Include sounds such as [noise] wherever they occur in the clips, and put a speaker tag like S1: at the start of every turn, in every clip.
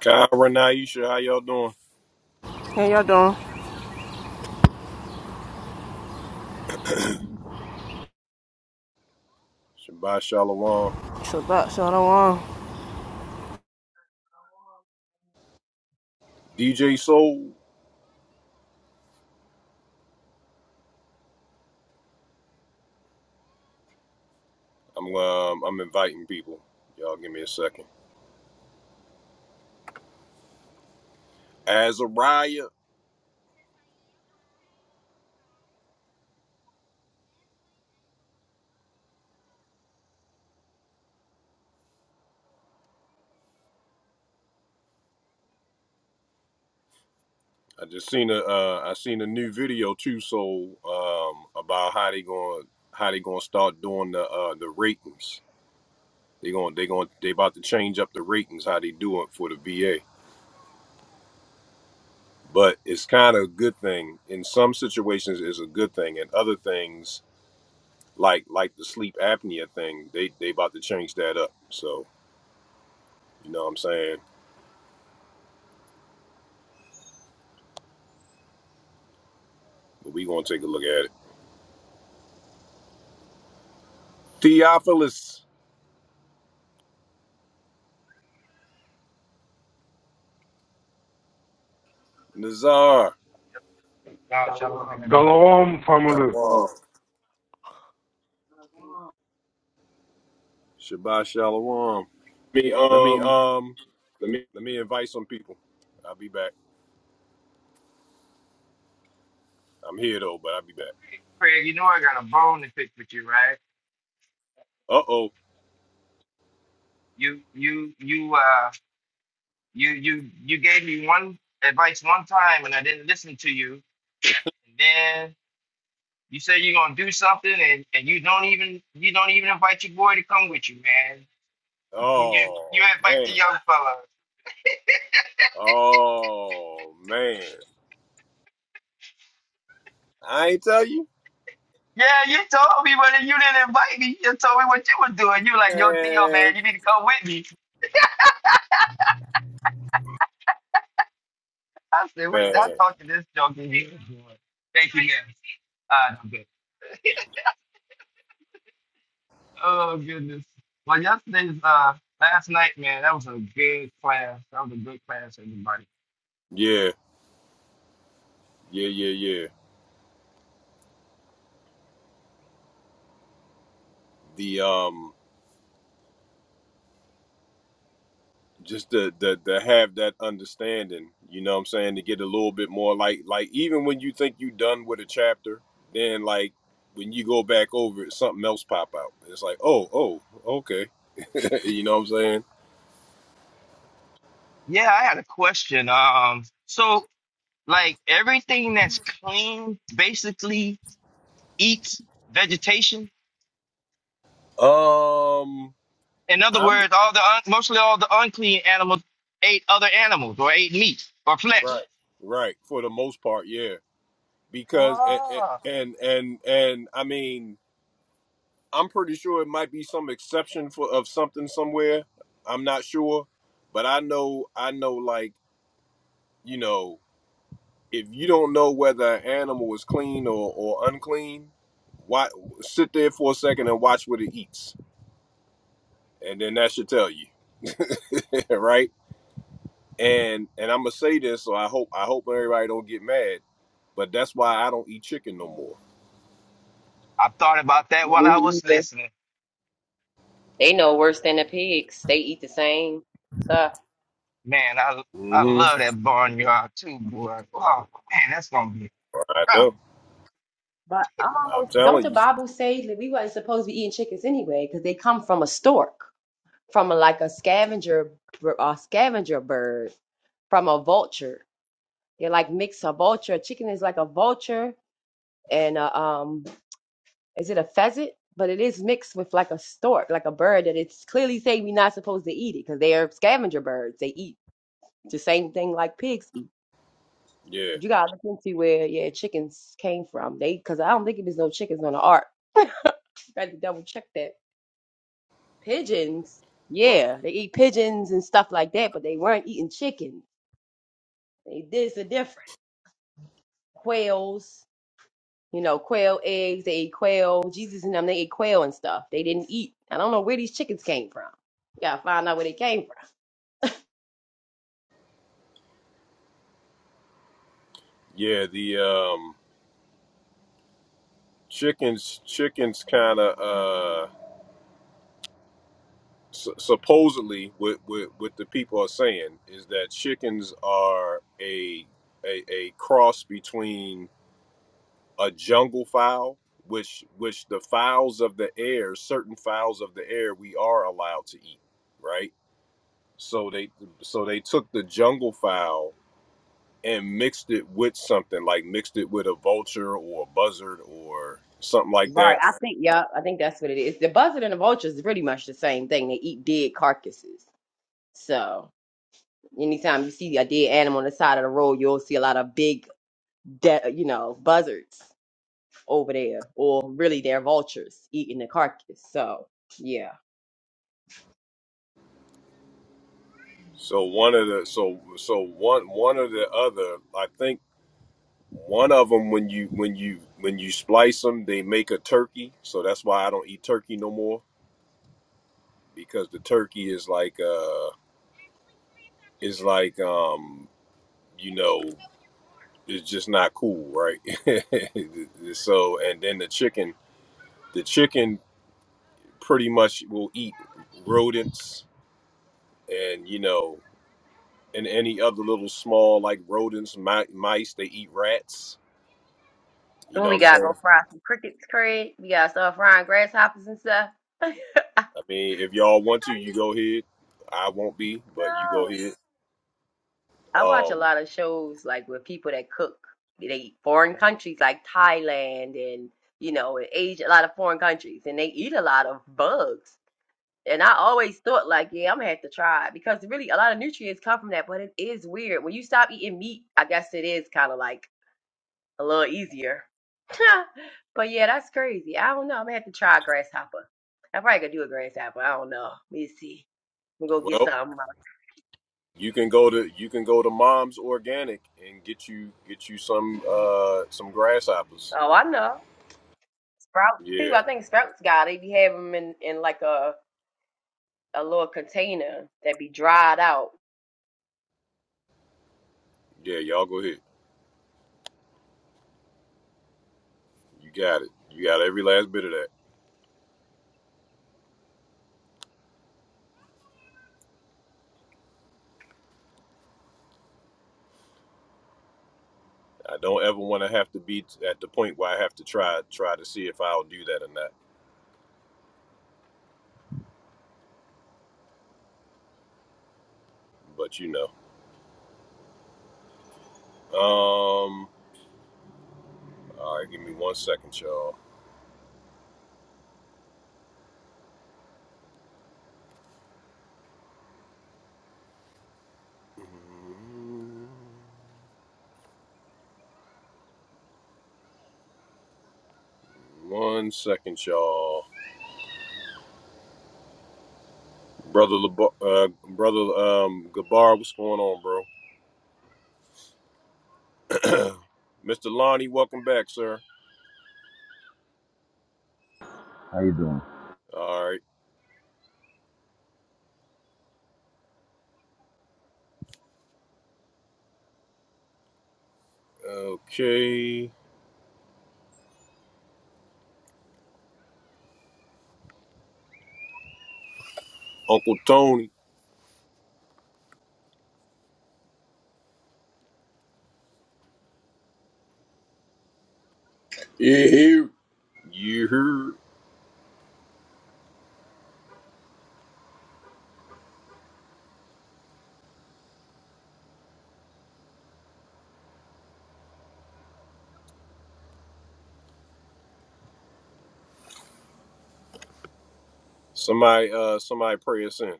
S1: Kyra Naisha, how y'all doing?
S2: How y'all doing?
S1: Shabbat Shalom.
S2: So that's all I want.
S1: DJ Soul, I'm um, I'm inviting people. Y'all give me a second. Azariah, I just seen a uh, I seen a new video too, So um, about how they going how they gonna start doing the uh, the ratings. They going they going they about to change up the ratings how they do it for the VA. But it's kind of a good thing. In some situations, it's a good thing. And other things, like like the sleep apnea thing, they they about to change that up. So You know what I'm saying? But we gonna take a look at it. Theophilus Nazar.
S3: Now, shalom, everybody.
S4: Shalom, family. Uh,
S1: Shalom.
S4: let
S1: Shabbat Shalom.
S4: me
S1: Let me
S4: um,
S1: um
S4: let me
S1: let me invite some people. I'll be back. I'm here though, but I'll be back.
S3: Craig, you know I got a bone to pick with you, right?
S1: Uh oh.
S3: You, you, you, uh, you, you, you gave me one advice one time, and I didn't listen to you. And then you said you're gonna do something, and, and you don't even you don't even invite your boy to come with you, man. You you, you
S1: Oh
S3: invite the
S1: man.
S3: young fella.
S1: Oh man. I ain't tell you.
S3: Yeah, you told me, but you didn't invite me. You told me what you were doing. You were like, yo, Theo,
S1: Man.
S3: man, you need to come with me. I said, wait, I
S1: Man.
S3: talked to this junkie. He was doing. Thank you, man. Uh, Oh goodness. Well, yesterday's uh last night, man, that was a good class. That was a good class, everybody.
S1: Yeah. Yeah, yeah, yeah. The um just to, to, to have that understanding you know what i'm saying to get a little bit more like like even when you think you done with a chapter then like when you go back over it something else pop out it's like oh oh okay [laughs] you know what i'm saying
S3: Yeah, I had a question. Um, so like everything that's clean basically eats vegetation.
S1: um
S3: In other
S1: i'm
S3: words, all the un- mostly all the unclean animals ate other animals or ate meat or
S1: right
S3: flesh.
S1: right for the most part yeah because and
S3: Ah,
S1: and and, and i mean i'm pretty sure it might be some exception for of something somewhere i'm not sure but i know i know like you know if you don't know whether an animal is clean or, or unclean, why sit there for a second and watch what it eats, and then that should tell you, [laughs] right? And and I'm gonna say this, so I hope I hope everybody don't get mad, but that's why I don't eat chicken no more.
S3: I thought about that while I
S5: Me
S3: was
S5: either.
S3: listening.
S5: They know worse than the pigs. They eat the same stuff.
S3: Man, I I
S1: hmm
S3: love that barnyard too, boy. Oh man, that's gonna be
S1: I
S3: rough.
S1: know.
S5: But
S1: I'm
S5: oh, don't
S1: telling
S5: the
S1: you.
S5: Bible say that we wasn't supposed to be eating chickens anyway because they come from a stork, from a, like a scavenger, bir- a scavenger bird, from a vulture. They're like mix a vulture. A chicken is like a vulture, and a, um, is it a pheasant? But it is mixed with like a stork, like a bird that it's clearly saying we're not supposed to eat it because they are scavenger birds. They eat the same thing like pigs eat.
S1: Yeah.
S5: You gotta look into where yeah chickens came from. They because I don't think there's no chickens on the ark. You got to double check that. Pigeons,
S1: Well,
S5: yeah, they eat pigeons and stuff like that, but they weren't eating chicken. They this a different quails. You know, quail eggs. They ate quail. Jesus and them they ate quail and stuff. They didn't eat. I don't know where these chickens came from. You gotta find out where they came from.
S1: yeah. The um chickens chickens kind of su- supposedly what, what what the people are saying is that chickens are a a, a cross between a jungle fowl which which the fowls of the air certain fowls of the air we are allowed to eat right so they so they took the jungle fowl and mixed it with something like mixed it with a vulture or a buzzard or something like
S5: Right,
S1: that
S5: I think yeah, I think that's what it is. The buzzard and the vulture is pretty much the same thing. They eat dead carcasses. So. Anytime you see a dead animal on the side of the road, you'll see a lot of big, de- you know, buzzards over there, or really they're vultures eating the carcass. So yeah,
S1: so one of the so so one one of the other i think One of them, when you when you when you splice them, they make a turkey. So that's why I don't eat turkey no more because the turkey is like uh is like um you know it's just not cool, right? [laughs] so and then the chicken, the chicken pretty much will eat rodents and you know and any other little small like rodents, mi- mice. They eat rats. You
S5: Well,
S1: know
S5: we
S1: what I'm
S5: gotta
S1: saying?
S5: go fry some crickets, Craig. We gotta start frying grasshoppers and stuff. [laughs] no.
S1: I mean, if y'all want to, you go ahead. I won't be, but you go ahead.
S5: I watch a
S1: Um,
S5: lot of shows like with people that cook. They eat foreign countries like Thailand and you know, in Asia, a lot of foreign countries, and they eat a lot of bugs. And I always thought like, yeah, I'm gonna have to try it because really a lot of nutrients come from that, but it is weird. When you stop eating meat, I guess it is kind of like a little easier. [laughs] but yeah, that's crazy. I don't know. I'm gonna have to try a grasshopper. I probably could do a grasshopper. I don't know. Let me see. I'm gonna go get
S1: well,
S5: some.
S1: you can go to you can go to Mom's Organic and get you get you some uh some grasshoppers.
S5: Oh, I know. Sprouts too.
S1: Yeah,
S5: I think sprouts got. it. They be having them in, in like a a little container that be dried out.
S1: yeah, y'all go ahead. You got it. You got every last bit of that. I don't ever want to have to be t- at the point where I have to try try to see if I'll do that or not. But you know. Um. All right, give me one second, y'all. Mm-hmm. One second, y'all. Brother, Lab- uh, brother, um, Gabar, what's going on, bro? [clears throat] Mr. Lonnie, welcome back, sir.
S6: How you doing?
S1: All right. Okay. Uncle Tony,
S7: He, he
S1: you heard? Somebody, uh, somebody pray us in,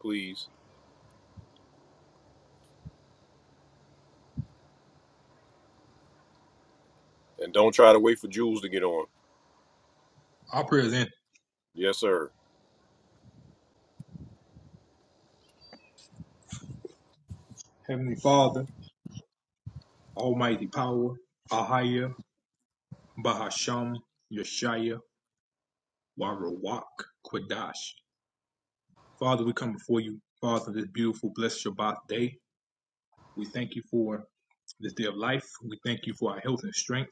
S1: please. And don't try to wait for Jules to get on.
S8: I present
S1: Yes, sir.
S8: Heavenly Father, Almighty Power, Ahaya, Bahasham, Yeshaya, Warawak, Kwadash. Father, we come before you, Father, this beautiful, blessed Shabbat day. We thank you for this day of life. We thank you for our health and strength.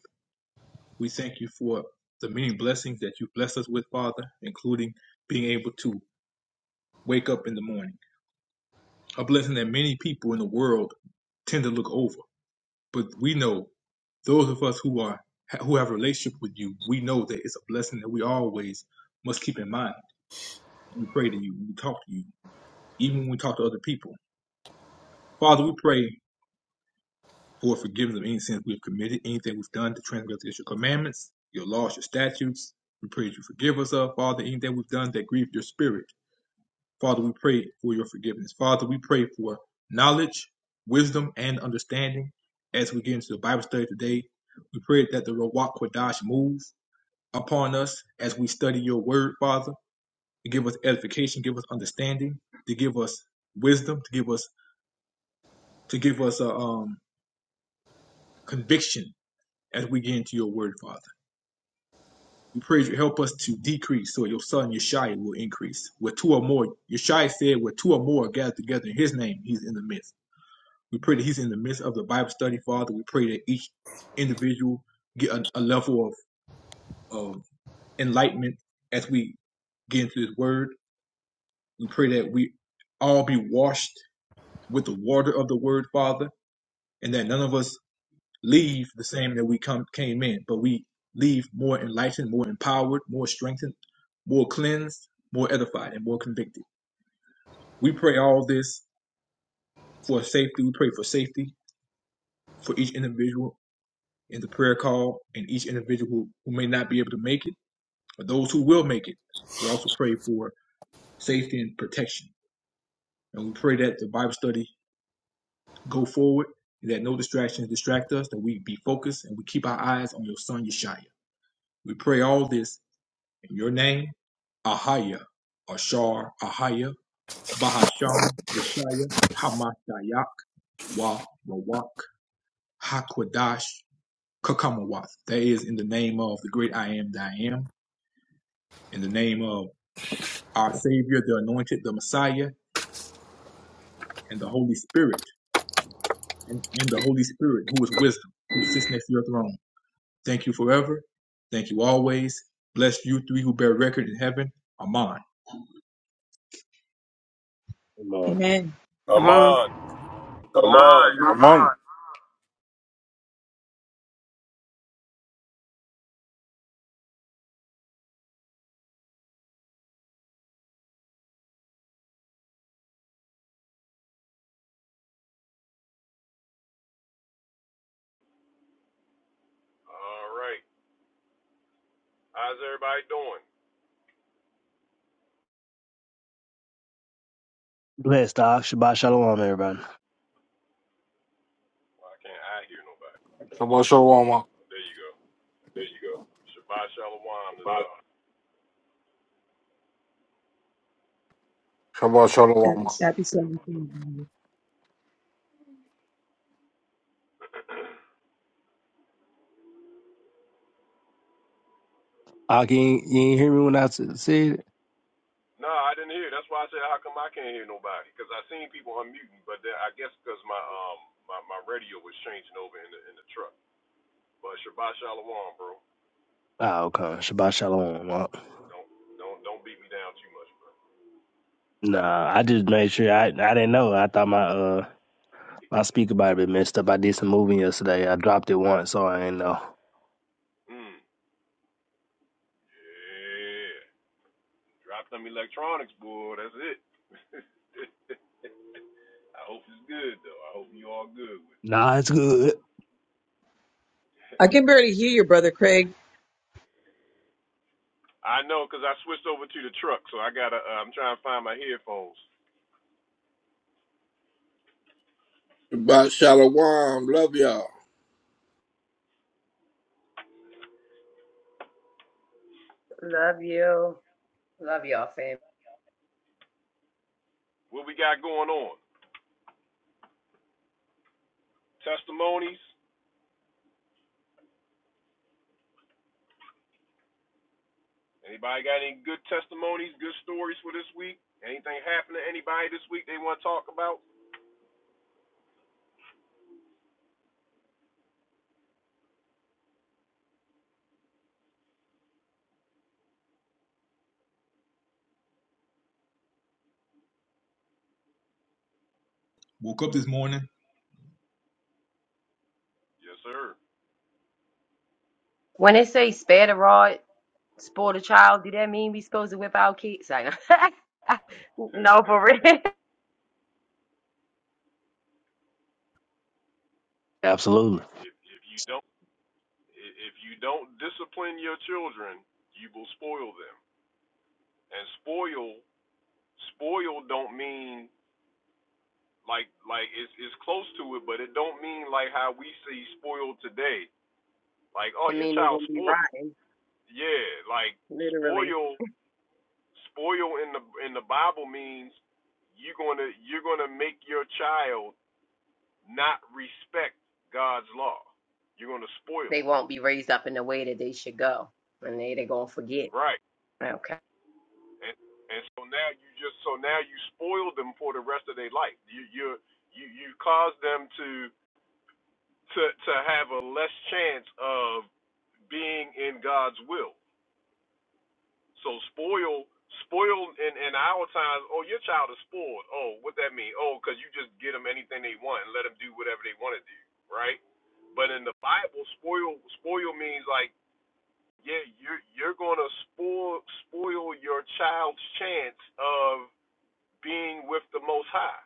S8: We thank you for the many blessings that you bless us with, Father, including being able to wake up in the morning. A blessing that many people in the world tend to look over. But we know those of us who are who have a relationship with you, we know that it's a blessing that we always must keep in mind. We pray to you, we talk to you, even when we talk to other people. Father, we pray for forgiveness of any sins we've committed, anything we've done to transgress against your commandments, your laws, your statutes. We pray that you forgive us of, Father, anything we've done that grieved your spirit. Father, we pray for your forgiveness. Father, we pray for knowledge, wisdom, and understanding as we get into the Bible study today. We pray that the Ruach Kodash move upon us as we study your word, Father, to give us edification, give us understanding, to give us wisdom, to give us to give us a um, conviction as we get into your word, Father. We pray you help us to decrease so your son Yeshua will increase. Where two or more, Yeshua said, where two or more are gathered together in his name, he's in the midst. We pray that he's in the midst of the Bible study, Father. We pray that each individual get a, a level of um, enlightenment as we get into his word. We pray that we all be washed with the water of the word, Father, and that none of us leave the same that we come came in, but we leave more enlightened, more empowered, more strengthened, more cleansed, more edified, and more convicted. We pray all this for safety. We pray for safety for each individual in the prayer call and each individual who may not be able to make it, or those who will make it. We also pray for safety and protection. And we pray that the Bible study go forward and that no distractions distract us, that we be focused and we keep our eyes on your son Yeshaya. We pray all this in your name, Ahaya, Ashar, Ahaya, Bahasham, Yeshaya, Hamashayak, Wa, Rawak, Hakwadash, Kakamawat. That is in the name of the great I am that I am, in the name of our Savior, the Anointed, the Messiah, and the Holy Spirit, and, and the Holy Spirit, who is wisdom, who sits next to your throne. Thank you forever. Thank you always. Bless you three who bear record in heaven. Amen.
S9: Amen.
S1: I'm
S2: Come on.
S1: on.
S5: Amon,
S4: Ahmad. Aman.
S1: All right. How's everybody doing?
S10: Everybody.
S1: Well, I can't, I hear nobody.
S4: Shabbat shalom.
S1: There you go.
S4: There you go.
S1: Shabbat Shalom is
S4: Ahmad.
S1: on.
S4: Shabbat shalom.
S9: Happy 17th.
S10: Ah, you ain't, you ain't hear me when I s- said it?
S1: No, I didn't hear. That's why I said, how come I can't hear nobody? Because I seen people unmuting, but then I guess because my um my, my radio was changing over in the in the truck. But Shabbat Shalom, bro.
S10: Oh, okay. Shabbat shalom. Well,
S1: Don't don't don't beat me down too much, bro.
S10: Nah, I just made sure. I I didn't know. I thought my uh my speaker might have been messed up. I did some moving yesterday. I dropped it once, so I ain't know.
S1: Mm. Yeah. Drop them electronics, boy. That's it. I hope it's good though. I hope you all good with it.
S10: Nah, it's good.
S9: I can barely hear you, brother Craig.
S1: I know, cause I switched over to the truck, so I gotta. Uh, I'm trying to find my headphones.
S7: about Shalom. Love y'all.
S5: Amon. Love you. Love y'all, fam.
S1: What we got going on? Testimonies. Anybody got any good testimonies, good stories for this week? Anything happen to anybody this week they want to talk about?
S8: Woke up this morning,
S1: Yes, sir.
S5: When they say spare the rod, Spoil a child, do that mean we supposed to whip our kids? I [laughs] no,
S1: [laughs]
S5: for real. I
S1: if you
S10: Absolutely.
S1: if if you don't. If you don't discipline your children, you will spoil them. And spoil, spoil don't mean like like it's it's close to it, but it don't mean like how we see spoiled today. Like, oh, your
S5: mean, they
S1: child
S5: gonna be
S1: spoiled.
S5: rotten.
S1: Yeah, like
S5: Literally,
S1: spoil, spoil in the in the Bible means you're gonna you're gonna make your child not respect God's law. You're gonna spoil
S5: they
S1: them,
S5: won't be raised up in the way that they should go, and they they gonna forget.
S1: right?
S5: Okay.
S1: and and so now you just so now you spoil them for the rest of their life. You you you you cause them to to to have a less chance of being in God's will. So spoil spoil in in our times. Oh, your child is spoiled. Oh, what that mean? Oh, because you just get them anything they want and let them do whatever they want to do, right? But in the Bible, spoil spoil means like yeah, you're you're gonna spoil spoil your child's chance of. being with the Most High.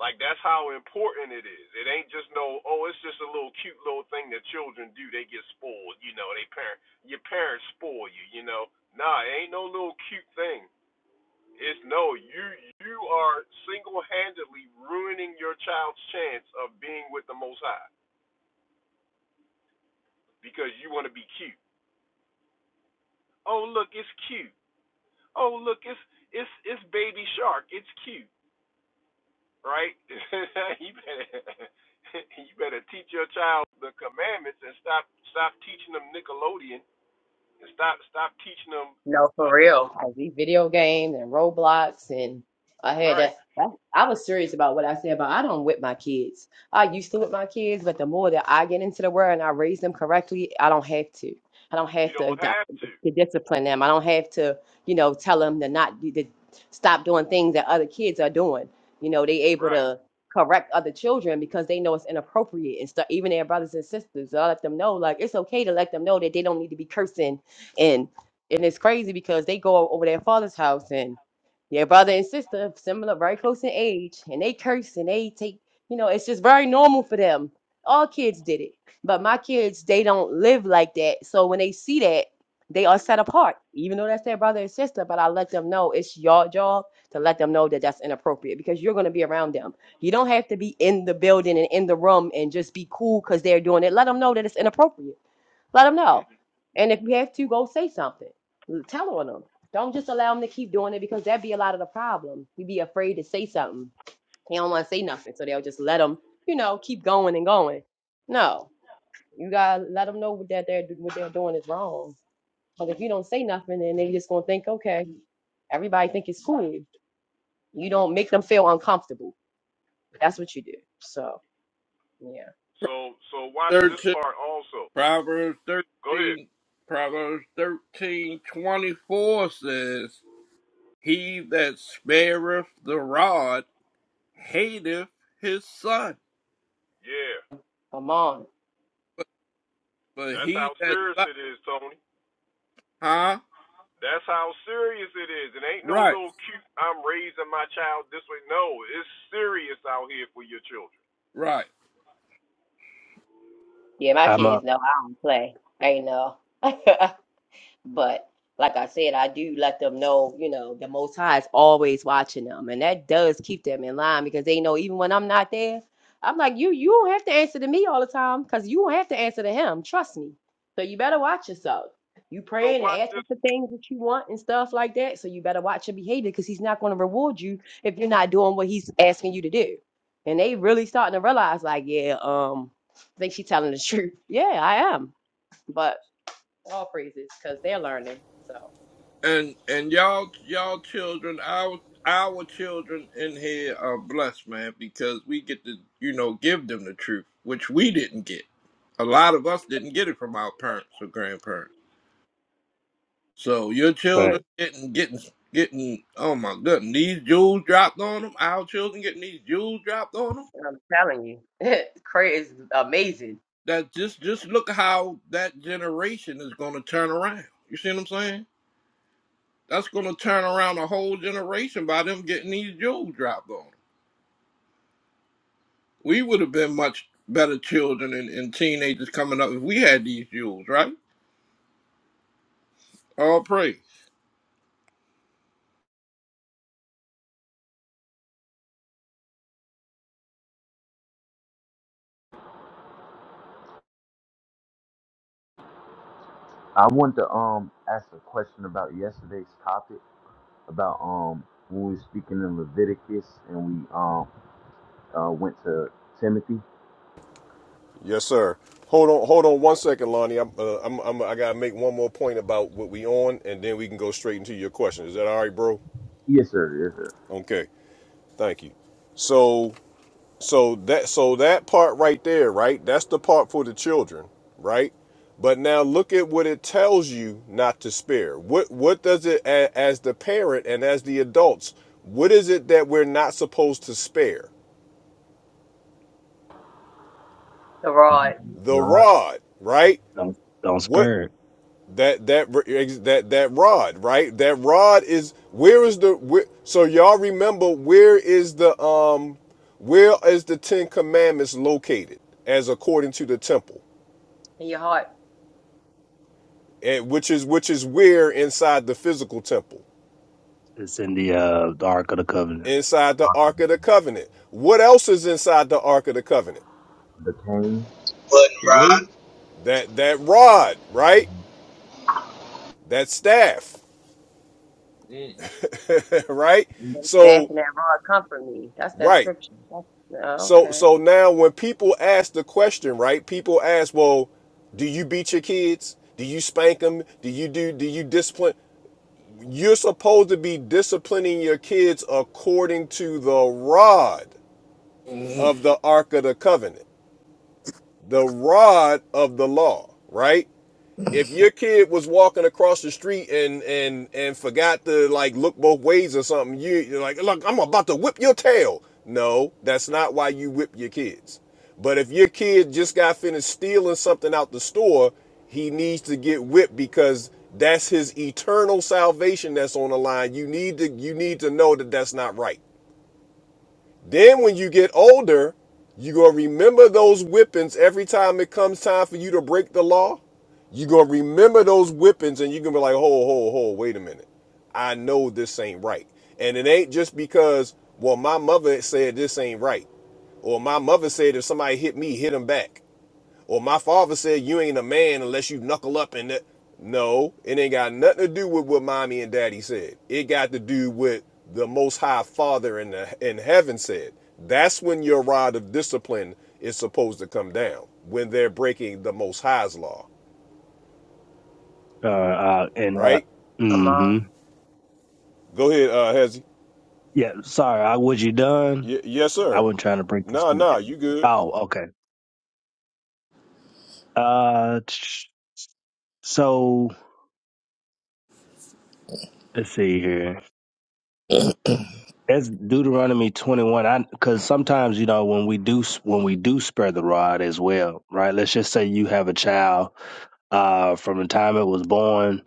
S1: Like that's how important it is. It ain't just no, oh, it's just a little cute little thing that children do. They get spoiled, you know. They parent, your parents spoil you, you know. Nah, it ain't no little cute thing. It's no, you you are single-handedly ruining your child's chance of being with the Most High because you want to be cute. Oh, look, it's cute. Oh, look, it's it's it's baby shark. It's cute. right? [laughs] you better [laughs] you better teach your child the commandments and stop stop teaching them Nickelodeon and stop stop teaching them.
S5: No, for
S1: Uh,
S5: real. Like these video games and Roblox and I had that.
S1: right.
S5: that- I was serious about what I said, but I don't whip my kids. I used to whip my kids, but the more that I get into the world and I raise them correctly, I don't have to. I don't
S1: You
S5: have to,
S1: don't
S5: di-
S1: have to.
S5: to discipline them. I don't have to, you know, tell them to not do- to stop doing things that other kids are doing. You know, they able
S1: Right.
S5: to correct other children because they know it's inappropriate and stuff. Even their brothers and sisters, I let them know like it's okay to let them know that they don't need to be cursing and and it's crazy because they go over their father's house and their brother and sister, similar, very close in age, and they curse and they take, you know, it's just very normal for them. All kids did it. But my kids, they don't live like that. So when they see that, they are set apart, even though that's their brother and sister. But I let them know it's your job to let them know that that's inappropriate because you're going to be around them. You don't have to be in the building and in the room and just be cool because they're doing it. Let them know that it's inappropriate let them know. And if you have to, go say something. Tell on them. Don't just allow them to keep doing it because that be a lot of the problem. We be afraid to say something. They don't want to say nothing, so they'll just let them, you know, keep going and going. No, you gotta let them know that they're what they're doing is wrong. Because if you don't say nothing, then they just gonna think, okay, everybody think it's cool. You don't make them feel uncomfortable. That's what you do. So yeah,
S1: So so watch this
S7: 13,
S1: part also.
S7: Proverbs
S1: Go ahead.
S7: 13, Proverbs 13 24 says, He that spareth the rod hateth his son,
S1: Yeah.
S5: come on.
S7: but
S1: That's
S7: he
S1: how
S7: that,
S1: serious
S7: lo-
S1: it is, Tony.
S7: huh?
S1: That's how serious it is. It ain't no
S7: Right,
S1: little cute. I'm raising my child this way. No, it's serious out here for your children.
S7: right.
S5: Yeah, my
S10: I'm a
S5: kids know I don't play. They know. [laughs] But like I said, I do let them know, you know, the Most High is always watching them, and that does keep them in line because they know even when I'm not there, I'm like, you you don't have to answer to me all the time because you don't have to answer to him. Trust me. So you better watch yourself. You
S1: So
S5: praying
S1: watch
S5: and
S1: this
S5: asking for things that you want and stuff like that. So you better watch your behavior because he's not going to reward you if you're not doing what he's asking you to do. And they really starting to realize, like, yeah, um, I think she's telling the truth. Yeah, I am. But all praises because they're learning. So
S7: And and y'all y'all children, our our children in here are blessed, man, because we get to, you know, give them the truth, which we didn't get. A lot of us didn't get it from our parents or grandparents. So your children getting getting getting oh my goodness, these jewels dropped on them, our children getting these jewels dropped on them.
S5: I'm telling you, [laughs] crazy is amazing.
S7: That just just look how that generation is gonna turn around. You see what I'm saying? That's gonna turn around a whole generation by them getting these jewels dropped on. 'em. We would have been much better children and, and teenagers coming up if we had these jewels, right? All praise.
S6: I want to um ask a question about yesterday's topic about um when we were speaking in Leviticus and we um uh went to Timothy.
S1: Yes, sir. Hold on, hold on one second, Lonnie. I'm, uh, I'm, I'm, I gotta make one more point about what we on, and then we can go straight into your question. Is that all right, bro?
S6: Yes, sir. Yes, sir.
S1: Okay, thank you. So, so that, so that part right there, right? That's the part for the children, right? But now look at what it tells you not to spare. What, what does it, a- as the parent and as the adults, what is it that we're not supposed to spare?
S5: The rod
S1: The
S6: God,
S1: rod, right?
S10: don't don't
S1: What?
S10: spare it.
S1: that that that that rod right that rod is where is the where, so y'all remember where is the um where is the ten commandments located as according to the temple
S5: in your heart,
S1: and which is which is where inside the physical temple
S10: It's in the uh the Ark of the Covenant.
S1: inside the ark of the covenant what else is inside the ark of the covenant
S6: the Cain,
S8: the word,
S1: that that rod right that staff [laughs] right
S5: the staff
S1: so
S5: and that rod comfort me. That's that
S1: right
S5: scripture. That's, oh,
S1: So
S5: okay,
S1: so now when people ask the question, right? People ask, "Well, do you beat your kids? Do you spank them? Do you do do you discipline?" You're supposed to be disciplining your kids according to the rod
S7: Mhm.
S1: of the ark of the covenant, the rod of the law, right? if your kid was walking across the street and and and forgot to like look both ways or something, you, you're like, look, I'm about to whip your tail. No, that's not why you whip your kids. But if your kid just got finished stealing something out the store, he needs to get whipped because that's his eternal salvation that's on the line. You need to you need to know that that's not right. Then when you get older, you going to remember those whippings every time it comes time for you to break the law. you going to remember those whippings and you're going to be like, ho, ho, ho, wait a minute. I know this ain't right. And it ain't just because, well, my mother said this ain't right. Or my mother said if somebody hit me, hit them back. Or my father said, You ain't a man unless you knuckle up and that. No, it ain't got nothing to do with what mommy and daddy said. It got to do with the most high father in, the, in heaven said. That's when your rod of discipline is supposed to come down, when they're breaking the most high's law,
S10: Uh, uh and uh,
S1: right?
S5: i uh,
S10: mm-hmm.
S1: Go ahead, uh, Hezzy.
S10: Yeah. Sorry, I was you done.
S1: Y- yes,
S10: I
S1: sir.
S10: wasn't trying to break your
S1: Nah,
S10: speech.
S1: nah, you good.
S10: Oh, okay. Uh, tsh- so let's see here. That's Deuteronomy 21. I because sometimes you know when we do when we do spare the rod as well, right? Let's just say you have a child uh from the time it was born,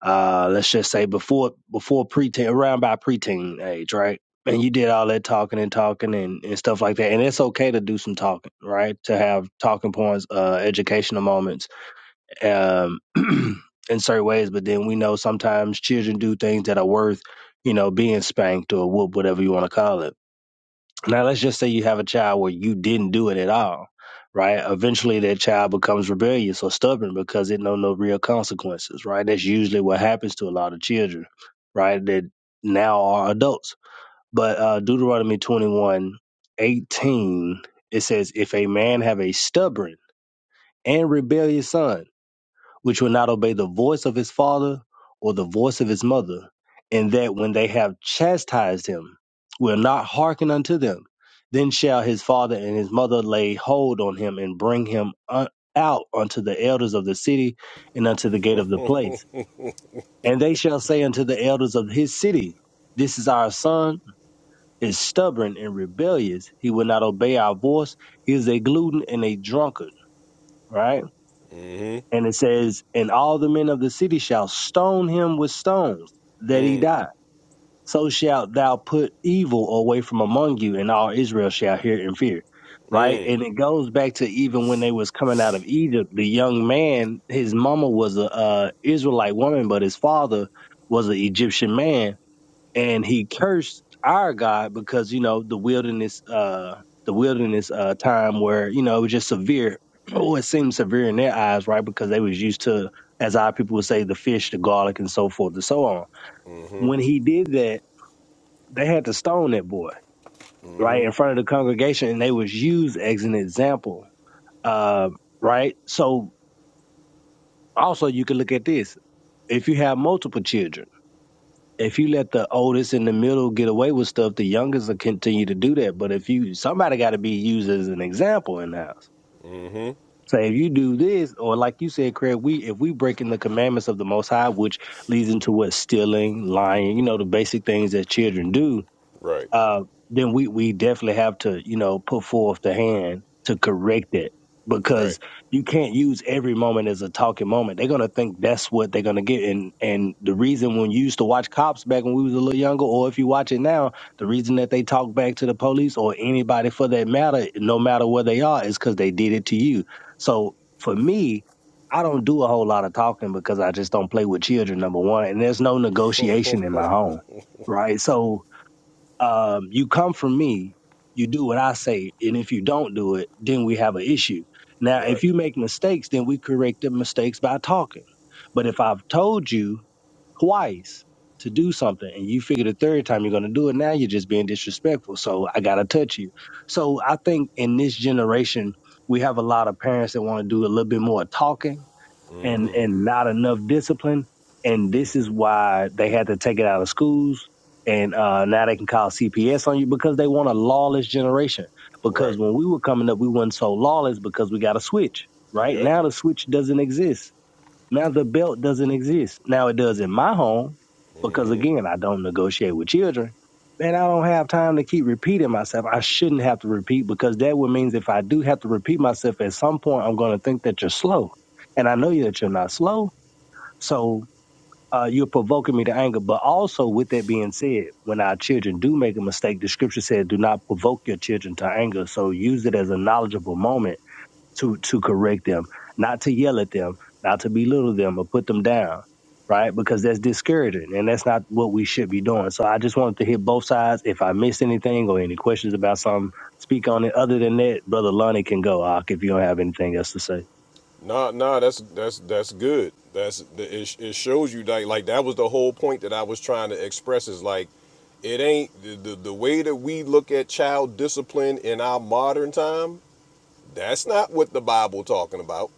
S10: uh let's just say before before preteen around by preteen age, right? And you did all that talking and talking and, and stuff like that. And it's okay to do some talking, right? To have talking points, uh educational moments, um [clears throat] in certain ways, but then we know sometimes children do things that are worth you know, being spanked or whoop, whatever you want to call it now, let's just say you have a child where you didn't do it at all, right? Eventually, that child becomes rebellious or stubborn because it know no real consequences, right? That's usually what happens to a lot of children, right? That now are adults. But uh, Deuteronomy 21, 18, it says, If a man have a stubborn and rebellious son, which will not obey the voice of his father or the voice of his mother, and that when they have chastised him, will not hearken unto them. Then shall his father and his mother lay hold on him and bring him un- out unto the elders of the city and unto the gate of the place. And they shall say unto the elders of his city, This is our son, is stubborn and rebellious. He will not obey our voice. He is a glutton and a drunkard, right? And it says, And all the men of the city shall stone him with stones, that he die. So shalt thou put evil away from among you, and all Israel shall hear and fear. Right? And it goes back to even when they was coming out of Egypt, the young man, his mama was a uh, Israelite woman, but his father was an Egyptian man and he cursed our God because you know the wilderness uh the wilderness uh time where you know it was just severe [clears throat] oh it seemed severe in their eyes right because they was used to as our people would say the fish the garlic and so forth and so on when he did that they had to stone that boy right in front of the congregation and they was used as an example uh right so also you can look at this if you have multiple children if you let the oldest in the middle get away with stuff, the youngest will continue to do that. But if you somebody got to be used as an example in the house. Say if you do this, or like you said, Craig, we if we breaking the commandments of the Most High, which leads into what stealing, lying, you know, the basic things that children do
S1: Right,
S10: uh, then we we definitely have to you know put forth the hand to correct it because
S1: right,
S10: you can't use every moment as a talking moment. They're gonna think that's what they're gonna get, and and the reason when you used to watch cops back when we was a little younger, or if you watch it now, the reason that they talk back to the police or anybody for that matter, no matter where they are, is because they did it to you. So for me. I don't do a whole lot of talking because I just don't play with children, number one. And there's no negotiation in my home, right? So um, you come from me, you do what I say, and if you don't do it, then we have an issue. Now, if
S1: right,
S10: you make mistakes, then we correct the mistakes by talking. But if I've told you twice to do something and you figure the third time you're going to do it, now you're just being disrespectful. So I got to touch you. So I think in this generation, we have a lot of parents that want to do a little bit more talking and and not enough discipline. And this is why they had to take it out of schools. And uh, now they can call CPS on you because they want a lawless generation. Because
S1: right.
S10: when we were coming up, we wasn't so lawless because we got a switch. Right
S1: Yep,
S10: now, the switch doesn't exist now the belt doesn't exist. Now it does in my home because again, I don't negotiate with children. Man, I don't have time to keep repeating myself. I shouldn't have to repeat because that would means if I do have to repeat myself at some point, I'm going to think that you're slow, and I know you that you're not slow. So uh, you're provoking me to anger. But also, with that being said, when our children do make a mistake, the scripture says, "Do not provoke your children to anger." So use it as a knowledgeable moment to to correct them, not to yell at them, not to belittle them or put them down, right? Because that's discouraging and that's not what we should be doing. So I just wanted to hit both sides. If I missed anything or any questions about something, speak on it. Other than that, brother Lonnie can go. Ak, if you don't have anything else to say,
S1: Nah, nah, that's that's that's good. That's the- it. It shows you like like that was the whole point that I was trying to express is like, it ain't the the, the way that we look at child discipline in our modern time. That's not what the Bible talking about.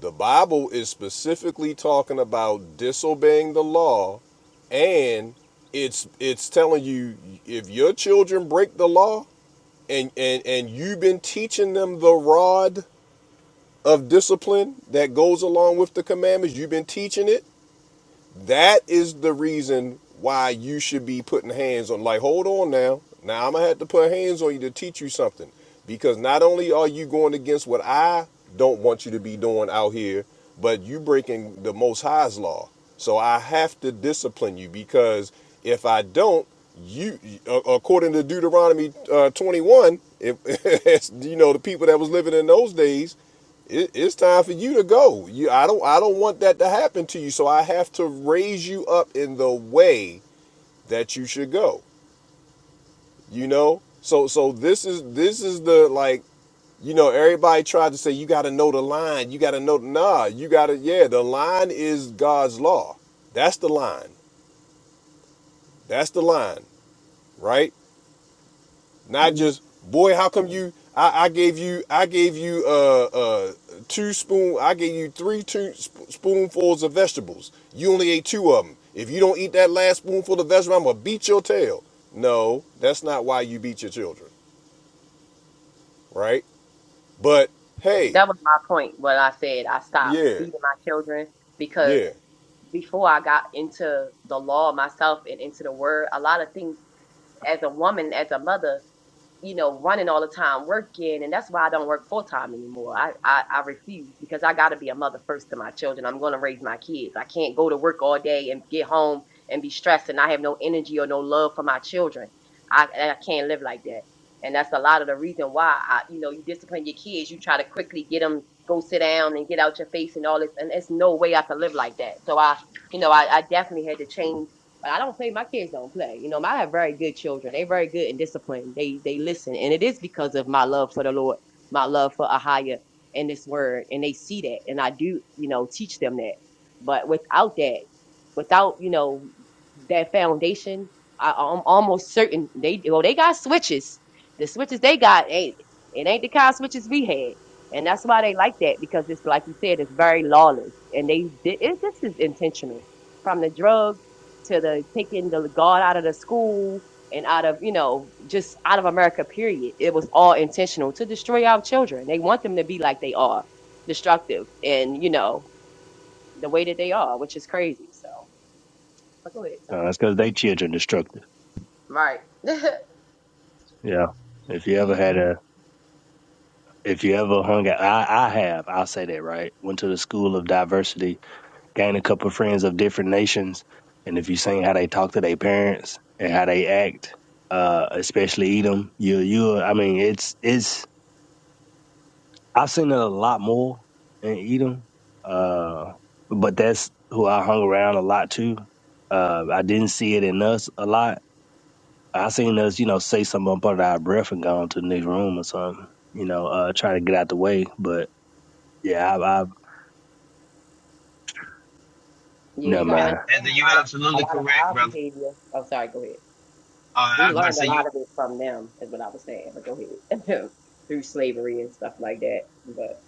S1: The Bible is specifically talking about disobeying the law, and it's it's telling you if your children break the law and and and you've been teaching them the rod of discipline that goes along with the commandments, you've been teaching it, that is the reason why you should be putting hands on. Like, hold on now. Now I'm going to have to put hands on you to teach you something. Because not only are you going against what I don't want you to be doing out here, but you breaking the Most High's law. So I have to discipline you because if I don't, you according to deuteronomy uh, 21 if [laughs] you know the people that was living in those days it, it's time for you to go. You, I don't, I don't want that to happen to you. So I have to raise you up in the way that you should go. You know, so, so this is, this is the like, you know, everybody tried to say you got to know the line. You got to know, nah, you got to, yeah, the line is God's law. That's the line. That's the line, right? Not
S9: Mm,
S1: just boy, how come you? I, I gave you I gave you uh uh two spoon I gave you three two sp- spoonfuls of vegetables. You only ate two of them. If you don't eat that last spoonful of vegetable, I'm gonna beat your tail. No, that's not why you beat your children, right? But hey,
S5: that was my point. What I said, I stopped
S1: yeah,
S5: beating my children
S1: yeah,
S5: because before I got into the law myself and into the word, a lot of things as a woman, as a mother. you know, running all the time, working, and that's why I don't work full time anymore. I, I I refuse because I got to be a mother first to my children. I'm going to raise my kids. I can't go to work all day and get home and be stressed and I have no energy or no love for my children. I and I can't live like that, and that's a lot of the reason why I, you know, you discipline your kids. You try to quickly get them go sit down and get out your face and all this, and it's no way I can live like that. So I, you know, I, I definitely had to change. But I don't play. My kids don't play. You know, I have very good children. They very good and disciplined. They they listen, and it is because of my love for the Lord, my love for Ahaya and this word, and they see that, and I do, you know, teach them that. But without that, without you know that foundation, I, I'm almost certain they well they got switches. The switches they got ain't it ain't the kind of switches we had. And that's why they like that because it's like you said, it's very lawless, and they it, this is intentional from the drugs to the taking the God out of the school and out of you know just out of America. Period. It was all intentional to destroy our children. They want them to be like they are, destructive, and you know the way that they are, which is crazy. So but go ahead, sorry.
S10: uh, it's because they children destructive.
S5: Right.
S10: Yeah. If you ever had
S8: mm-hmm.
S10: a if you ever hung out, I, I have. I'll say that right. Went to the school of diversity gain a couple of friends of different nations, and if you seen how they talk to their parents and how they act, uh, especially Edom, you you I mean it's it's I've seen it a lot more in Edom, uh, but that's who I hung around a lot too. Uh, I didn't see it in us a lot. I seen us, you know, say something up under our breath and go into the next room or something, you know, uh, try to get out the way. But yeah, I, I
S5: Yeah,
S10: never
S5: you
S3: And,
S5: gotta
S10: mind.
S3: and
S5: understand a
S3: you
S5: lot of a
S3: absolutely
S5: lot of
S3: correct,
S5: our
S3: brother.
S5: behavior. Oh, sorry. Go ahead.
S3: Uh, I
S5: We
S3: was about to
S5: learned a
S3: say you.
S5: lot of it from them, is what I was saying. But go ahead. [laughs] Through slavery and stuff like that, but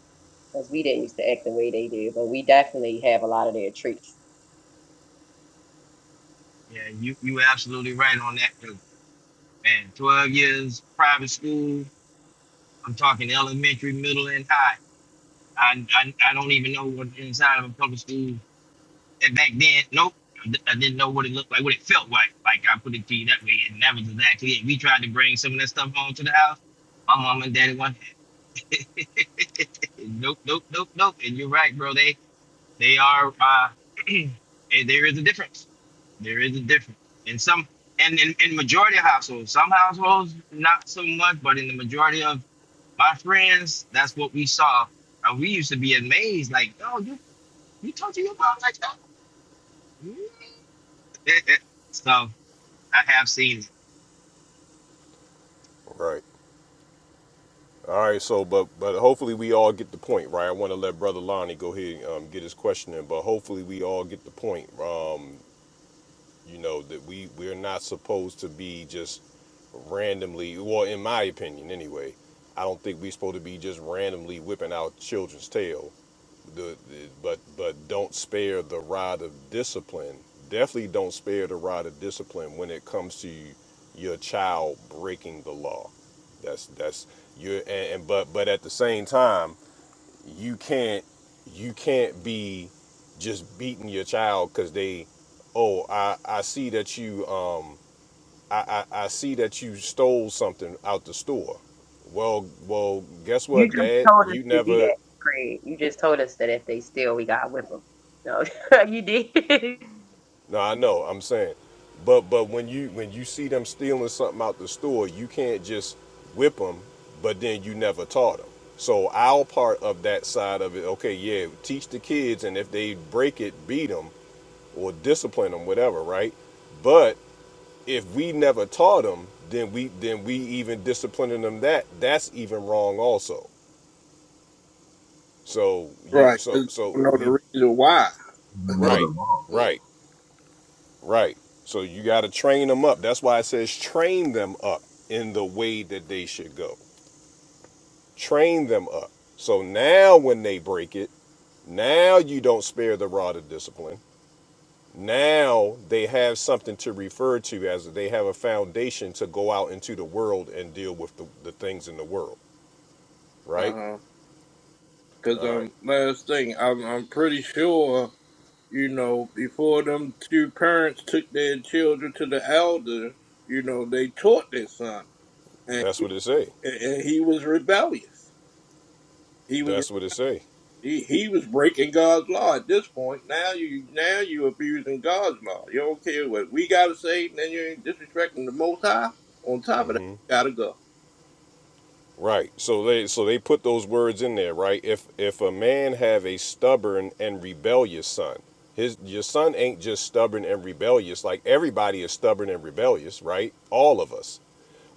S5: because we didn't used to act the way they did, but we definitely have a lot of their traits
S3: Yeah, you you were absolutely right on that. 'cause, man, twelve years private school. I'm talking elementary, middle, and high. I I, I don't even know what inside of a public school. And back then, nope. I di- I didn't know what it looked like, what it felt like. Like I put it to you that way, and that was exactly it. We tried to bring some of that stuff home to the house. My mom and daddy went, [laughs] nope, nope, nope, nope. And you're right, bro. They They are uh, [clears throat] eh, there is a difference. There is a difference. In some and in, in majority of households, some households not so much, but in the majority of my friends, that's what we saw. And we used to be amazed, like, yo, you you talk to your mom like that? [laughs] so I have seen it.
S1: right. All right, so but but hopefully we all get the point, right? I want to let Brother Lonnie go ahead and um, get his question in, but hopefully we all get the point. Um, You know that we we're not supposed to be just randomly. Well, in my opinion, anyway, I don't think we're supposed to be just randomly whipping out children's tail. The, the- but but don't spare the rod of discipline. Definitely don't spare the rod of discipline when it comes to your child breaking the law. That's that's you and, and but but at the same time you can't you can't be just beating your child because they oh i i see that you um I, I i see that you stole something out the store well well guess
S5: You
S1: what
S5: just
S1: dad
S5: told us
S1: you
S5: to do
S1: never
S5: that, Craig. You just told us that if they steal, we gotta whip them. No, [laughs] you did. [laughs]
S1: no i know i'm saying but but when you when you see them stealing something out the store you can't just whip them but then you never taught them so our part of that side of it okay yeah teach the kids and if they break it beat them. or discipline them, whatever, right? But if we never taught them, then we then we even disciplining them that that's even wrong also. So you
S7: Right.
S1: so
S7: 'cause they
S1: so
S7: don't know
S1: we
S7: the reason why.
S6: you don't know
S1: right,
S6: the law.
S1: right, right. So you got to train them up. That's why it says train them up in the way that they should go. Train them up. So now when they break it, now you don't spare the rod of discipline. Now they have something to refer to as they have a foundation to go out into the world and deal with the, the things in the world, right?
S7: Uh-huh. Because,
S1: All right.
S7: um, last thing, I'm, I'm pretty sure, you know, before them two parents took their children to the elder, you know, they taught their son. And,
S1: That's what it say.
S7: and he was rebellious. He was.
S1: That's what it say.
S7: He he was breaking God's law at this point. Now you now you abusing God's law. You don't care what we gotta say, and then you're disrespecting the Most High. On top of that,
S1: Mm-hmm.
S7: you gotta go.
S1: Right. So they so they put those words in there, right? If if a man have a stubborn and rebellious son, his your son ain't just stubborn and rebellious. Like everybody is stubborn and rebellious, right? All of us.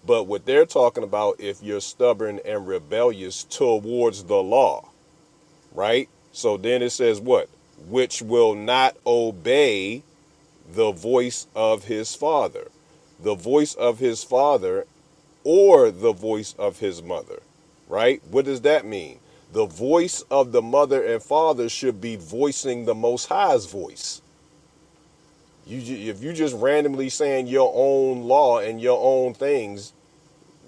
S1: But what they're talking about if you're stubborn and rebellious towards the law. right? So then it says what? Which will not obey the voice of his father, the voice of his father, or the voice of his mother, right? What does that mean? The voice of the mother and father should be voicing the Most High's voice. You, if you just randomly saying your own law and your own things,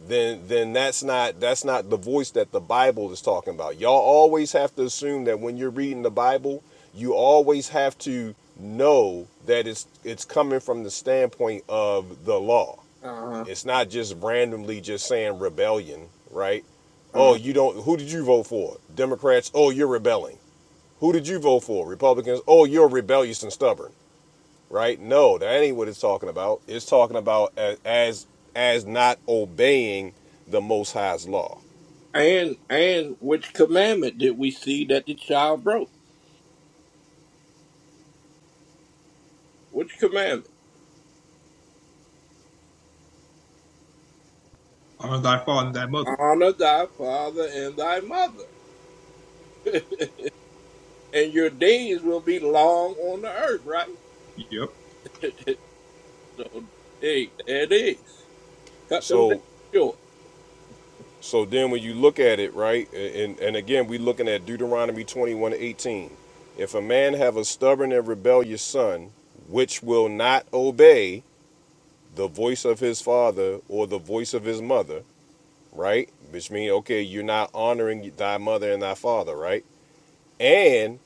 S1: then then that's not that's not the voice that the Bible is talking about. Y'all always have to assume that when you're reading the Bible, you always have to know that it's it's coming from the standpoint of the law.
S7: Uh-huh.
S1: It's not just randomly just saying rebellion, right? Oh,
S7: uh-huh.
S1: you don't who did you vote for? Democrats, oh you're rebelling. Who did you vote for? Republicans, oh you're rebellious and stubborn right? No, that ain't what it's talking about. It's talking about as as, as not obeying the Most High's law.
S7: And and which commandment did we see that the child broke? Which commandment?
S8: honor thy father and thy mother.
S7: Honor thy father and thy mother, [laughs] and your days will be long on the earth. Right.
S8: Yep,
S7: [laughs] so hey, there it is. Cut them days
S1: So
S7: short.
S1: so then when you look at it, right, and and again we are looking at Deuteronomy twenty one eighteen. If a man have a stubborn and rebellious son, which will not obey the voice of his father or the voice of his mother, right? Which means okay, you're not honoring thy mother and thy father, right? And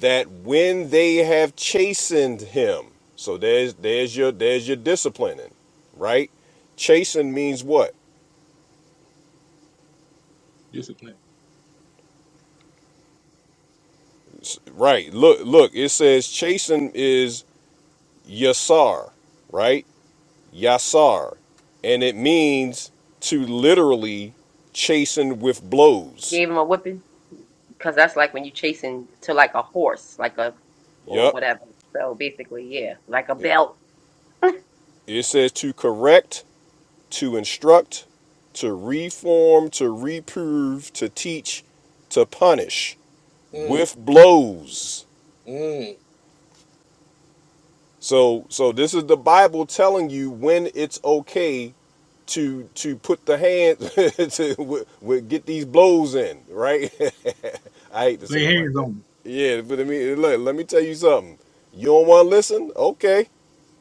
S1: that when they have chastened him so there's there's your there's your disciplining right chasten means what
S8: discipline.
S1: S- right look look it says chasten is yasar right yasar and it means to literally chasten with blows
S5: Gave them a whipping. Because that's like when you chasing to like a horse, like a, or
S1: Yup.
S5: whatever. So basically, yeah, like a
S1: it,
S5: belt.
S1: it says to correct to instruct to reform to reprove to teach to punish
S7: Mm,
S1: with blows
S7: mm.
S1: So so this is the Bible telling you when it's okay to to put the hand [laughs] to w- w- get these blows in, right? [laughs] I hate to say
S8: Lay
S1: it like
S8: hands
S1: that.
S8: on me.
S1: Yeah, but I mean, look, let me tell you something. You don't want to listen? Okay.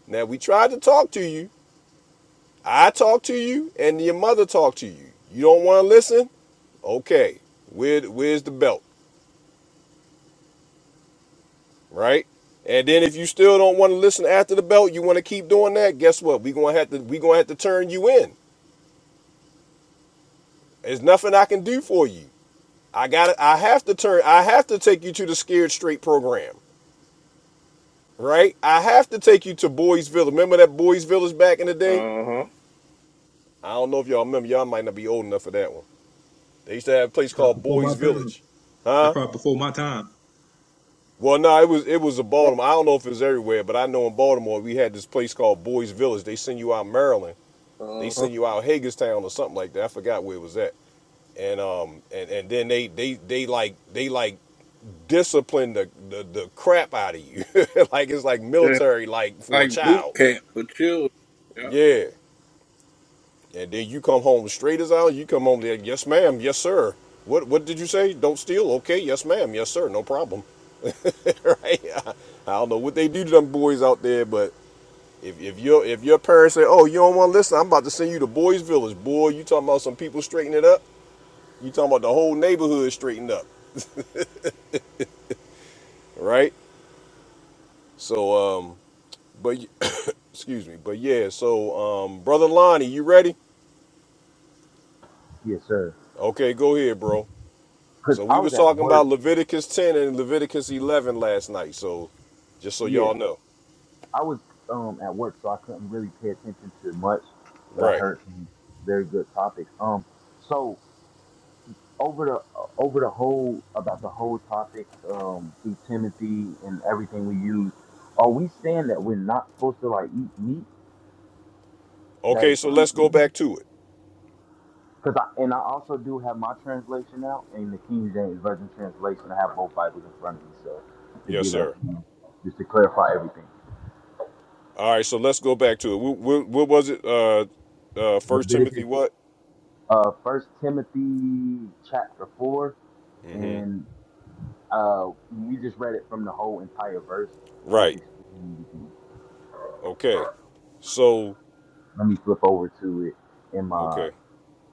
S1: Now we tried to talk to you. I talked to you, and your mother talked to you. You don't want to listen? Okay. Where where's the belt, right? And then if you still don't want to listen after the belt, you want to keep doing that. Guess what? We gonna have to we gonna have to turn you in There's nothing I can do for you. I got to I have to turn I have to take you to the Scared Straight program, right? I have to take you to Boys Village. Remember that Boys Village back in the day?
S7: Uh
S1: I don't know if y'all remember. Y'all might not be old enough for that one. They used to have a place called
S8: Probably before
S1: Boys
S8: my time.
S1: Village.
S8: That's
S1: Huh?
S8: probably before my time.
S1: Well, no, it was it was in
S7: huh.
S1: Baltimore. I don't know if it was everywhere, but I know in Baltimore we had this place called Boys Village. They send you out Maryland. They
S7: Uh-huh.
S1: send you out Hagerstown or something like that. I forgot where it was at. And um and, and then they they they like they like discipline the, the, the crap out of you. [laughs] like it's like
S7: they
S1: military like for a
S7: like boot
S1: child.
S7: camp for children. Yeah.
S1: Yeah. And then you come home straight as out, you come home there, yes ma'am, yes sir. What what did you say? Don't steal? Okay, yes ma'am, yes sir, no problem. [laughs] right? I, I don't know what they do to them boys out there, but if, if your if your parents say, Oh, you don't wanna listen, I'm about to send you to Boys Village, boy, you talking about some people straightening it up? You talking about the whole neighborhood straightened up, right? So um but Excuse me. But yeah, so um, brother Lonnie, you ready?
S6: Yes, sir.
S1: Okay, go ahead, bro.
S6: Cause
S1: So
S6: I
S1: we
S6: was
S1: was
S6: at
S1: talking
S6: work.
S1: about Leviticus 10 and Leviticus 11 last night. So just so
S6: Yeah,
S1: y'all know.
S6: I was um at work, so I couldn't really pay attention to much, but I
S1: Right.
S6: heard some very good topics. Um, so over the over the whole about the whole topic um, through Timothy and everything we use, are we saying that we're not supposed to like eat meat that
S1: Okay,
S6: is
S1: so let's go
S6: unclean?
S1: back to it.
S6: Because I and I also do have my translation out and the King James Version translation. I have both Bibles in front of me, so to get
S1: Yes,
S6: a
S1: sir.
S6: you know, just to clarify everything.
S1: All right, so let's go back to it. What, what, what was it? Uh, uh, First Timothy
S6: Leviticus,
S1: what?
S6: uh, First Timothy chapter four, and uh, we just read it from the whole entire verse. Just
S1: Right.
S6: explaining everything.
S1: Okay. So,
S6: Let me flip over to it in my
S1: okay.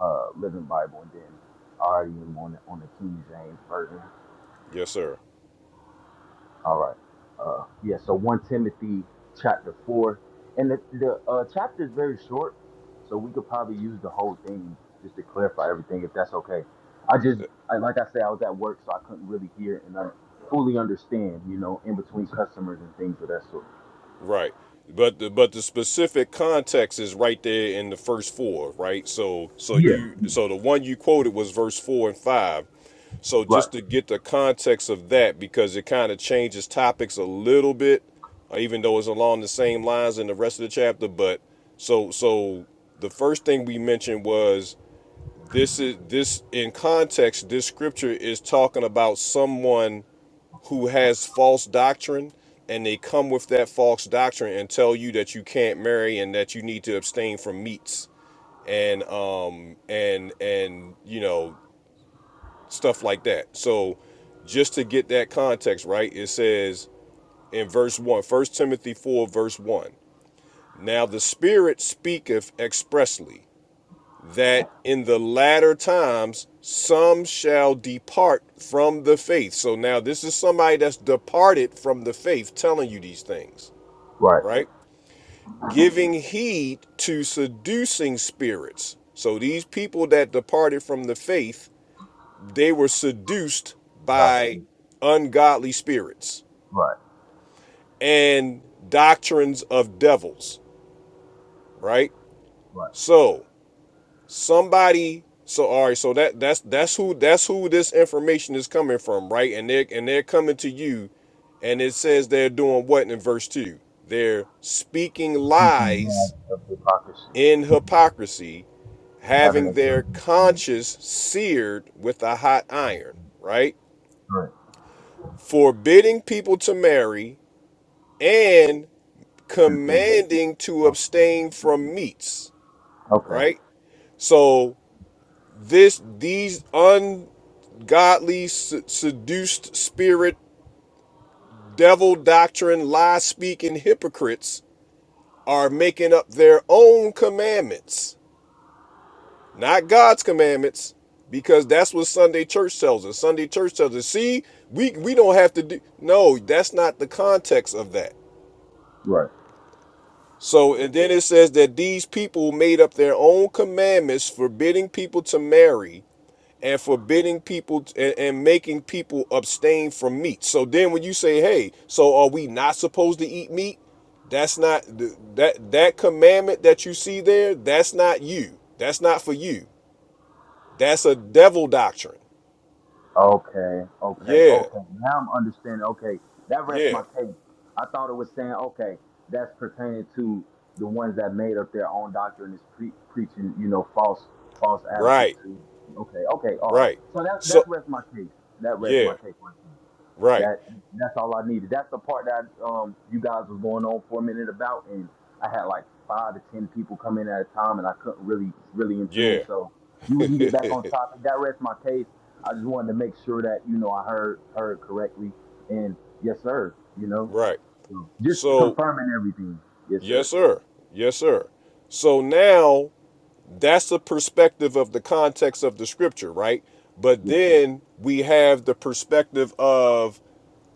S6: uh, Living Bible, and then I already am on the, on the King James version.
S1: Yes, sir.
S6: All right. Uh, yeah. So one Timothy chapter four, and the the uh, chapter is very short, so we could probably use the whole thing just to clarify everything, if that's okay. I just I, like I said, I was at work, so I couldn't really hear and I fully understand, you know, in between customers and things of that sort.
S1: Right. But the but the specific context is right there in the first four, right? So so
S6: Yeah.
S1: you
S6: yeah.
S1: so the one you quoted was verse four and five. So
S6: Right.
S1: just to get the context of that, because it kind of changes topics a little bit, uh, even though it's along the same lines in the rest of the chapter. But so so the first thing we mentioned was this is this in context, this scripture is talking about someone who has false doctrine and they come with that false doctrine and tell you that you can't marry and that you need to abstain from meats and um and and you know stuff like that so just to get that context right it says in verse one, First timothy 4 verse 1 now the spirit speaketh expressly that in the latter times some shall depart from the faith. So now this is somebody that's departed from the faith telling you these things,
S6: Right.
S1: right? Giving heed to seducing spirits. So these people that departed from the faith, they were seduced
S6: Right.
S1: by ungodly spirits
S6: Right.
S1: and doctrines of devils, right?
S6: Right.
S1: So somebody so all right so that that's that's who that's who this information is coming from right and they're and they're coming to you and it says they're doing what in verse 2 they're speaking
S6: Preaching mad
S1: lies
S6: of hypocrisy.
S1: in hypocrisy
S6: having a
S1: having their conscience seared with a hot iron right
S6: good
S1: forbidding people to marry and
S6: continue.
S1: commanding to
S6: Oh,
S1: abstain from meats
S6: Okay.
S1: right so this these ungodly seduced spirit devil doctrine lie speaking hypocrites are making up their own commandments not god's commandments because that's what sunday church tells us sunday church tells us see we we don't have to do no that's not the context of that
S6: Right.
S1: So, and then it says that these people made up their own commandments forbidding people to marry and forbidding people and, and making people abstain from meat. So then when you say, "Hey, so are we not supposed to eat meat?" That's not that that commandment that you see there, that's not you. That's not for you. That's a devil doctrine.
S6: Okay. Okay.
S1: Yeah.
S6: Okay. Now I'm understanding. Okay. That rests
S1: Yeah.
S6: my case. I thought it was saying, okay, that's pertaining to the ones that made up their own doctrine is pre- preaching, you know, false false advocate
S1: Right.
S6: to. Okay. Okay. All right.
S1: Right.
S6: So that that's
S1: So,
S6: rest my case. That rests my
S1: yeah.
S6: case.
S1: Right.
S6: That that's all I needed. That's the part that um you guys was going on for a minute about, and I had like five to ten people come in at a time, and I couldn't really really in tune.
S1: Yeah.
S6: So you we can get back on topic. That rests my case. I just wanted to make sure that you know I heard heard correctly, and yes sir, you know,
S1: Right.
S6: so just
S1: So
S6: confirming everything. Yes
S1: Yes,
S6: sir.
S1: sir. Yes, sir. So now that's the perspective of the context of the scripture, right? But
S6: Yes.
S1: then we have the perspective of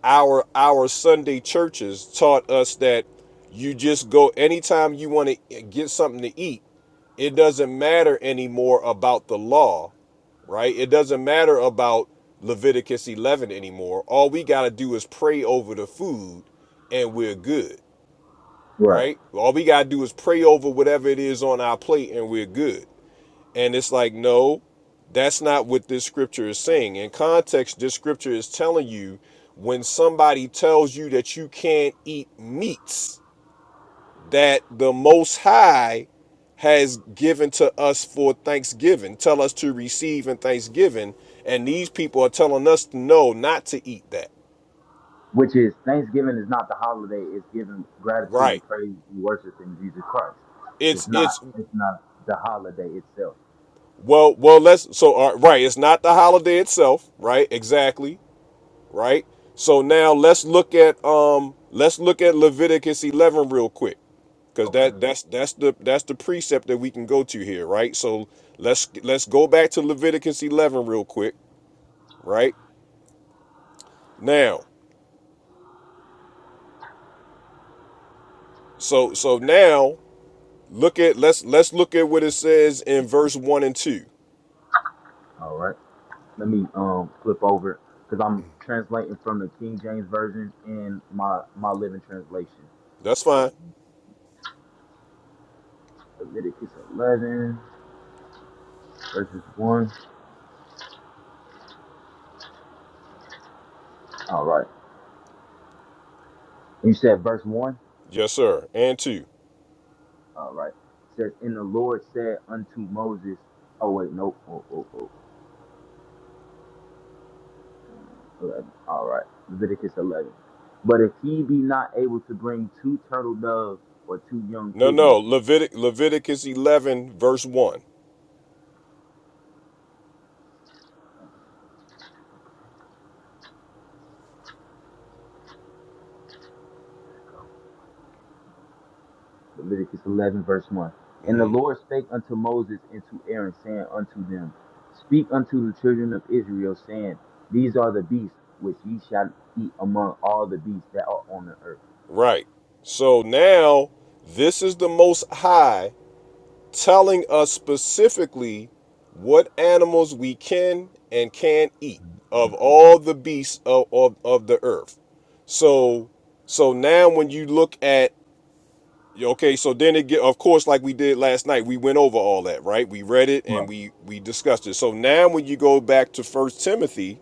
S1: our our Sunday churches taught us that you just go anytime you want to get something to eat, it doesn't matter anymore about the law, right? It doesn't matter about Leviticus 11 anymore. All we got to do is pray over the food and we're good
S6: Right.
S1: right? All we got to do is pray over whatever it is on our plate and we're good. And it's like, no, that's not what this scripture is saying. In context, this scripture is telling you when somebody tells you that you can't eat meats that the Most High has given to us for Thanksgiving, tell us to receive in Thanksgiving, and these people are telling us no, not to eat that.
S6: Which is Thanksgiving is not the holiday. It's giving gratitude and
S1: Right.
S6: praise and worship in Jesus Christ. It's
S1: It's
S6: not.
S1: it's
S6: It's not the holiday itself.
S1: Well, well, let's so uh, right. It's not the holiday itself, right? Exactly, right. So now let's look at um, let's look at Leviticus eleven real quick, because
S6: Okay.
S1: that that's that's the that's the precept that we can go to here, right? So let's let's go back to Leviticus eleven real quick, right? Now, so so now look at let's let's look at what it says in verse one and two.
S6: All right. Let me um flip over because I'm translating from the King James version in my my living translation.
S1: That's
S6: So
S1: fine.
S6: Leviticus 11 verses 1. All right. You said verse 1.
S1: Yes, sir. And two.
S6: All right. It says, "And the Lord said unto Moses." Oh wait, no. Oh oh oh, 11. All right. Leviticus 11. But if he be not able to bring two turtle doves or two young
S1: No,
S6: pigeons
S1: no. Levitic Leviticus eleven verse one.
S6: Leviticus 11, verse 1. And the
S1: Mm-hmm.
S6: Lord spake unto Moses and to Aaron, saying unto them, Speak unto the children of Israel, saying, These are the beasts which ye shall eat among all the beasts that are on the earth.
S1: Right. So now this is the Most High telling us specifically what animals we can and can't eat of all the beasts of, of, of the earth. So so now when you look at okay, so then it get of course like we did last night, we went over all that, right? We read it and
S6: Right.
S1: we we discussed it. So now when you go back to First Timothy,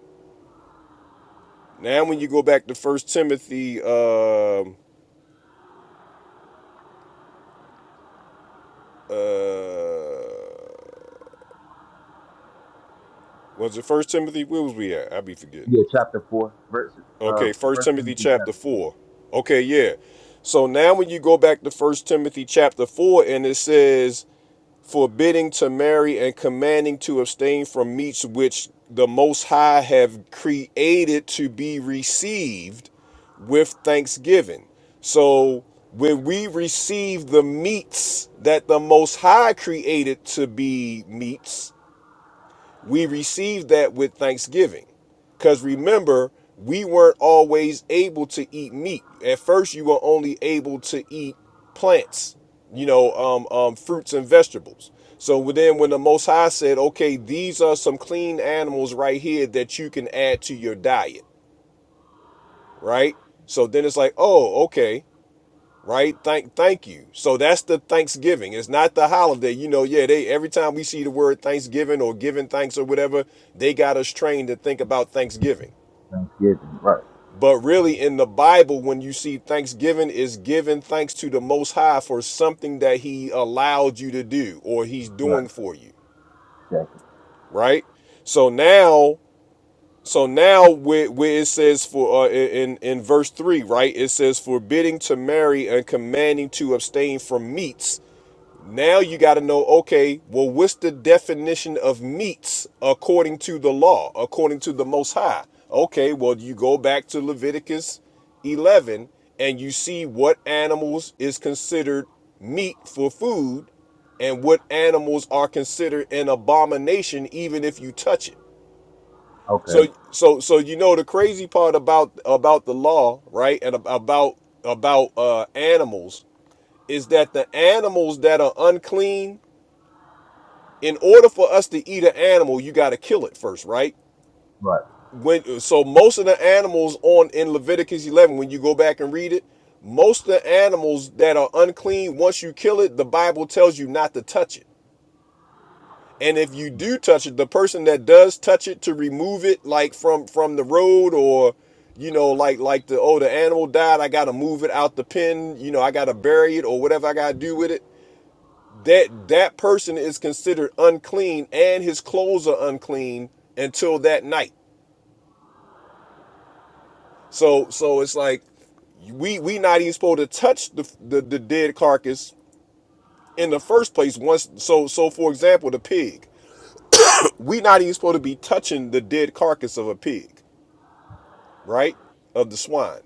S1: now when you go back to First Timothy uh, uh Was it First Timothy? Where was we at? I be forgetting.
S6: Yeah, chapter 4, verse, uh,
S1: Okay, First
S6: First
S1: Timothy
S6: Timothy
S1: chapter
S6: chapter
S1: four. Okay, yeah. So now when you go back to First Timothy chapter four, and it says, forbidding to marry and commanding to abstain from meats which the Most High have created to be received with thanksgiving. So when we receive the meats that the Most High created to be meats, we receive that with thanksgiving. Because remember, we weren't always able to eat meat. At first, you were only able to eat plants, you know, um, um, fruits and vegetables. So then, when the Most High said, okay, these are some clean animals right here that you can add to your diet, right? So then it's like, oh, okay right? Thank thank you. So that's the Thanksgiving. It's not the holiday. You know, yeah, they every time we see the word Thanksgiving or giving thanks or whatever, they got us trained to think about Thanksgiving.
S6: Thanksgiving. Right,
S1: But really in the Bible when you see Thanksgiving is giving thanks to the most high for something that he allowed you to do or he's
S6: right,
S1: doing for you,
S6: exactly.
S1: right? So now so now where, where it says for uh, in in verse 3, right? It says forbidding to marry and commanding to abstain from meats Now you got to know, okay, well, what's the definition of meats according to the law, according to the Most High? Okay, well, you go back to Leviticus 11 and you see what animals is considered meat for food and what animals are considered an abomination even if you touch it. So
S6: Okay,
S1: so so you know the crazy part about about the law, right? And about about uh animals is that the animals that are unclean in order for us to eat an animal, you got to kill it first, right?
S6: right,
S1: When so most of the animals on in Leviticus 11, when you go back and read it, most of the animals that are unclean, once you kill it, the Bible tells you not to touch it. And if you do touch it, the person that does touch it to remove it, like from from the road or you know, like like the oh the animal died, I gotta move it out the pen, you know, I gotta bury it or whatever I gotta do with it that that person is considered unclean and his clothes are unclean until that night so so it's like we we not even supposed to touch the, the the dead carcass in the first place once so so for example the pig we not even supposed to be touching the dead carcass of a pig right of the swine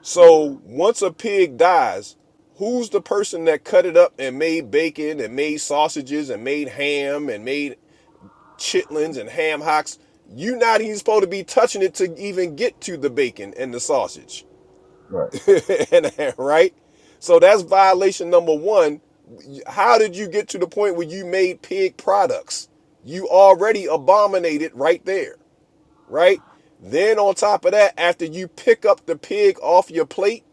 S1: so once a pig dies who's the person that cut it up and made bacon and made sausages and made ham and made chitlins and ham hocks. you not even supposed to be touching it to even get to the bacon and the sausage.
S6: right,
S1: [laughs] and, right? So that's violation number one. How did you get to the point where you made pig products? You already abominated right there, right? Then on top of that, after you pick up the pig off your plate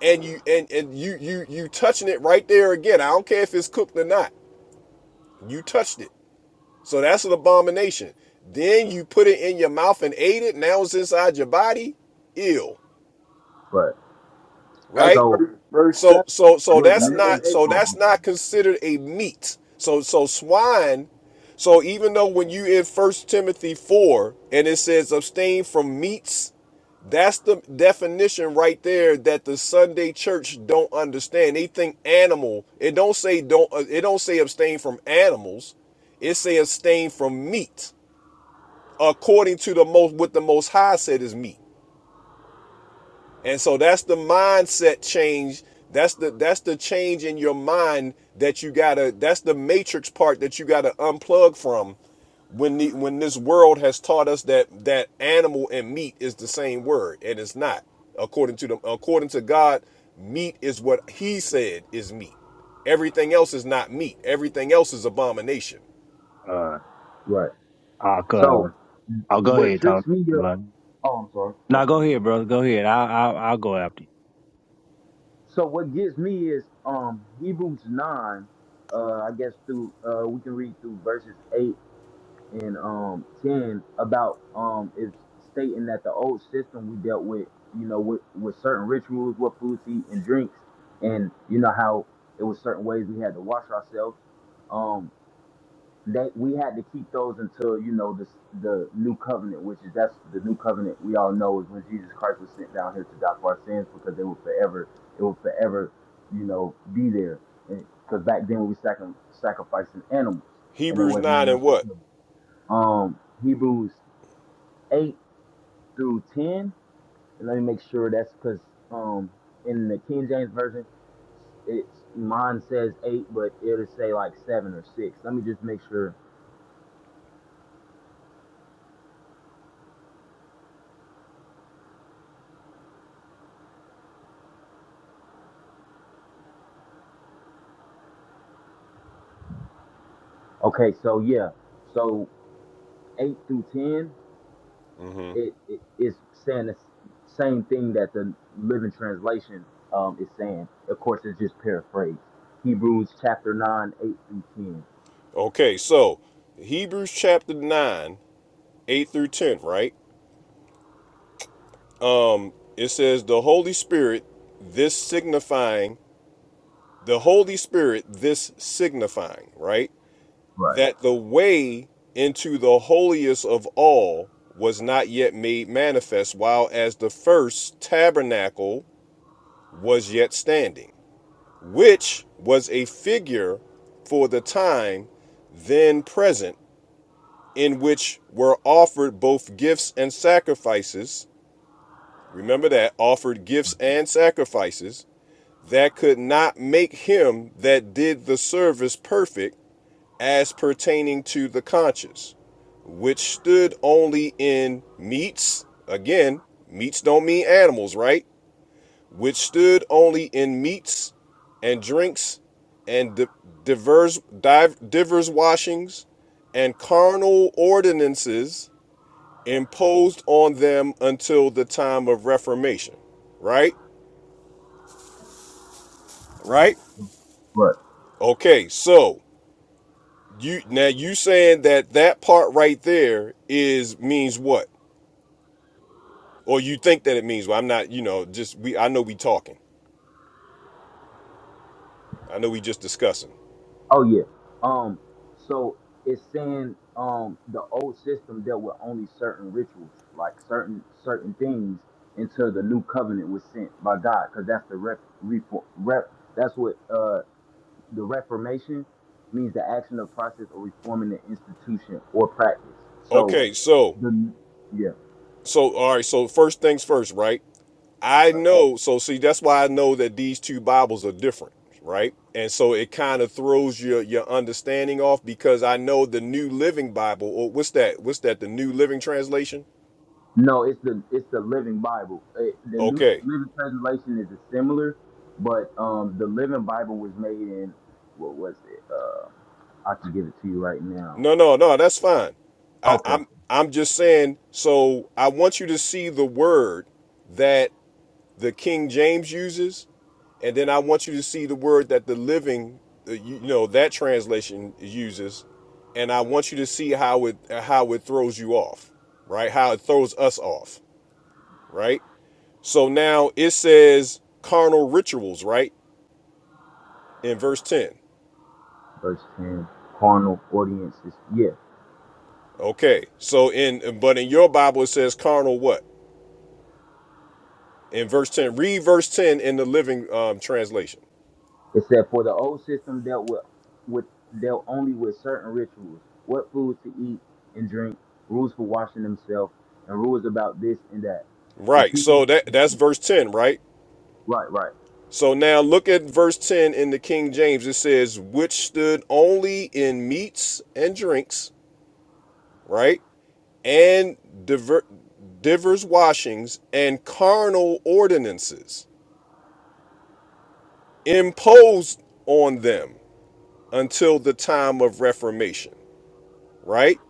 S1: and you and, and you you you touching it right there again. I don't care if it's cooked or not. You touched it So that's an abomination. Then you put it in your mouth and ate it. Now it's inside your body. Ill,
S6: right.
S7: That's
S1: right?
S6: So,
S7: verse, verse
S1: So
S7: seven,
S1: so so
S7: verse
S6: what
S1: that's
S7: seven
S6: Matthew,
S7: and
S1: not
S7: eight.
S1: so
S6: oh,
S1: that's
S6: I'm
S1: not considered a meat. So so swine. So even though when you in First Timothy four and it says abstain from meats, that's the definition right there that the Sunday church don't understand. They think animal. It don't say don't. It don't say abstain from animals. It say abstain from meat. according to the most what the most high said is meat, and so that's the mindset change that's the that's the change in your mind that you gotta that's the matrix part that you gotta unplug from when the when this world has taught us that that animal and meat is the same word and it's not according to the according to god meat is what he said is meat everything else is not meat everything else is abomination
S10: Uh,
S6: sorry. Right.
S10: I'll, uh,
S6: So,
S10: I'll go
S6: what
S10: ahead,
S6: tricks
S10: Tom.
S6: me
S10: I'm
S6: up,
S10: lying.
S6: oh, I'm sorry, my
S10: Now go
S6: fault.
S10: ahead, bro. Go ahead. I'll I'll, I'll go after you.
S6: So what gets me is um Hebrews nine, uh I guess through uh we can read through verses eight and um ten about um it's stating that the old system we dealt with, you know, with, with certain rituals, what foods to eat and drinks, and you know how it was certain ways we had to wash ourselves. Um they we had to keep those until you know this the new covenant, which is that's the new covenant we all know is when Jesus Christ was sent down here to die for our sins because they will forever it will forever you know be there because back then we were sacri- sacrificing animals and there
S1: hebrews
S6: wasn't
S1: 9 and
S6: enough to
S1: what
S6: kill. Um, Hebrews eight through ten. And let me make sure that's because um in the King James version it's mine says eight, but it'll say like seven or six. Let me just make sure Okay, so yeah, so eight through ten,
S1: Mm-hmm.
S6: it it is saying the s- same thing that the Living Translation um is saying. Of course, it's just paraphrased. Hebrews chapter nine, eight through ten.
S1: Okay, so Hebrews chapter 9, 8 through 10, right? It says, The Holy Spirit, this signifying, the Holy Spirit, this signifying, right?
S6: Right,
S1: That the way into the holiest of all was not yet made manifest, while as the first tabernacle was yet standing, which was a figure for the time then present in which were offered both gifts and sacrifices. Remember that offered gifts and sacrifices that could not make him that did the service perfect as pertaining to the conscience, which stood only in meats. Again, meats don't mean animals, right? Which stood only in meats and drinks and divers, divers washings and carnal ordinances imposed on them until the time of reformation right right
S6: right.
S1: okay so you now you saying that that part right there is means what or you think that it means well i'm not you know just we i know we talking i know we just discussing
S6: Oh yeah. Um, so it's saying um the old system dealt with only certain rituals, like certain certain things, until the new covenant was sent by God, because that's the rep, rep, rep that's what uh The Reformation means the action of process or reforming the institution or practice. So
S1: okay so
S6: the yeah.
S1: So all right, so first things first, right? I know, so see that's why I know that these two Bibles are different, right? And so it kind of throws your your understanding off because I know the New Living Bible, or what's that? What's that? The New Living Translation?
S6: No, it's the it's the Living Bible. It, the New Tr-
S1: Okay.
S6: Living Translation is a similar, but um, the Living Bible was made in what was it? Uh, I can give it to you right now.
S1: No, no, no, that's fine. I,
S6: Okay,
S1: I'm I'm just saying, so I want you to see the word that the King James uses And then I want you to see the word that the living, uh, you, you know, that translation uses, and I want you to see how it how it throws you off, right? How it throws us off, right? So now it says carnal rituals, right? In verse 10.
S6: verse ten. Carnal audiences. Yeah,
S1: Okay. So in but in your Bible it says carnal what? In verse 10. Read verse 10 in the living um, translation.
S6: It said, "For the old system dealt with, with dealt only with certain rituals, what foods to eat and drink, rules for washing themselves, and rules about this and that." The
S1: Right.
S6: people,
S1: So that that's verse 10, right?
S6: right, right.
S1: So now look at verse 10 in the King James. It says, which stood only in meats and drinks, right? And diver- divers washings and carnal ordinances imposed on them until the time of reformation, right?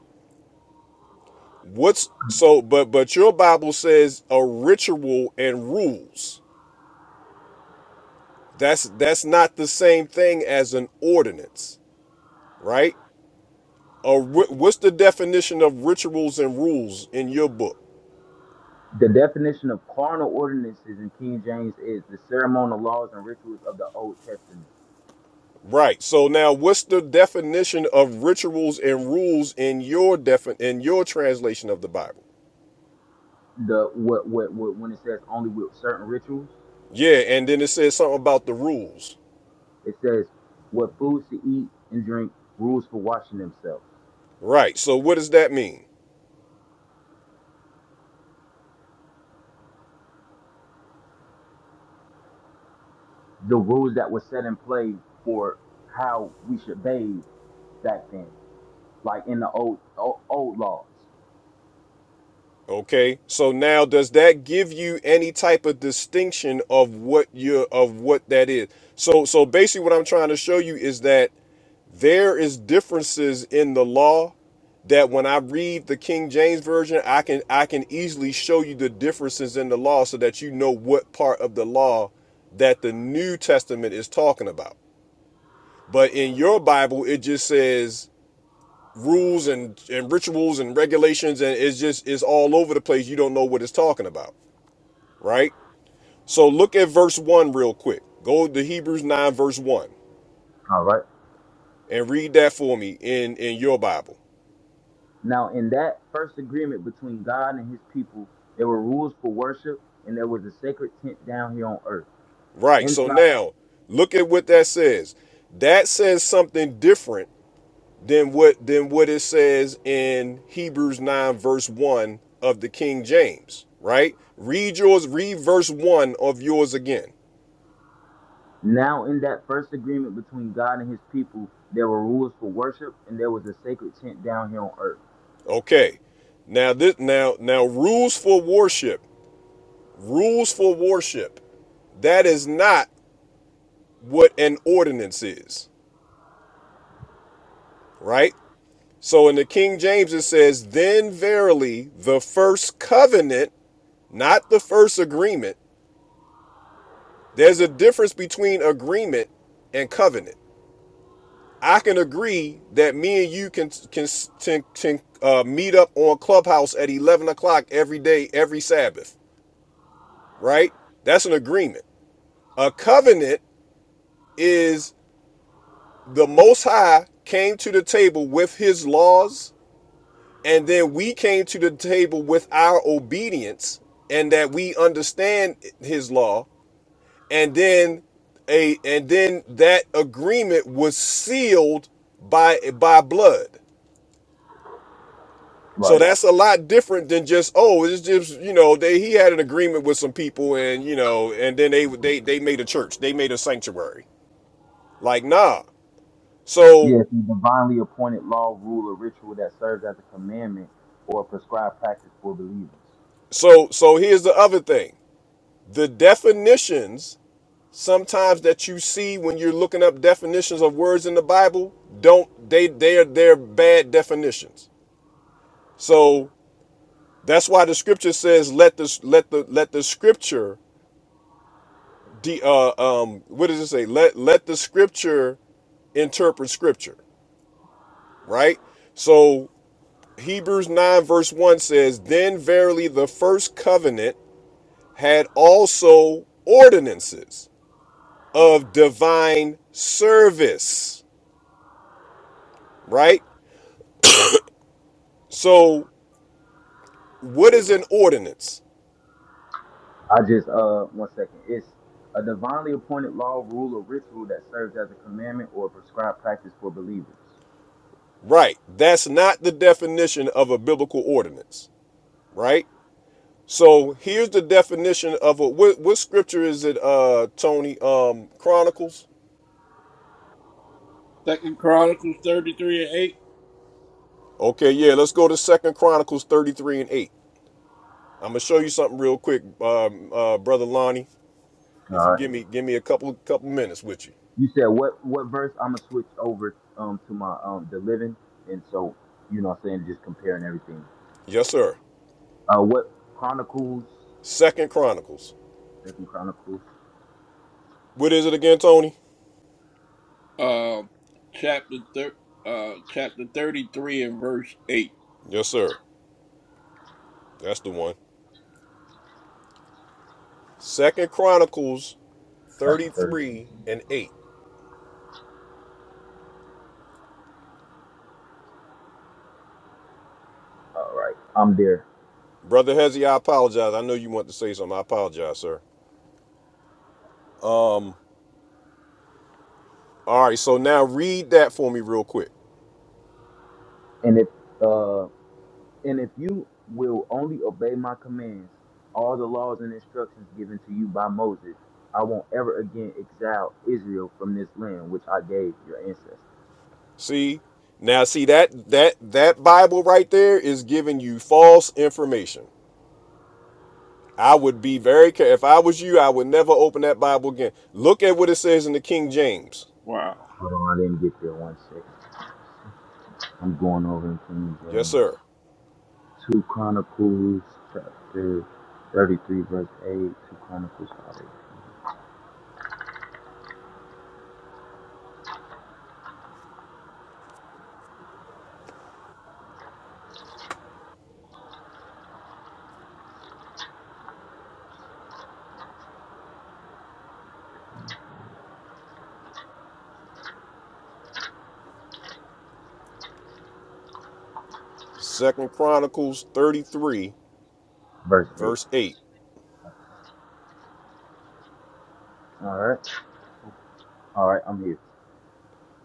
S1: What's so but but your Bible says a ritual and rules. That's that's not the same thing as an ordinance, right? A what's the definition of rituals and rules in your book?
S6: The definition of carnal ordinances in King James is the ceremonial laws and rituals of the Old Testament.
S1: Right. So now, what's the definition of rituals and rules in your defin in your translation of the Bible?
S6: The what what, what when it says only with certain rituals,
S1: Yeah, and then it says something about the rules.
S6: it says what foods to eat and drink, rules for washing themselves,
S1: Right. So what does that mean?
S6: the rules that were set in play for how we should bathe back then, like in the old old, old laws.
S1: Okay. So now, does that give you any type of distinction of what you are of what that is? So so basically, what I'm trying to show you is that there is differences in the law that when I read the King James version, I can I can easily show you the differences in the law so that you know what part of the law that the New Testament is talking about. But in your Bible, it just says rules and, and rituals and regulations, and it's just it's all over the place. You don't know what it's talking about, right? So look at verse one real quick. Go to Hebrews nine verse one
S6: All right.
S1: and read that for me in in your Bible.
S6: Now, in that first agreement between God and his people, there were rules for worship and there was a sacred tent down here on earth.
S1: Right. So
S6: Inside,
S1: now look at what that says. That says something different than what than what it says in Hebrews 9 verse 1 of the King James, right? Read yours, read verse 1 of yours again.
S6: now in that first agreement between God and his people, there were rules for worship and there was a sacred tent down here on earth.
S1: Okay. Now this now now rules for worship. Rules for worship. That is not what an ordinance is, right? So in the King James, it says, Then verily the first covenant not the first agreement. There's a difference between agreement and covenant. I can agree that me and you can can can, can uh, meet up on Clubhouse at 11 o'clock every day, every Sabbath, right? That's an agreement. A covenant is the Most High came to the table with His laws, and then we came to the table with our obedience, and that we understand His law, and then a and then that agreement was sealed by by blood. So
S6: Right.
S1: that's a lot different than just oh it's just you know they he had an agreement with some people and you know and then they they they made a church they made a sanctuary like nah so
S6: Yes, yeah, the divinely appointed law, rule, or ritual that serves as a commandment or a prescribed practice for believers.
S1: so so here's the other thing the definitions sometimes that you see when you're looking up definitions of words in the Bible don't they they're they're bad definitions. So. That's why the scripture says, "Let the let the let the scripture de, uh, um what does it say? Let let the scripture interpret scripture." Right. So Hebrews nine verse one says, "Then verily the first covenant had also ordinances of divine service." Right. So what is an ordinance?
S6: I just uh one second. It's a divinely appointed law, rule, or ritual that serves as a commandment or a prescribed practice for believers.
S1: Right. That's not the definition of a biblical ordinance. Right. So here's the definition of a what, what scripture is it, uh, Tony? Um, Chronicles.
S7: Second Chronicles thirty three and eight.
S1: Okay, yeah, let's go to Second Chronicles 33 and 8. I'm gonna show you something real quick, um, uh, brother Lonnie.
S6: All
S1: If you
S6: right.
S1: give me give me a couple couple minutes with you.
S6: You said what what verse? I'm gonna switch over um to my um the living, and so you know what I'm saying just comparing everything.
S1: Yes, sir.
S6: Uh, what Chronicles?
S1: Second Chronicles.
S6: Second Chronicles,
S1: What is it again, Tony?
S7: Um, chapter thir- uh, chapter thirty three and verse eight.
S1: Yes, sir. That's the one. Second Chronicles
S6: chapter thirteen.
S1: 33 and 8.
S6: All right, I'm there.
S1: Brother Hezzy, I apologize. I know you want to say something. I apologize, sir. All right, so now read that for me real quick.
S6: And if uh And if you will only obey my commands, all the laws and instructions given to you by Moses, I won't ever again exile Israel from this land which I gave your ancestors.
S1: See? Now see that that that Bible right there is giving you false information. I would be very careful. If I was you, I would never open that Bible again. Look at what it says in the King James.
S7: Wow,
S6: Hold on, I didn't get there one second. I'm going over in King
S1: Yes,
S6: James.
S1: sir.
S6: 2 Chronicles chapter 33, verse 8. 2 Chronicles 5,
S1: Second Chronicles 33,
S6: verse 8.
S1: verse 8.
S6: All right. All right, I'm here.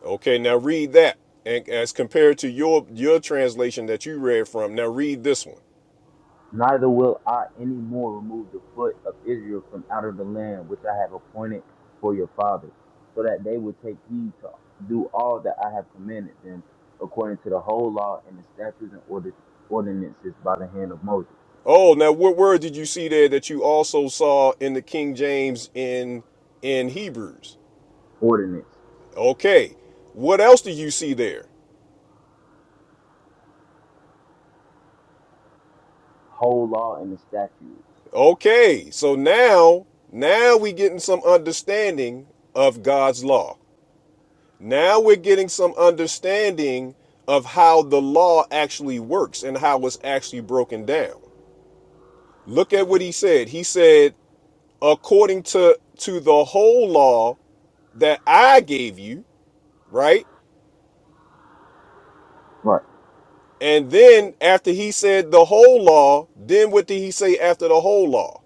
S1: Okay, now read that. And as compared to your your translation that you read from, now read this one.
S6: Neither will I any more remove the foot of Israel from out of the land which I have appointed for your fathers, so that they will take heed to do all that I have commanded them according to the whole law and the statutes and ordi- ordinances by the hand of Moses.
S1: Oh, now what word did you see there that you also saw in the King James in in Hebrews?
S6: Ordinances.
S1: Okay. What else do you see there?
S6: Whole law and the statutes.
S1: Okay. So now, now we are getting some understanding of God's law. Now we're getting some understanding of how the law actually works and how it's actually broken down. Look at what he said. He said, according to to the whole law that I gave you, right?
S6: Right.
S1: And then after he said the whole law, then what did he say after the whole law?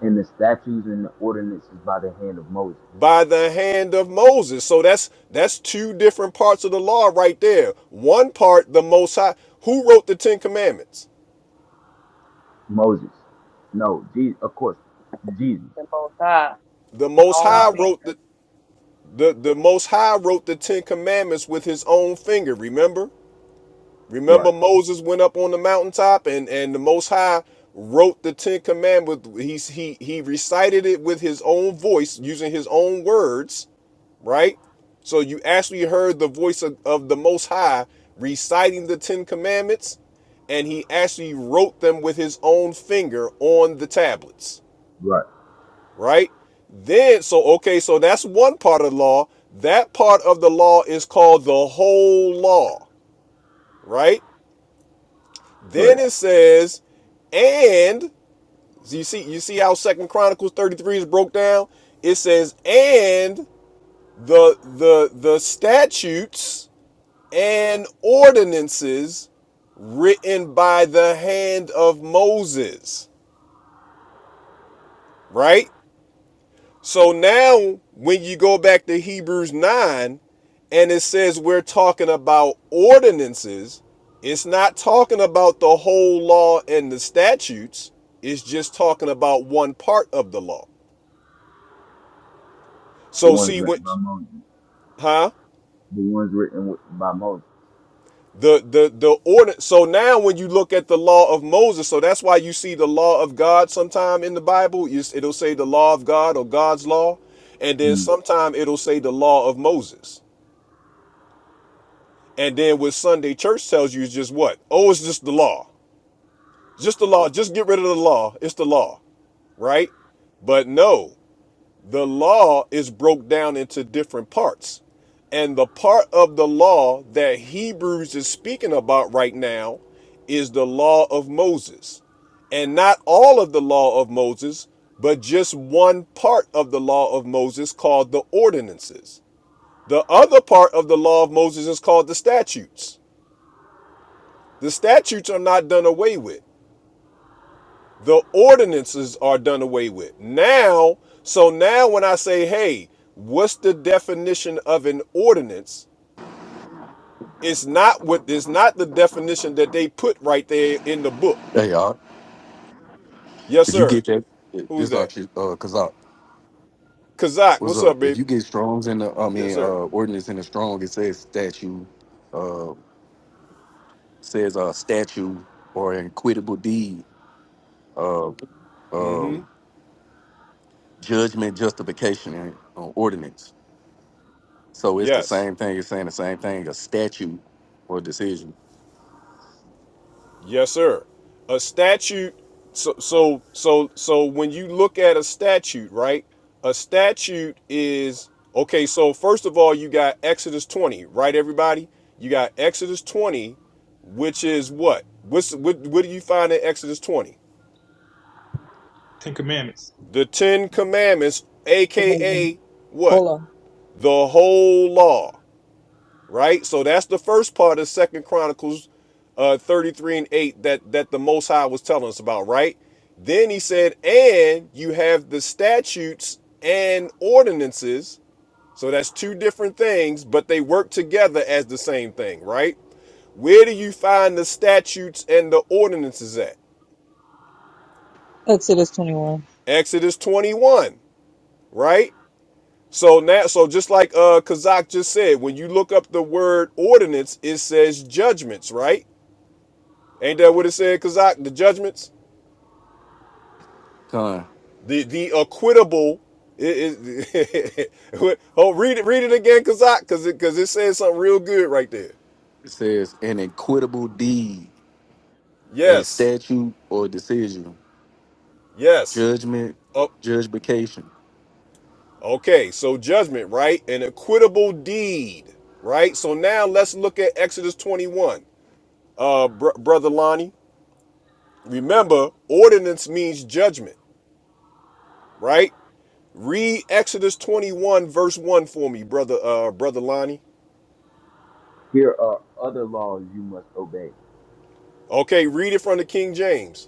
S6: And the statutes and the ordinances by the hand of Moses.
S1: by the hand of Moses. So that's that's two different parts of the law right there. One part, the Most High. Who wrote the Ten Commandments?
S6: Moses. No, Je- of course, Jesus.
S5: Simple time.
S1: The Most
S5: Wrong
S1: High
S6: God.
S5: thing.
S1: wrote the the, the Most High wrote the Ten Commandments with his own finger. Remember?
S6: Right,
S1: Remember Moses went up on the mountaintop and and the most high wrote the 10 commandments he he he recited it with his own voice using his own words, right? So you actually heard the voice of, of the most high reciting the 10 commandments and he actually wrote them with his own finger on the tablets,
S6: right,
S1: right? Then so okay, so that's one part of the law. That part of the law is called the whole law, right? Then
S6: correct.
S1: it says, and you see, you see how Second Chronicles 33 is broke down? It says, and the the the statutes and ordinances written by the hand of Moses. Right? So now, when you go back to Hebrews 9, and it says we're talking about ordinances, it's not talking about the whole law and the statutes, it's just talking about one part of the law.
S6: The
S1: So,
S6: ones
S1: see, when,
S6: written by Moses.
S1: huh?
S6: the ones written with, by Moses.
S1: The, the the order so now when you look at the law of Moses so that's why you see the law of God sometime in the Bible it'll say the law of God or God's law and then
S6: Mm.
S1: sometime it'll say the law of Moses And then what Sunday church tells you is just what? Oh, it's just the law. Just the law. Just get rid of the law. It's the law, right? But no, the law is broke down into different parts. And the part of the law that Hebrews is speaking about right now is the law of Moses. And not all of the law of Moses, but just one part of the law of Moses called the ordinances. The other part of the law of Moses is called the statutes. The statutes are not done away with. The ordinances are done away with. Now, so now when I say, hey, what's the definition of an ordinance? It's not what it's not the definition that they put right there in the book.
S11: Hey, y'all.
S1: Yes,
S11: If you
S1: sir.
S11: get that,
S1: Who's
S11: this
S1: that?
S11: actually, uh, cause I,
S1: Kazak,
S11: what's
S1: what's
S11: up?
S1: up,
S11: If
S1: babe?
S11: you get Strong's in the, I
S1: Yes,
S11: mean, uh,
S1: sir.
S11: ordinance in the Strong, it says statue, uh, says a uh, statue or an equitable deed, uh,
S1: Mm-hmm.
S11: um, judgment, justification, and uh, ordinance. So it's the
S1: Yes.
S11: same thing. It's saying the same thing. A statute or decision.
S1: Yes, sir. A statute. So, so, so, so when you look at a statute, right? A statute is okay. So first of all, you got Exodus twenty, right? Everybody, you got Exodus twenty, which is what? What's what? What do you find in Exodus twenty?
S8: Ten Commandments,
S1: The Ten Commandments,
S9: Hold on.
S1: aka what?
S9: Hold on.
S1: The whole law. right? So that's the first part of Second Chronicles uh, 33 and 8 that, that the Most High was telling us about, right? Then he said, and you have the statutes and ordinances. So that's two different things, but they work together as the same thing, right? Where do you find the statutes and the ordinances at?
S9: Exodus 21.
S1: Exodus 21, right? So now, so just like uh Kazak just said, when you look up the word ordinance, it says judgments, right? Ain't that what it said, Kazak? The judgments,
S11: Con.
S1: the the acquittable. It, it, what- [laughs] oh, read it, read it again, Kazak, because it because it says something real good right there.
S11: It says an equitable deed, a
S1: Yes,
S11: statute or decision,
S1: yes.
S11: judgment,
S1: Oh,
S11: justification.
S1: okay. So judgment, right? An acquittable deed, right? So now let's look at Exodus twenty-one, uh, br- brother Lonnie. Remember, ordinance means judgment, right? Read Exodus twenty-one verse one for me, brother, uh, brother Lonnie.
S6: Here are other laws you must obey.
S1: Okay, read it from the King James.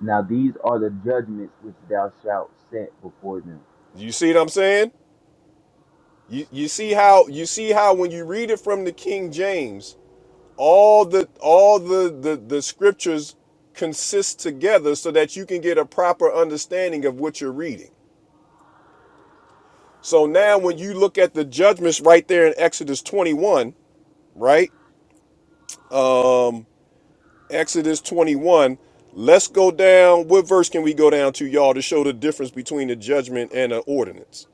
S6: Now these are the judgments which thou shalt set before them.
S1: You see what I'm saying? You you see how you see how when you read it from the King James, all the all the the, the scriptures consist together so that you can get a proper understanding of what you're reading. So now when you look at the judgments right there in Exodus 21, right? Exodus 21, let's go down. What verse can we go down to, y'all, to show the difference between a judgment and an ordinance?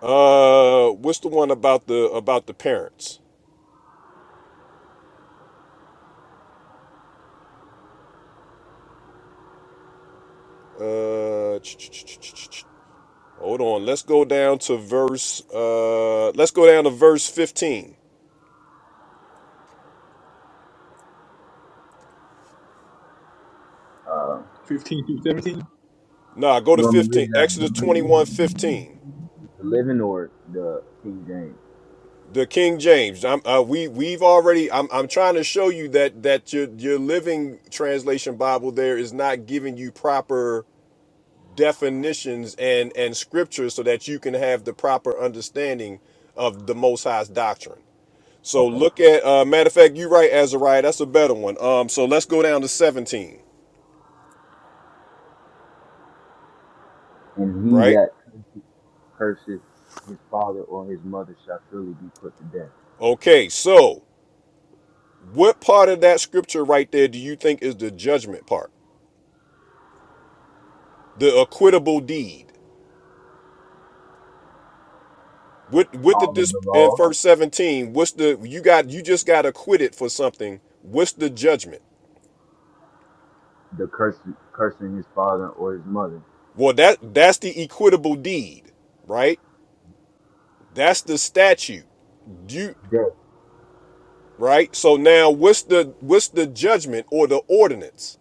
S1: Uh what's the one about the about the parents? Uh, ch- ch- ch- ch- ch- ch- hold on. Let's go down to verse. Uh, let's go down to verse fifteen.
S6: Uh,
S8: 15 through 17.
S1: Nah, go
S6: You
S1: to
S6: want me to read
S1: fifteen.
S6: it out of
S1: Exodus
S6: the living?
S1: 21:15,
S6: the living or the King James.
S1: The King James. I'm, uh, we we've already. I'm, I'm trying to show you that that your your living translation Bible there is not giving you proper definitions and and scriptures so that you can have the proper understanding of the Most High's doctrine. So
S6: Okay.
S1: look at uh, matter of fact, you're right, Azariah. That's a better one. Um, so let's go down to 17,
S6: And he
S1: right?
S6: that curses his father or his mother shall surely be put to death.
S1: Okay, so what part of that scripture right there do you think is the judgment part? The acquittable deed. What what did
S6: All of
S1: this
S6: the
S1: in
S6: law.
S1: verse 17? What's the you got you just got acquitted for something. What's the judgment?
S6: The curse, cursing his father or his mother,
S1: Well, that that's the equitable deed, right? That's the statute. You
S6: Death.
S1: right? So now what's the what's the judgment or the ordinance?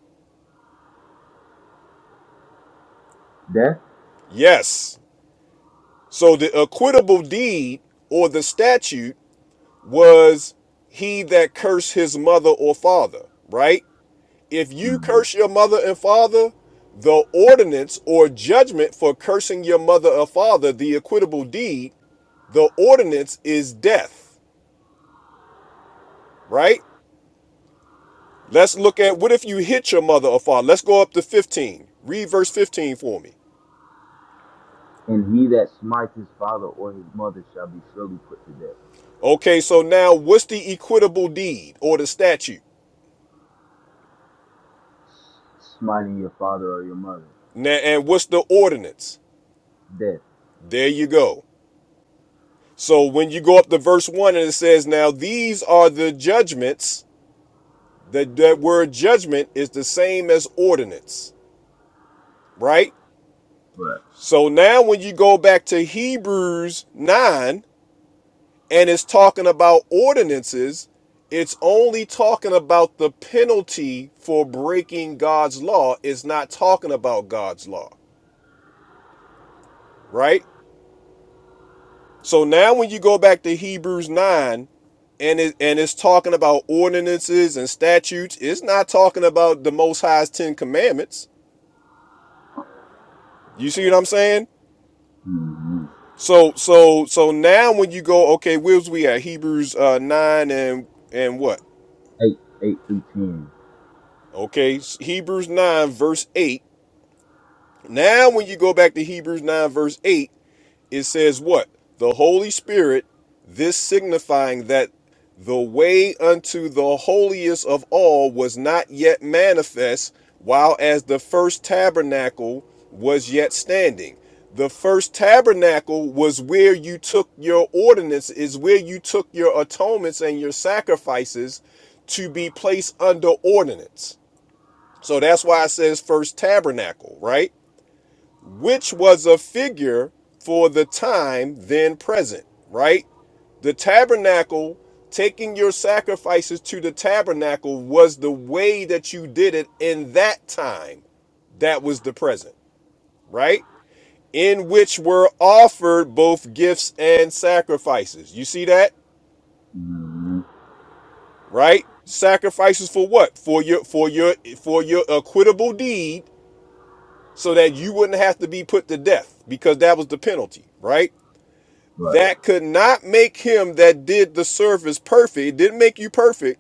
S6: death.
S1: Yes. So the acquittable deed or the statute was he that cursed his mother or father, right? If you
S6: Mm.
S1: curse your mother and father, the ordinance or judgment for cursing your mother or father, the acquittable deed, the ordinance is death, right? Let's look at what if you hit your mother or father. Let's go up to 15. Read verse 15 for me.
S6: And he that smites his father or his mother shall be surely put to death.
S1: Okay, so now what's the equitable deed or the statute?
S6: Smiting your father or your mother.
S1: Now, and what's the ordinance?
S6: Death.
S1: There you go. So when you go up to verse 1 and it says, Now these are the judgments, that, that word judgment is the same as ordinance, right?
S6: Right.
S1: So now when you go back to Hebrews 9 and it's talking about ordinances, it's only talking about the penalty for breaking God's law. It's not talking about God's law, right? So now when you go back to Hebrews 9 and it and it's talking about ordinances and statutes, it's not talking about the most high's 10 commandments. You see what I'm saying?
S6: hmm
S1: So so so now when you go okay, where's we at Hebrews uh, 9 and and what?
S6: 8, 8 through 10.
S1: Okay, Hebrews 9 verse 8. Now when you go back to Hebrews 9 verse 8, it says what? The Holy Spirit, this signifying that the way unto the holiest of all was not yet manifest, while as the first tabernacle was yet standing. The first tabernacle was where you took your ordinance, is where you took your atonements and your sacrifices to be placed under ordinance. So that's why it says first tabernacle, right? which was a figure for the time then present, right? The tabernacle, taking your sacrifices to the tabernacle, was the way that you did it in that time. That was the present, right? In which were offered both gifts and sacrifices. You see that,
S6: hmm
S1: right? Sacrifices for what? For your for your for your acquittable deed, so that you wouldn't have to be put to death, because that was the penalty, right?
S6: Right.
S1: that could not make him that did the service perfect. It didn't make you perfect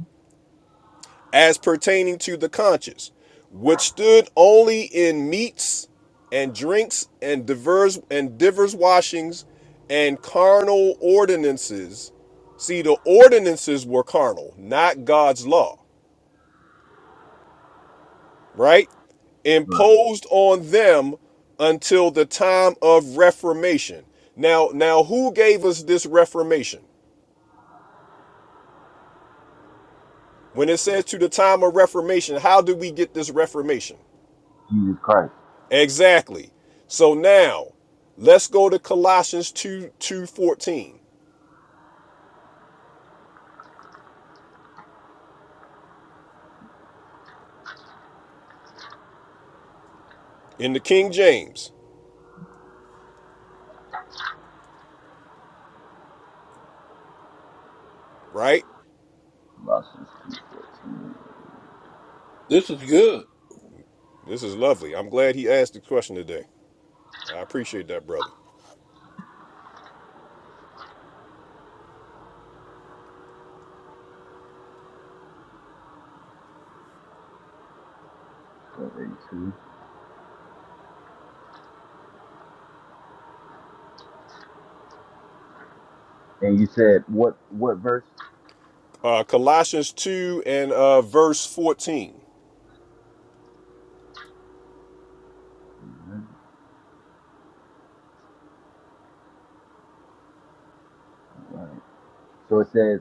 S1: as pertaining to the conscience, which stood only in meats and drinks and divers and divers washings and carnal ordinances. See, the ordinances were carnal, not God's law, right?
S6: Right.
S1: Imposed on them until the time of reformation. Now, now who gave us this reformation? When it says to the time of reformation, how do we get this reformation?
S6: Jesus Christ.
S1: Exactly. So now let's go to Colossians 2 two fourteen in the King James, right?
S6: Colossians 2.14.
S7: this is good.
S1: This is lovely. I'm glad he asked the question today. I appreciate that, brother.
S6: And you said, what, what verse?
S1: Uh, Colossians 2 and uh, verse 14.
S6: hmm Right. So it says,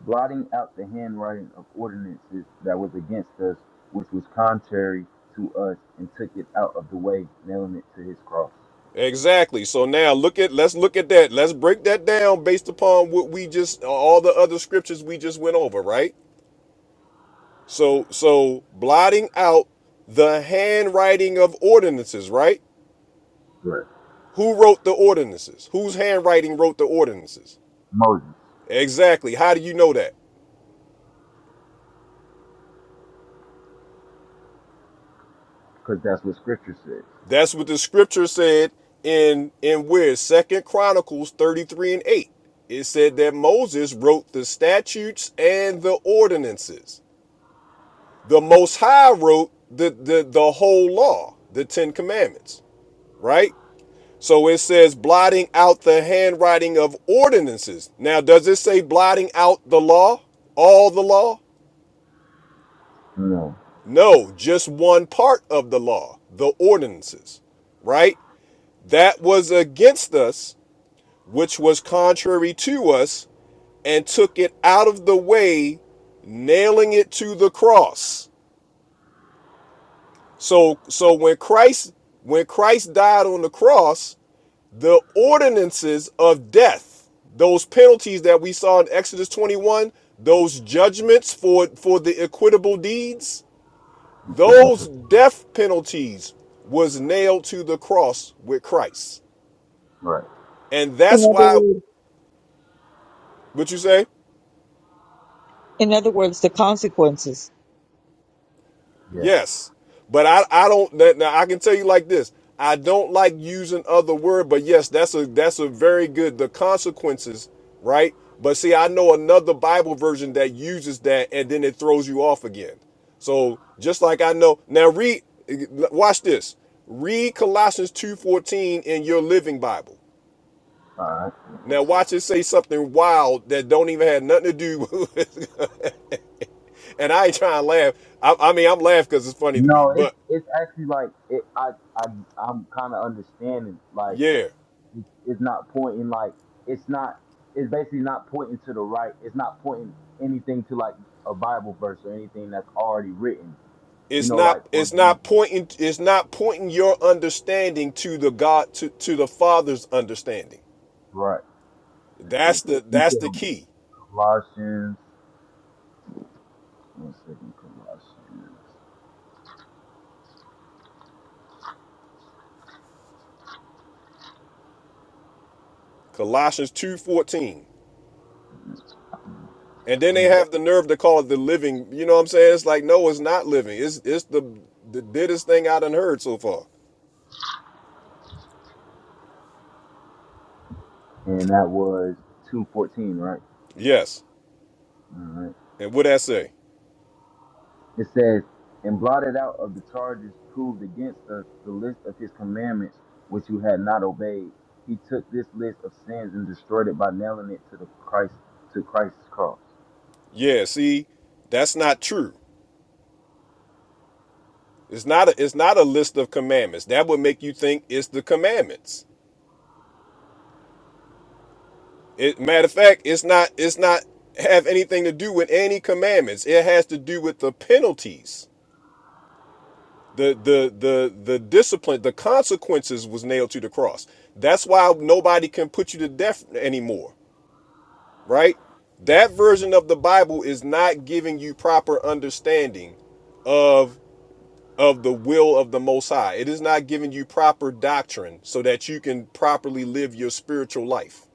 S6: blotting out the handwriting of ordinances that was against us, which was contrary to us, and took it out of the way, nailing it to his cross.
S1: Exactly. So now look at let's look at that. Let's break that down based upon what we just all the other scriptures we just went over, right? So so blotting out the handwriting of ordinances, right?
S6: Right.
S1: Who wrote the ordinances? Whose handwriting wrote the ordinances?
S6: Moses,
S1: Exactly. How do you know that?
S6: because that's what Scripture says.
S1: That's what the scripture said in in where Second Chronicles 33 and 8. It said that Moses wrote the statutes and the ordinances. The Most High wrote the the, the whole law, the Ten Commandments, right? So it says blotting out the handwriting of ordinances. Now, does it say blotting out the law? All the law?
S6: No.
S1: No, just one part of the law, the ordinances, right? That was against us, which was contrary to us, and took it out of the way, nailing it to the cross. So so when Christ when Christ died on the cross, the ordinances of death, those penalties that we saw in Exodus 21, those judgments for, for the equitable deeds,
S6: You took him
S1: those
S6: to
S1: death penalties was nailed to the cross with Christ.
S6: right.
S1: And
S9: In
S1: that's
S9: other
S1: why,
S9: words,
S1: what you say?
S9: in other words, the consequences.
S6: Yeah.
S1: Yes, but I I don't now I can tell you like this. I don't like using other word, but yes, that's a that's a very good the consequences, right? But see, I know another Bible version that uses that, and then it throws you off again. So just like I know now, read watch this. Read Colossians two fourteen in your Living Bible.
S6: All right. Give me one
S1: Now
S6: second.
S1: watch it say something wild that don't even have nothing to do. [laughs] With, and I ain't trying to laugh. I, I mean, I'm laughing because it's funny to me.
S6: No, it's
S1: But
S6: it's actually like it. I I I'm kind of understanding. Like
S1: yeah.
S6: it, it's not pointing. Like it's not. It's basically not pointing to the right. It's not pointing anything to like a Bible verse or anything that's already written. You
S1: It's
S6: know,
S1: not
S6: like for
S1: it's
S6: example.
S1: not pointing it's not pointing your understanding to the God to, to the Father's understanding.
S6: Right. Let's see.
S1: That's the
S6: You
S1: that's
S6: said
S1: the key.
S6: Colossians. One second, Colossians.
S1: Colossians 2:14. And then they have the nerve to call it the living. You know what I'm saying? It's like no, it's not living. It's it's the the diddest thing I done heard so far.
S6: And that was two fourteen, right?
S1: Yes.
S6: All right.
S1: And what that say?
S6: It says, and blotted out of the charges proved against us the list of his commandments which you had not obeyed. He took this list of sins and destroyed it by nailing it to the Christ to Christ's cross.
S1: Yeah, see, that's not true. It's not a it's not a list of commandments. That would make you think it's the commandments. It, matter of fact, it's not it's not have anything to do with any commandments. It has to do with the penalties. The the the the discipline, the consequences was nailed to the cross. That's why nobody can put you to death anymore, right? That version of the Bible is not giving you proper understanding of of the will of the most high. It is not giving you proper doctrine so that you can properly live your spiritual life,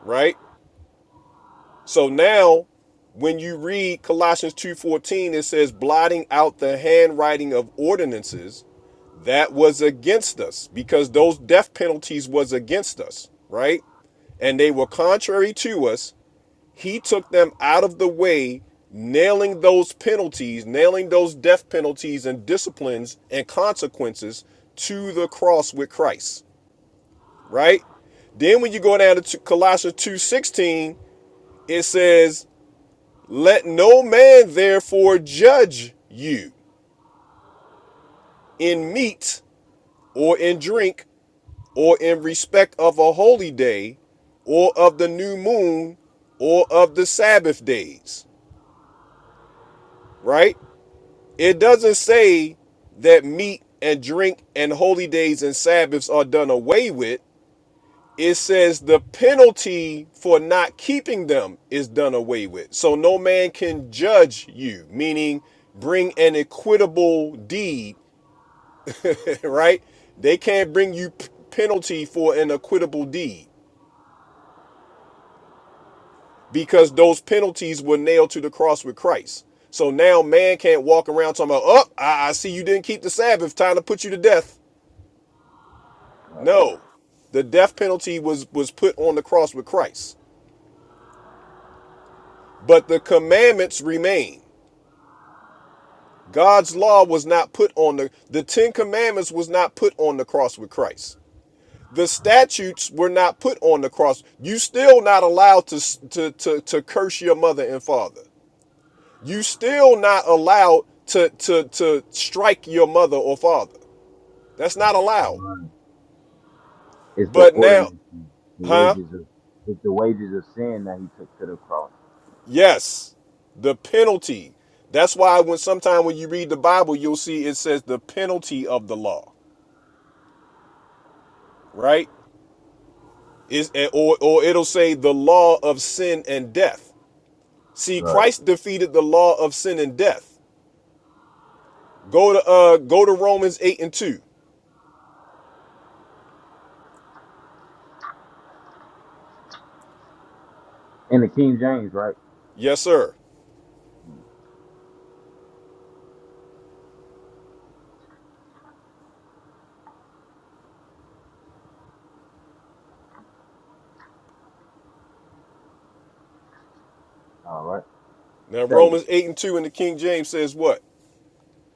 S1: right? So now when you read Colossians 2:14 it says blotting out the handwriting of ordinances that was against us because those death penalties was against us, right? And they were contrary to us. He took them out of the way, nailing those penalties, nailing those death penalties and disciplines and consequences to the cross with Christ, right? Then when you go down to Colossians 2:16, it says let no man therefore judge you in meat or in drink or in respect of a holy day or of the new moon or of the Sabbath days, right? It doesn't say that meat and drink and holy days and Sabbaths are done away with. It says the penalty for not keeping them is done away with. So no man can judge you, meaning bring an equitable deed [laughs] right? They can't bring you p- penalty for an acquittable deed because those penalties were nailed to the cross with Christ. So now man can't walk around talking about, oh, I, I see you didn't keep the Sabbath, time to put you to death.
S6: All Right.
S1: No, the death penalty was was put on the cross with Christ, but the commandments remain. God's law was not put on the the Ten Commandments was not put on the cross with Christ. the statutes were not put on the cross. You still not allowed to to to, to curse your mother and father. You still not allowed to to to strike your mother or father. That's not allowed.
S6: Right. It's the
S1: But now,
S6: ordinance, the
S1: huh?
S6: wages of it's the wages of sin that he took to the cross.
S1: Yes, the penalty. That's why when sometime when you read the Bible, you'll see it says the penalty of the law, right? Is eh, or or it'll say the law of sin and death. See,
S6: Right.
S1: Christ defeated the law of sin and death. Go to uh go to Romans 8 and 2.
S6: In the King James, right?
S1: Yes, sir.
S6: All right.
S1: Now
S6: Say,
S1: Romans 8 and 2 in the King James says what?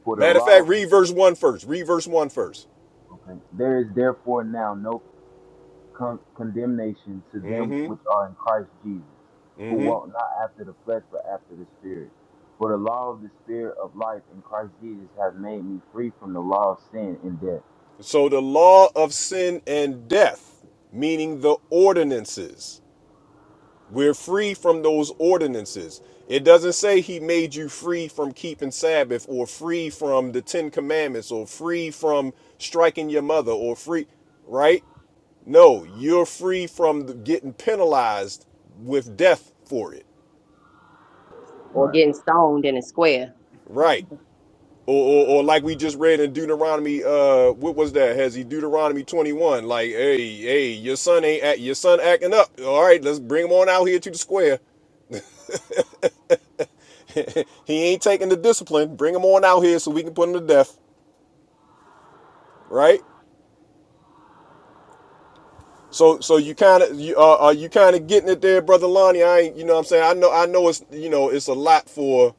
S6: for the
S1: Matter of
S6: law.
S1: fact, read verse one first. Read verse one first.
S6: Okay. There is therefore now no con- condemnation to
S1: Mm
S6: them which
S1: hmm.
S6: are in Christ Jesus,
S1: Mm
S6: who
S1: hmm.
S6: walk not after the flesh, but after the Spirit. For the law of the Spirit of life in Christ Jesus has made me free from the law of sin and death.
S1: So the law of sin and death, meaning the ordinances. We're free from those ordinances. It doesn't say he made you free from keeping Sabbath or free from the Ten Commandments or free from striking your mother or free, right? No, you're free from getting penalized with death for it,
S5: Or
S6: Right.
S5: getting stoned in a square.
S1: right?
S5: Mhm.
S1: Or, or, or like we just read in Deuteronomy, uh, what was that? Has he Deuteronomy 21? Like, hey, hey, your son ain't act, your son acting up. All right, let's bring him on out here to the square. He ain't taking the discipline. Bring him on out here so we can put him to death, right? So, so you kind of you uh, are you kind of getting it there, brother Lonnie? I ain't, you know what I'm saying I know I know it's you know it's a lot for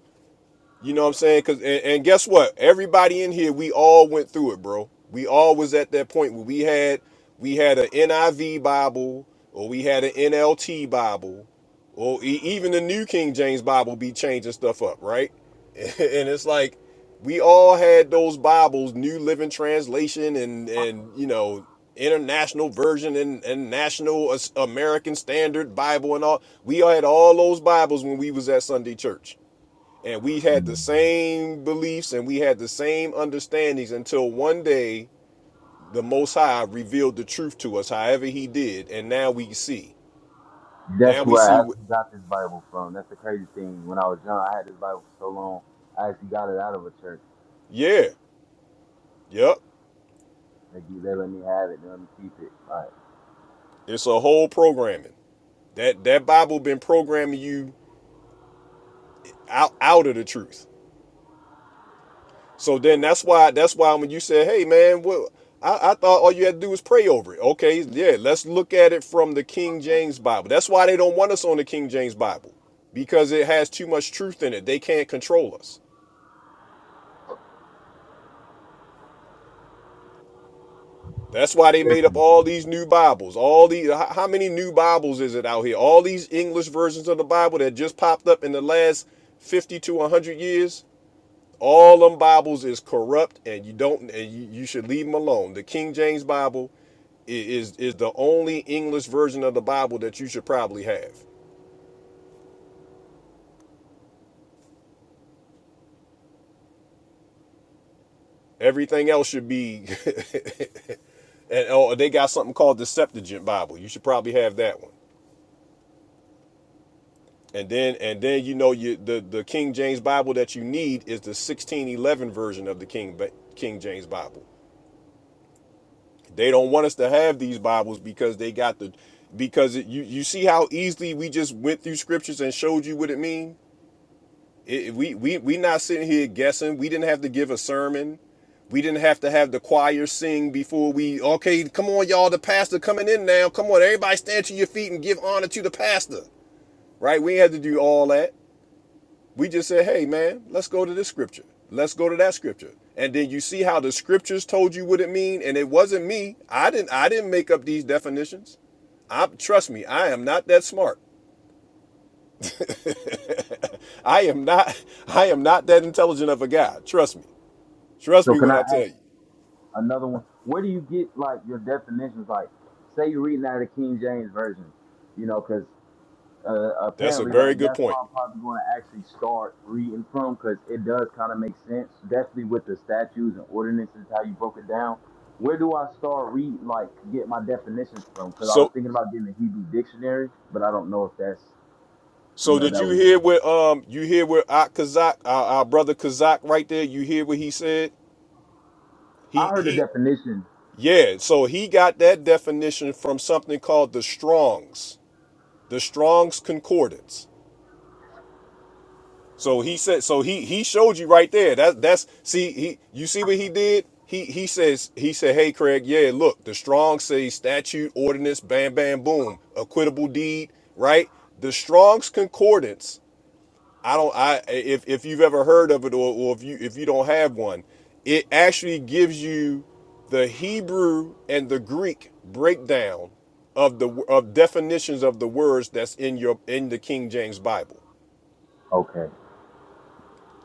S1: You know what I'm saying? Cause and, and guess what? Everybody in here, we all went through it, bro. We all was at that point where we had we had an NIV Bible or we had an NLT Bible or e- even the New King James Bible be changing stuff up, right? [laughs] And it's like we all had those Bibles, New Living Translation and and you know international version and, and national As- American Standard Bible and all. We all had all those Bibles when we was at Sunday church and we had the same beliefs and we had the same understandings until one day the most high revealed the truth to us however he did and now we see now
S6: That's
S1: we
S6: where I
S1: see
S6: actually got this Bible from. That's the crazy thing. When I was young, I had this Bible for so long, I actually got it out of a church.
S1: yeah yep
S6: They, gi- they let me have it. They let me keep it. Right.
S1: it's a whole programming that that bible been programming you out out of the truth So then that's why that's why when you said, "Hey man, well, I, I thought all you had to do was pray over it." Okay, yeah, let's look at it from the King James Bible. That's why they don't want us on the King James Bible because it has too much truth in it. They can't control us. That's why they made up
S6: Definitely.
S1: all these new Bibles. All these, how how many new Bibles is it out here? All these English versions of the Bible that just popped up in the last fifty to one hundred years. All them Bibles is corrupt, and you don't, and you, you should leave them alone. The King James Bible is is the only English version of the Bible that you should probably have. Everything else should be, [laughs] and oh, they got something called the Septuagint Bible. You should probably have that one. And then, and then you know, you the the King James Bible that you need is the sixteen eleven version of the King King James Bible. they don't want us to have these bibles because they got the because it, you you see how easily we just went through scriptures and showed you what it mean it- we we we not sitting here guessing we didn't have to give a sermon we didn't have to have the choir sing before we okay come on y'all the pastor coming in now come on everybody stand to your feet and give honor to the pastor right we had to do all that we just said, hey, man, let's go to this scripture. Let's go to that scripture. And then you see how the scriptures told you what it mean. And it wasn't me. I didn't I didn't make up these definitions. I trust me, I am not that smart. I am not [laughs] I am not that intelligent of a guy. Trust me. Trust
S6: So
S1: me
S6: can
S1: when
S6: I
S1: I tell
S6: ask
S1: you.
S6: another one? Where do you get like your definitions? Like, say you're reading out of the King James version you know, because uh,
S1: That's a
S6: apparently, like
S1: very good
S6: that's why
S1: point.
S6: I'm probably going to actually start reading from because it does kind of make sense, definitely with the statutes and ordinances how you broke it down. Where do I start reading, like get my definitions from? Because I was
S1: So
S6: thinking about getting a Hebrew dictionary, but I don't know if that's you
S1: so
S6: know
S1: did
S6: that
S1: you
S6: would. Make
S1: hear
S6: it.
S1: what um you hear what our Kazak, our, our brother Kazak right there, you hear what he said?
S6: I
S1: He
S6: heard the
S1: he
S6: definition.
S1: Yeah, so he got that definition from something called the Strong's, the Strong's Concordance. So he said, so he he showed you right there. That that's see he you see what he did. He he says he said, hey Craig, yeah, look, the Strong say statute, ordinance, bam, bam, boom, acquittable deed, right? The Strong's Concordance I don't. I if if you've ever heard of it, or, or if you if you don't have one, it actually gives you the Hebrew and the Greek breakdown of the of definitions of the words that's in your in the King James Bible.
S6: Okay,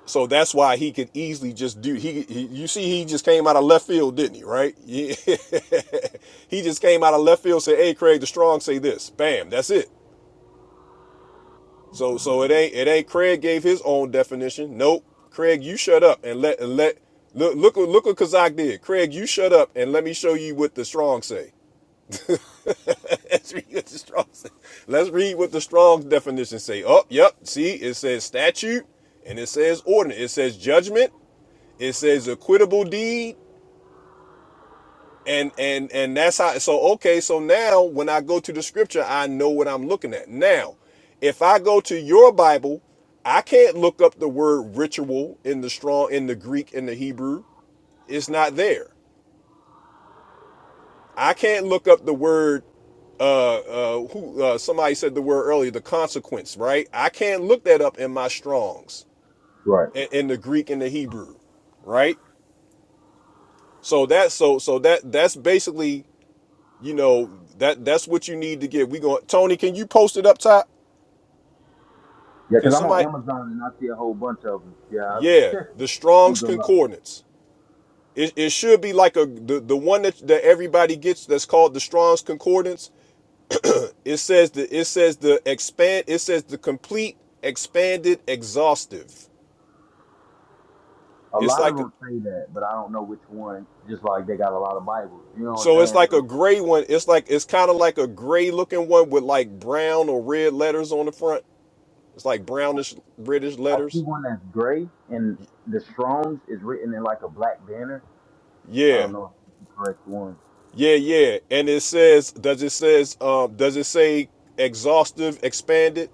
S1: So that's why he could easily just do he, he you see he just came out of left field, didn't he? Right? Yeah. [laughs] he just came out of left field, said, "Hey, Craig, the strong say this." Bam, that's it. So so it ain't it ain't Craig gave his own definition. Nope. Craig, you shut up and let and let look look look what Kazak did. Craig, you shut up and let me show you what the strong say. [laughs] Let's read what the strong say. Let's read what the strong's definition say. Oh, yep. See, it says statute and it says ordinance. It says judgment. It says equitable deed. and and and that's how so okay so now when i go to the scripture i know what i'm looking at now if i go to your bible i can't look up the word ritual in the strong in the greek in the hebrew it's not there i can't look up the word uh uh who uh, somebody said the word earlier the consequence right i can't look that up in my strongs
S6: right.
S1: in, in the greek and the hebrew right so that so so that that's basically You know, that that's what you need to get. We going Tony, can you post it up top?
S6: Yeah,
S1: Can
S6: because I'm on
S1: somebody
S6: Amazon and I see a whole bunch of them. Yeah, I [laughs]
S1: Yeah,
S6: I
S1: the
S6: ain't
S1: Strong's
S6: gonna lie. [laughs]
S1: Concordance. It, it should be like a the, the one that, that everybody gets that's called the Strong's Concordance. It says the it says the expand it says the complete expanded exhaustive.
S6: A
S1: It's
S6: lot of
S1: like
S6: them say that, but I don't know which one. Just like they got a lot of Bibles, you know what
S1: so
S6: I'm
S1: it's
S6: saying?
S1: like
S6: So.
S1: a gray one. It's like it's kind of like a gray looking one with like brown or red letters on the front. It's like brownish reddish
S6: I see
S1: letters.
S6: one that's gray and the Strong's is written in like a black banner. I
S1: Yeah.
S6: don't know if it's the correct one.
S1: Yeah, yeah. And it says, does it says, um, does it say exhaustive, expanded?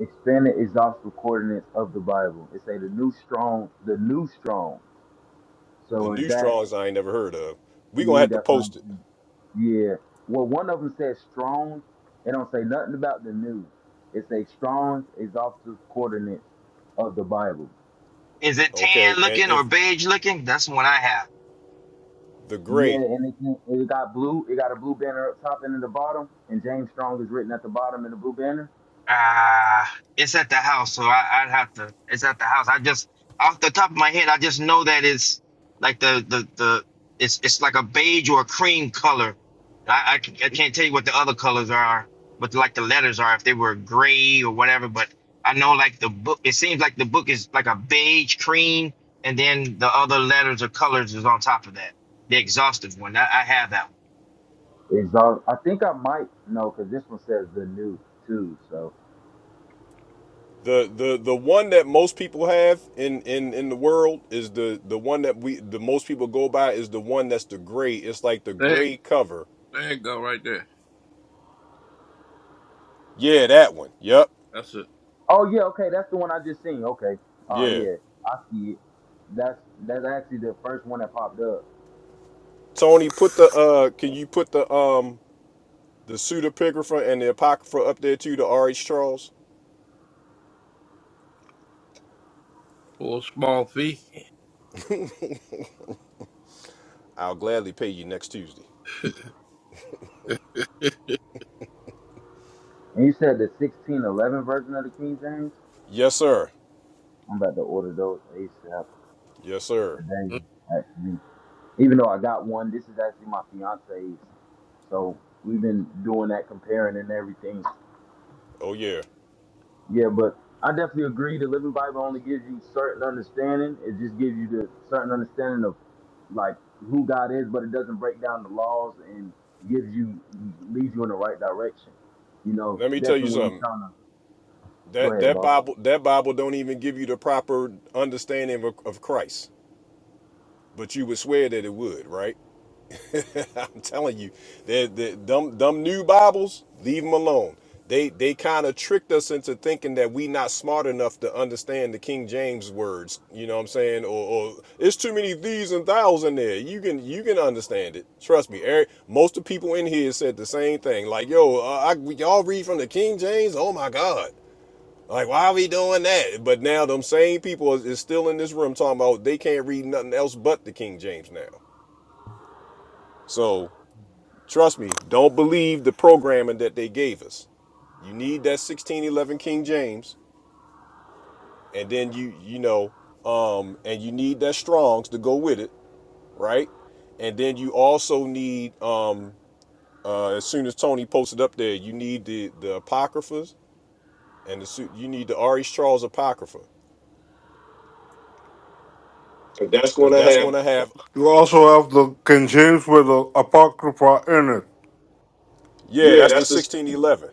S6: Expanded exhaustive coordinates of the Bible. It say the new strong, the new strong.
S1: The
S6: So is
S1: new
S6: that
S1: Strongs I ain't never heard of. We gonna
S6: see?
S1: have to
S6: That's what I'm
S1: post it,
S6: saying. Yeah. Well, one of them says Strong's. It don't say nothing about the new. It say Strong's exhaustive coordinates of the Bible.
S3: Is it
S1: okay?
S3: tan
S1: And
S3: looking
S1: if
S3: or beige looking? That's the one I have.
S1: the
S6: Yeah,
S1: gray,
S6: and it, can- it got blue. It got a blue banner up top and in the bottom, and James Strong is written at the bottom in the blue banner.
S3: Ah, it's at the house, so I, I'd have to. It's at the house. I just off the top of my head, I just know that it's like the the the. It's it's like a beige or a cream color. I I, c- I can't tell you what the other colors are, but like the letters are if they were gray or whatever. But I know like the book. It seems like the book is like a beige cream, and then the other letters or colors is on top of that. The exhaustive one. I, I have that one.
S6: Exalt. I think I might no, because this one says the new too. So.
S1: the the the one that most people have in in in the world is the the one that we the most people go by is the one that's the gray. It's like the
S7: There, you
S1: gray
S7: go-
S1: cover.
S7: there you go, right there.
S1: Yeah, that one. Yep.
S7: That's it
S6: Oh yeah, okay, that's the one I just seen. Okay. Oh
S1: Yeah.
S6: yeah, I see it. That's that's actually the first one that popped up.
S1: Tony, put the uh, can you put the um the pseudepigrapha and the apocrypha up there too? The R. H. Charles.
S7: for a small fee.
S1: I'll gladly pay you next Tuesday.
S7: [laughs]
S6: And you said the 1611 version of the King James.
S1: Yes, sir.
S6: I'm about to order those ASAP
S1: Yes, sir.
S6: today. Actually, even though I got one, this is actually my fiance's. So we've been doing that comparing and everything.
S1: Oh yeah.
S6: Yeah, but I definitely agree. The Living Bible only gives you certain understanding. It just gives you the certain understanding of like who God is, but it doesn't break down the laws and gives you leads you in the right direction. You know,
S1: Let me tell you
S6: definitely when you're
S1: something.
S6: trying to go
S1: That
S6: ahead,
S1: that
S6: boss.
S1: Bible that Bible don't even give you the proper understanding of, of Christ. But you would swear that it would, right? [laughs] I'm telling you, they they dumb, dumb new Bibles, leave them alone. They, they kind of tricked us into thinking that we not smart enough to understand the King James words. You know what I'm saying? Or, or it's too many these and thous in there. You can you can understand it. Trust me, Eric. Most of the people in here said the same thing. Like, yo, uh, I, we all read from the King James. Oh my God. Like, why are we doing that? But now them same people is, is still in this room talking about they can't read nothing else but the King James now. So Trust me, don't believe the programming that they gave us. You need that 1611 King James, and then you you know, um, and you need that Strong's to go with it, right? And then you also need, um, uh, as soon as Tony posted up there, you need the the apocryphas and the su- you need the R. H. Charles apocrypha,
S4: So that's
S1: because
S4: gonna
S1: that's going
S4: have.
S1: to have,
S4: You also have the King James with the Apocrypha in it.
S1: yeah,
S4: Yeah,
S1: that's the
S4: that's
S1: 1611.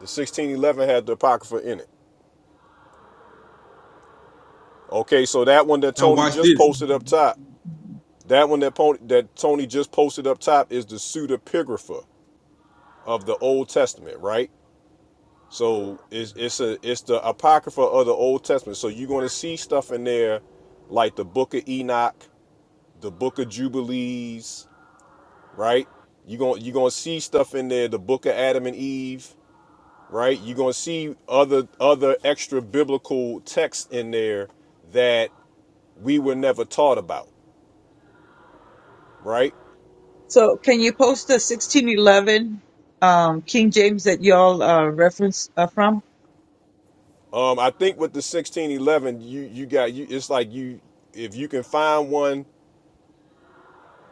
S1: The 1611 had the apocrypha in it. Okay, so that one that
S8: Now
S1: Tony
S8: watch
S1: just
S8: this.
S1: posted up top That one that, pon- that Tony just posted up top is the pseudepigrapha of the Old Testament, right? So it's it's a it's the apocrypha of the Old Testament. So you're going to see stuff in there like the Book of Enoch, the Book of Jubilees, right? You're going you're going to see stuff in there, the Book of Adam and Eve, right? You're going to see other other extra biblical texts in there that we were never taught about, right?
S9: So can you post the 1611 um, King James that y'all uh, reference uh, from?
S1: Um, I think with the sixteen eleven, you you got you. It's like you if you can find one,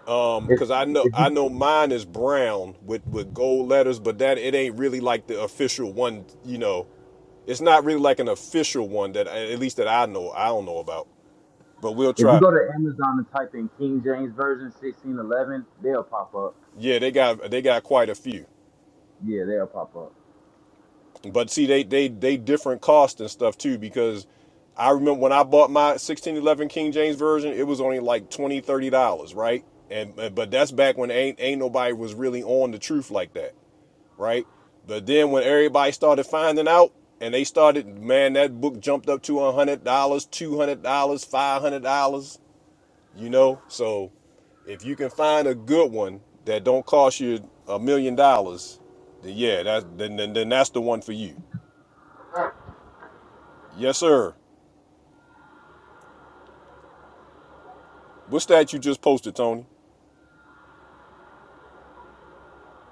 S1: um,
S6: If
S1: because I know
S6: if you
S1: I know mine is brown with with gold letters, but that it ain't really like the official one. You know, it's not really like an official one that at least that I know I don't know about. But we'll
S6: if you
S1: try.
S6: go to Amazon and type in King James Version 1611, they'll pop up.
S1: Yeah, they got they got quite a few.
S6: Yeah, they'll pop up.
S1: But see, they they they different cost and stuff too because I remember when I bought my 1611 King James version, it was only like 20 30 dollars, right? And but that's back when ain't ain't nobody was really on the truth like that, right? But then when everybody started finding out and they started, man, that book jumped up to $100, $200, $500, you know? So if you can find a good one that don't cost you a million dollars, then yeah, that's then, then then that's the one for you. Yes, sir. What's that you just posted, Tony?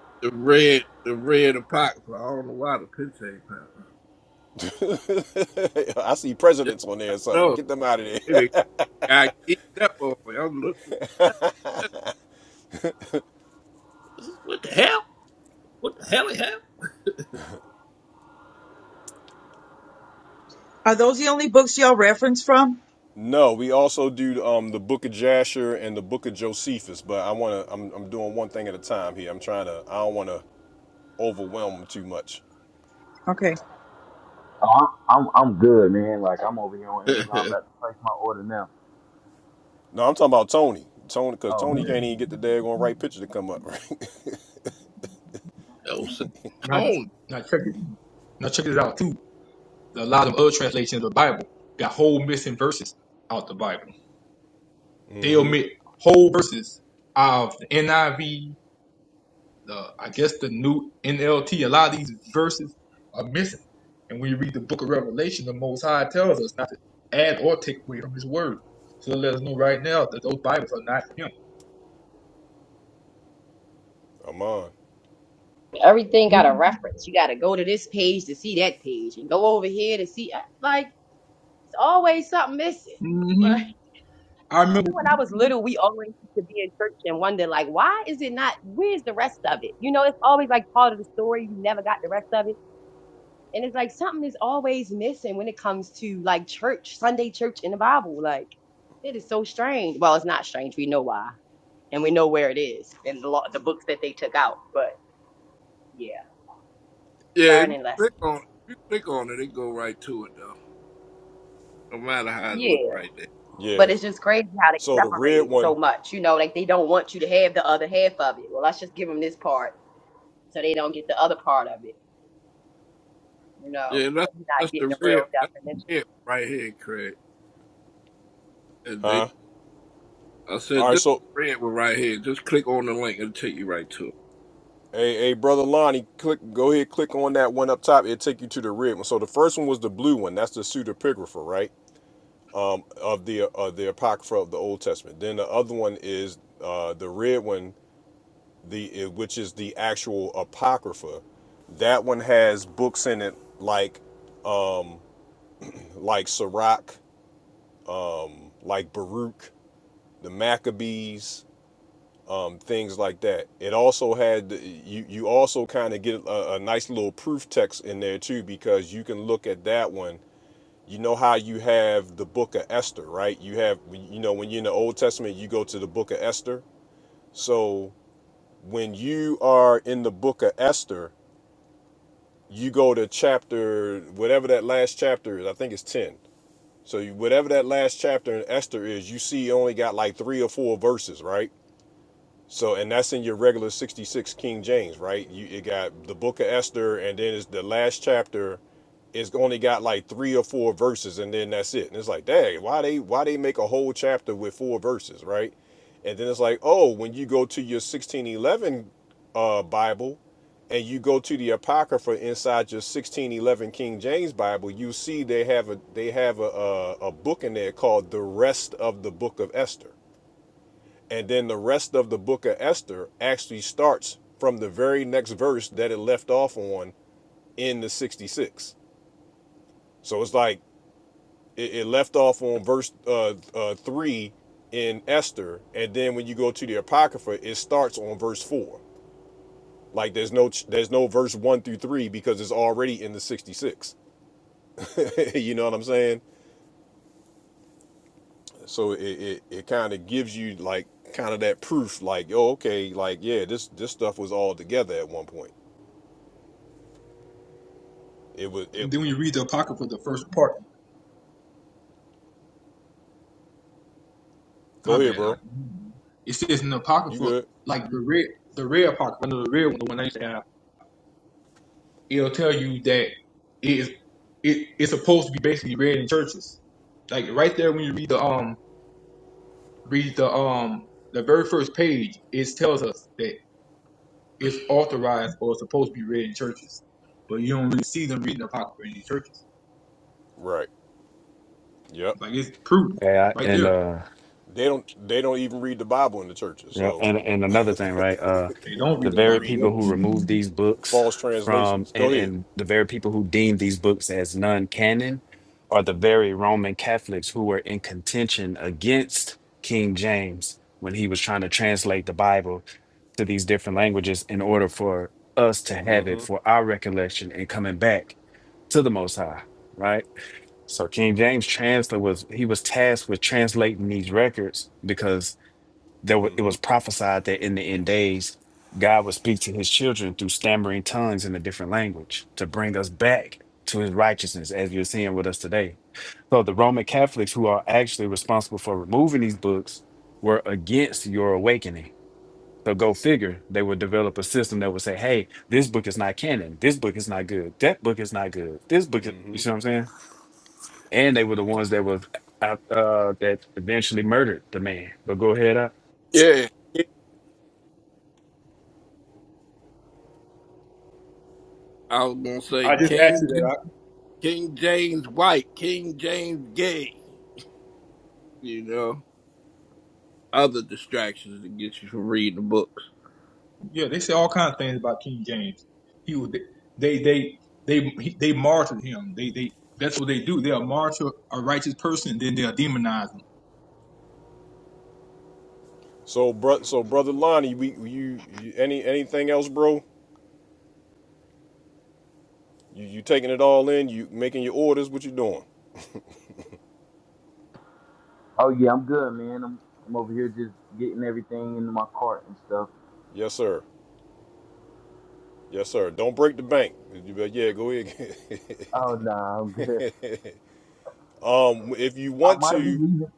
S7: the red, the red apocrypha. I don't know why the picture ain't popping.
S1: [laughs] I see
S7: Yeah,
S1: presidents on there or something.
S7: no,
S1: Get them out of there.
S7: it got geeked up on me. I'm looking. [laughs] What the hell? What the hell it
S9: Are those the only books y'all reference from?
S1: [laughs] no, we also do um, the Book of Jasher and the Book of Josephus, but I want to. I'm, I'm doing one thing at a time here. I'm trying to. I don't want to overwhelm them too much.
S9: Okay.
S6: Oh, I'm, I'm I'm good, man. Like I'm over here on Amazon,
S7: happened?
S6: about to place my order now.
S1: No, I'm talking about Tony. Tony, because
S6: Oh,
S1: Tony
S8: Now,
S6: okay.
S1: can't even get the daggone right picture to come up. [laughs] Right?
S7: [laughs] Those
S8: now,
S7: tone.
S8: now check it. Now check this out too. a lot of other translations of the Bible got whole missing verses out the Bible. They omit whole verses out of the NIV, the I guess the new NLT. A lot of these verses are missing. And when you read the book of Revelation, the Most High tells us not to add or take away from His word. So let us know right now that those Bibles are not for Him.
S1: I'm on.
S5: Everything got a reference. You got to go to this page to see that page, and go over here to see. I- Like it's always something missing. Like
S8: hmm I
S5: [laughs] even
S8: remember,
S5: when I was little, we always used to be in church and wonder, like, why is it not? Where's the rest of it? You know, it's always like part of the story. You never got the rest of it, and it's like something is always missing when it comes to like church, Sunday church in the Bible. Like it is so strange. Well, it's not strange. We know why, and we know where it is in the law, the books that they took out. But yeah,
S7: Yeah, if you
S5: learning lessons.
S7: click on it, if you click on it, it go right to it though. No matter how it look
S5: Yeah.
S7: right there.
S5: But
S1: Yes.
S5: it's just crazy how they
S1: So the
S5: separate
S1: red
S5: it
S1: one,
S5: so much. You know, like they don't want you to have the other half of it. Well, let's just give them this part so they don't get the other part of it. You know,
S7: Yeah, and
S5: so
S7: that's
S5: you're not
S7: that's
S5: getting
S7: the
S5: the
S7: red
S5: real
S7: that's
S5: definition.
S7: the red right here, Craig. And they
S1: huh?
S7: I
S1: All
S7: said
S1: right.
S7: this
S1: So
S7: red one right here. Just click on the link, it'll take you right to it.
S1: Hey, hey, brother Lonnie, click. Go ahead, click on that one up top. It'll take you to the red one. So the first one was the blue one. That's the pseudepigrapha, right? Of the uh, the apocrypha of the Old Testament. Then the other one is uh, the red one, the uh, which is the actual apocrypha. That one has books in it like like Sirach, um, like Baruch, the Maccabees. um, things like that. It also had you you also kind of get a, a nice little proof text in there too because you can look at that one. You know how you have the book of Esther, right? You have you know when you're in the Old Testament, you go to the book of Esther. So when you are in the book of Esther, you go to chapter whatever that last chapter is. I think it's ten. So you, whatever that last chapter in Esther is, you see you only got like three or four verses, right? So, and that's in your regular 66 King James, right? You it got the book of Esther, and then it's the last chapter. It's only got like three or four verses, and then that's it. And it's like, dang, why they why they make a whole chapter with four verses, right? And then it's like, oh, when you go to your 1611 uh, Bible, and you go to the Apocrypha inside your 1611 King James Bible, you see they have a they have a, a a book in there called the rest of the book of Esther and then the rest of the book of Esther actually starts from the very next verse that it left off on in the 66. So it's like it, it left off on verse uh, uh, 3 in Esther. And then when you go to the Apocrypha, it starts on verse 4. Like there's no there's no verse 1 through 3 because it's already in the 66. [laughs] you know what I'm saying? So it, it, it kind of gives you like kind of that proof like, oh, okay, like, yeah, this this stuff was all together at one point. It was
S8: and
S1: it
S8: then when you read the Apocrypha, the first part, my
S1: Go ahead,
S8: bad, I,
S1: bro.
S8: it says in the
S1: You
S8: Apocrypha,
S1: good?
S8: like the red, the red Apocrypha, I know the red one, the one I used to have it'll tell you that it is it, it's supposed to be basically read in churches. Like right there when you read the um read the um the very first page, it tells us that it's authorized or supposed to be read in churches. But you don't really see them reading Apocrypha in these churches.
S1: Right. Yep.
S8: Like it's proof
S12: Yeah,
S8: right
S12: and
S8: there.
S12: uh,
S1: They don't. They don't even read the Bible in the churches,
S12: you know,
S1: so
S12: and and another thing, right? Uh,
S8: They don't
S12: the
S8: read
S1: [laughs]
S8: the
S1: they
S12: very
S8: Bible.
S12: people
S1: reading
S12: who remove these books
S1: false
S12: from,
S1: translations. Go
S12: and
S1: ahead.
S12: and the very people who deem these books as non-canon, are the very Roman Catholics who were in contention against King James when he was trying to translate the Bible to these different languages in order for us to have it for our recollection and coming back to the Most High, right? So King James translator was he was tasked with translating these records because there wa- it was prophesied that in the end days god would speak to his children through stammering tongues in a different language to bring us back to his righteousness as you're seeing with us today so the roman catholics who are actually responsible for removing these books were against your awakening so go figure they would develop a system that would say hey this book is not canon this book is not good that book is not good this book is, you see what i'm saying and they were the ones that was uh, uh, that eventually murdered the man but go ahead uh.
S7: Yeah. yeah. I was gonna
S8: I
S7: say
S8: just asked you
S7: King J-
S8: that. I,
S7: King James White, King James Gay. You know, other distractions that get you from reading the books.
S8: yeah, they say all kinds of things about King James. He was they they they they, they martyred him. They they that's what they do. They'll martyr a righteous person, then they'll demonize.
S1: So, bro. So, brother Lonnie, we you, you any anything else, bro? You you taking it all in? You making your orders? What you doing?
S6: Oh yeah, I'm good, man. I'm I'm over here just getting everything into my cart and stuff.
S1: Yes, sir. Yes, sir. Don't break the bank. You bet- Yeah, go ahead. [laughs]
S6: Oh nah, I'm good.
S1: um, if you
S6: I
S1: want
S6: might be
S1: to,
S6: leaving.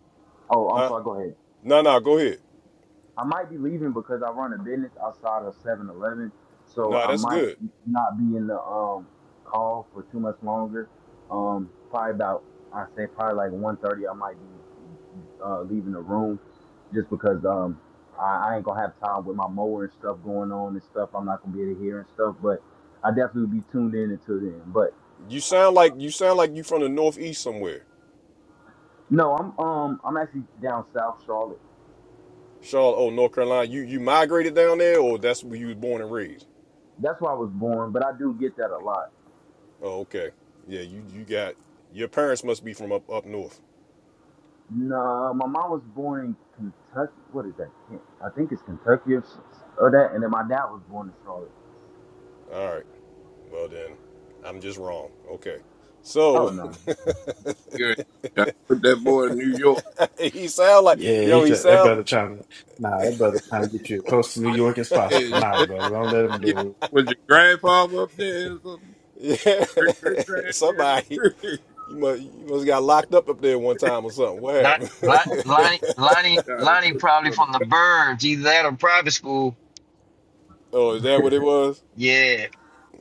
S6: Oh, I'm
S1: huh?
S6: sorry. Go ahead.
S1: No, no. Go ahead.
S6: I might be leaving because I run a business outside of Seven Eleven, so
S1: No,
S6: I
S1: that's
S6: might
S1: good.
S6: not be in the um call for too much longer. Um, probably about I say probably like one thirty. I might be uh leaving the room just because um I, I ain't gonna have time with my mower and stuff going on and stuff. I'm not gonna be able to hear and stuff, but I definitely be tuned in until then. But
S1: You sound like you sound like you from the northeast somewhere.
S6: No, I'm um I'm actually down south Charlotte.
S1: Charlotte, oh, North Carolina. You you migrated down there, or that's where you was born and raised?
S6: That's where I was born, but I do get that a lot.
S1: Oh, okay. Yeah, you you got your parents must be from up up north.
S6: No, my mom was born in Kentucky. What is that? Ken- I think it's Kentucky or, s- or that. And then my dad was born in Charlotte.
S1: All right. Well then, I'm just wrong. Okay.
S6: Oh
S1: So
S6: no!
S7: Yeah, I put that boy in New York.
S1: [laughs] he sound like
S12: Yeah, he
S1: yo. He
S12: try, that
S1: sound
S12: brother trying to nah, that brother trying to get you as close to New York as possible. Nah,
S7: Yeah,
S12: brother, don't let him
S7: You-
S12: do.
S7: Was your grandfather up there or something?
S1: yeah.
S7: Great great
S1: [laughs]
S7: granddaddy?
S1: Somebody
S7: [laughs]
S1: you must you must got locked up up there one time or something. What
S3: Lon-
S1: happened?
S3: Lon- Lonnie, Lonnie,
S7: Got him
S3: Lonnie,
S7: cooked
S3: probably
S7: on
S3: from
S7: the
S3: the
S7: back.
S3: burbs, either that or private school.
S1: [laughs] oh, is that what it was?
S3: Yeah,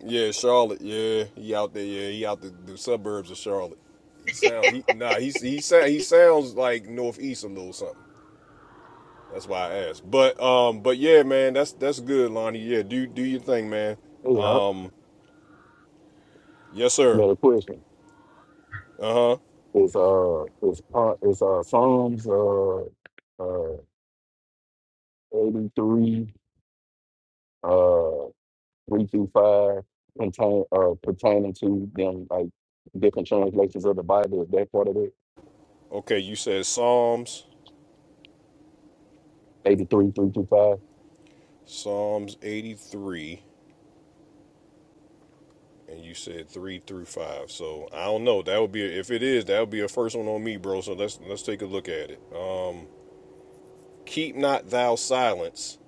S1: Yeah, Charlotte. Yeah, he out there. Yeah, he out the, the suburbs of Charlotte. He sound he nah. He he sound he sounds like northeast a little something. That's why I asked. But um, but yeah, man, that's that's good, Lonnie. Yeah, do do your thing, man.
S11: Hey, y'all.
S1: Yes, sir.
S11: Another question.
S1: Uh huh.
S11: It's uh, it's part, it's uh, Psalms uh, uh, eighty three, uh, three through five, contain uh, pertaining to them like different translations of the Bible. Is that part of it?
S1: Okay, you said Psalms,
S11: Eighty three, three through five.
S1: Psalms eighty three, and you said three through five. So I don't know. That would be if it is. That would be a first one on me, bro. So let's let's take a look at it. Um, keep not thou silence.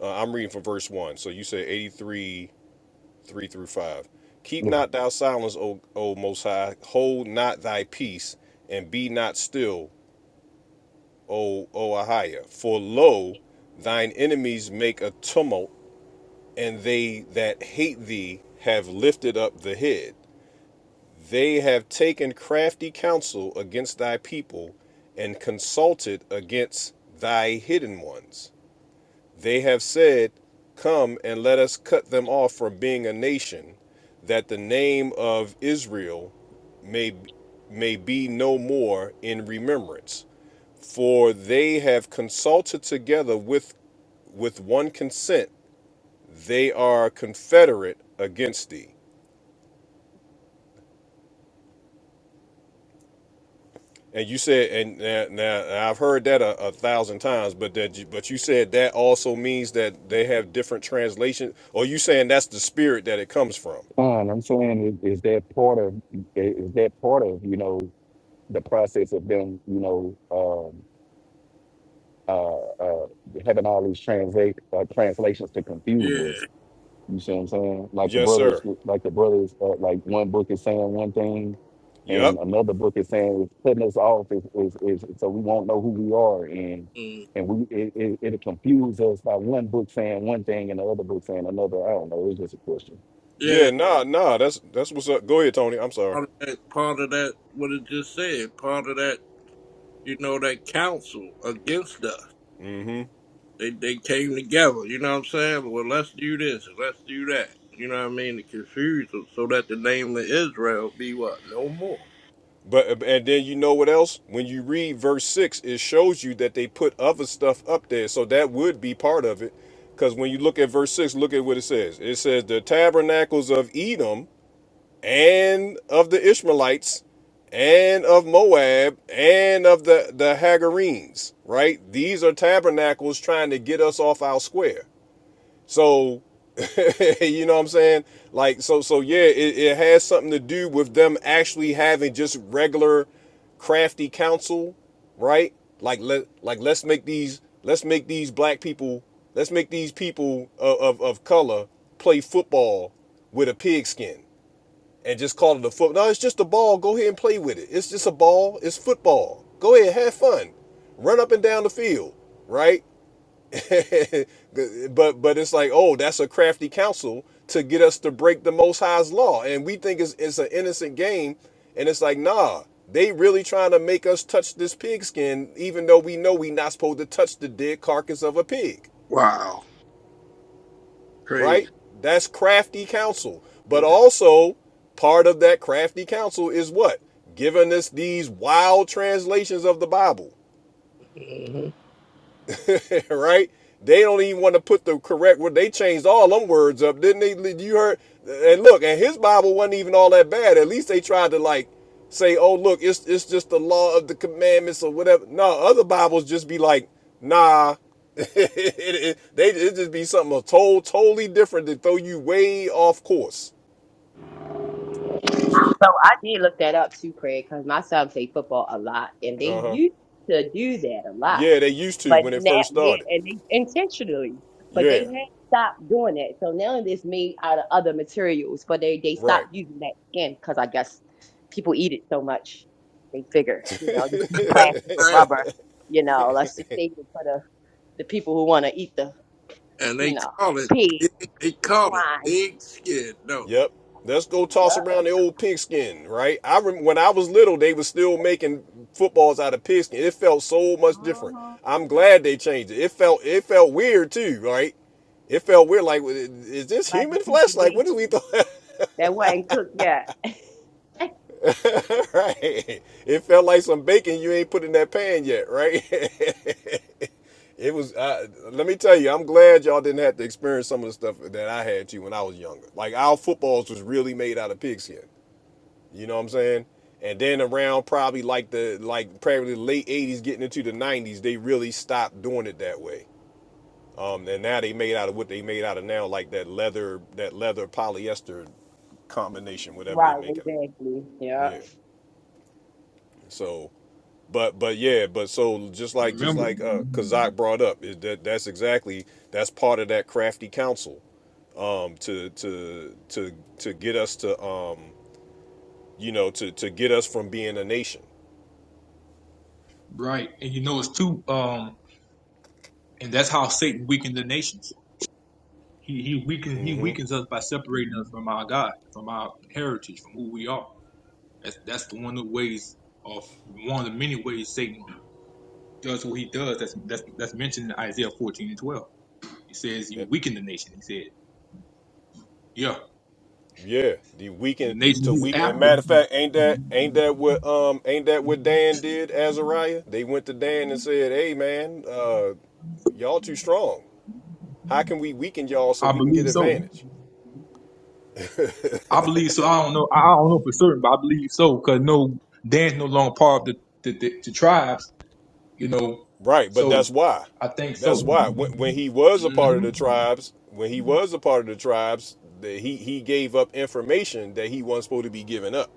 S1: Uh, I'm reading from verse one. So you said eighty three, three through five. Keep
S11: Look,
S1: not thou silence, O, o Most High. Hold not thy peace and be not still O, o Ahiah. For lo, thine enemies make a tumult, and they that hate thee have lifted up the head. They have taken crafty counsel against thy people, and consulted against thy hidden ones. They have said, Come and let us cut them off from being a nation, that the name of Israel may may be no more in remembrance. For they have consulted together with with one consent. They are confederate against thee. And you said, and now, now I've heard that a, a thousand times, but that you, but you said that also means that they have different translations. Or you saying that's the spirit that it comes from?
S11: fine. I'm saying is, is that part of is that part of you know the process of them you know um, uh, uh, having all these translate uh, translations to confuse
S7: Yeah.
S11: us You see what I'm saying? Like the
S1: Yes,
S11: brothers,
S1: sir.
S11: like the brothers, uh, like one book is saying one thing,
S1: Yep.
S11: and another book is saying it's putting us off. Is is is so we won't know who we are, and
S7: Mm.
S11: and we it, it it'll confuse us by one book saying one thing and the other book saying another. I don't know. It's just a question.
S7: Yeah.
S1: Yeah. Nah. Nah. That's that's what's up. Go ahead, Tony. I'm sorry.
S7: Part of that part of that what it just said, part of that, you know, that council against us.
S1: Mm-hmm.
S7: They they came together, you know what I'm saying? Well let's do this and let's do that. You know what I mean? To confuse them so that the name of Israel be what? No more.
S1: But and then you know what else? When you read verse six, it shows you that they put other stuff up there, so that would be part of it. Because when you look at verse six, look at what it says. It says the tabernacles of Edom and of the Ishmaelites and of Moab and of the the Hagarenes. Right? These are tabernacles trying to get us off our square. So [laughs] you know what I'm saying? Like so so yeah, it, it has something to do with them actually having just regular crafty counsel, right? Like let like let's make these let's make these black people let's make these people of, of, of color play football with a pigskin and just call it a foot. No, it's just a ball. Go ahead and play with it. It's just a ball. It's football. Go ahead, have fun. Run up and down the field, right? [laughs] but but it's like, oh, that's a crafty counsel to get us to break the Most High's law, and we think it's it's an innocent game, and it's like, nah, they really trying to make us touch this pigskin, even though we know we not supposed to touch the dead carcass of a pig,
S7: Wow. Crazy.
S1: right? That's crafty counsel, but
S7: Yeah.
S1: also part of that crafty counsel is what giving us these wild translations of the Bible [laughs] right? They don't even want to put the correct word. They changed all them words up, didn't they? You heard? And look, and his Bible wasn't even all that bad. At least they tried to like say, "Oh, look, it's it's just the law of the commandments or whatever." No, other Bibles just be like, "Nah." [laughs] it, it- they it just be something total, totally different to throw you way off course.
S5: So I did look that up too, Craig, because my son played football a lot, and
S1: Uh
S5: they
S1: huh.
S5: used to do that a lot.
S1: Yeah, they used to
S5: But
S1: when it
S5: now,
S1: first
S5: yeah,
S1: started.
S5: and they intentionally, but they
S1: Yeah,
S5: had stopped doing that. So now it's made out of other materials, but they they stopped
S1: right.
S5: using that skin because I guess people eat it so much, they figure, you know, just use plastic
S7: hmm
S5: or
S7: [laughs]
S5: rubber. You know, let's just save it for the the people who want to eat the,
S7: and
S5: you
S7: they
S5: know,
S7: call
S5: the
S7: it
S5: pig,
S7: pig, they
S5: the
S7: call it
S5: swine.
S7: pig skin, don't they?
S1: Yep. Let's go toss
S5: Yep.
S1: around the old pigskin, right? I rem- when I was little, they was still making footballs out of pigskin. It felt so much different.
S5: hmm
S1: I'm glad they changed it. It felt it felt weird too, right? It felt weird. Like, is this
S5: Like
S1: human
S5: a piece
S1: flesh?
S5: of
S1: Like, what do we
S5: bacon
S1: thought?
S5: that wasn't cooked yet.
S1: [laughs] right? It felt like some bacon you ain't put in that pan yet, right? [laughs] it was. Uh, let me tell you, I'm glad y'all didn't have to experience some of the stuff that I had to when I was younger. Like, our footballs was really made out of pigskin. You know what I'm saying? And then around probably like the like probably late 80s, getting into the 90s, they really stopped doing it that way. Um, and now they made out of what they made out of now, like that leather, that leather polyester combination, whatever they
S5: Right,
S1: make it.
S5: exactly.
S1: Yeah.
S5: Yeah.
S1: So, but but yeah, but so just like just
S8: Remember,
S1: like uh, Kazak brought up, is that that's exactly that's part of that crafty council um, to to to to get us to um, you know to to get us from being a nation
S8: right? And you know it's too. Um, and that's how Satan weakened the nations. He he weakens he
S1: Mm-hmm.
S8: weakens us by separating us from our God, from our heritage, from who we are. That's that's the one of the ways of one of the many ways Satan does what he does. That's that's that's mentioned in Isaiah fourteen and twelve. He says you weaken the nation. He said, yeah,
S1: Yeah, the
S8: and the
S1: weekend
S8: nation
S1: to
S8: he's
S1: weekend. And
S8: after.
S1: matter of fact, ain't that ain't that what um ain't that what Dan did? Azariah, they went to Dan and said, "Hey man, uh, y'all too strong. How can we weaken y'all so
S8: I
S1: we can get
S8: believe so.
S1: advantage?"
S8: I believe so. I don't know. I I don't know for certain, but I believe so because no, Dan's no longer part of the the, the, the tribes. You know,
S1: Right, but that's
S8: so
S1: why.
S8: I think
S1: That's
S8: so.
S1: why when, when he was a part of
S8: hmm
S1: the tribes, when he was a part of the tribes, that he he gave up information that he wasn't supposed to be giving up.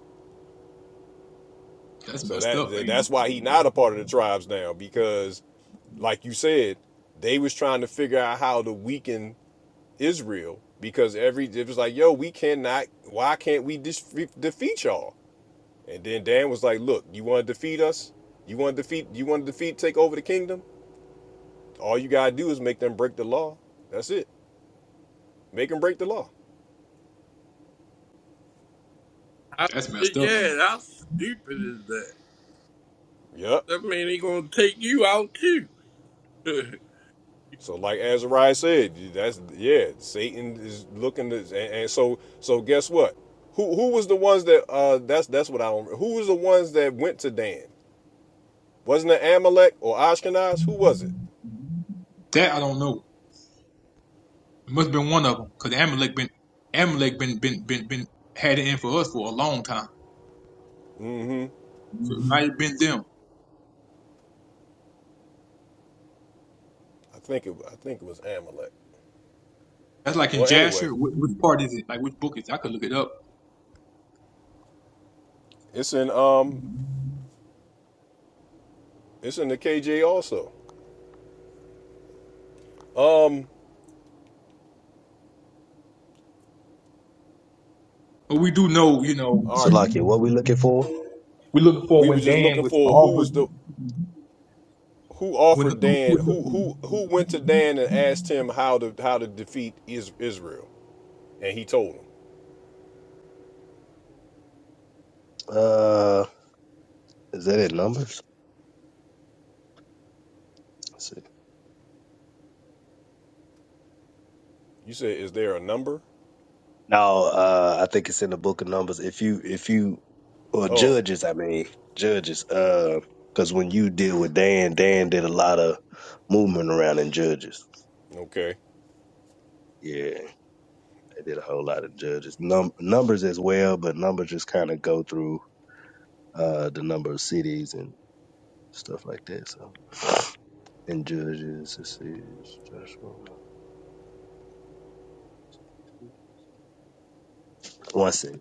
S8: That's
S1: So
S8: messed
S1: that
S8: up,
S1: that-
S8: ain't
S1: that's
S8: it?
S1: why he not a part of the tribes now because, like you said, they was trying to figure out how to weaken Israel because every it was like, yo, we cannot. Why can't we dis- defeat y'all? And then Dan was like, look, you want to defeat us? You want to defeat? You want to defeat? Take over the kingdom? All you gotta do is make them break the law. That's it. Make them break the law.
S7: I
S8: That's
S7: said,
S8: messed up, ain't it?
S7: yeah, how stupid is that?
S1: Yep.
S7: That mean he gonna take you out too. [laughs]
S1: So like Azariah said, that's yeah. Satan is looking to, and, and so so guess what? Who who was the ones that uh that's that's what I don't. Who was the ones that went to Dan? Wasn't it Amalek or Ashkenaz? Who was it?
S8: That I don't know. It must have been one of them because Amalek been Amalek been been been been had it in for us for a long time.
S1: Hmm.
S8: So it might have been them.
S1: I think it I think it was Amalek.
S8: That's like in
S1: Well, anyway,
S8: Jasher. Which, which part is it? Like which book is? It? I could look it up.
S1: it's in um it's in the KJ also. Um
S8: But we do know, you know,
S1: all right,
S8: we're looking for
S1: we were
S8: when
S1: just
S8: Dan
S1: looking
S8: was
S1: for who was
S8: offered.
S1: the who
S8: When,
S1: offered
S8: Mhm.
S1: Dan who who who went to Dan and asked him how to how to defeat is, Israel and he told him.
S10: Let's see.
S1: You said is there a number?
S10: Now, uh, I think it's in the book of Numbers. If you, if you, or
S1: Oh,
S10: judges, I mean, judges, uh, because when you deal with Dan, Dan did a lot of movement around in judges.
S1: okay.
S10: Yeah, they did a whole lot of judges. Num- numbers as well, but numbers just kind of go through uh, the number of cities and stuff like that. So, in judges, this is Joshua. One second.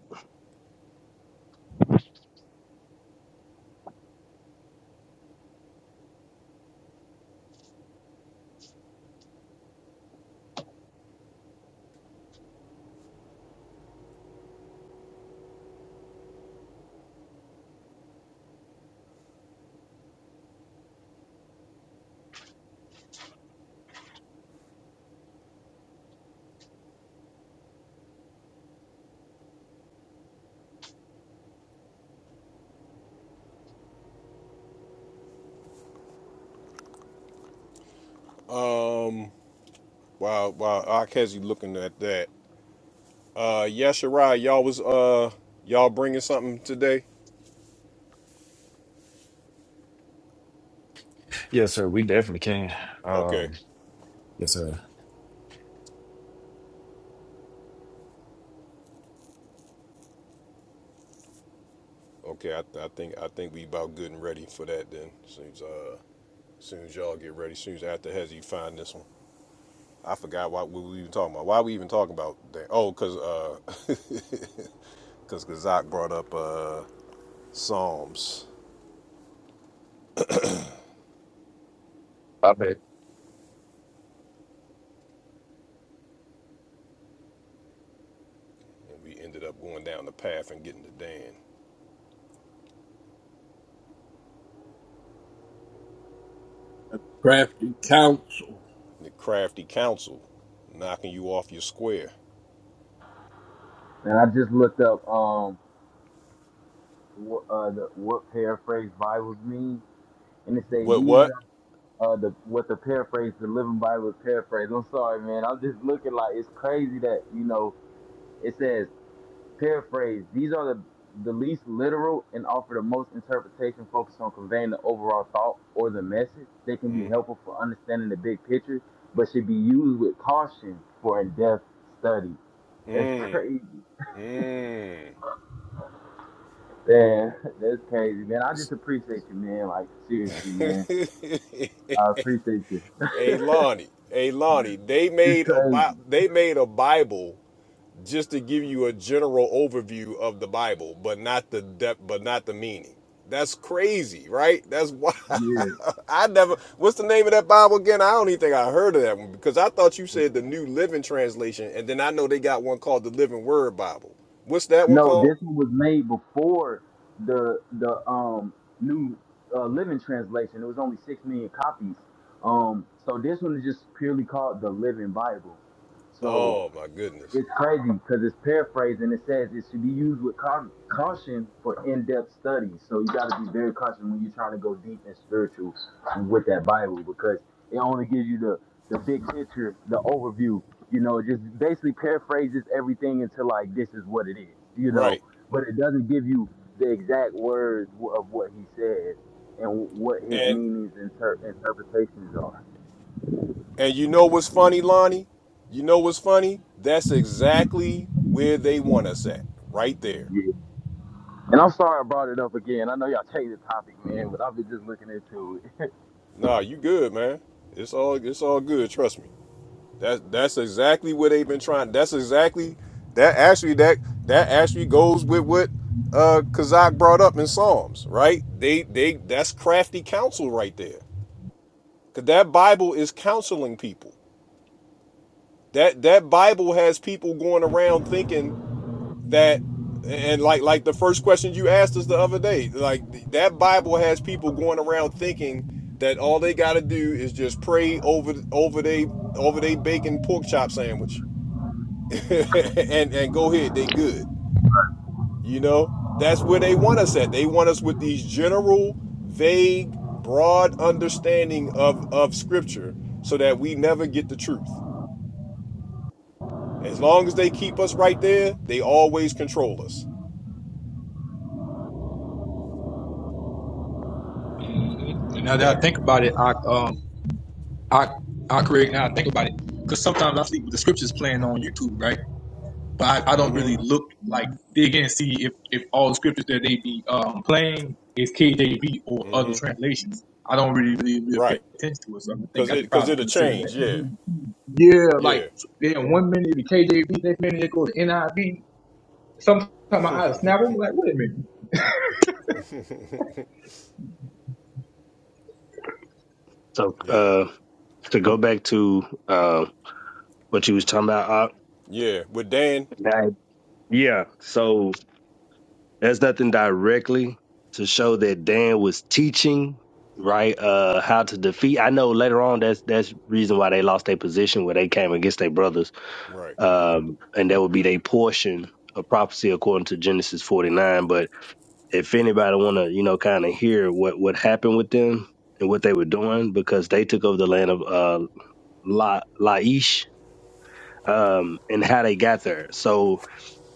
S1: Um wow wow I catch you looking at that. Uh Yesharai, y'all was uh y'all bringing something today?
S12: it. Yes, sir. We definitely can.
S1: Okay.
S12: Um, yes,
S1: Okay, I, th- I think I think we about good and ready for that then. Soon as uh, soon as y'all get ready, soon as after Hezzy find this one, I forgot why what we were even talking about. Why we even talking about that? Oh, cause uh, [laughs] cause Kazak brought up uh Psalms,
S11: I bet.
S1: and we ended up going down the path and getting to Dan.
S7: Crafty counsel.
S1: The crafty counsel, knocking you off your square.
S6: And I just looked up um what uh the what paraphrase Bibles mean, and they say
S1: What
S6: these
S1: what?
S6: are uh the what the paraphrase the Living Bible paraphrase. I'm sorry, man. I'm just looking like it's crazy that you know it says Paraphrase. These are the, the least literal and offer the most interpretation focused on conveying the overall thought or the message. They can be helpful for understanding the big picture, but should be used with caution for in depth study. [laughs] That's crazy.
S1: Mmm.
S6: Man, [laughs] that's crazy, man. I just appreciate you, man. Like, seriously, man. I appreciate you. [laughs]
S1: Hey Lonnie, hey Lonnie, they made a
S6: crazy.
S1: bi- they made a Bible just to give you a general overview of the Bible, but not the depth, but not the meaning. That's crazy, right? That's why
S6: Yeah.
S1: [laughs] I never. What's the name of that Bible again? I don't even think I heard of that one because I thought you said the New Living Translation, and then I know they got one called the Living Word Bible. What's that one
S6: No,
S1: called?
S6: this one was made before the the um new uh, Living Translation. It was only six million copies. Um, so this one is just purely called the Living Bible. So
S1: Oh my goodness!
S6: it's crazy because it's paraphrased and it says it should be used with caution for in-depth studies. So you got to be very cautious when you're trying to go deep and spiritual with that Bible because it only gives you the the big picture, the overview. You know, it just basically paraphrases everything into like this is what it is. You know,
S1: Right,
S6: but it doesn't give you the exact words of what he says and what his
S1: and
S6: meanings and inter- interpretations are.
S1: and you know what's funny, Lonnie? You know what's funny? That's exactly where they want us at, right there.
S6: Yeah. And I'm sorry I brought it up again. I know y'all changed the topic, man, but I've been just looking into it. [laughs]
S1: Nah, you good, man. It's all it's all good. Trust me. That's that's exactly what they've been trying. That's exactly that actually that that actually goes with what uh Kazak brought up in Psalms, right? They they that's crafty counsel right there. Cause that Bible is counseling people. That that Bible has people going around thinking that and like like the first question you asked us the other day like that bible has people going around thinking that all they got to do is just pray over over they over they bacon pork chop sandwich [laughs] and and go ahead they good you know that's where they want us at they want us with these general vague broad understanding of of scripture so that we never get the truth as long as they keep us right there they always control us
S8: And now that
S1: that
S8: I think about it, I um I I create now I think about it because sometimes I see the scriptures playing on YouTube, right? But I, I don't
S1: mm-hmm,
S8: really look like dig in and see if if all the scriptures that they be um playing is KJV or other translations. I don't really really, really pay
S1: right
S8: attention to it, so I think
S1: Cause
S8: I should
S1: it cause
S8: probably
S1: it'll
S8: consider
S1: change. Yeah,
S8: that. Yeah, like
S1: yeah,
S8: then one minute the KJV, next minute it goes to NIV. Sometimes my eyes snap. I'm like, wait a minute,
S10: So,
S1: yeah,
S10: uh, to go back to uh, what you was talking about,
S1: yeah. With Dan,
S10: That- yeah. So that's nothing directly to show that Dan was teaching, right? Uh, how to defeat. I know later on that's that's reason why they lost their position where they came against their brothers.
S1: right?
S10: Um, and that would be their portion of prophecy according to Genesis 49. But if anybody want to, you know, kind of hear what what happened with them and what they were doing because they took over the land of uh La Laish um and how they got there. So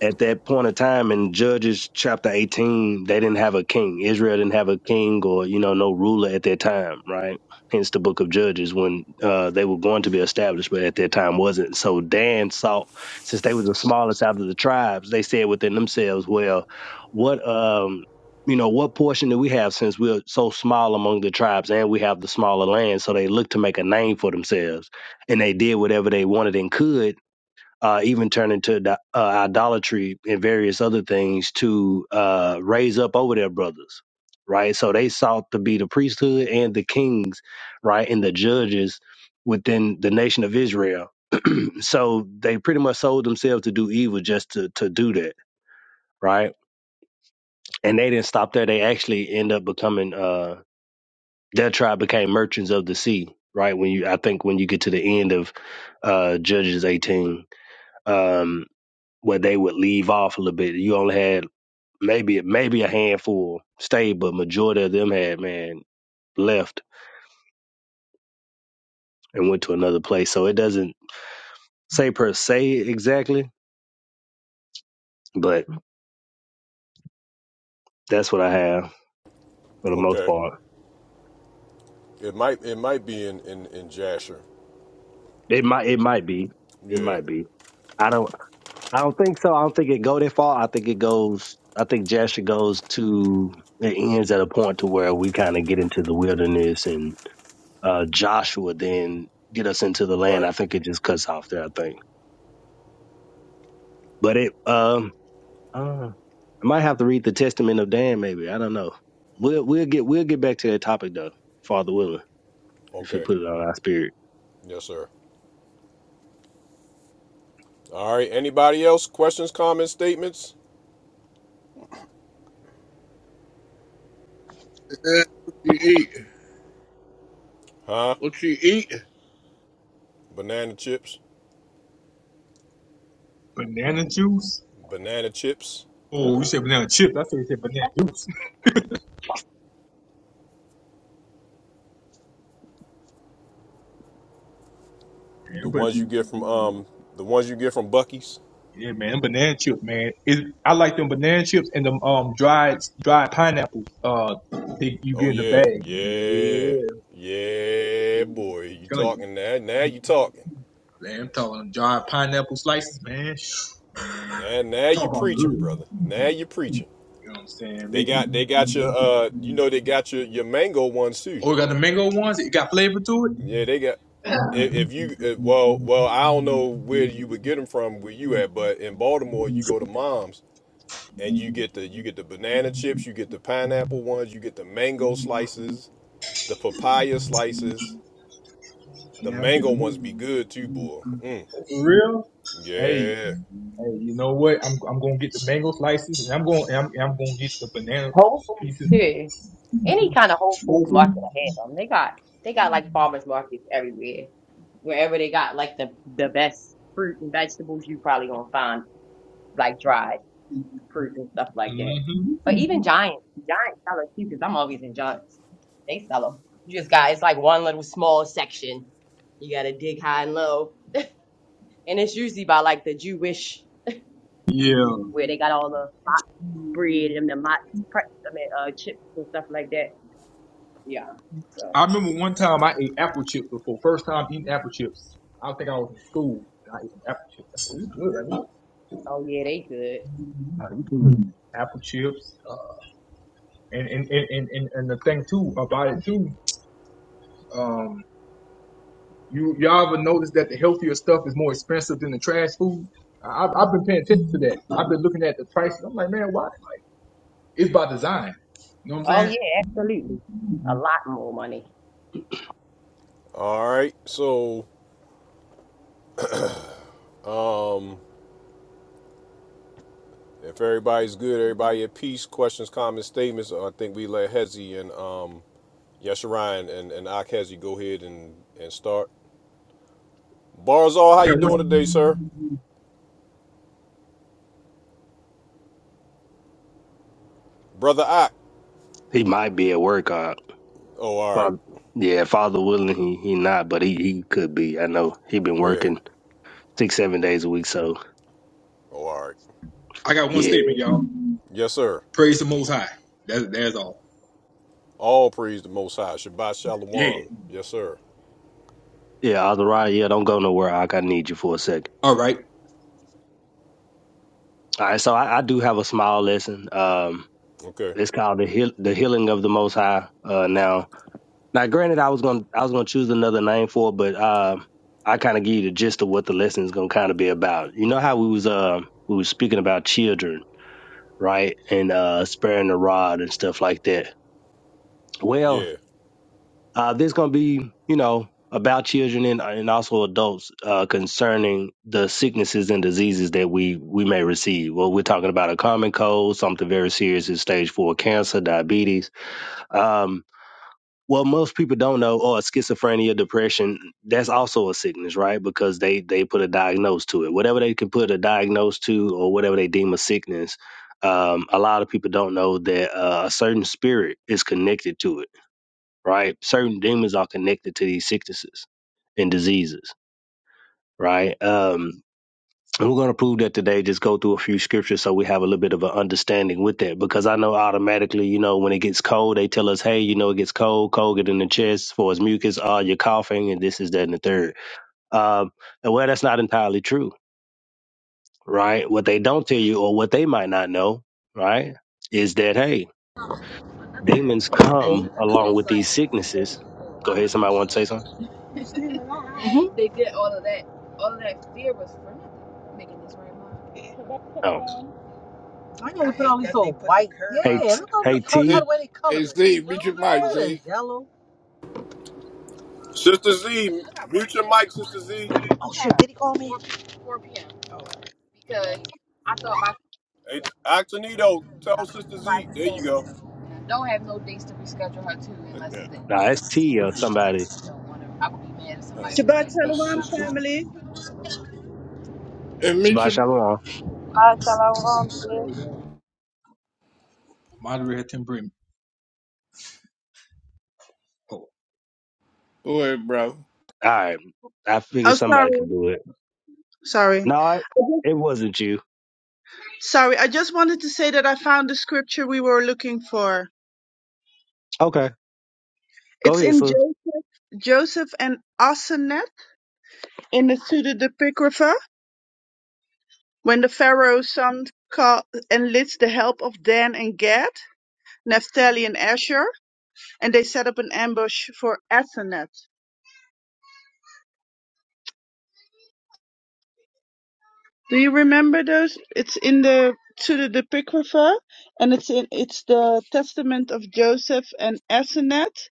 S10: at that point of time in Judges chapter 18, they didn't have a king. Israel didn't have a king or, you know, no ruler at that time, right? Hence the book of Judges when uh, they were going to be established, but at that time wasn't. So Dan sought since they were the smallest out of the tribes, they said within themselves, well, what, um, you know, what portion do we have since we're so small among the tribes and we have the smaller land? So they looked to make a name for themselves and they did whatever they wanted and could uh, even turn into uh, idolatry and various other things to uh, raise up over their brothers, right? So they sought to be the priesthood and the kings, right, and the judges within the nation of Israel. So they pretty much sold themselves to do evil just to to do that, right? And they didn't stop there. They actually end up becoming uh, their tribe became merchants of the sea, right? When you, I think, when you get to the end of uh, Judges eighteen. Um, where they would leave off a little bit. You only had maybe maybe a handful stayed, but majority of them had man left and went to another place. So it doesn't say per se exactly, but that's what I have for the most
S1: Okay.
S10: part.
S1: It might it might be in in in Jasher.
S10: It might it might be it
S1: Yeah.
S10: might be. I don't I don't think so. I don't think it go that far. I think it goes. I think Jasher goes to it ends at a point to where we kind of get into the wilderness and uh, Joshua then get us into the land.
S1: Right.
S10: I think it just cuts off there. I think. But it, um, uh, I might have to read the Testament of Dan. Maybe I don't know. We'll we'll get we'll get back to that topic though, Father willing, if you
S1: Okay.
S10: put it on our spirit.
S1: Yes, sir. All right. Anybody else? Questions, comments, statements?
S7: Yeah, what you eat?
S1: Huh?
S7: What you eat?
S1: Banana chips.
S8: banana juice.
S1: Banana chips.
S8: Oh, you said banana chips. I said you said banana juice,
S1: The
S8: man. But
S1: ones you get from um the ones you get from Bucky's.
S8: yeah, man, them banana chips, man. It, I like them banana chips and them um dried dried pineapples. Uh, that you
S1: Oh
S8: get in the
S1: yeah.
S8: bag.
S1: Yeah.
S8: Yeah,
S1: Yeah,
S8: I'm
S1: boy. You
S8: telling
S1: talking now? Now
S8: you,
S1: you talking.
S8: man. I'm talking them dried pineapple slices, man.
S1: Now now you
S8: Talk about
S1: preaching,
S8: good.
S1: brother.
S8: You
S1: Now you preaching.
S8: know what I'm saying?
S1: They
S8: Maybe.
S1: got they got your uh you know they got your your mango ones too.
S8: Oh, we got the mango ones. It got flavor to
S1: Yeah, they got if, if you if, well well I don't know where you would get them from where you at, but in Baltimore you go to Mom's and you get the you get the banana chips, you get the pineapple ones, you get the mango
S8: it.
S1: slices, the papaya slices. The
S8: Yeah, I'm
S1: mango ones be
S8: getting
S1: good too, boy. Mm,
S8: for real. Hey,
S1: yeah.
S8: hey, you know what? I'm I'm gonna get the mango slices, and I'm gonna and I'm, and I'm gonna get the banana
S5: Whole foods
S8: pieces.
S5: too. Any kind of Whole Foods market
S8: Mm-hmm.
S5: I had them. They got they got like farmers markets everywhere. Wherever they got like the the best fruit and vegetables you probably gonna find like dried fruit and stuff like that. But even Giant, Giant sell it too because I'm always in Giants. They sell them. You just got it's like one little small section. You gotta dig high and low, and it's usually by like the Jewish
S8: Yeah,
S5: where they got all the bread and the mott, pre- I mean, uh, chips and stuff like that. Yeah. So,
S8: I remember one time I ate apple chips before. First time eating apple chips. I think I was in school. I ate some apple chips. That's really good. I mean,
S5: oh yeah, they good.
S10: Mhm.
S8: apple chips, uh, and, and, and and and and the thing too about it too. Um, You y'all ever noticed that the healthier stuff is more expensive than the trash food? I, have I've been paying attention to that. I've been looking at the prices. I'm like, man, why? It's by design. You know what I'm
S5: Oh
S8: saying?
S5: yeah, absolutely. A lot more money.
S1: All right. So if everybody's good, everybody at peace. Questions, comments, statements. I think we let Hezzy and um Yes, Ryan and and Ak, has you go ahead and and start. Barzal,
S8: I
S1: how you
S8: got
S1: doing
S8: one,
S1: today, sir? Brother Ak.
S10: He might be at work. Uh,
S1: Oh, all right.
S10: Father, yeah, Father willing, he he not, but he he could be. I know he been
S1: Yeah.
S10: working six seven days a week. So
S1: Oh, all right.
S8: I got one
S10: yeah,
S8: statement, y'all.
S1: Yes, sir.
S8: Praise the Most High. That's that's all.
S1: All praise the Most High. Shabbat
S8: Yeah.
S1: Shalom. Yes, sir.
S10: yeah, Azariah, yeah, don't go nowhere. I I need you for a second.
S8: All right.
S10: All right, so I, I do have a small lesson. Um,
S1: Okay.
S10: it's called the heal, the healing of the Most High. Uh, now Now, granted, I was gonna I was gonna choose another name for, it, but uh, I kind of give you the gist of what the lesson is gonna kind of be about. You know how we was uh we was speaking about children, right, and uh sparing the rod and stuff like that. Well,
S1: Yeah.
S10: uh, this gonna be you know about children and and also adults uh, concerning the sicknesses and diseases that we we may receive. Well, we're talking about a common cold, something very serious is stage four cancer, diabetes. Um, Well, most people don't know, or schizophrenia, depression, that's also a sickness, right? Because they they put a diagnose to it. Whatever they can put a diagnose to, or whatever they deem a sickness, um, a lot of people don't know that uh, a certain spirit is connected to it, right? Certain demons are connected to these sicknesses and diseases, right? Um, we're going to prove that today. Just go through a few scriptures so we have a little bit of an understanding with that. Because I know automatically, you know, when it gets cold, they tell us, hey, you know, it gets cold, cold, get in the chest, for as mucus, ah, you're coughing, and this is that and the third. Um, and well, that's not entirely true, right? What they don't tell you or what they might not know, right, is that, hey, demons
S13: Really?
S10: come
S13: Cool,
S10: along
S13: it's
S10: with
S13: like,
S10: these sicknesses.
S13: oh,
S10: Go
S13: wow.
S10: ahead. Somebody want to say something? Oh,
S13: I know we put all these old white.
S10: hey, t-
S13: Yeah, look over the
S10: hey,
S13: color, how
S10: T.
S7: Zeke,
S13: the way they
S7: Hey
S13: color it.
S7: Zeke, meet your mic,
S13: Look at this
S7: Zeke.
S13: yellow.
S1: Sister Z, mute your mic, Sister Z.
S13: Oh shit, did he call me?
S1: It's Actonito. Tell Sister Z. There you go.
S7: I got
S10: Nah, it's T or somebody.
S7: uh that's sister. Hey, meet
S10: Shabbat
S7: your
S10: Shalom.
S5: Ah, shalom, sis.
S8: Moderator Tim Brim. Oh,
S7: go ahead, bro.
S10: All right. I figured
S14: Oh,
S10: somebody
S14: sorry.
S10: could do it.
S14: Sorry.
S10: No, I,
S14: I just-
S10: it wasn't you.
S14: Sorry. I just wanted to say that I found the scripture we were looking for.
S10: Okay. Go
S14: It's
S10: ahead,
S14: in
S10: sir.
S14: jo- Joseph and Asenath in the Sutta Depigrapha when the Pharaoh's son call- enlists the help of Dan and Gad, Naphtali and Asher, and they set up an ambush for Asenath. Do you remember those? It's in the to the the Apocrypha, and it's in it's the Testament of Joseph and Asenath,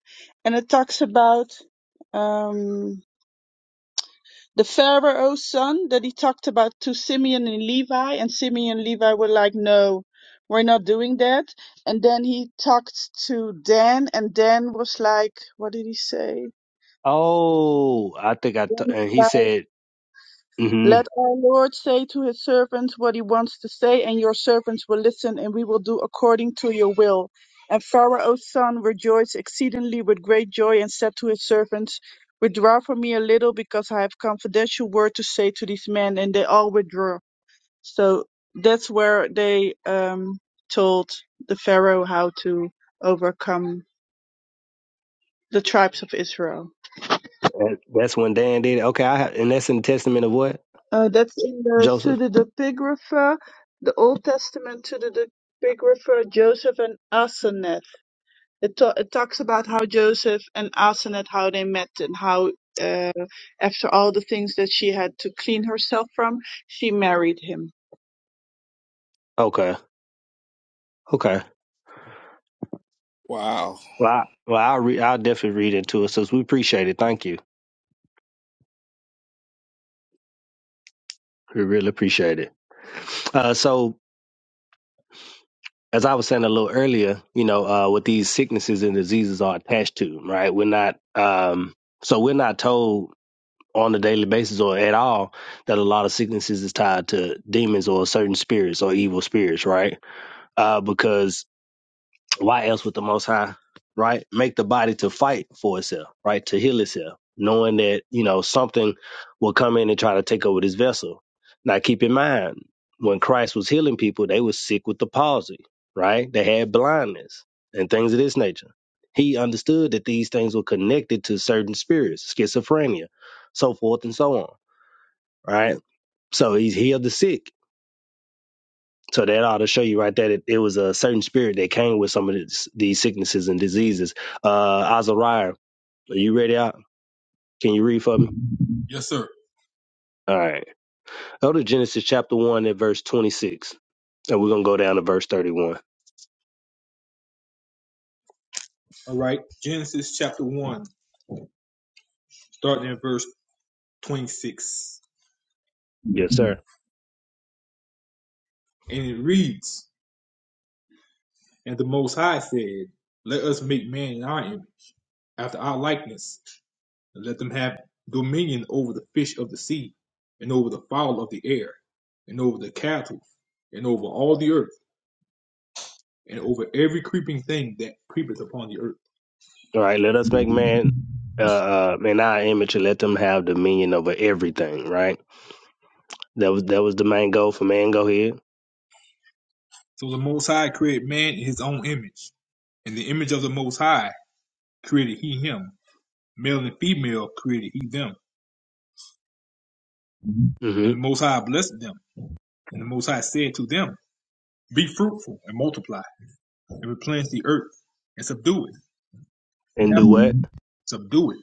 S14: and it talks about um, the Pharaoh's son that he talked about to Simeon and Levi, and Simeon and Levi were like, "No, we're not doing that." And then he talked to Dan, and Dan was like, "What did he say?"
S10: Oh, I think I, t-
S14: Dan was
S10: and
S14: like,
S10: he said, mm-hmm.
S14: Let our Lord say to his servants what he wants to say, and your servants will listen, and we will do according to your will. And Pharaoh's son rejoiced exceedingly with great joy and said to his servants, Withdraw from me a little, because I have confidential word to say to these men. And they all withdrew. So that's where they um, told the Pharaoh how to overcome the tribes of Israel.
S10: That's when Dan did it. Okay. I, ha- and that's in the testament of what?
S14: Uh, that's in the
S10: Joseph?
S14: pseudepigrapha, the Old Testament pseudepigrapha Joseph and Asenath. It, ta it talks about how Joseph and Asenath, how they met and how uh, after all the things that she had to clean herself from, she married him.
S10: Okay. Okay.
S7: Wow.
S10: Well, I, well, I'll, re- I'll definitely read into it since we appreciate it. Thank you. We really appreciate it. Uh, so, as I was saying a little earlier, you know, uh, what these sicknesses and diseases are attached to, right? We're not, um, so we're not told on a daily basis or at all that a lot of sicknesses is tied to demons or certain spirits or evil spirits, right? Uh, because why else would the Most High, right, make the body to fight for itself, right, to heal itself, knowing that you know something will come in and try to take over this vessel. Now, keep in mind when Christ was healing people, they were sick with the palsy, right? They had blindness and things of this nature. He understood that these things were connected to certain spirits, schizophrenia, so forth and so on right? So he's healed the sick. So that ought to show you right there that it was a certain spirit that came with some of this, these sicknesses and diseases. Uh, Azariah, are you ready out? Can you read for me?
S8: yes, sir.
S10: All right. Go to Genesis chapter 1 at verse 26, and we're going to go down to verse 31.
S8: All right. Genesis chapter one, starting at verse 26.
S10: Yes,
S8: And
S10: sir.
S8: it reads, And the Most High said, Let us make man in our image, after our likeness. and let them have dominion over the fish of the sea, and over the fowl of the air, and over the cattle, and over all the earth, and over every creeping thing that creepeth upon the earth.
S10: All right. Let us make man uh, uh, in our image and let them have dominion over everything, right? That was that was the main goal for man. Go ahead.
S8: So the Most High created man in his own image. In the image of the Most High created he him. Male and female created he them.
S10: hmm
S8: And the Most High blessed them. And the Most High said to them, Be fruitful and multiply, and replenish the earth, and subdue it, and
S10: And do
S8: have,
S10: what?
S8: subdue it,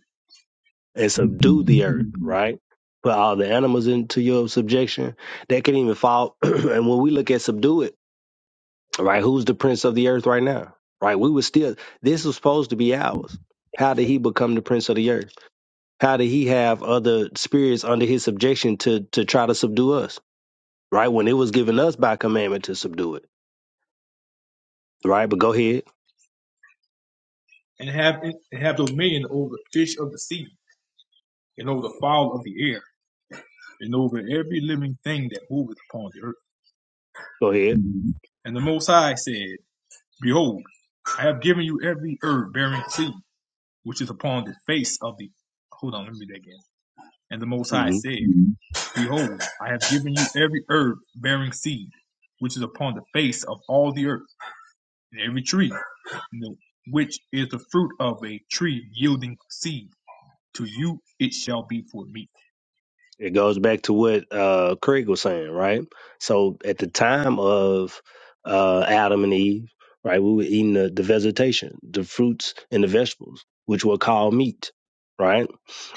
S10: and subdue the earth, right? Put all the animals into your subjection. That can even fall. [clears throat] and when we look at subdue it, right? Who's the prince of the earth right now? Right? We were still, this was supposed to be ours. How did he become the prince of the earth? How did he have other spirits under his subjection to, to try to subdue us? Right? When it was given us by commandment to subdue it, right? But go ahead.
S8: and have, and have dominion over the fish of the sea and over the fowl of the air, and over every living thing that moveth upon the
S10: Go ahead.
S8: earth. And the Most High said, Behold, I have given you every herb bearing seed, which is upon the face of the. Hold on, let me read that again. And the Most High
S10: Mm-hmm.
S8: said, Behold, I have given you every herb bearing seed, which is upon the face of all the earth, and every tree, which is the fruit of a tree yielding seed. To you it shall be for meat.
S10: It goes back to what uh, Craig was saying, right? So at the time of uh, Adam and Eve, right, we were eating the, the vegetation, the fruits and the vegetables, which were called meat, right?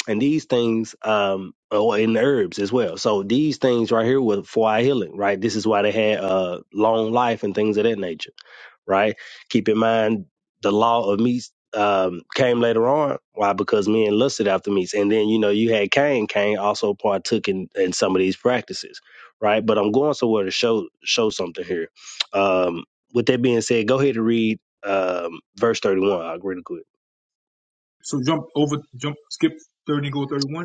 S10: And these things, um, oh, and the herbs as well. So these things right here were for our healing, right? This is why they had uh, long life and things of that nature right? Keep in mind the law of meats um, came later on. Why? Because men lusted after meats, and then you know you had Cain. Cain also partook in, in some of these practices, right? But I'm going somewhere to show show something here. Um, with that being said, go ahead and read um, verse 31. I'll read it quick.
S8: So jump over, jump, skip 30 and go 31.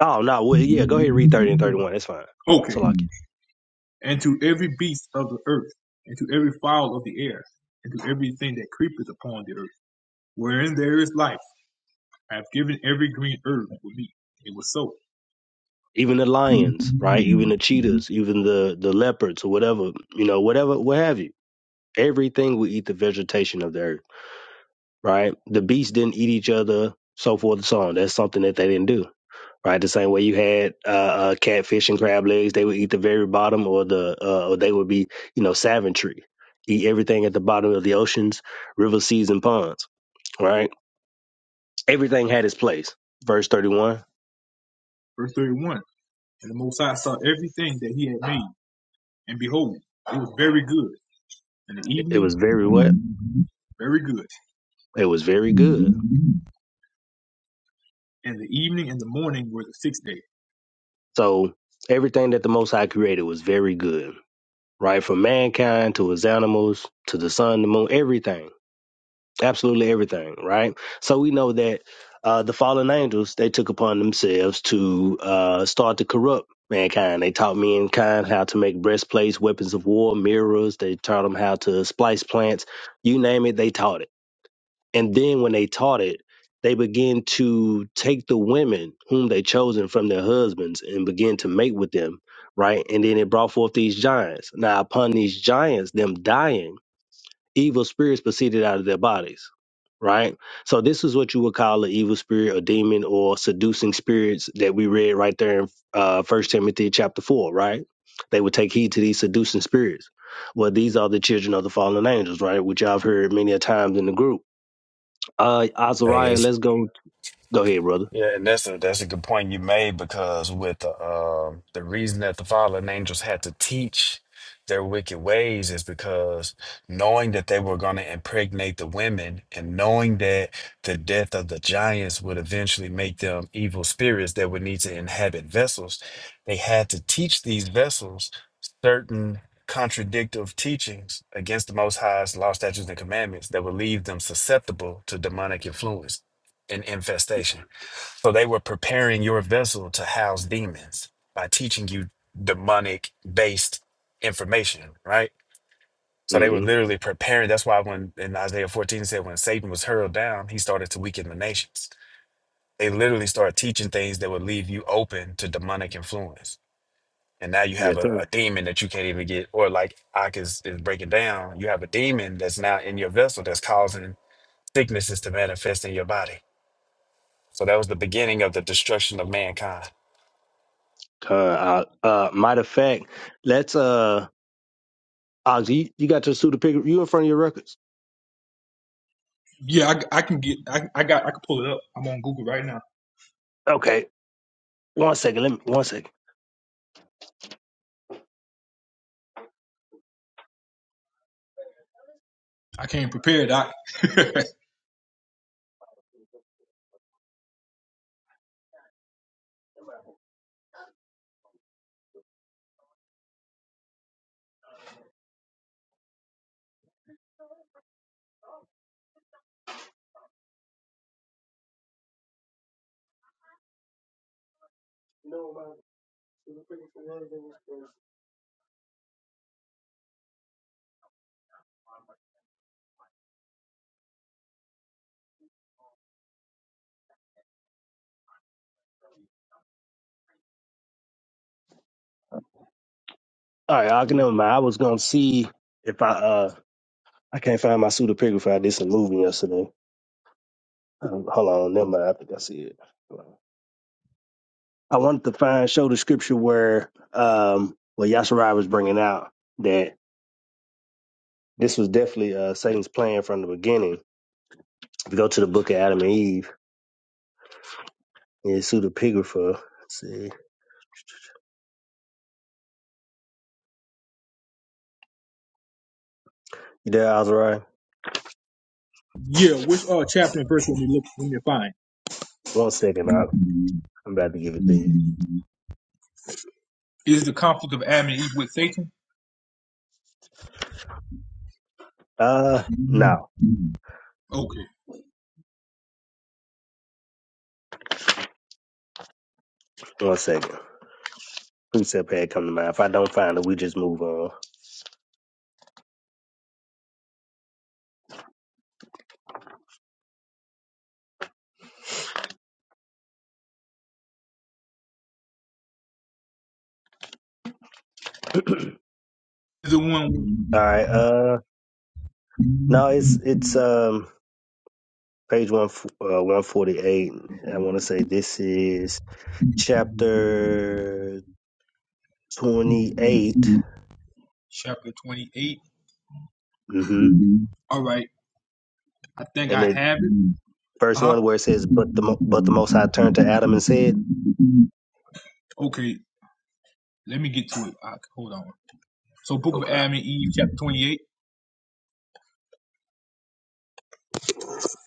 S10: Oh no, well, yeah, go ahead and read 30 and 31. That's fine.
S8: Okay.
S10: So like it.
S8: And to every beast of the earth, and to every fowl of the air, and to everything that creepeth upon the earth, wherein there is life, I have given every green herb with me. It was so.
S10: Even the lions, right? Even the cheetahs, even the the leopards or whatever, you know, whatever, what have you. Everything will eat the vegetation of the earth right? The beasts didn't eat each other, so forth and so on. That's something that they didn't do, right? The same way you had uh, uh, catfish and crab legs, they would eat the very bottom, or the uh, or they would be, you know, savagery, eat everything at the bottom of the oceans, rivers, seas, and ponds, right? Everything had its place. Verse thirty-one.
S8: Verse 31. And the Most High saw everything that he had made, and behold, it was very good. And the
S10: It it
S8: evening
S10: was
S8: and the
S10: very what?
S8: morning, very good.
S10: It was very good.
S8: And the evening and the morning were the sixth day.
S10: So everything that the Most High created was very good, right? From mankind to his animals to the sun, the moon, everything absolutely everything, right? So we know that uh, the fallen angels they took upon themselves to uh, start to corrupt mankind. They taught mankind how to make breastplates, weapons of war, mirrors. They taught them how to splice plants. You name it, they taught it. And then when they taught it, they begin to take the women whom they chosen from their husbands and begin to mate with them, right? And then it brought forth these giants. Now upon these giants, them dying evil spirits proceeded out of their bodies, right? So this is what you would call an evil spirit or demon or seducing spirits that we read right there in uh, 1 Timothy chapter 4, right? They would take heed to these seducing spirits. Well, these are the children of the fallen angels, right? Which I've heard many a times in the group. Uh, Azariah,
S12: sir.
S10: let's go. Go ahead, brother.
S12: Yeah, and that's a that's a good point you made because with the uh, the reason that the fallen angels had to teach their wicked ways is because knowing that they were going to impregnate the women and knowing that the death of the giants would eventually make them evil spirits that would need to inhabit vessels, they had to teach these vessels certain contradictive teachings against the Most High's law, statutes, and commandments that would leave them susceptible to demonic influence and infestation. So they were preparing your vessel to house demons by teaching you demonic based information, right? So they were
S10: Mm-hmm.
S12: literally preparing. That's why when in Isaiah 14 it said when Satan was hurled down, he started to weaken the nations. They literally started teaching things that would leave you open to demonic influence. And now you have
S10: Yes,
S12: a,
S10: sir.
S12: a demon that you can't even get, or like Ak is, is breaking down, you have a demon that's now in your vessel that's causing sicknesses to manifest in your body. So that was the beginning of the destruction of mankind.
S10: Uh, uh, uh, matter of fact, let's uh, Oz, you, you got your pseudo pick. You in front of your records?
S8: Yeah, I, I can get, I, I got, I can pull it up. I'm on Google right now.
S10: Okay. One second. Let me. One second.
S8: I came prepared. Doc. [laughs]
S10: All right, I can never mind. I was gonna see if I uh I can't find my pseudepigraphy. I did some moving yesterday. Um, hold on, never mind. I think I see it. Hold on. I wanted to find show the scripture where um what Yasharai was bringing out that this was definitely uh Satan's plan from the beginning. If you go to the book of Adam and Eve, and it's pseudepigrapher. Let's see, you there, Azariah?
S8: Yeah, which uh, chapter and verse when we look when you find?
S10: One second, I I'm about to give it to you.
S8: Is the conflict of Adam and Eve with Satan?
S10: Uh, no,
S8: Okay.
S10: one second. Precept had come to mind. If I don't find it, we just move on.
S8: Is the
S10: All
S8: one
S10: right. Uh, no, it's it's um page one uh, one forty eight. I want to say this is chapter twenty eight.
S8: chapter twenty eight?
S10: mm Mm-hmm.
S8: All right. I think
S10: And
S8: I
S10: it
S8: have it. Uh
S10: first
S8: huh.
S10: one where it says, "But the Mo- but the Most High turned to Adam and said,
S8: Okay. Let me get to it. Doc. Hold on. So, Book of
S10: Okay,
S8: Adam and Eve, chapter twenty eight.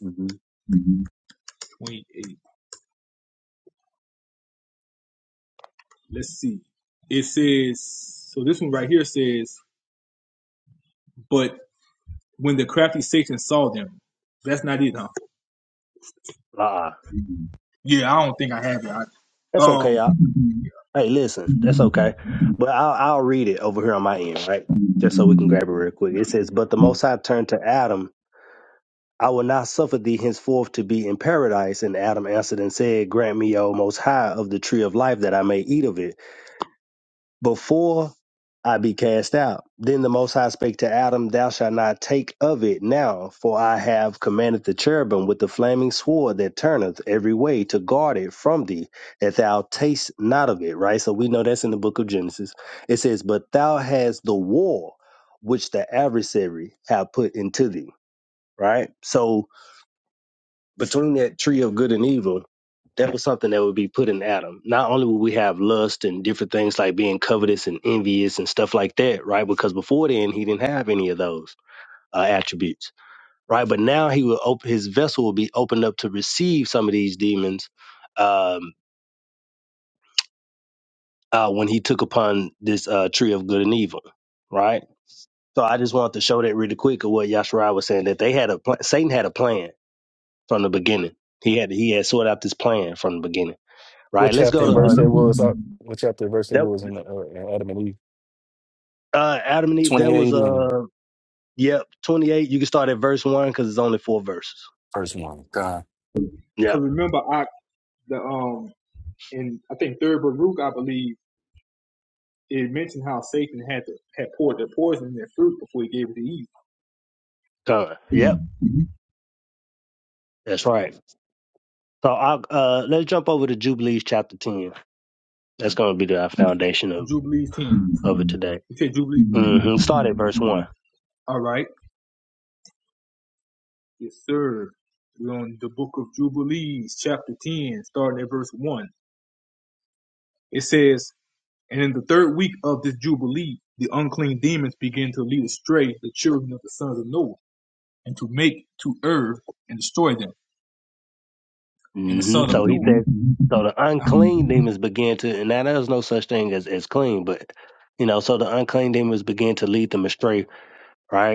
S10: mm-hmm.
S8: Twenty eight. Let's see. It says so. This one right here says, "But when the crafty Satan saw them, that's not it, huh?
S10: uh, uh
S8: Yeah, I don't think I have it. I,
S10: that's okay.
S8: um,
S10: I, hey, listen, that's okay. But I'll I'll read it over here on my end, right? Just so we can grab it real quick. It says, "But the Most High turned to Adam." I will not suffer thee henceforth to be in paradise. And Adam answered and said, Grant me, O Most High, of the tree of life that I may eat of it before I be cast out. Then the Most High spake to Adam, Thou shalt not take of it now, for I have commanded the cherubim with the flaming sword that turneth every way to guard it from thee, that thou taste not of it. Right? So we know that's in the book of Genesis. It says, But thou hast the war which the adversary have put into thee. Right? So, between that tree of good and evil, that was something that would be put in Adam. Not only would we have lust and different things like being covetous and envious and stuff like that, right? Because before then, he didn't have any of those uh, attributes, right? But now he will open his vessel will be opened up to receive some of these demons um, uh, when he took upon this uh, tree of good and evil, right? So I just wanted to show that really quick of what Yashariah was saying that they had a pl- Satan had a plan from the beginning. He had he had sorted out this plan from the beginning.
S11: What
S10: Right. Let's
S11: chapter
S10: go
S8: cause
S11: and
S10: to uh,
S11: verse that
S8: remember,
S11: was? Uh, what chapter and verse that
S10: that,
S11: was in, the, uh, in Adam and Eve?
S10: uh Adam and Eve.
S11: Twenty
S10: There was
S11: eight and
S10: uh yep twenty eight. You can start at verse one because it's only four verses.
S11: first one. God,
S10: Yep.
S8: cause remember, I the um, and I think third Baruch, I believe, it mentioned how Satan had to, had poured the poison in their fruit before he gave it to Eve.
S10: Come. Yep. That's right. So I'll uh let's jump over to Jubilees chapter ten. That's going to be the uh, foundation of
S8: Jubilees
S10: of it
S8: ten.
S10: today.
S8: It said Jubilees.
S10: hmm Start at verse one.
S8: ten. All right. Yes, sir. We're on the book of Jubilees, chapter 10, starting at verse 1. It says, And in the third week of this Jubilee, the unclean demons began to lead astray the children of the sons of Noah, and to make to earth and destroy them. And the
S10: hmm
S8: sons of
S10: So he
S8: Noah,
S10: said. So the
S8: uh,
S10: unclean demons began to, and now there's no such thing as as clean, but you know, so the unclean demons began to lead them astray, right?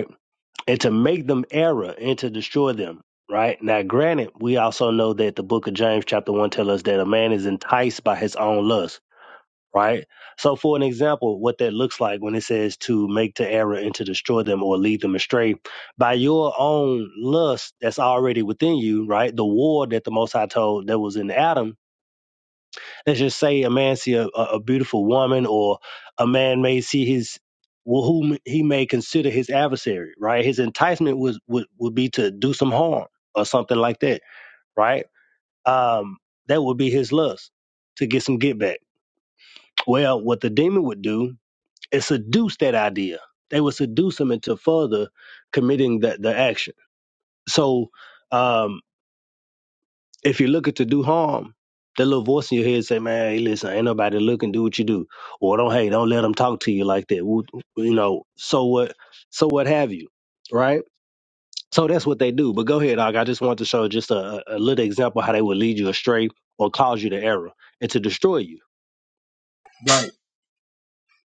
S10: and to make them error and to destroy them. Right now, granted, we also know that the book of James, chapter one, tells us that a man is enticed by his own lust. Right. So, for an example, what that looks like when it says to make to error and to destroy them or lead them astray by your own lust that's already within you. Right. The war that the Most High told that was in Adam Let's just say a man see a, a beautiful woman, or a man may see his well, whom he may consider his adversary, right? His enticement was would, would be to do some harm or something like that, right? Um, that would be his lust to get some get back. Well, what the demon would do is seduce that idea. They would seduce him into further committing that the action. So um. If you're looking to do harm, that little voice in your head say, "Man, hey, listen, ain't nobody looking. Do what you do, or don't hey, don't let them talk to you like that." Wo- You know, so what? So what have you? Right? So that's what they do. But go ahead, dog. I just want to show just a, a little example how they would lead you astray or cause you to error and to destroy you.
S8: right.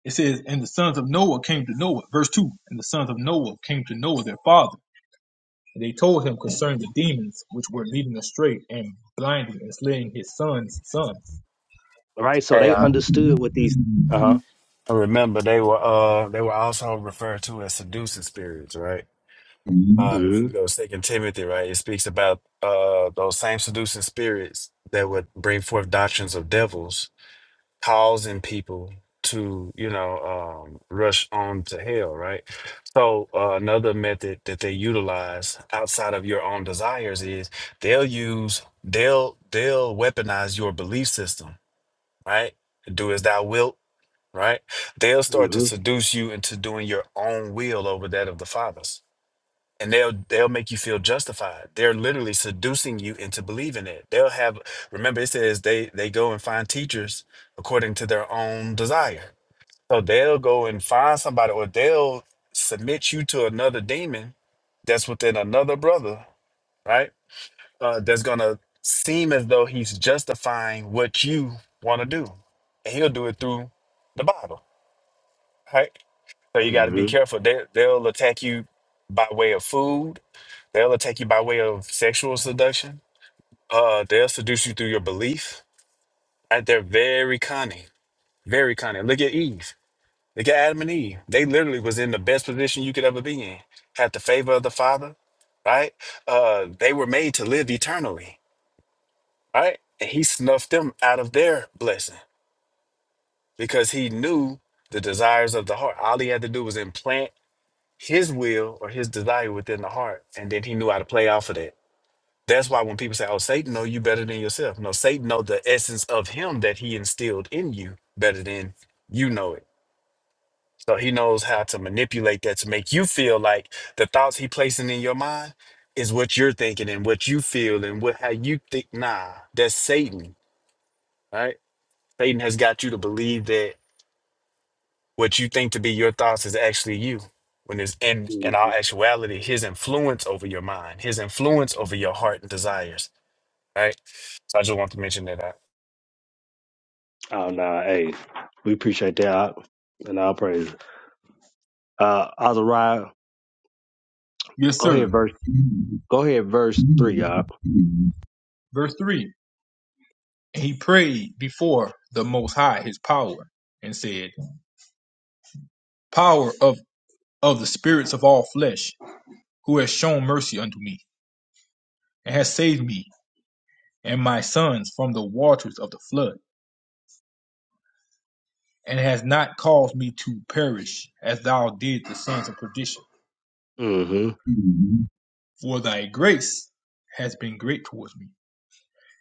S8: It says, And the sons of Noah came to Noah. Verse 2 And the sons of Noah came to Noah, their father. And they told him concerning the demons which were leading astray and blinding and slaying his sons' sons.
S10: Right? So they understood what these. Uh huh.
S12: And Remember, they were uh they were also referred to as seducing spirits, right? Uh, if you
S10: Mm
S12: go Second Timothy, right, it speaks about uh those same seducing spirits that would bring forth doctrines of devils, causing people to you know um, rush on to hell, right? So uh, another method that they utilize outside of your own desires is they'll use they'll they'll weaponize your belief system, right? Do as thou wilt right? They'll
S10: hmm.
S12: start
S10: Mm
S12: to
S10: hmm.
S12: seduce you into doing your own will over that of the fathers. And they'll they'll make you feel justified. They're literally seducing you into believing it. They'll have remember it says they they go and find teachers according to their own desire. So they'll go and find somebody or they'll submit you to another demon that's within another brother, right? Uh, that's gonna seem as though he's justifying what you want to do. And he'll do it through the Bible right? So you got to be
S10: Mm
S12: careful. They, they'll attack you by way of food. They'll attack you by way of sexual seduction. Uh, they'll seduce you through your belief. Right? They're very cunning, very cunning. Look at Eve. Look at Adam and Eve. They literally was in the best position you could ever be in. Had the favor of the Father, right? Uh, they were made to live eternally, right? And he snuffed them out of their blessing because he knew the desires of the heart. All he had to do was implant his will or his desire within the heart, and then he knew how to play off of that. That's why when people say, "Oh, Satan know you better than yourself," no, Satan know the essence of him that he instilled in you better than you know it. So he knows how to manipulate that to make you feel like the thoughts he placing in your mind is what you're thinking and what you feel and what how you think. Nah, that's Satan, right? Satan has got you to believe that what you think to be your thoughts is actually you when it's in
S10: hmm.
S12: in
S10: hmm
S12: our actuality his influence over your mind his influence over your heart and desires right so i just want to mention that out.
S10: Oh nah, hey, we appreciate that, I, and I'll praise. it. Uh, Azariah,
S8: Yes,
S10: go
S8: sir.
S10: ahead, verse. Go ahead, verse three. Uh,
S8: Verse 3 And he prayed before the Most High his power and said, Power of, of the spirits of all flesh, who has shown mercy unto me, and has saved me and my sons from the waters of the flood, and has not caused me to perish as thou did the sons of perdition.
S10: hmm
S8: For thy grace has been great towards me,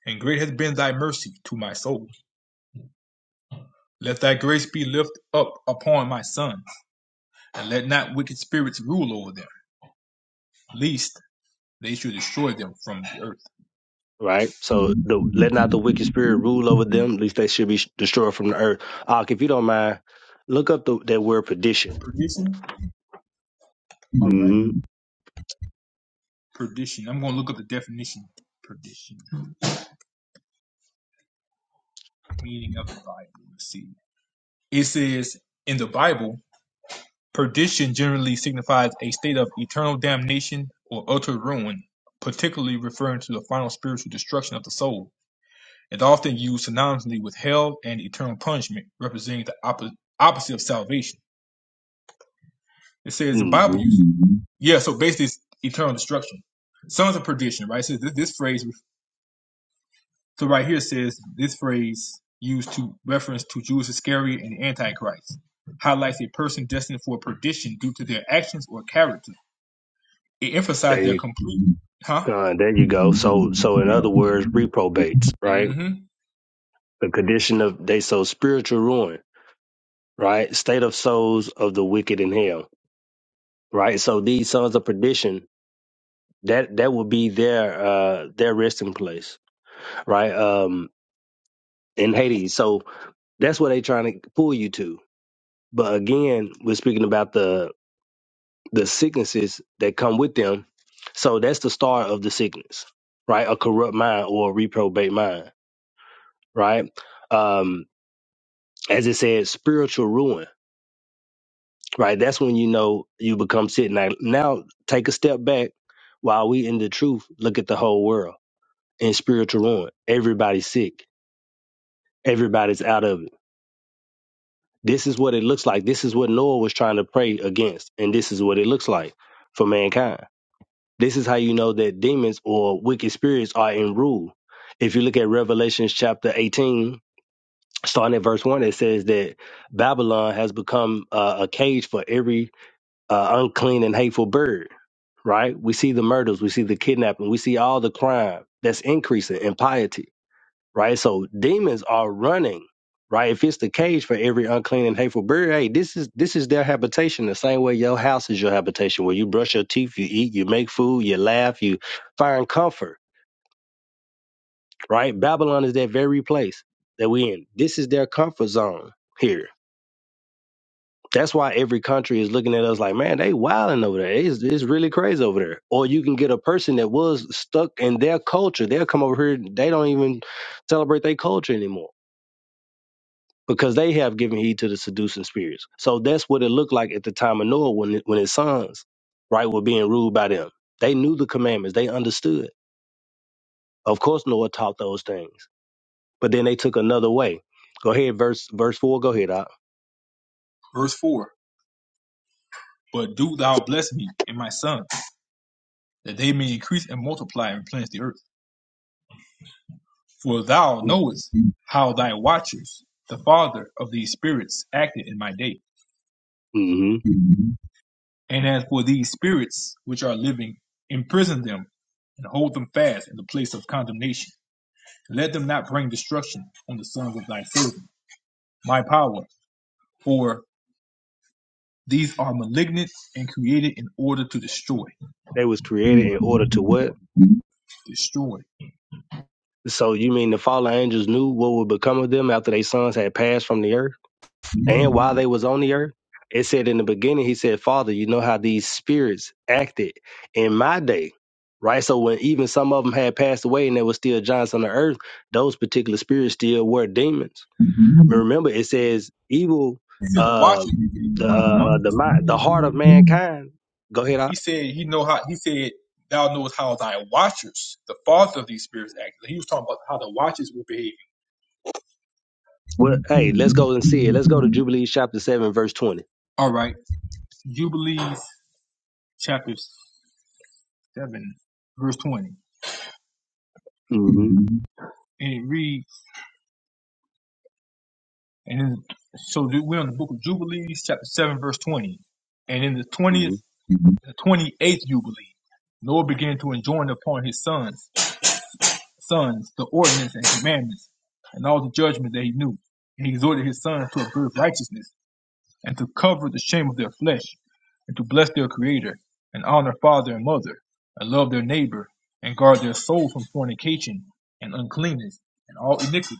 S8: and great has been thy mercy to my soul. Let thy grace be lift up upon my sons, and let not wicked spirits rule over them, lest they should destroy them from the earth.
S10: Right. So the let not the wicked spirit rule over them, At least they should be sh- destroyed from the earth. Uh, if you don't mind, look up the that word perdition.
S8: Perdition? All
S10: hmm
S8: right. Perdition. I'm going to look up the definition. Perdition. Meaning of the Bible. Let's see. It says in the Bible, perdition generally signifies a state of eternal damnation or utter ruin, particularly referring to the final spiritual destruction of the soul. is often used synonymously with hell and eternal punishment, representing the oppo- opposite of salvation. It says the Bible
S10: hmm
S8: uses yeah, so basically it's eternal destruction. Sons of perdition, right? So this, this phrase, so right here it says this phrase used to reference to Judas Iscariot and the Antichrist highlights a person destined for perdition due to their actions or character. It emphasized
S10: There
S8: their
S10: you
S8: complete, huh?
S10: go. There you go. So so in
S8: Yeah.
S10: other words, reprobates. Right.
S8: hmm
S10: The condition of they so spiritual ruin. Right. State of souls of the wicked in hell. Right. So these sons of perdition. That that would be their uh their resting place. Right. Um. In Hades. So That's what they trying to pull you to. But again, we're speaking about the the sicknesses that come with them. So that's the start of the sickness, right? A corrupt mind or a reprobate mind, right? Um, as it says, spiritual ruin, right? That's when you know you become sick. Now, now take a step back while we in the truth, look at the whole world in spiritual ruin. Everybody's sick. Everybody's out of it This is what it looks like. This is what Noah was trying to pray against, and this is what it looks like for mankind. This is how you know that demons or wicked spirits are in rule. If you look at Revelations chapter 18, starting at verse 1, it says that Babylon has become uh, a cage for every uh, unclean and hateful bird, right? We see the murders, we see the kidnapping, we see all the crime that's increasing in piety right? So demons are running, right? If it's the cage for every unclean and hateful bird, hey, this is this is their habitation. The same way your house is your habitation, where you brush your teeth, you eat, you make food, you laugh, you find comfort, right? Babylon is that very place that we in. This is their comfort zone here. That's why every country is looking at us like, man, they wilding over there. It's, it's really crazy over there. Or you can get a person that was stuck in their culture. They'll come over here. They don't even celebrate their culture anymore because they have given heed to the seducing spirits. So that's what it looked like at the time of Noah when when his sons, right, were being ruled by them. They knew the commandments. They understood. Of course, Noah taught those things, but then they took another way. Go ahead, verse verse four. Go ahead.
S8: Verse 4 But do thou bless me and my son. that they may increase and multiply and replenish the earth. For thou knowest how thy watchers, the father of these spirits, acted in my day.
S10: Mm-hmm.
S8: And as for these spirits which are living, imprison them and hold them fast in the place of condemnation. Let them not bring destruction on the sons of thy servant, my power, for these are malignant and created in order to destroy.
S10: They was created in order to what?
S8: Destroy.
S10: So you mean the fallen angels knew what would become of them after their sons had passed from the earth? and while they was on the earth it said in the beginning he said father you know how these spirits acted in my day right so when even some of them had passed away and there was still giants on the earth those particular spirits still were demons But
S8: He
S10: remember it says evil
S8: said the
S10: uh
S8: watchers, he
S10: the
S8: know how the
S10: uh uh, the mind the heart of
S8: watchers.
S10: mankind go ahead I,
S8: He said he know how he said thou knowest how thy watchers, the father of these spirits act. He was talking about how the watchers were behaving.
S10: well hey let's go and see it let's go to jubilees chapter 7 verse 20
S8: All right. Jubilees chapter seven, verse twenty. And
S10: mm-hmm.
S8: it reads and then so we're on the book of Jubilees, chapter seven, verse twenty. And in the twentieth the twenty eighth Jubilee, Noah began to enjoin upon his sons. sons the ordinance and commandments and all the judgments that he knew. And he exhorted his sons to observe righteousness and to cover the shame of their flesh and to bless their creator and honor father and mother and love their neighbor and guard their soul from fornication and uncleanness and all iniquity.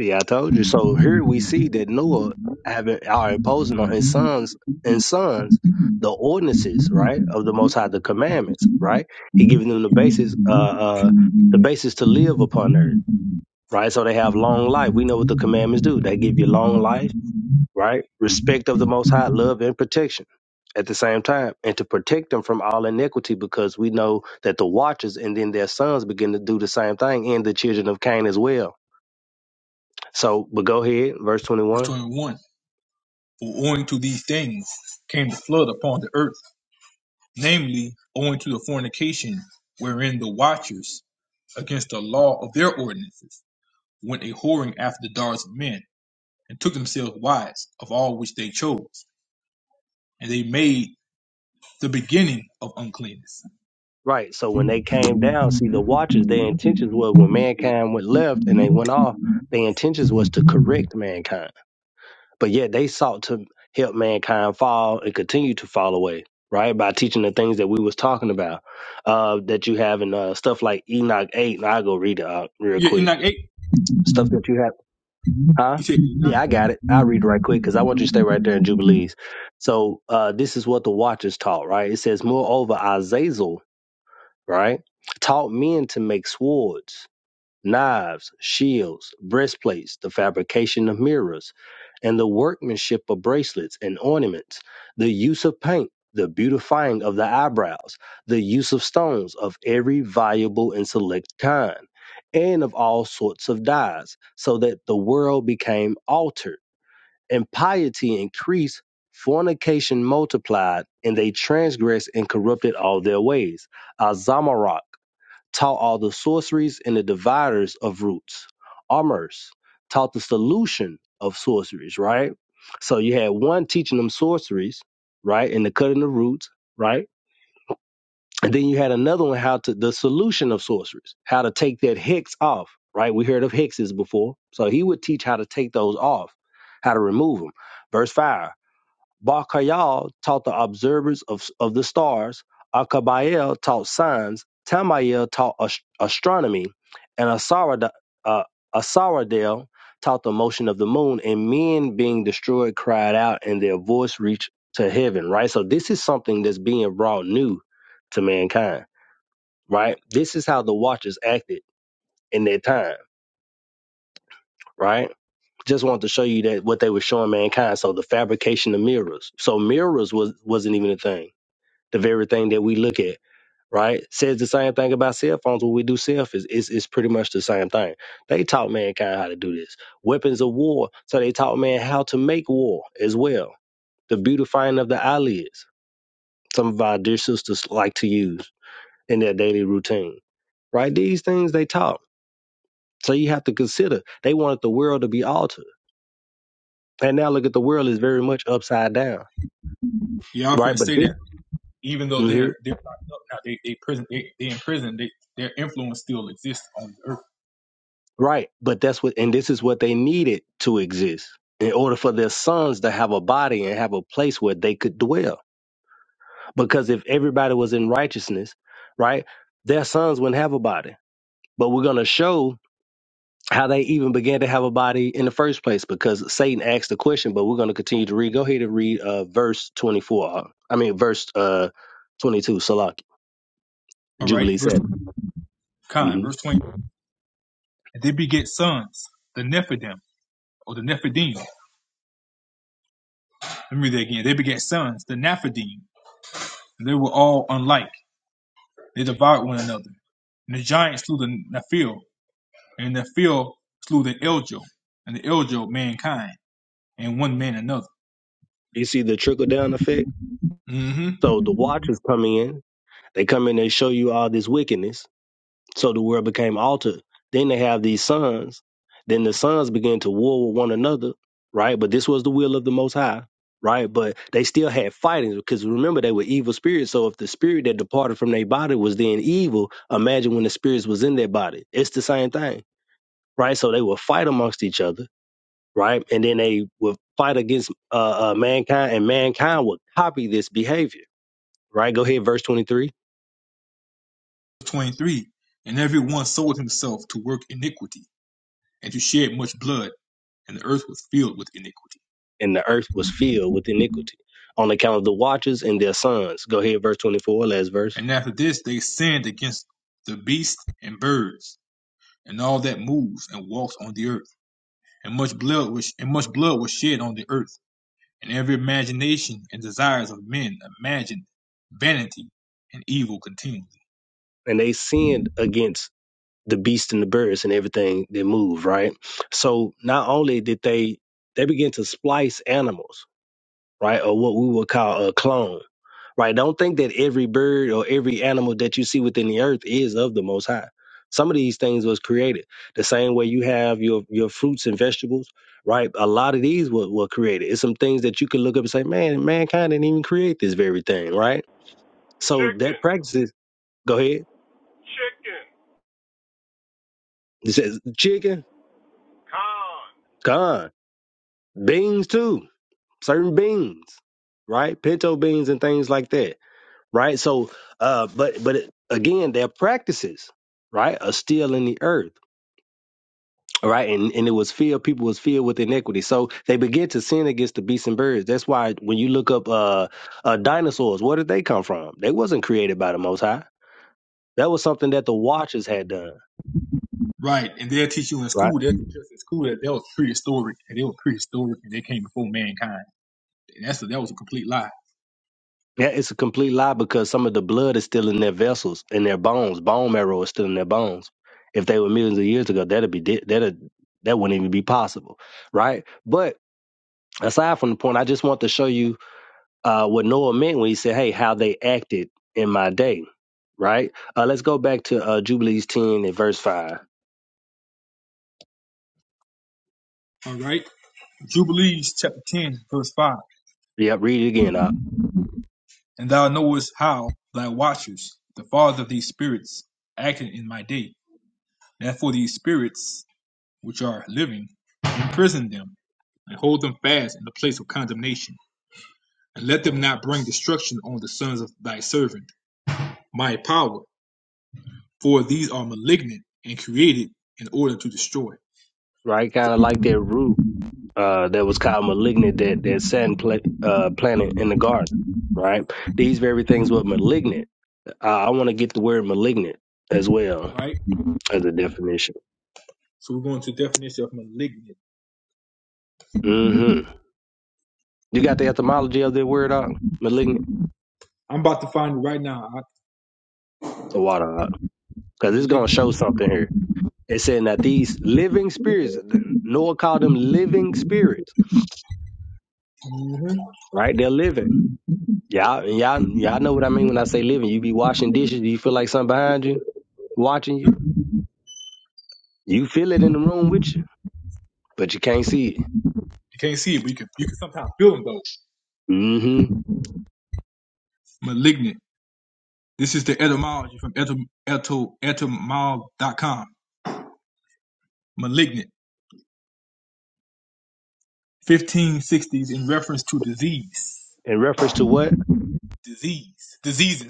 S10: See, I told you. So here we see that Noah having are imposing on his sons and sons the ordinances, right, of the Most High, the commandments, right. He giving them the basis, uh, uh, the basis to live upon earth, right. So they have long life. We know what the commandments do. They give you long
S8: [laughs]
S10: life, right, respect of the Most High, love and protection. At the same time, and to protect them from all iniquity, because we know that the watchers and then their sons begin to do the same thing, and the children of Cain as well so, but go ahead, verse
S8: Verse
S10: 21.
S8: 21 For owing to these things came the flood upon the earth, namely, owing to the fornication wherein the watchers against the law of their ordinances went a whoring after the daughters of men, and took themselves wives of all which they chose, and they made the beginning of uncleanness.
S10: Right. So when they came down, see the watchers, their intentions was when mankind went left and they went off, their intentions was to correct mankind. But yet they sought to help mankind fall and continue to fall away, right? By teaching the things that we was talking about, uh, that you have in uh, stuff like Enoch 8. And I'll go read it out real
S8: Yeah, in
S10: quick.
S8: like eight.
S10: Stuff that you have, huh?
S8: He said, "Be not
S10: Yeah, I got it. I'll read it right quick because I want you to stay right there in Jubilees. So uh, this is what the watchers taught, right? It says, moreover, Azazel right? Taught men to make swords, knives, shields, breastplates, the fabrication of mirrors, and the workmanship of bracelets and ornaments, the use of paint, the beautifying of the eyebrows, the use of stones of every valuable and select kind, and of all sorts of dyes, so that the world became altered, and piety increased, fornication multiplied, and they transgressed and corrupted all their ways. Azamarach taught all the sorceries and the dividers of roots. Amers taught the solution of sorceries, right? So you had one teaching them sorceries, right, and the cutting the roots, right? And then you had another one how to the solution of sorceries, how to take that hex off, right? We heard of hexes before. So he would teach how to take those off, how to remove them. Verse 5. Barkayal taught the observers of, of the stars, Akabayel taught signs, Tamayel taught ast- astronomy, and Asarad- uh, Asaradel taught the motion of the moon, and men being destroyed cried out, and their voice reached to heaven, right? So this is something that's being brought new to mankind, right? This is how the watchers acted in their time, right? Just wanted to show you that what they were showing mankind. So the fabrication of mirrors. So mirrors was wasn't even a thing the very thing that we look at, right? Says the same thing about cell phones when we do selfies. It's, it's pretty much the same thing. They taught mankind how to do this. Weapons of war. So they taught man how to make war as well. The beautifying of the eyelids. Some of our dear sisters like to use in their daily routine, right? These things they taught. So you have to consider they wanted the world to be altered. And now look at the world is very much upside down,
S8: y'all
S10: right?
S8: finna
S10: But
S8: say
S10: this.
S8: that even though
S10: mhm.
S8: they're they're locked up now, they they prison they they in prison, they their influence still exists on the earth.
S10: Right. But that's what, and this is what they needed to exist in order for their sons to have a body and have a place where they could dwell. Because if everybody was in righteousness, right, their sons wouldn't have a body. But we're going to show how they even began to have a body in the first place because Satan asked the question, but we're going to continue to read. Go ahead and read uh, verse 24. uh, I mean, verse uh, 22, Salak,
S8: All right,
S10: Jubilee
S8: verse
S10: 7.
S8: kind,
S10: hmm
S8: verse twenty. And they beget sons, the Nephidim or the Nephidim. Let me read that again. They beget sons, the Nephidim. And they were all unlike. They devoured one another. And the giants slew the Nephil, and the Nephil slew the Eljo, and the Eljo mankind, and one man another.
S10: You see the trickle down effect?
S8: hmm
S10: So the watchers come in, they come in, they show you all this wickedness So the world became altered. Then they have these sons. Then the sons began to war with one another, right? But this was the will of the Most High, right? But they still had fightings because remember they were evil spirits. So if the spirit that departed from their body was then evil, imagine when the spirits was in their body. It's the same thing, right? So they would fight amongst each other, right? And then they would fight against uh, uh, mankind, and mankind would copy this behavior, right? Go ahead, verse twenty-three.
S8: 23 And every one sold himself to work iniquity, and to shed much blood, and the earth was filled with iniquity.
S10: and the earth was filled with iniquity on account of the watchers and their sons. Go ahead, verse 24, last verse.
S8: And after this they sinned against the beasts and birds, and all that moves and walks on the earth. And much blood was and much blood was shed on the earth, and every imagination and desires of men imagined vanity and evil continually.
S10: And they sinned against the beasts and the birds and everything that move, right? So not only did they, they begin to splice animals, right? Or what we would call a clone right? Don't think that every bird or every animal that you see within the earth is of the Most High. Some of these things was created the same way you have your your fruits and vegetables, right? A lot of these were, were created. It's some things that you can look up and say, man, mankind didn't even create this very thing, right? So that
S1: Chicken,
S10: practices. Go ahead.
S1: chicken.
S10: It says chicken, gone, beans too, certain beans, right? Pinto beans and things like that, right? So, uh, but but again, their practices, right, are still in the earth All right, and, and it was filled, people was filled with iniquity. So they began to sin against the beasts and birds. That's why when you look up uh, uh dinosaurs, where did they come from? They wasn't created by the most high. That was something that the watchers had done,
S8: Right, and they'll teach you in
S10: right?
S8: school, they'll teach us in school that they was prehistoric, and they were prehistoric, and they came before mankind And that's a, that was a complete lie.
S10: Yeah, it's a complete lie because some of the blood is still in their vessels, in their bones. Bone marrow is still in their bones. If they were millions of years ago, that'd be di- that'd that wouldn't even be possible, right? But aside from the point, I just want to show you uh, what Noah meant when he said, "Hey, how they acted in my day." Right. Uh, let's go back to uh, Jubilees ten and verse five.
S8: All right. Jubilees chapter 10, verse 5.
S10: Yep, read it again. Up.
S8: And thou knowest how thy watchers, the fathers of these spirits, acted in my day. Therefore, these spirits, which are living, imprison them and hold them fast in the place of condemnation. And let them not bring destruction on the sons of thy servant, my power, for these are malignant and created in order to destroy.
S10: Right. Kind of like that root uh, that was called malignant that that Satan pla- uh, planted in the garden. Right. These very things were malignant. Uh, I want to get the word malignant as
S8: All
S10: well
S8: right.
S10: as a definition.
S8: So we're going to the definition of malignant.
S10: hmm You got the etymology of the word up malignant.
S8: I'm about to find it right now.
S10: The water up because it's gonna
S8: Malignant.
S10: show something here. It's saying that these living spirits, Noah called them living spirits, right? They're living. Y'all, y'all, y'all know what I mean when I say living. You be washing dishes, do you feel like something behind you watching you. You feel it in the room with you, but you can't see it.
S8: You can't see it, but you can you can sometimes feel them though.
S10: mm hmm
S8: Malignant. This is the etymology from etym, etym, etymol dot com. Malignant. 1560s in reference to disease.
S10: In reference to what?
S8: Disease.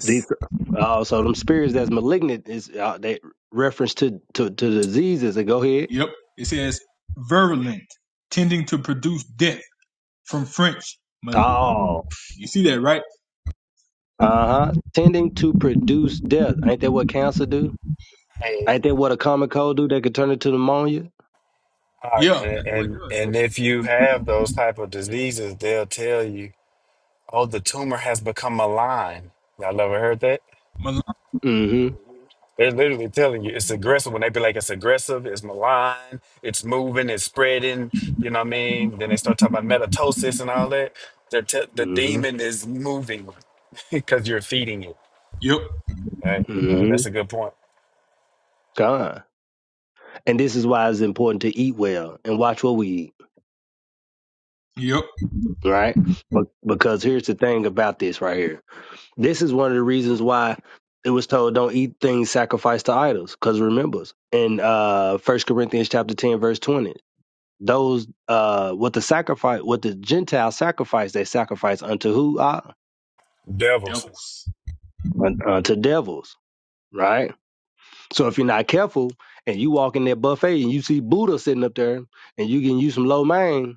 S10: These. Oh, so them spirits that's malignant is uh, they reference to, to to diseases. That go ahead.
S8: Yep. It says virulent, tending to produce death from French.
S10: Oh,
S8: You see that, right?
S10: uh huh. Tending to produce death. Ain't that what cancer do?
S12: Hey,
S10: Ain't that what a common cold do? That could turn into pneumonia.
S12: all right
S8: Yeah,
S12: and,
S8: that's what it
S12: and
S8: does.
S12: and if you have those type of diseases they'll tell you oh the tumor has become malign y'all ever heard that
S8: Malign.
S10: Mm-hmm.
S12: They're literally telling you it's aggressive. When they be like, it's aggressive, it's malign, it's moving, it's spreading. You know what I mean? Then they start talking about metatosis and all that. They're te- the
S10: hmm
S12: demon is moving [laughs] because you're feeding it.
S8: yep.
S12: Right? So
S10: Mm-hmm.
S12: that's a good point.
S10: Gone. And this is why it's important to eat well and watch what we eat,
S8: Yep.
S10: right? But because here's the thing about this right here. This is one of the reasons why it was told don't eat things sacrificed to idols, because remember in uh first Corinthians chapter ten, verse twenty, those uh what the sacrifice what the Gentiles sacrifice, they sacrifice unto who? Uh,
S12: Devils,
S8: Devils.
S10: un- unto devils, right? So if you're not careful and you walk in that buffet and you see Buddha sitting up there and you can use some lo mein,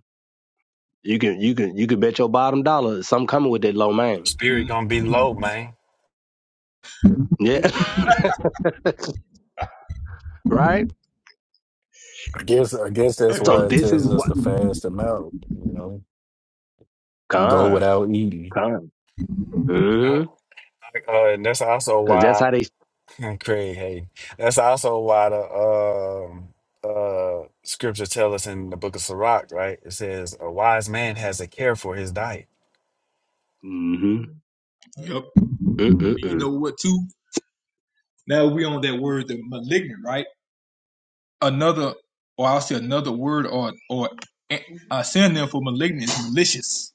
S10: you can you can you can bet your bottom dollar some coming with that lo mein.
S12: spirit
S8: Mm.
S12: gonna be low, man.
S10: Yeah. [laughs] right?
S11: I guess I guess that's
S10: So
S11: why it
S8: Amen.
S10: this is
S11: tells us
S10: what
S11: to fast them out. You know, go
S10: con
S11: without eating.
S10: con.
S12: Yeah.
S10: Mm-hmm.
S12: Uh, and that's also
S10: Cause that's how
S12: why
S10: they
S12: [laughs] Craig Hayden. That's also why the um uh scripture tell us in the book of Sirach, right? It says a wise man has a care for his diet
S10: mm-hmm.
S8: Yep. And you
S10: Mm-mm-mm.
S8: know what too? Now we on that word, the malignant, right? Another, or I'll say another word or or a synonym for malignant is malicious.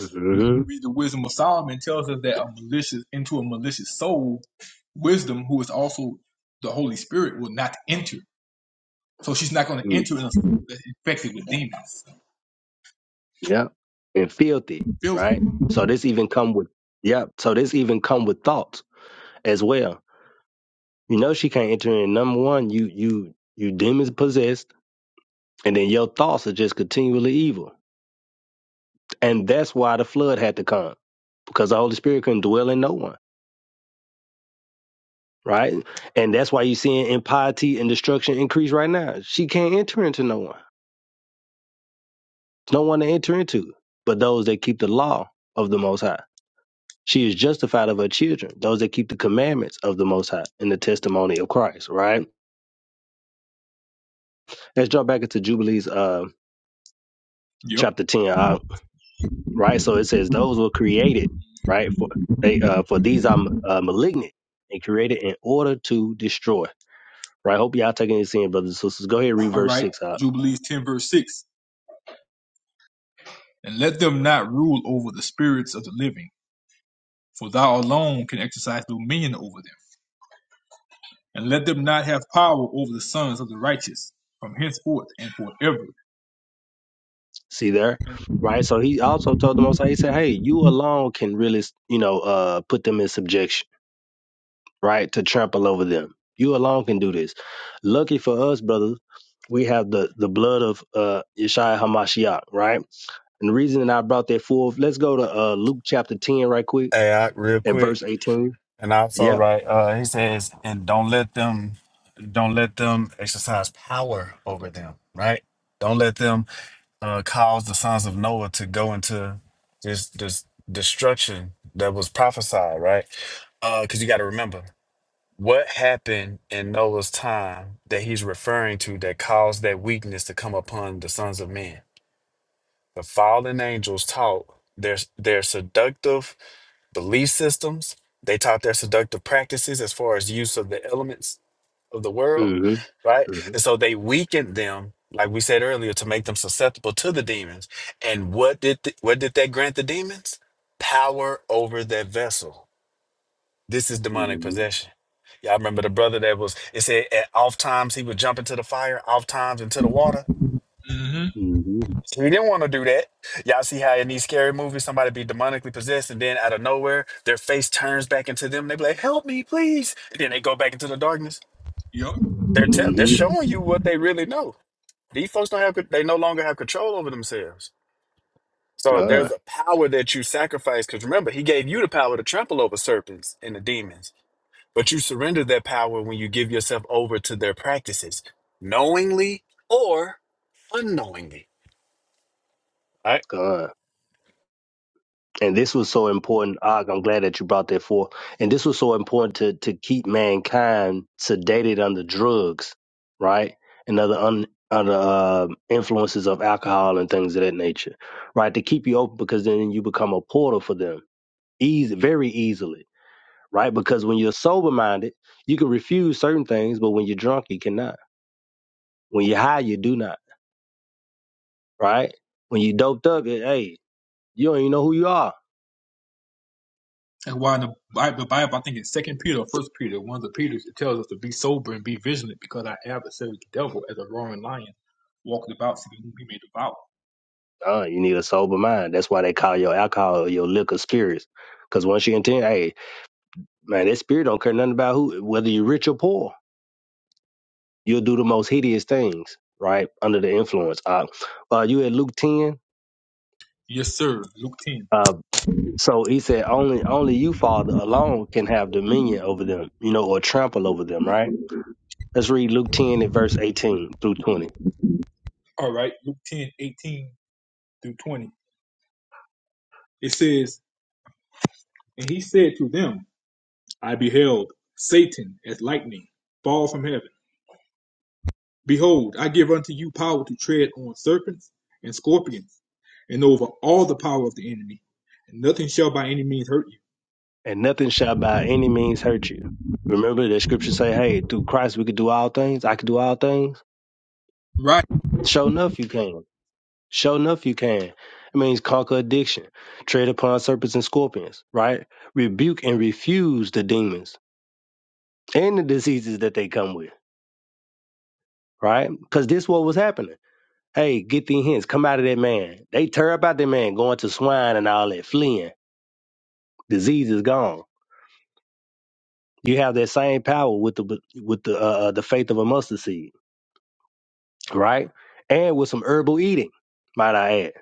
S10: Mm-hmm.
S8: Read the wisdom of Solomon tells us that a malicious into a malicious soul, wisdom, who is also the Holy Spirit, will not enter. So she's not going to
S10: Mm.
S8: enter in a soul that's infected with demons.
S10: Yeah. And filthy,
S8: Filthy.
S10: right? So this even come with yep. So this even come with thoughts as well. You know she can't enter in number one, you you you demons possessed And then your thoughts are just continually evil. And that's why the flood had to come, because the Holy Spirit couldn't dwell in no one, right? And that's why you're seeing impiety and destruction increase right now. She can't enter into no one. There's no one to enter into but those that keep the law of the Most High. She is justified of her children, those that keep the commandments of the Most High and the testimony of Christ, right? Let's jump back into Jubilees uh,
S8: Yep.
S10: chapter 10. I right? So it says those were created, right? For they uh for these are uh, malignant and created in order to destroy, right? Hope y'all taking this in, brothers and sisters. Go ahead, and read
S8: All
S10: verse
S8: right.
S10: six out.
S8: Jubilees 10, verse 6. And let them not rule over the spirits of the living, for thou alone can exercise dominion over them. and let them not have power over the sons of the righteous from henceforth and forever.
S10: See there,
S8: And
S10: right? So he also told them, High, he
S8: the,
S10: said, hey, you alone can really, you know, uh, put them in subjection, right? To trample over them. You alone can do this. Lucky for us, brothers, we have the the blood of uh Yeshua Hamashiach, right? And the reason that I brought that forth, let's go to uh Luke chapter ten right quick
S12: Hey, I, real
S10: At
S12: quick,
S10: verse 18?
S12: and also
S10: Yep.
S12: right, uh, he says, and don't let them, don't let them exercise power over them, right? Don't let them uh, cause the sons of Noah to go into this this destruction that was prophesied, right? Because you got to remember what happened in Noah's time that he's referring to that caused that weakness to come upon the sons of men. The fallen angels taught their their seductive belief systems. They taught their seductive practices as far as use of the elements of the world,
S10: Mm-hmm.
S12: right? And so they weakened them, like we said earlier, to make them susceptible to the demons. And what did th- what did that grant the demons? Power over that vessel. This is demonic
S10: Mm-hmm.
S12: possession. Y'all remember the brother that was, it said at off times he would jump into the fire, off times into the water.
S8: mm-hmm,
S10: Mm-hmm.
S12: He didn't want to do that. Y'all see how in these scary movies somebody be demonically possessed and then out of nowhere their face turns back into them. They be like, "Help me, please!" And then they go back into the darkness.
S8: yep.
S12: They're tell they're
S10: Mm-hmm.
S12: showing you what they really know. These folks don't have co- they no longer have control over themselves. So there's
S10: God.
S12: a power that you sacrifice because remember he gave you the power to trample over serpents and the demons, but you surrender that power when you give yourself over to their practices, knowingly or unknowingly. All
S10: God. And this was so important. Og, I'm glad that you brought that forth. And this was so important to, to keep mankind sedated under drugs, right? And other un, under uh, influences of alcohol and things of that nature, right? To keep you open because then you become a portal for them easy, very easily, right? Because when you're sober minded, you can refuse certain things, but when you're drunk, you cannot. When you're high, you do not right? When you doped up, it- hey, you don't even know who you are.
S8: And why in the Bible, the Bible, I think it's Second Peter or First Peter, one of the Peters, it tells us to be sober and be vigilant because our adversary, the devil, as a roaring lion, walketh about seeking whom he may devour.
S10: Uh, you need a sober mind. That's why they call your alcohol or your liquor spirits. Because once you intend, hey, man, that spirit don't care nothing about who, whether you're rich or poor. You'll do the most hideous things, right? Under the influence. Uh, uh you at Luke 10.
S8: Yes, sir. Luke 10.
S10: Uh, so he said, only, only you, Father, alone can have dominion over them, you know, or trample over them, right? Let's read Luke 10 at verse 18 through 20.
S8: All right. Luke 10 18 through 20. It says, And he said to them, I beheld Satan as lightning fall from heaven. Behold, I give unto you power to tread on serpents and scorpions, and over all the power of the enemy, and nothing shall by any means hurt you.
S10: and nothing shall by any means hurt you. Remember that scripture say, hey, through Christ we could do all things. I could do all things.
S8: Right.
S10: Show enough you can. Show enough you can. It means conquer addiction, tread upon serpents and scorpions, right? Rebuke and refuse the demons and the diseases that they come with, right? Because this what was happening. Hey, get these hints. Come out of that man. They tear up out that man, going to swine and all that, fleeing. Disease is gone. You have that same power with the with the uh, uh, the faith of a mustard seed right? And with some herbal eating, might I add,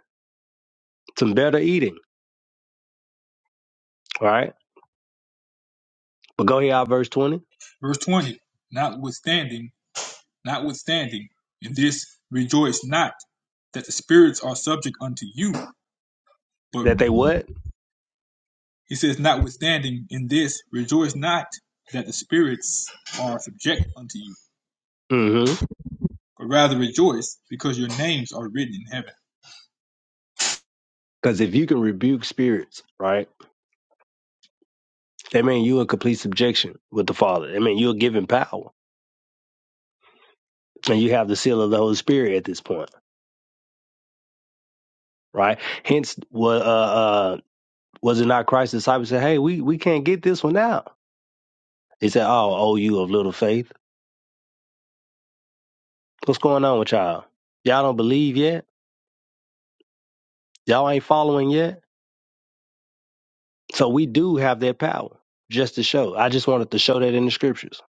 S10: some better eating, right? But go here, out verse 20,
S8: Verse 20. Notwithstanding, notwithstanding, in this rejoice not that the spirits are subject unto you, but
S10: that they what?
S8: he says, notwithstanding, in this rejoice not that the spirits are subject unto you,
S10: Mm-hmm.
S8: but rather rejoice because your names are written in heaven.
S10: Because if you can rebuke spirits, right, that mean you in complete subjection with the Father. That mean you're given power, and you have the seal of the Holy Spirit at this point, right? Hence, what uh, uh, was it not Christ's disciples said, "Hey, we we can't get this one out." He said, "Oh, oh, you of little faith, what's going on with y'all? Y'all don't believe yet? Y'all ain't following yet?" So we do have that power just to show. I just wanted to show that in the scriptures.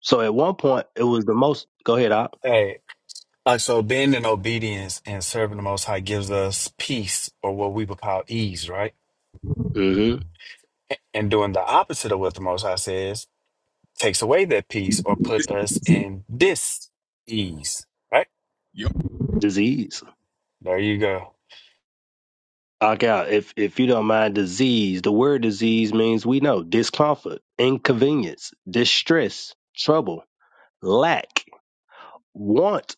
S10: So at one point, it was the most. Go ahead, Op.
S12: right. Uh, so being in obedience and serving the Most High gives us peace, or what we would call ease, right?
S10: hmm
S12: A- And doing the opposite of what the Most High says takes away that peace or put us in dis ease, right?
S8: Yep.
S10: Disease.
S12: There you go.
S10: Okay, if if you don't mind, disease. The word disease means we know discomfort, inconvenience, distress, trouble, lack, want,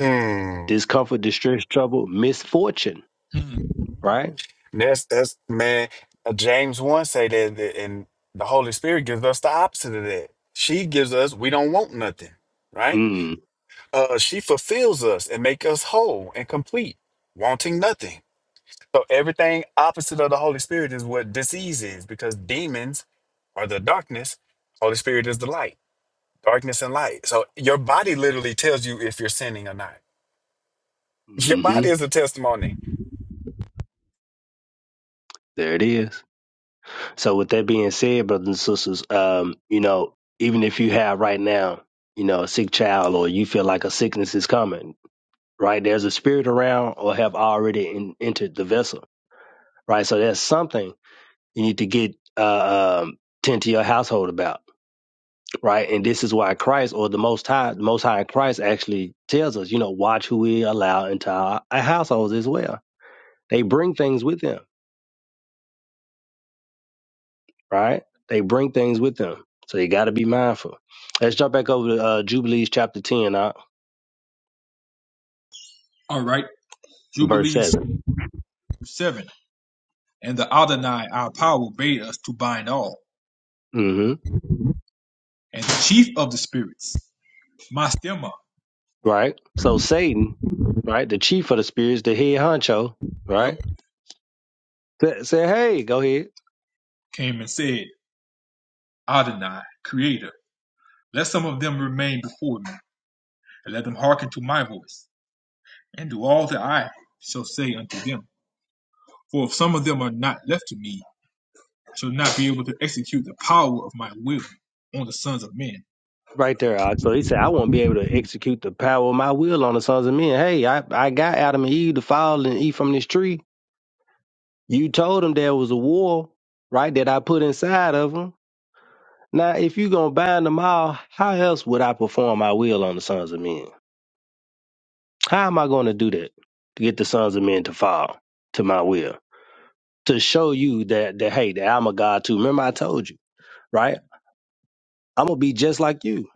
S12: Hmm.
S10: discomfort, distress, trouble, misfortune.
S8: Hmm.
S10: Right.
S12: That's that's man. uh, James one say that, that, and the Holy Spirit gives us the opposite of that. She gives us we don't want nothing, right?
S10: Mm.
S12: Uh, she fulfills us and make us whole and complete, wanting nothing So everything opposite of the Holy Spirit is what disease is because demons are the darkness, Holy Spirit is the light, darkness and light. So your body literally tells you if you're sinning or not. [laughs] Your
S10: Hmm.
S12: body is a testimony.
S10: There it is. So with that being said, brothers and sisters, um, you know, even if you have right now, you know, a sick child or you feel like a sickness is coming, right? There's a spirit around or have already in, entered the vessel, right? So that's something you need to get uh, um, tend to your household about, right? And this is why Christ or the Most High, the Most High Christ actually tells us, you know, watch who we allow into our, our households as well. They bring things with them right? They bring things with them. So you got to be mindful. Let's jump back over to uh, Jubilees chapter 10, uh,
S8: All right.
S10: verse
S8: Jubilee
S10: 7.
S8: 7. and the Adonai our power bade us to bind all.
S10: hmm
S8: And the chief of the spirits, Mastema,
S10: Right? So Satan, right, the chief of the spirits, the head honcho,
S8: yep,
S10: right, said, said hey, go ahead.
S8: came and said, Adonai, creator, let some of them remain before me, and let them hearken to my voice, and do all that I shall say unto them. For if some of them are not left to me, I shall not be able to execute the power of my will on the sons of men.
S10: Right there, Ox. So he said, I won't be able to execute the power of my will on the sons of men. Hey, I, I got Adam and Eve to fall and eat from this tree. You told them there was a war, right, that I put inside of them. Now, if you going to bind them all, how else would I perform my will on the sons of men? How am I going to do that to get the sons of men to fall to my will? To show you that, that hey, that I'm a God too. Remember, I told you, right? I'm going to be just like you.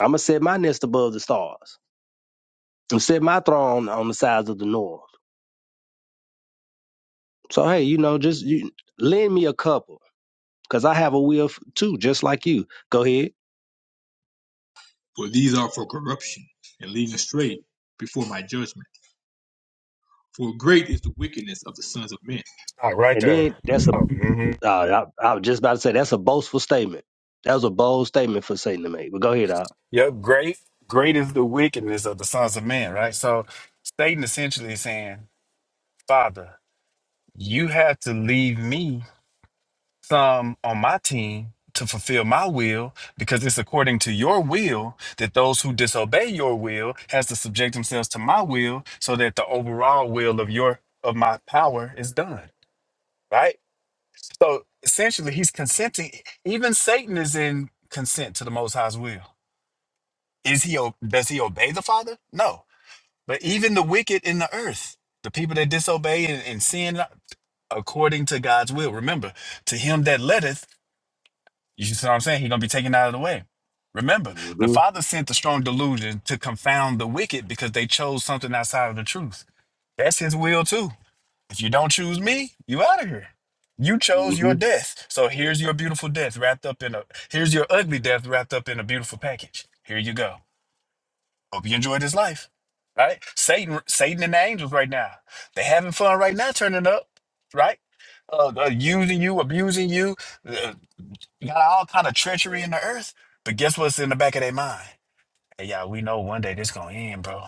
S10: I'm going to set my nest above the stars and set my throne on the sides of the north. So, hey, you know, just you, lend me a couple because I have a will f- too, just like you. Go ahead.
S8: For these are for corruption, and leading astray before my judgment. For great is the wickedness of the sons of men.
S12: Stop right
S10: And
S12: there.
S10: then that's a,
S12: Oh, hmm
S10: uh, I, I was just about to say, that's a boastful statement. That was a bold statement for Satan to make. But go ahead, Al.
S12: Yep, great. Great is the wickedness of the sons of men, right? So Satan essentially is saying, Father, you have to leave me some on my team to fulfill my will because it's according to your will that those who disobey your will has to subject themselves to my will so that the overall will of your of my power is done right so essentially he's consenting even satan is in consent to the most high's will is he o- does he obey the father no but even the wicked in the earth the people that disobey and, and sin according to god's will remember to him that letteth You see what I'm saying? He's gonna be taken out of the way. Remember, the
S10: Mm-hmm.
S12: Father sent the strong delusion to confound the wicked because they chose something outside of the truth. That's his will too. If you don't choose me, you out of here. You chose
S10: Mm-hmm.
S12: your death. So here's your beautiful death wrapped up in a here's your ugly death wrapped up in a beautiful package. Here you go. Hope you enjoy this life. Right? Satan Satan and the angels right now. They having fun right now turning up, right? Uh, uh, using you, abusing you, uh, you got all kind of treachery in the earth, but guess what's in the back of their mind? Hey, y'all, we know one day this gonna end, bro.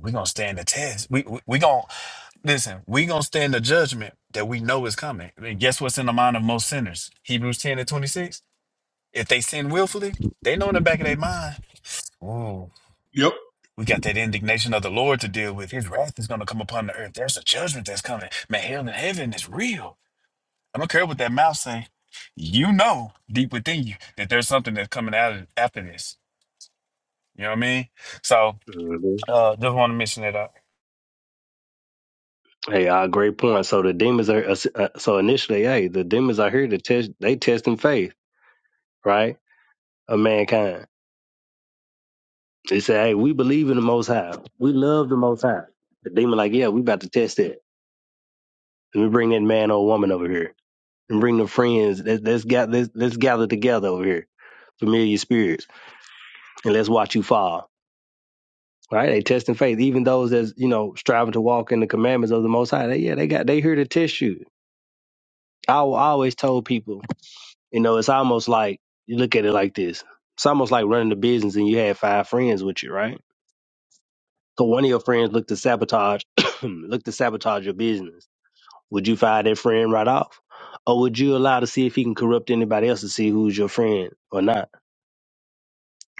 S12: We gonna stand the test. We we, we gonna listen. We gonna stand the judgment that we know is coming. And guess what's in the mind of most sinners? Hebrews ten and twenty six. If they sin willfully, they know in the back of their mind. Ooh,
S8: Yep,
S12: we got that indignation of the Lord to deal with. His wrath is gonna come upon the earth. There's a judgment that's coming. Man, hell and heaven is real. I don't care what that mouth say. You know deep within you that there's something that's coming out of, after this You know what I mean? So
S10: mm-hmm.
S12: uh just want to mention that uh,
S10: Hey, uh, great point. So the demons are uh, uh, so initially, hey, the demons are here to test. They testing faith, right, of mankind. They say, hey, we believe in the Most High. We love the Most High. The demon, like, yeah, we about to test it. Let me bring that man or woman over here, and bring the friends. Let's let's, gather, let's let's gather together over here, familiar spirits, and let's watch you fall. Right? They testing faith. Even those that's you know striving to walk in the commandments of the Most High. They, yeah, they got they here to test you. I always told people. You know, it's almost like you look at it like this. It's almost like running a business and you had five friends with you, right? So one of your friends looked to sabotage [coughs] [clears throat] looked to sabotage your business. Would you fire that friend right off? Or would you allow to see if he can corrupt anybody else to see who's your friend or not?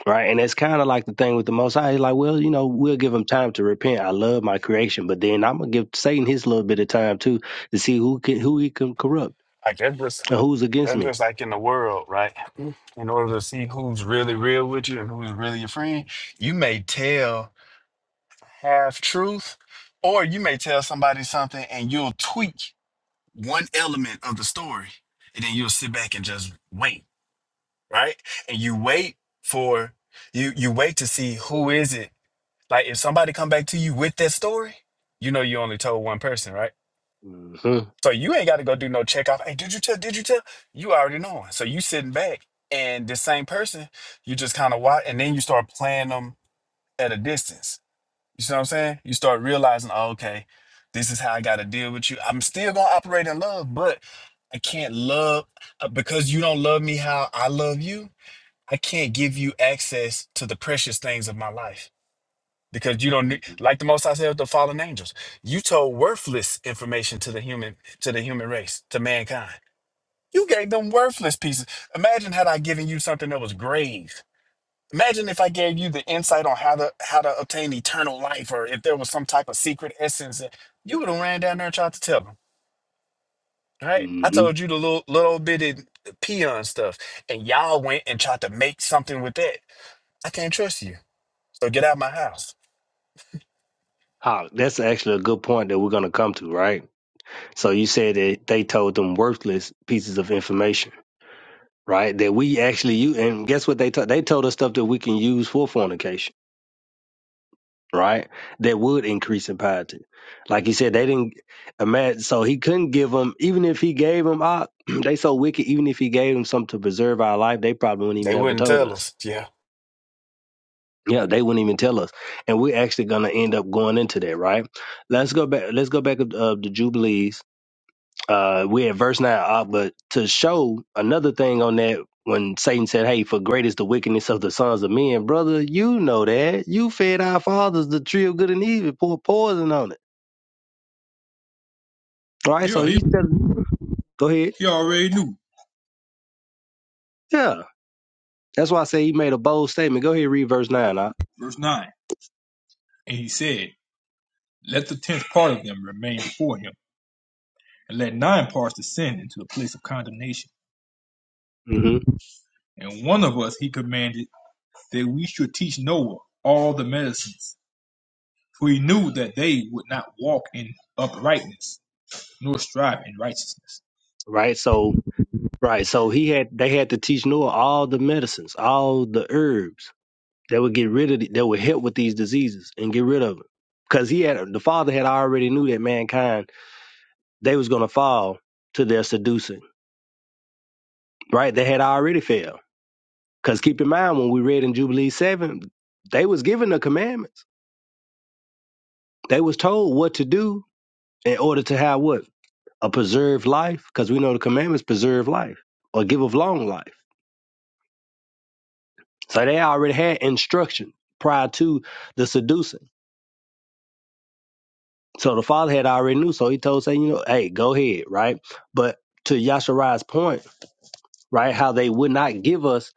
S10: Right. And that's kind of like the thing with the most high. He's like, well, you know, we'll give him time to repent. I love my creation. But then I'm gonna give Satan his little bit of time too to see who can who he can corrupt
S12: like that's just
S10: and who's against
S12: that's
S10: me.
S12: just like in the world, right? In order to see who's really real with you and who's really your friend, you may tell half truth, or you may tell somebody something and you'll tweak one element of the story, and then you'll sit back and just wait, right? And you wait for you you wait to see who is it. Like if somebody come back to you with that story, you know you only told one person, right?
S10: hmm
S12: So you ain't got to go do no checkoff. Hey, did you tell? Did you tell? You already know. So you sitting back, and the same person, you just kind of watch, and then you start playing them at a distance. You see what I'm saying? You start realizing, oh, okay, this is how I got to deal with you. I'm still gonna operate in love, but I can't love uh, because you don't love me how I love you. I can't give you access to the precious things of my life because you don't need, like the most I said with the fallen angels. You told worthless information to the human to the human race to mankind. You gave them worthless pieces. Imagine had I given you something that was grave. Imagine if I gave you the insight on how to how to obtain eternal life, or if there was some type of secret essence. that- You would have ran down there and tried to tell them. Right? I
S10: hmm
S12: told you the little little bitty peon stuff, and y'all went and tried to make something with that. I can't trust you. So get out of my house.
S10: Ah, that's actually a good point that we're going to come to, right? So you said that they told them worthless pieces of information, right? That we actually use, and guess what they told? They told us stuff that we can use for fornication, right? That would increase in piety. Like you said, they didn't imagine, so he couldn't give them, even if he gave them, ah, [clears throat] they so wicked, even if he gave them something to preserve our life, they probably wouldn't
S12: They
S10: even ever
S12: wouldn't
S10: told
S12: tell
S10: us.
S12: us. Yeah.
S10: Yeah, they wouldn't even tell us. And we're actually going to end up going into that, right? Let's go back, let's go back uh, to Jubilees Uh, we at verse 9, uh, but to show another thing on that, when Satan said, Hey, for great is the wickedness of the sons of men, brother, you know that. You fed our fathers the tree of good and evil, pour poison on it. All right, so
S8: yeah, he,
S10: he's telling, go ahead.
S8: he already knew.
S10: Yeah, that's why I say he made a bold statement. Go ahead, read verse 9. Uh.
S8: Verse 9 And he said, Let the tenth part of them remain before him, and let nine parts descend into the place of condemnation.
S10: hmm
S8: And one of us he commanded that we should teach Noah all the medicines, for he knew that they would not walk in uprightness, nor strive in righteousness.
S10: Right, so, right, so he had, they had to teach Noah all the medicines, all the herbs that would get rid of, the, that would help with these diseases and get rid of it, Because he had, the father had already knew that mankind they was going to fall to their seducing, right? They had already failed. Because keep in mind, when we read in Jubilee 7, they was given the commandments. They was told what to do in order to have what? A preserved life, because we know the commandments preserve life or give of long life. So they already had instruction prior to the seducing. So the father had already knew. So he told, say, you know, hey, go ahead, right? But to Yasharai's point, right? How they would not give us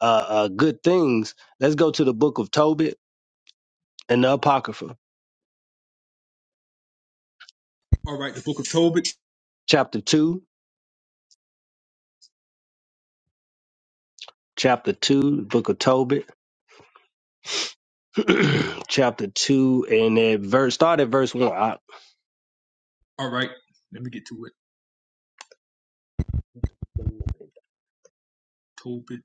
S10: uh, uh, good things. Let's go to the book of Tobit and the Apocrypha,
S8: All right, the book of Tobit.
S10: chapter 2, chapter 2, book of Tobit, [clears throat] chapter 2, and at verse, start at verse 1. I-
S8: All right, let me get to it. Tobit.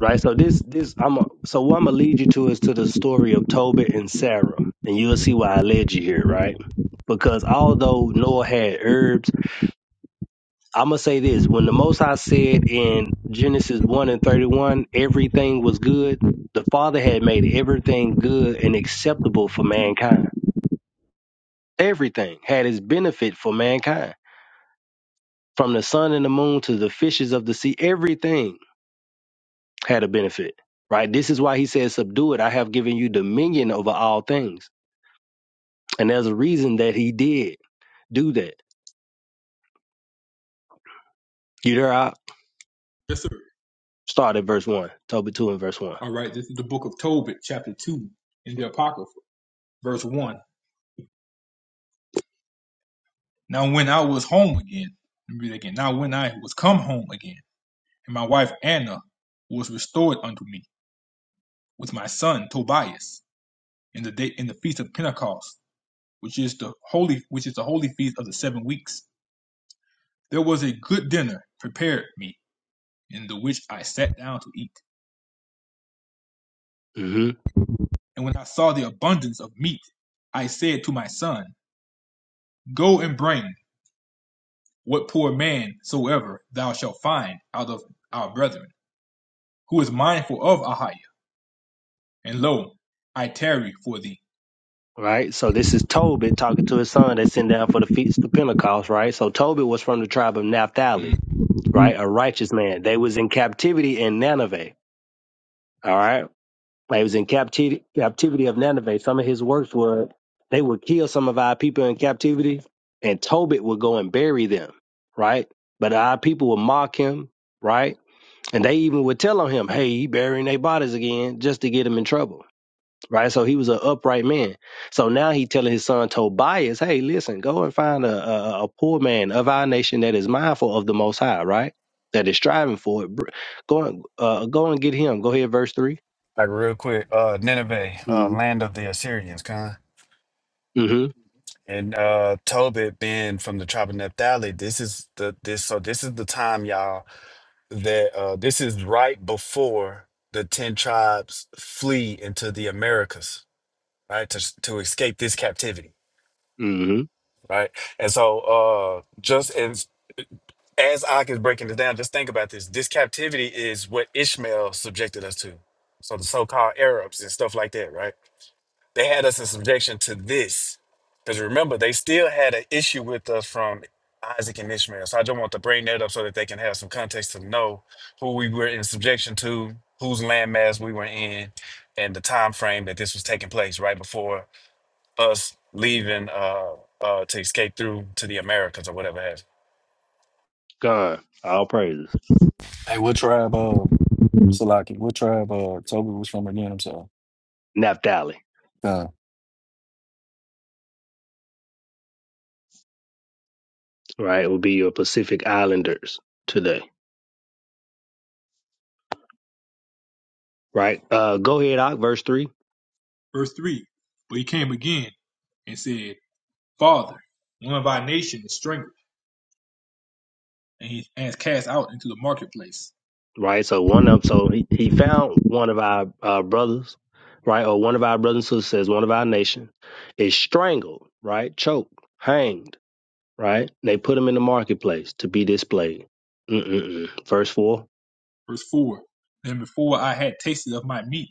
S10: right? So this, this, I'm, a, so what I'm going to lead you to is to the story of Tobit and Sarah, and you'll see why I led you here, right? Because although Noah had herbs. I'm gonna say this: when the Most High said in Genesis one and thirty one, everything was good. The Father had made everything good and acceptable for mankind. Everything had its benefit for mankind, from the sun and the moon to the fishes of the sea. Everything had a benefit, right? This is why He said, "Subdue it. I have given you dominion over all things." And there's a reason that He did do that. You there? I
S8: Yes, sir.
S10: start at verse one. Tobit two and verse one.
S8: All right, this is the book of Tobit, chapter 2, in the Apocrypha, verse 1. Now, when I was home again, let me read that again. Now, when I was come home again, and my wife Anna was restored unto me with my son Tobias in the day in the feast of Pentecost, which is the holy which is the holy feast of the seven weeks. There was a good dinner prepared me, in the which I sat down to eat.
S10: Mm-hmm.
S8: And when I saw the abundance of meat, I said to my son, Go and bring what poor man soever thou shalt find out of our brethren, who is mindful of Ahiah. And lo, I tarry for thee.
S10: right? So this is Tobit talking to his son that's sent down for the feast of Pentecost, right? So Tobit was from the tribe of Naphtali,
S8: Mm.
S10: right? A righteous man. They was in captivity in Nineveh, all right? They was in captivity captivity of Nineveh. Some of his works were they would kill some of our people in captivity, and Tobit would go and bury them, right? But our people would mock him, right? And they even would tell on him, "Hey, you burying their bodies again," just to get him in trouble right? So he was an upright man. So now he telling his son Tobias, hey, listen, go and find a, a, a poor man of our nation that is mindful of the Most High, right? That is striving for it. Br- Go and uh, go and get him. Go ahead, verse three.
S12: Like real quick, uh, Nineveh, uh,
S10: Mm-hmm.
S12: land of the Assyrians, kind.
S10: Mm-hmm.
S12: And uh, Tobit being from the tribe of Naphtali, this is the this so this is the time, y'all, that uh, this is right before the ten tribes flee into the Americas, right, to to escape this captivity,
S10: Mm-hmm.
S12: right. And so, uh, just as as Ak is breaking this down, just think about this. This captivity is what Ishmael subjected us to, so the so-called Arabs and stuff like that, right? They had us in subjection to this. Because remember, they still had an issue with us from Isaac and Ishmael. So I just want to bring that up so that they can have some context to know who we were in subjection to, whose landmass we were in, and the time frame that this was taking place right before us leaving uh, uh, to escape through to the Americas or whatever have you.
S10: Gone. All praises.
S11: Hey, what tribe? Um, Salaki. What tribe uh Toby was from again? I'm sorry.
S10: Naphtali,
S11: Nah.
S10: right? Will be your Pacific Islanders today, right? Uh, go ahead, Ak, verse three.
S8: Verse 3 But he came again and said, Father, one of our nation is strangled, and he is cast out into the marketplace.
S10: right? So one of so he, he found one of our uh, brothers, right, or one of our brothers and sisters, one of our nation, is strangled, right, choked, hanged, right. They put him in the marketplace to be displayed. Mm-mm-mm. Verse four.
S8: Verse 4 Then before I had tasted of my meat,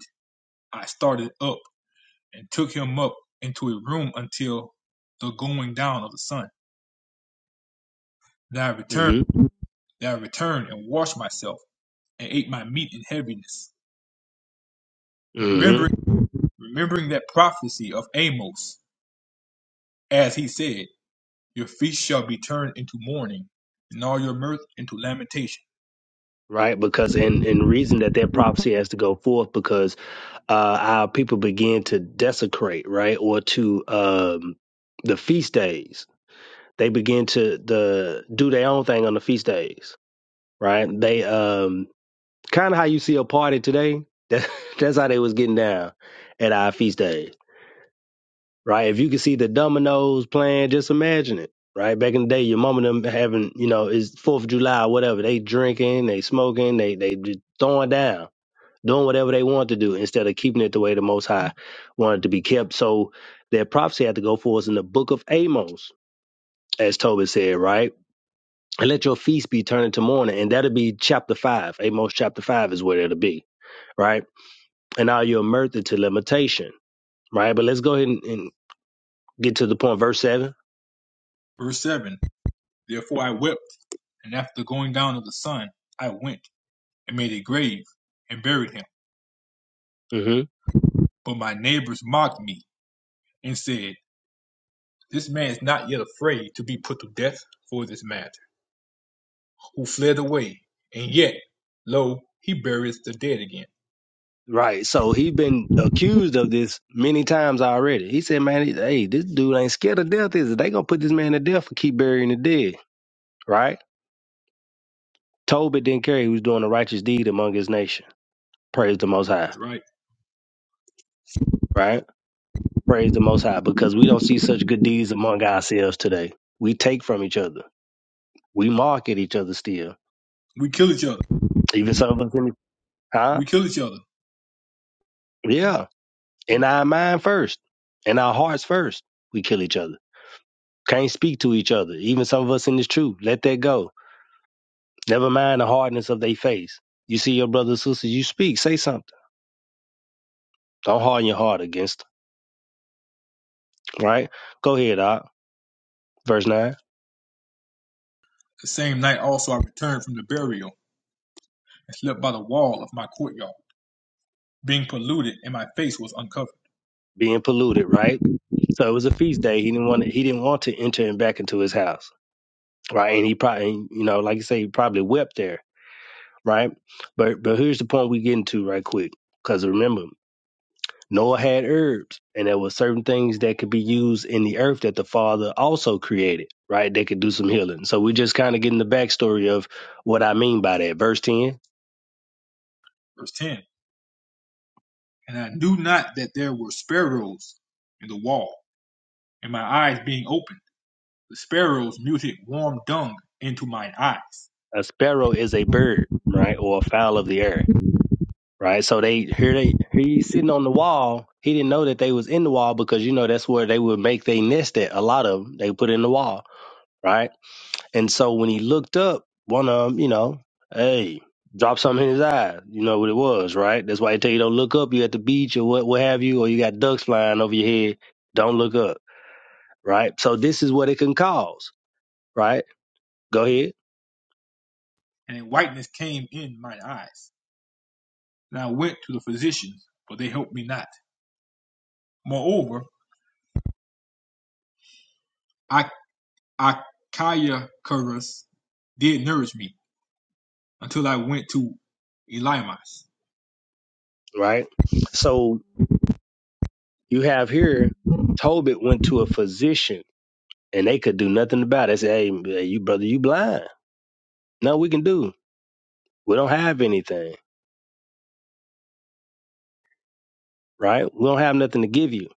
S8: I started up and took him up into a room until the going down of the sun. Then I returned,
S10: Mm-hmm.
S8: then I returned and washed myself and ate my meat in heaviness,
S10: Mm-hmm.
S8: remembering remembering that prophecy of Amos, as he said, Your feast shall be turned into mourning, and all your mirth into lamentation.
S10: Right, because and and reason that that prophecy has to go forth because uh, our people begin to desecrate, right, or to um, the feast days. They begin to the do their own thing on the feast days right? They um kind of how you see a party today. That, [laughs] that's how they was getting down at our feast days, right? If you could see the dominoes playing, just imagine it, right? Back in the day, your mom and them having, you know, it's Fourth of July, or whatever. They drinking, they smoking, they they just throwing down, doing whatever they want to do instead of keeping it the way the Most High wanted it to be kept. So their prophecy had to go for us in the Book of Amos, as Tobit said, right? and let your feast be turned into mourning. And that'll be chapter five. Amos chapter five is where it'll be, right? And all your mirth into limitation, right? But let's go ahead and, and get to the point, verse 7
S8: Verse 7 Therefore I wept, and after the going down of the sun, I went and made a grave and buried him.
S10: Mm-hmm.
S8: But my neighbors mocked me and said, This man is not yet afraid to be put to death for this matter, who fled away. And yet, lo, he buries the dead again.
S10: Right. So he has been accused of this many times already. He said, man, hey, this dude ain't scared of death, is it? They gonna put this man to death and keep burying the dead, right? Tobit didn't care he was doing a righteous deed among his nation. Praise the Most High,
S8: That's right.
S10: right? Praise the Most High because we don't see such good deeds among ourselves today. We take from each other We market each other still.
S8: We kill each other.
S10: Even some of us in the, huh?
S8: We kill each other.
S10: Yeah. In our mind first. In our hearts first. We kill each other. Can't speak to each other. Even some of us in this truth. Let that go. Never mind the hardness of their face. You see your brother, and sister, you speak. Say something. Don't harden your heart against them. Right? Go ahead, Doc. Verse nine.
S8: The same night also I returned from the burial and slept by the wall of my courtyard, being polluted, and my face was uncovered.
S10: Being polluted, right? So it was a feast day. He didn't want to, he didn't want to enter him back into his house. Right. And he probably you know, like you say, he probably wept there right? But but here's the point we getting to right quick. Because remember, Noah had herbs, and there were certain things that could be used in the earth that the Father also created, right? they could do some healing. So we just kind of getting the backstory of what I mean by that. Verse ten:
S8: Verse 10 And I knew not that there were sparrows in the wall and my eyes being opened, the sparrows muted warm dung into mine eyes.
S10: A sparrow is a bird, right, or a fowl of the air, right? So they here they he's sitting on the wall. He didn't know that they was in the wall because you know that's where they would make their nest at. A lot of them they put in the wall, right? And so when he looked up, one of them, you know, hey, drop something in his eye. You know what it was, right? That's why they tell you don't look up. You at the beach or what, what have you, or you got ducks flying over your head. Don't look up, right? So this is what it can cause, right? Go ahead,
S8: and a whiteness came in mine eyes. And I went to the physicians, but they helped me not. Moreover, Achaicurus did nourish me, until I went to Elimas.
S10: right? So you have here, Tobit went to a physician and they could do nothing about it. They said, hey, hey, you brother, you blind. No, we can do. We don't have anything, right? We don't have nothing to give you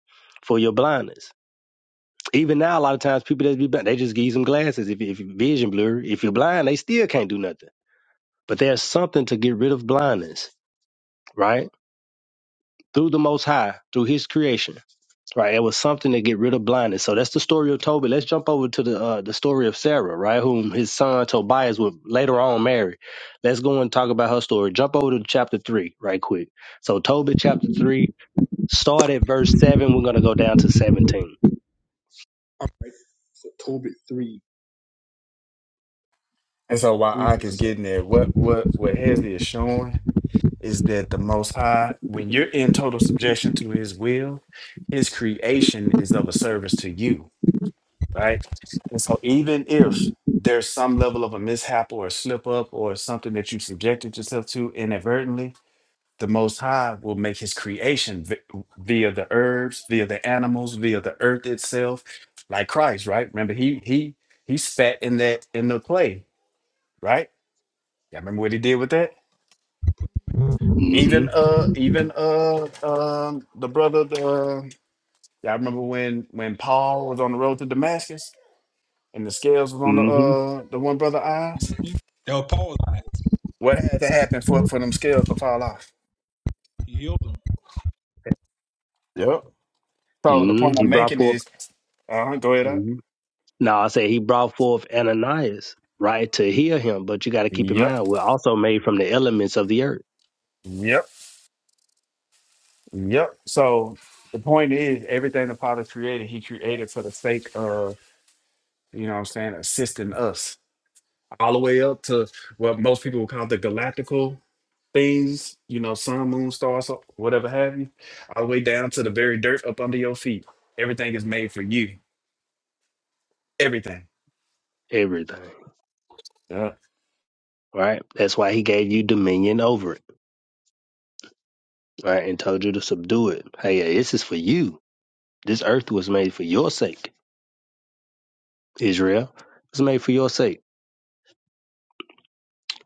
S10: for your blindness Even now, a lot of times people that be blind, they just give you some glasses. If, if your vision blurry, if you're blind, they still can't do nothing. But there's something to get rid of blindness, right? Through the Most High, through His creation, right? It was something to get rid of blindness. So that's the story of Tobit. Let's jump over to the uh, the story of Sarah, right? Whom his son Tobias would later on marry. Let's go and talk about her story. Jump over to chapter three, right quick. So Tobit chapter three, start at verse seven. We're gonna go down to 17
S8: All right. So Tobit 3,
S12: And so while
S8: 3
S12: Ike is
S8: verse
S12: getting there, what what what Hezzy is showing is that the Most High, when you're in total subjection to His will, His creation is of a service to you, right? And so, even if there's some level of a mishap or a slip up or something that you subjected yourself to inadvertently, the Most High will make His creation vi- via the herbs, via the animals, via the earth itself, like Christ, right? Remember, He He He spat in that in the clay, right? Y'all remember what He did with that?
S10: Mm-hmm.
S12: Even uh, even uh, um, the brother. Uh, y'all remember when when Paul was on the road to Damascus and the scales was on the
S10: Mm-hmm.
S12: uh the one brother eyes.
S8: 7. Now Paul lied.
S12: What had to happen for for them scales to fall off?
S8: He healed them.
S12: Yep. So the
S10: Mm-hmm.
S12: point
S10: He
S12: I'm
S10: brought
S12: making
S10: forth
S12: is, uh, huh go ahead up.
S10: hmm Now I say he brought forth Ananias, right, to heal him. But you got to keep in
S12: Yep.
S10: mind, we're also made from the elements of the earth.
S12: Yep. Yep. So the point is, everything the Father created, He created for the sake of you know what I'm saying assisting us all the way up to what most people would call the galactical things, you know, sun, moon, stars, so- whatever have you, all the way down to the very dirt up under your feet. Everything is made for you. Everything.
S10: everything,
S12: Yeah.
S10: right? That's why he gave you dominion over it, right? And told you to subdue it. Hey, this is for you. This earth was made for your sake, Israel. It was made for your sake.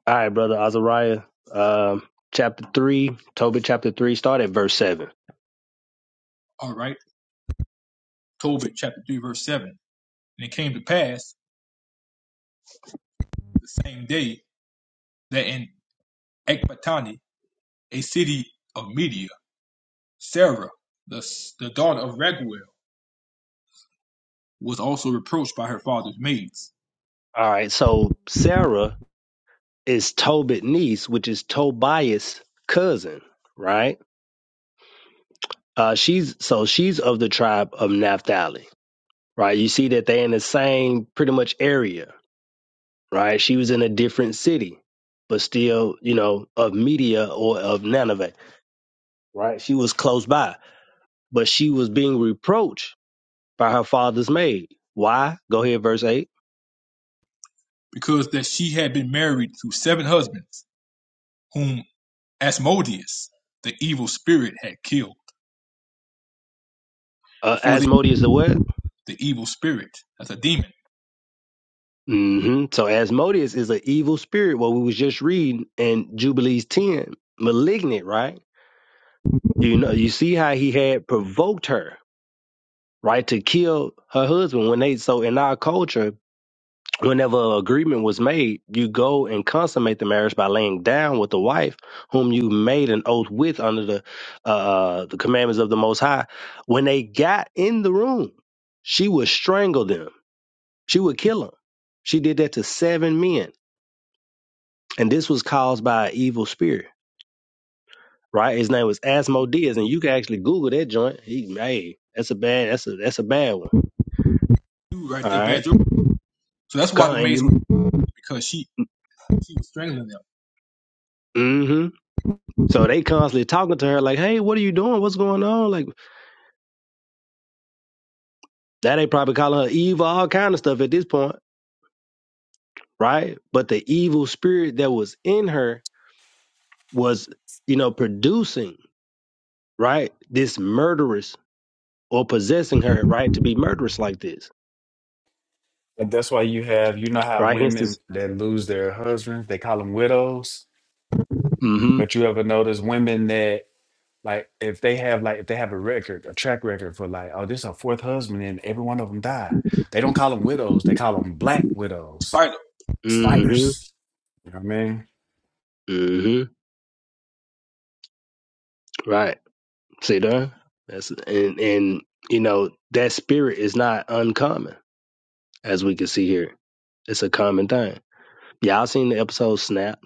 S10: All right, brother Azariah, um, chapter three, Tobit chapter three, start at verse seven.
S8: All right. Tobit chapter 3, verse 7. And it came to pass the same day that in Ecbatani, a city of Media, Sarah, the, the daughter of Raguel, was also reproached by her father's maids,
S10: All right, so Sarah is Tobit niece, which is Tobias' cousin, right? Uh, she's so she's of the tribe of Naphtali, right? You see that they're in the same pretty much area, right? She was in a different city, but still, you know, of Media or of Nineveh, right? She was close by, but she was being reproached by her father's maid. Why? Go ahead, verse eight.
S8: because that she had been married to seven husbands, whom Asmodeus, the evil spirit, had killed
S10: Uh,
S8: before the,
S10: Asmodeus the what?
S8: the evil spirit, that's a demon
S10: hmm So Asmodeus is an evil spirit. What we was just reading in Jubilees ten, malignant, right? You know, you see how he had provoked her, right, to kill her husband. When they so in our culture, whenever an agreement was made, you go and consummate the marriage by laying down with the wife whom you made an oath with under the uh, uh, the commandments of the Most High. When they got in the room, she would strangle them She would kill him. She did that to seven men, and this was caused by an evil spirit. Right? His name was Asmodeus, and you can actually Google that joint. He, hey, that's a bad, that's a that's a bad one.
S8: dude right
S10: All
S8: there,
S10: right,
S8: Banjo. So that's why the
S10: Con- and
S8: maids
S10: you,
S8: went because she she was strangling them,
S10: mm-hmm. So they constantly talking to her like, "Hey, what are you doing? What's going on?" Like that, they probably calling her evil, all kind of stuff at this point, right? But the evil spirit that was in her was, you know, producing right this murderous or possessing her right to be murderous like this,
S12: And that's why you have, you know, how
S10: right? Hence this
S12: women that lose their husbands, they call them widows.
S10: Mm-hmm.
S12: But you ever notice women that, like, if they have, like, if they have a record, a track record for, like, oh, this is a fourth husband and every one of them died, they don't call them widows. They call them black widows,
S8: spider,
S10: Mm-hmm.
S12: spiders. You know what I mean?
S10: Mm-hmm. Right. See there? That's and and you know, that spirit is not uncommon, as we can see here. It's a common thing. Y'all seen the episode Snap.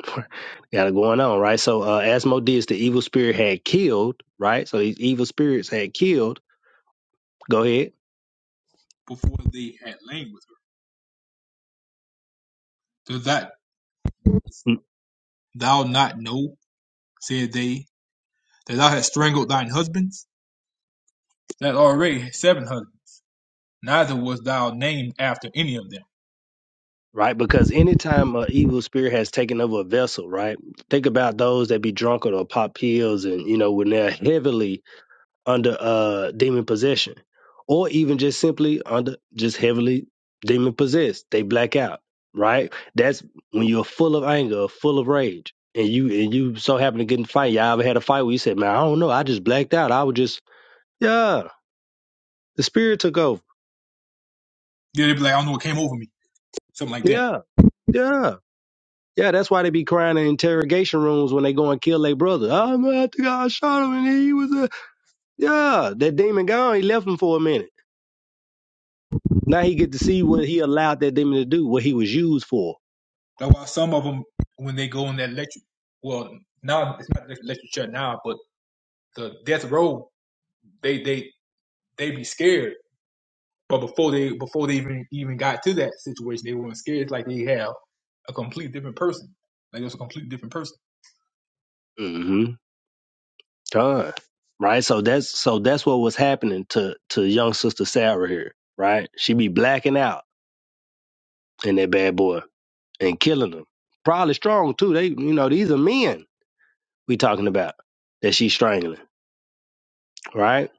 S10: [laughs] Got it going on, right? So uh Asmodeus, the evil spirit had killed, right? So these evil spirits had killed. Go ahead.
S8: before they had lain with her. Does that
S10: Mm,
S8: thou not know, said they, that thou hast strangled thine husbands? That already had seven husbands, neither was thou named after any of them.
S10: Right? Because anytime an evil spirit has taken over a vessel, right? Think about those that be drunk or pop pills and, you know, when they're heavily under uh demon possession or even just simply under just heavily demon possessed they black out right that's when you're full of anger full of rage and you and you so happen to get in a fight y'all ever had a fight where you said man i don't know i just blacked out i was just yeah the spirit took over
S8: Yeah, they would be like, I don't know what came over me, something like that.
S10: yeah yeah yeah, that's why they be crying in interrogation rooms when they go and kill their brother. Oh man, I think I shot him and he was a yeah. That demon gone. He left him for a minute. Now he get to see what he allowed that demon to do, what he was used for.
S8: That's why some of them, when they go in that lecture, well, now it's not the lecture chair now, but the death row, they they they be scared But before they before they even even got to that situation, they weren't scared. It's like they have a complete different person. Like it's a complete different person.
S10: Mm-hmm. Done. Right. So that's so that's what was happening to to young sister Sarah here. Right. She be blacking out in that bad boy and killing them. Probably strong too. They you know these are men we talking about that she's strangling. Right.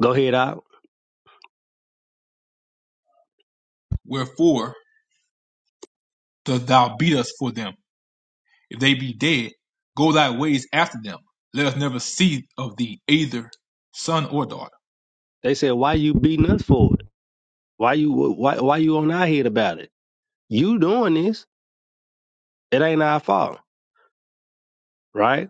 S10: Go ahead out.
S8: Wherefore dost thou beat us for them? If they be dead, go thy ways after them. Let us never see of thee either son or daughter.
S10: They said why you beating us for it? Why you why why you on our head about it? You doing this? It ain't our fault. Right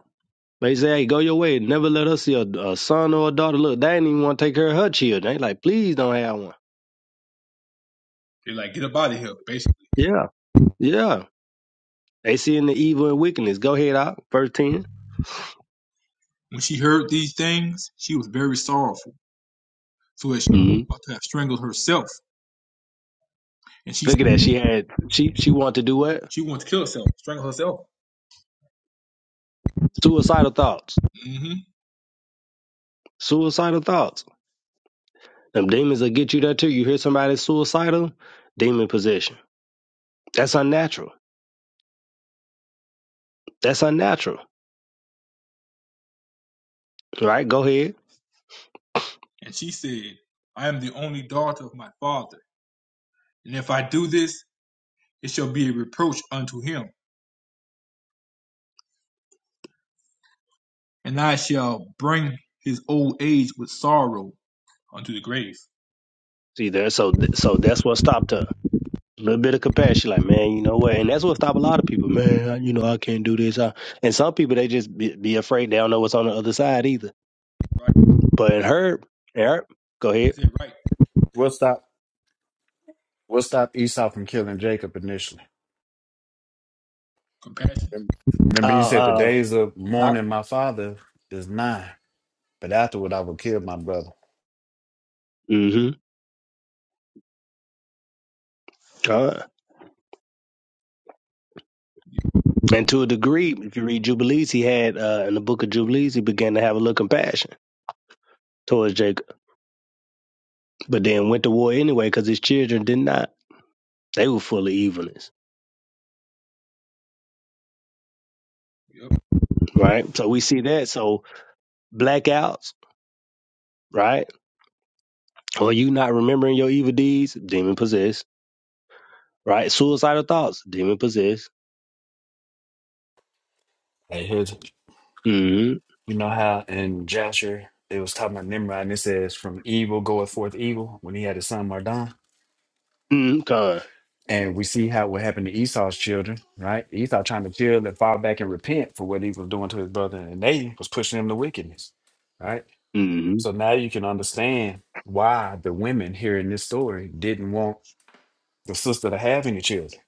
S10: They say, hey, go your way. Never let us see a, a son or a daughter. Look, they ain't even want to take care of her children. They like, please don't have one.
S8: They're like, get up out of here, basically.
S10: Yeah, yeah. They seeing the evil and wickedness. Go ahead out, verse 10.
S8: When she heard these things, she was very sorrowful, so that she was
S10: Mhm.
S8: about to have strangled herself. And she
S10: Look at that. She had, she, she wanted to do what?
S8: she wanted to kill herself, strangle herself.
S10: Suicidal thoughts.
S8: hmm
S10: Suicidal thoughts. Them demons will get you there too. You hear somebody suicidal, demon possession. That's unnatural. That's unnatural. Right? Go ahead.
S8: And she said, I am the only daughter of my father And if I do this, it shall be a reproach unto him, and I shall bring his old age with sorrow unto the grave.
S10: See there, so th- so that's what stopped her. A little bit of compassion, like man, you know what, and that's what stopped a lot of people. Man, I- you know I can't do this. I, and some people they just be, be afraid. They don't know what's on the other side either.
S8: Right?
S10: But in her, in her, go
S8: I
S10: ahead.
S8: said, right.
S12: We'll stop. We'll stop Esau from killing Jacob initially.
S8: Compassion.
S12: Rem-
S10: Uh,
S12: Remember, he said, "The
S10: uh,
S12: days of
S10: uh
S12: mourning my father is nine, but afterward I will kill my brother."
S10: mm-hmm. And to a degree, if you read Jubilees, he had uh, in the book of Jubilees, he began to have a little compassion towards Jacob, but then went to war anyway because his children did not. They were full of evilness,
S8: Yep.
S10: right? So we see that. So blackouts, right? Or you not remembering your evil deeds, demon possessed, right? Suicidal thoughts, demon possessed.
S12: And his,
S10: Mm-hmm.
S12: you know how in Jasher it was talking about Nimrod, and it says, "From evil goeth forth evil." When he had his son Mardon,
S10: Mm-hmm. Con.
S12: and we see how what happened to Esau's children, right? Esau trying to chill and fall back and repent for what he was doing to his brother, and they was pushing him to wickedness, right?
S10: Mm-hmm.
S12: So now you can understand why the women here in this story didn't want the sister to have any children.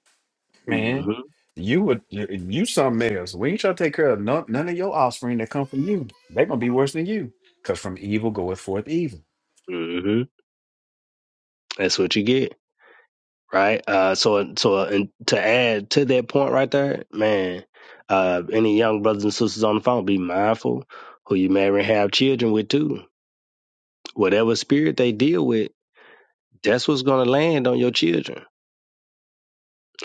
S12: Man,
S10: Mm-hmm.
S12: you would you, you something else. We ain't trying to take care of none, none of your offspring that come from you. They gonna be worse than you. Cause from evil goeth forth evil.
S10: Mm-hmm. That's what you get. right? Uh, so so uh, and to add to that point right there, man, uh, any young brothers and sisters on the phone, be mindful who you marry and have children with too. Whatever spirit they deal with, that's what's gonna land on your children,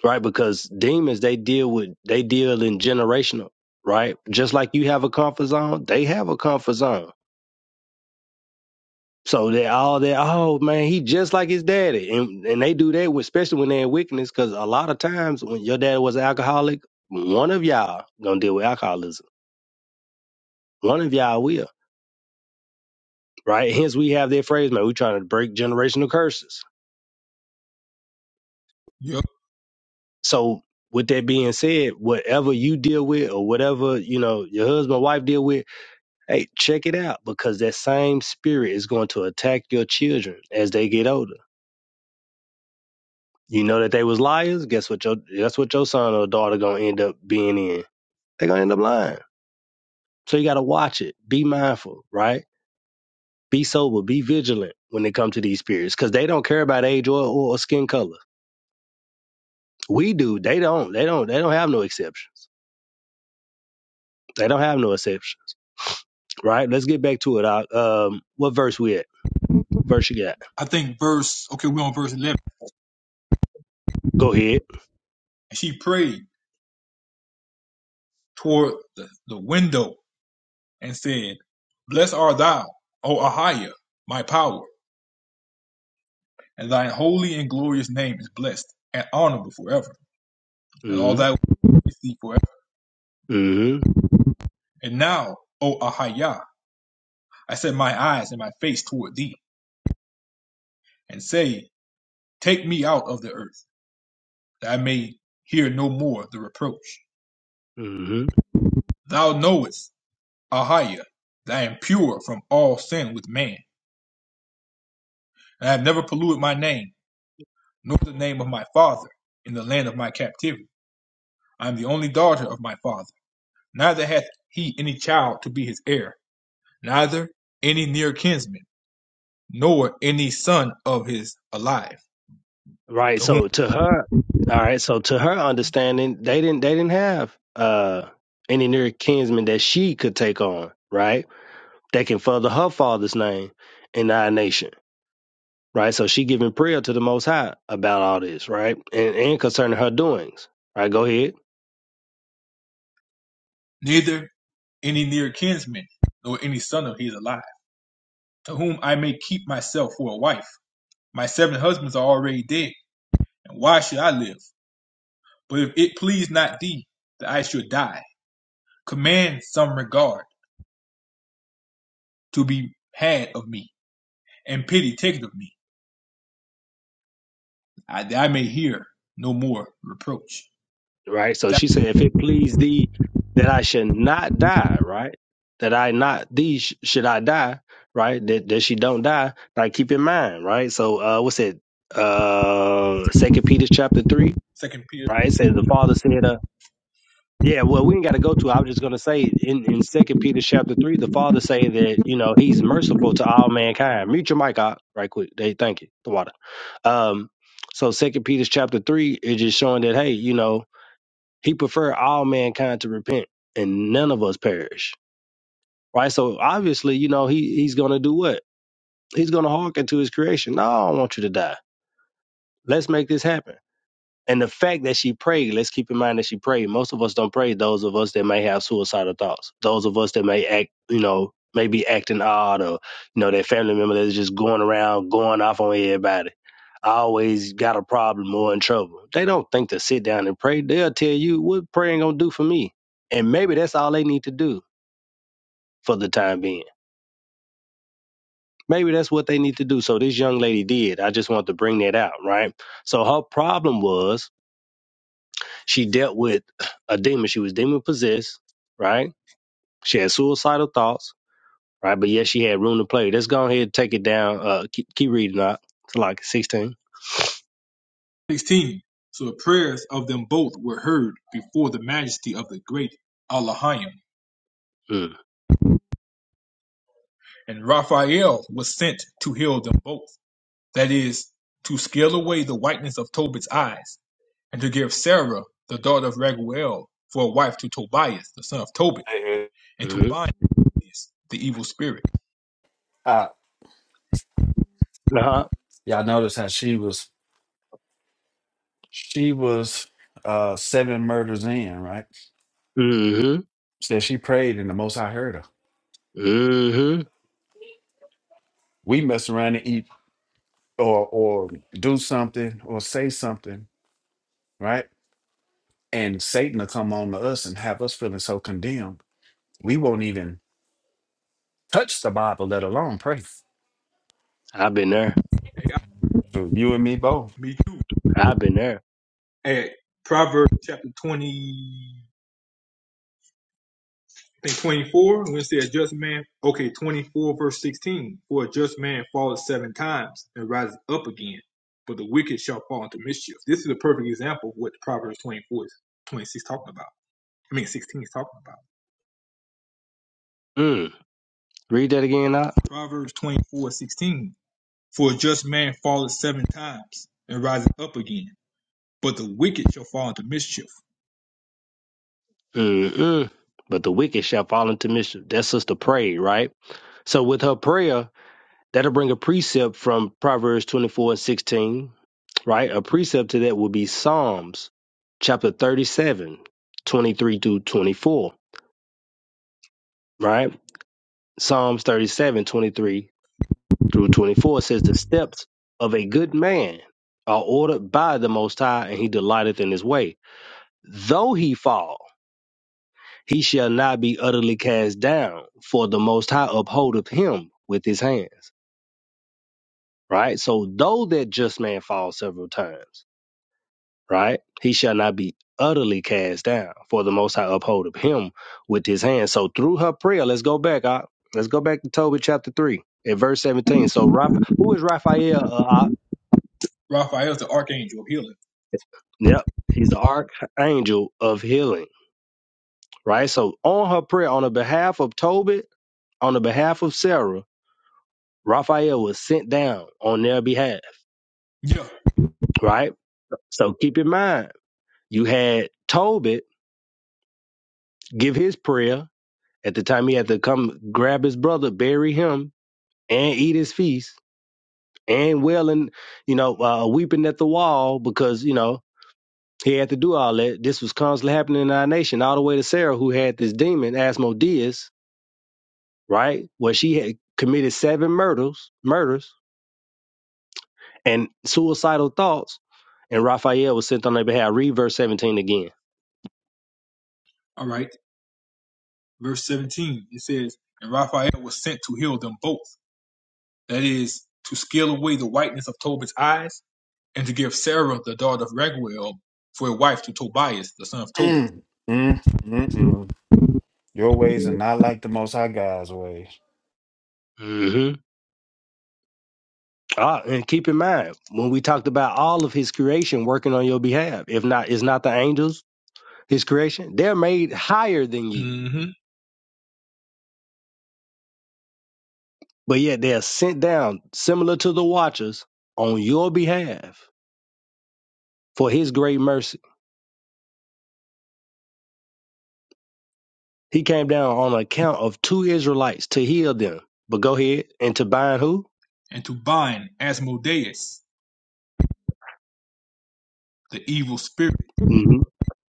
S10: right? Because demons they deal with they deal in generational, right? Just like you have a comfort zone, they have a comfort zone So they all that, oh man, he just like his daddy. And and they do that, with, especially when they're in wickedness, because a lot of times when your dad was an alcoholic, one of y'all gonna deal with alcoholism. One of y'all will, right? Hence we have that phrase, man, we trying to break generational curses.
S8: Yep.
S10: So with that being said, whatever you deal with or whatever, you know, your husband, wife deal with, hey, check it out because that same spirit is going to attack your children as they get older You know that they was liars. Guess what? Your that's what your son or daughter gonna end up being in. They gonna end up lying. So you gotta watch it. Be mindful, right? Be sober. Be vigilant when it comes to these spirits, because they don't care about age or, or skin color. We do. They don't. They don't. They don't have no exceptions. They don't have no exceptions, right? Let's get back to it. I, um, what verse we at? Verse you got?
S8: I think verse, okay, we're on verse 11.
S10: Go ahead.
S8: And she prayed toward the, the window and said, Blessed art thou, O Ahiah, my power, and thine holy and glorious name is blessed and honorable forever, and all
S10: Mm-hmm.
S8: that with thee forever.
S10: Mm-hmm.
S8: And now, O Ahiah, I set my eyes and my face toward thee. and say, Take me out of the earth, that I may hear no more the reproach.
S10: Mm-hmm.
S8: Thou knowest, Ahiah, that I am pure from all sin with man, and I have never polluted my name, nor the name of my father, in the land of my captivity. I am the only daughter of my father. Neither hath he any child to be his heir, neither any near kinsman, nor any son of his alive,
S10: Right.
S8: to whom
S10: So to her, all right. So to her understanding, they didn't they didn't have uh any near kinsmen that she could take on, right? That can further her father's name in our nation, right? So she giving prayer to the Most High about all this, right? And and concerning her doings, right? Go ahead.
S8: neither any near kinsman, nor any son of his alive, to whom I may keep myself for a wife My seven husbands are already dead, and why should I live? But if it please not thee that I should die, command some regard to be had of me, and pity taken of me, that I may hear no more reproach.
S10: right? So she said, if it please thee that I should not die, right? That I not thee sh- should I die, right? That that she don't die. Like keep in mind, right? So uh what's it? Uh Second Peter chapter three,
S8: Second Peter
S10: right? It said the father said, uh yeah, well we ain't gotta go to it. I was just gonna say in, in Second Peter chapter three, the father say that, you know, he's merciful to all mankind. Mute your mic out right quick. They thank you. The water. Um so Second Peter chapter three is just showing that hey, you know, he preferred all mankind to repent and none of us perish. Right? So obviously, you know, he he's gonna do what? He's gonna hearken to his creation. No, I don't want you to die. Let's make this happen. And the fact that she prayed, let's keep in mind that she prayed. Most of us don't pray, those of us that may have suicidal thoughts, those of us that may act, you know, may be acting odd or, you know, that family member that's just going around, going off on everybody always got a problem or in trouble. They don't think to sit down and pray. They'll tell you what praying gonna do for me. And maybe that's all they need to do for the time being. Maybe that's what they need to do. So this young lady did. I just want to bring that out, right? So her problem was she dealt with a demon. She was demon possessed, right? She had suicidal thoughts, right? But yes, she had room to play. Let's go ahead and take it down. Uh, keep, keep reading up to like 16.
S8: sixteen. So the prayers of them both were heard before the majesty of the great Allahim,
S10: Mm,
S8: and Raphael was sent to heal them both. That is, to scale away the whiteness of Tobit's eyes and to give Sarah, the daughter of Raguel, for a wife to Tobias, the son of Tobit,
S12: Amen.
S8: and to
S10: mm-hmm.
S8: bind the evil spirit.
S12: Uh,
S10: Uh-huh.
S12: y'all notice how she was she was uh seven murders in, right?
S10: Mm-hmm.
S12: Said she prayed and the most I heard her.
S10: Mm-hmm.
S12: We mess around and eat or or do something or say something, right? And Satan will come on to us and have us feeling so condemned. We won't even touch the Bible, let alone pray.
S10: I've been there.
S8: Hey, I-
S12: So you and me both.
S8: me too.
S10: I've been there.
S8: At Proverbs chapter 20, I think 24, when it says just man, okay, 24 verse 16, for a just man falleth seven times and rises up again, but the wicked shall fall into mischief. This is a perfect example of what Proverbs 24, 26, talking about. I mean, 16 is talking about.
S10: Mm. Read that again, Doc.
S8: Proverbs 24, 16. For a just man falleth seven times and riseth up again, but the wicked shall fall into mischief.
S10: Mm-mm. But the wicked shall fall into mischief. That's sister prayed, right? So with her prayer, that'll bring a precept from Proverbs 24 and 16, right? A precept to that will be Psalms chapter thirty seven twenty three 23 through 24, right? Psalms 37 23 through 24 says, The steps of a good man are ordered by the Most High, and he delighteth in his way. Though he fall, He shall not be utterly cast down, for the Most High upholdeth him with his hands. Right? So, though that just man falls several times, right? He shall not be utterly cast down, for the Most High upholdeth him with his hands. So, through her prayer, let's go back, Op. Let's go back to Tobit chapter 3 at verse 17. So, Rapha, who is Raphael, uh, Op?
S8: Raphael's the archangel of healing.
S10: Yep. He's the archangel of healing, right? So, on her prayer, on the behalf of Tobit, on the behalf of Sarah, Raphael was sent down on their behalf,
S8: Yeah.
S10: right? So keep in mind, you had Tobit give his prayer at the time he had to come grab his brother, bury him, and eat his feast, and wailing, you know, uh, weeping at the wall because, you know, he had to do all that. This was constantly happening in our nation, all the way to Sarah, who had this demon, Asmodeus, right? Where she had committed seven murders, murders and suicidal thoughts, and Raphael was sent on their behalf. Read verse 17 again.
S8: All right. Verse 17, it says, And Raphael was sent to heal them both. That is, to scale away the whiteness of Tobit's eyes and to give Sarah, the daughter of Raguel, for a wife to Tobias, the son of Tobit.
S12: Mm, mm, mm, mm. Your ways are not like the Most High God's ways.
S10: hmm Ah, and keep in mind when we talked about all of his creation working on your behalf. If not, it's not the angels, his creation. They're made higher than you,
S8: hmm
S10: but yet they are sent down, similar to the watchers, on your behalf for his great mercy. He came down on account of two Israelites to heal them. But go ahead and to bind who?
S8: And to bind Asmodeus, the evil spirit,
S10: hmm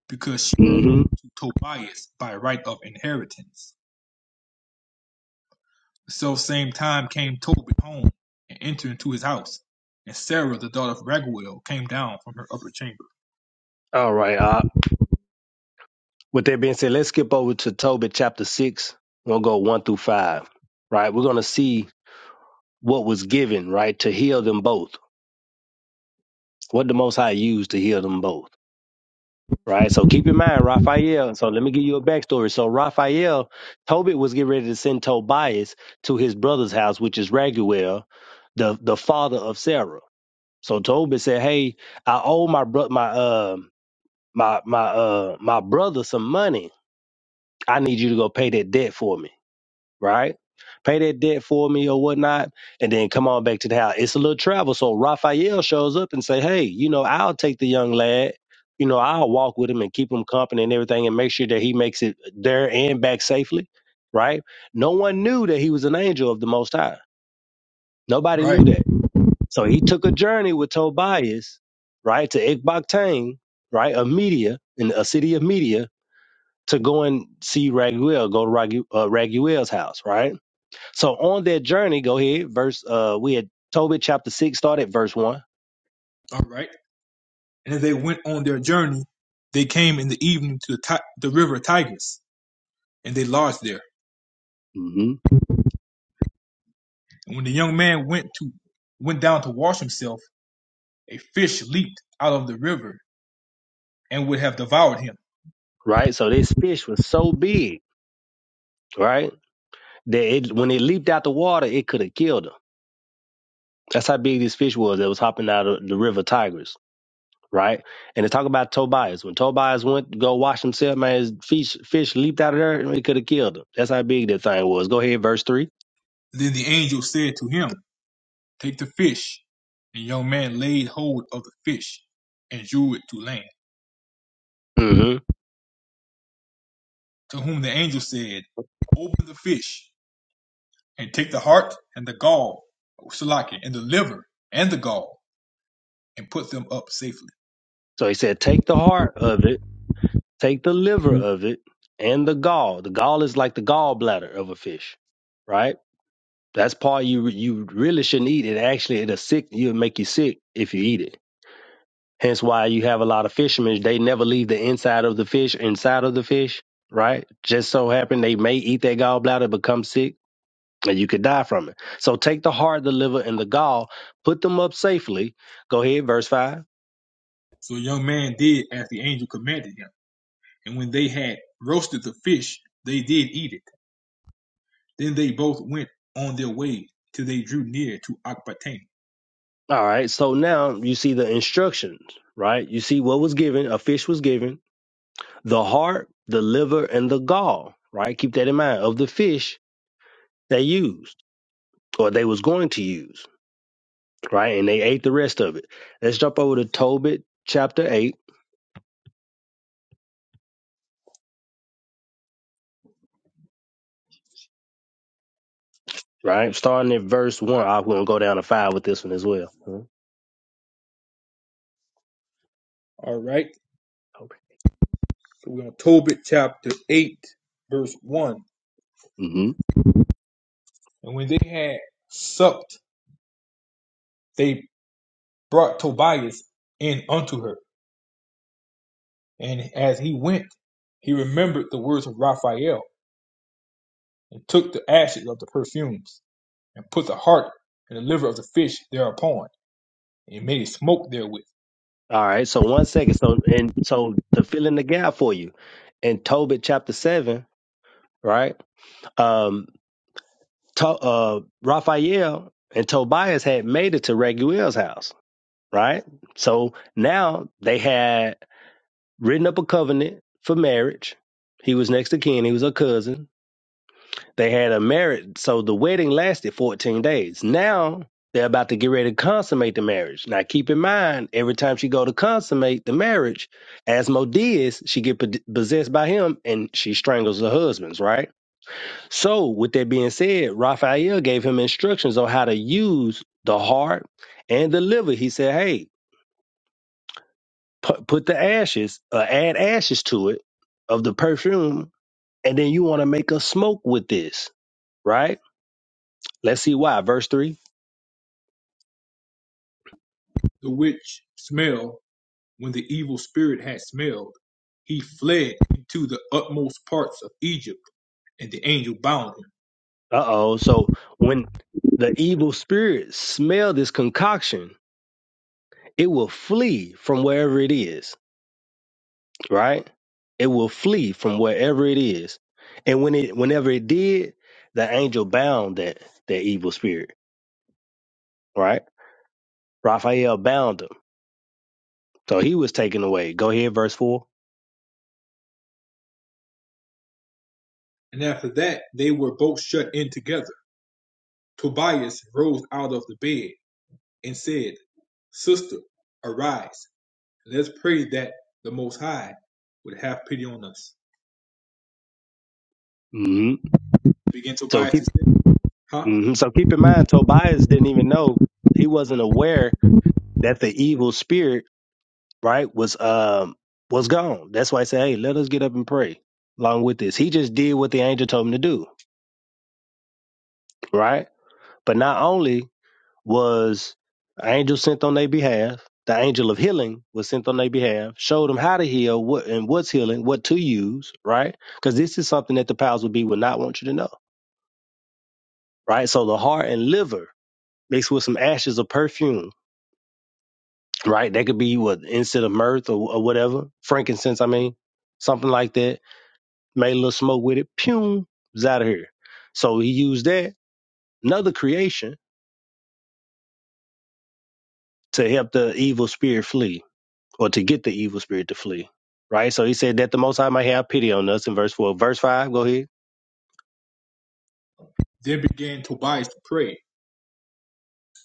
S8: because she was
S10: hmm
S8: Tobias by right of inheritance. So same time came Tobit home and entered into his house. And Sarah, the daughter of Raguel, came down from her upper chamber.
S10: All right. Ah. with that being said, let's skip over to Tobit chapter six. We'll go one through five. Right. We're gonna see what was given, right, to heal them both. What the Most High used to heal them both, right? So keep in mind, Raphael. So let me give you a backstory. So Raphael, Tobit was getting ready to send Tobias to his brother's house, which is Raguel, the the father of Sarah. So Tobit said, "Hey, I owe my bro- my uh my my uh my brother some money. I need you to go pay that debt for me." right? Pay that debt for me or whatnot, and then come on back to the house. It's a little travel. So Raphael shows up and say, Hey, you know, I'll take the young lad. You know, I'll walk with him and keep him company and everything and make sure that he makes it there and back safely, right? No one knew that he was an angel of the Most High. Nobody
S8: Right.
S10: knew that. So he took a journey with Tobias, right, to Ecbatane, right, of Media, in a city of Media, to go and see Raguel, go to Ragu- uh, Raguel's house, right? So on that journey, go ahead. Verse, uh, we had Tobit chapter six started verse one.
S8: All right. And as they went on their journey, they came in the evening to the, Ti- the river Tigris, and they lodged there.
S10: hmm
S8: And when the young man went to went down to wash himself, a fish leaped out of the river and would have devoured him.
S10: Right. So this fish was so big, right, that it, when it leaped out the water, it could have killed him. That's how big this fish was that was hopping out of the river Tigris, right? And they talk about Tobias. When Tobias went to go wash himself, man, his fish fish leaped out of there and it could have killed him. That's how big that thing was. Go ahead, verse 3
S8: Then the angel said to him, Take the fish. And the young man laid hold of the fish and drew it to land.
S10: Mm-hmm.
S8: to whom the angel said, Open the fish, and take the heart and the gall, Salaki, and the liver and the gall, and put them up safely.
S10: So he said, take the heart of it Take the liver
S8: So
S10: of it and the gall. The gall is like the gallbladder of a fish, right? That's part you you really shouldn't eat. It actually it'll sick you'll make you sick if you eat it. Hence why you have a lot of fishermen, they never leave the inside of the fish inside of the fish, right? Just so happen they may eat that gallbladder, become sick, and you could die from it. So take the heart, the liver, and the gall, put them up safely. Go ahead, verse five.
S8: the young man did as the angel commanded him. And when they had roasted the fish, they did eat it. Then they both went on their way till they drew near to Akbatane.
S10: All right. So now you see the instructions, right? You see what was given, a fish was given the heart, the liver, and the gall, right? Keep that in mind of the fish they used or they was going to use, right? And they ate the rest of it. Let's jump over to Tobit chapter 8, right? Starting at verse 1. I'm going to go down to 5 with this one as well.
S8: All right. So we're on Tobit chapter 8, verse 1.
S10: Mm-hmm.
S8: And when they had supped, they brought Tobias in unto her. And as he went, he remembered the words of Raphael, and took the ashes of the perfumes, and put the heart and the liver of the fish thereupon, and made a smoke therewith,
S10: All right. So one second. So and so to fill in the gap for you, in Tobit chapter seven, right? Um, to, uh, Raphael and Tobias had made it to Raguel's house right? So now they had written up a covenant for marriage. He was next to kin, he was a cousin. They had a marriage, so the wedding lasted 14 days. Now they're about to get ready to consummate the marriage. Now keep in mind, every time she go to consummate the marriage, Asmodeus, she get pod- possessed by him and she strangles her husbands, right? So with that being said, Raphael gave him instructions on how to use the heart and the liver. He said, hey, put, put the ashes, or add ashes to it of the perfume, and then you want to make a smoke with this, right? Let's see why. Verse three.
S8: the which smell, when the evil spirit had smelled, he fled into the utmost parts of Egypt, and the angel bound him.
S10: Uh oh. So when the evil spirits smell this concoction, it will flee from wherever it is, right? It will flee from wherever it is, and when it, whenever it did, the angel bound that that evil spirit, right? Raphael bound him, so he was taken away. Go ahead, verse 4
S8: And after that they were both shut in together. Tobias rose out of the bed, and said, Sister, arise. Let's pray that the Most High would have pity on us.
S10: Mm-hmm.
S8: Began
S10: So keep
S8: Tobias to say, huh?
S10: hmm So keep in mind, Tobias didn't even know he wasn't aware that the evil spirit, right, was um was gone. That's why I said, hey, let us get up and pray along with this. He just did what the angel told him to do, right? But not only was an angel sent on their behalf, the angel of healing was sent on their behalf, showed them how to heal, what and what's healing, what to use, right? Because this is something that the powers would be would not want you to know, right? So the heart and liver mixed with some ashes of perfume right? That could be what instead of mirth or, or whatever, frankincense. I mean, something like that. Made a little smoke with it. Pew, it's out of here. So he used that another creation to help the evil spirit flee, or to get the evil spirit to flee, right? So he said that the Most High might have pity on us in verse four. Verse five, go ahead.
S8: Then began Tobias to pray,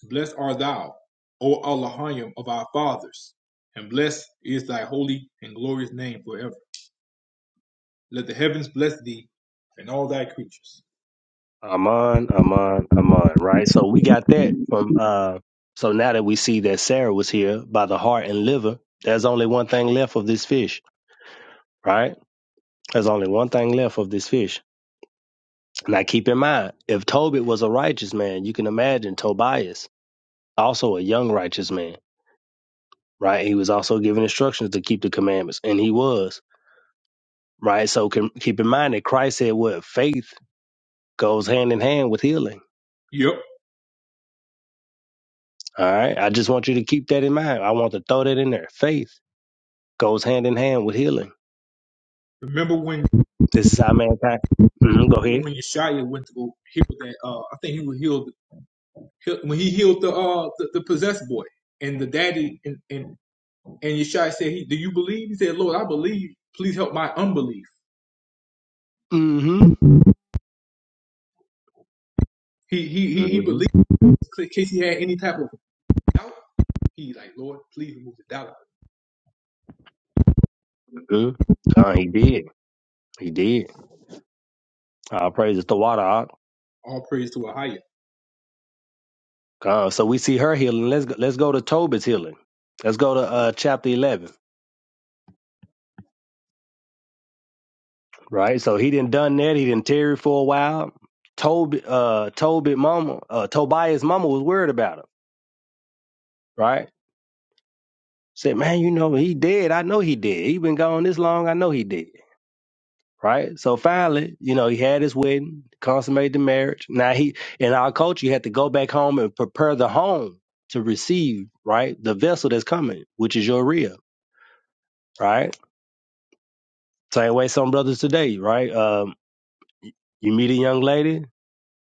S8: Blessed art thou, O Elohim of our fathers, and blessed is thy holy and glorious name forever. Let the heavens bless thee and all thy creatures.
S10: Aman, Aman, Aman, right? So we got that from uh so now that we see that Sarah was here by the heart and liver, there's only one thing left of this fish, right? There's only one thing left of this fish. Now keep in mind, if Tobit was a righteous man, you can imagine Tobias, also a young righteous man, right? He was also given instructions to keep the commandments, and he was, right? So can, keep in mind that Christ said what faith goes hand in hand with healing.
S8: Yep.
S10: All right. I just want you to keep that in mind. I want to throw that in there. Faith Goes hand in hand with healing.
S8: Remember when
S10: This is how mankind. hmm go ahead.
S8: when Yeshaya went to go heal that? Uh, I think he was healed when he healed the uh the, the possessed boy and the daddy and, and And Yeshua said, he, Do you believe? He said, Lord, I believe. Please help my unbelief.
S10: Mm
S8: He he
S10: hmm
S8: he, he
S10: hmm
S8: believed in case he had any type of doubt. He like, Lord, please remove the doubt.
S10: hmm God, he did. He did. All praise the water. Ak.
S8: All praise to Ahia.
S10: God. So we see her healing. Let's go, let's go to Tobit's healing. Let's go to uh, chapter eleven. Right. So he didn't done that. He didn't tarry for a while. Tobit uh Tobit mama uh Tobias mama was worried about him. Right. Said, man, you know he dead. I know he dead. He been gone this long. I know he dead. right? So finally, you know, he had his wedding, consummated the marriage. Now he, in our culture, you had to go back home and prepare the home to receive, right, the vessel that's coming, which is your rib, right? Same way some brothers today, right? Um, you meet a young lady,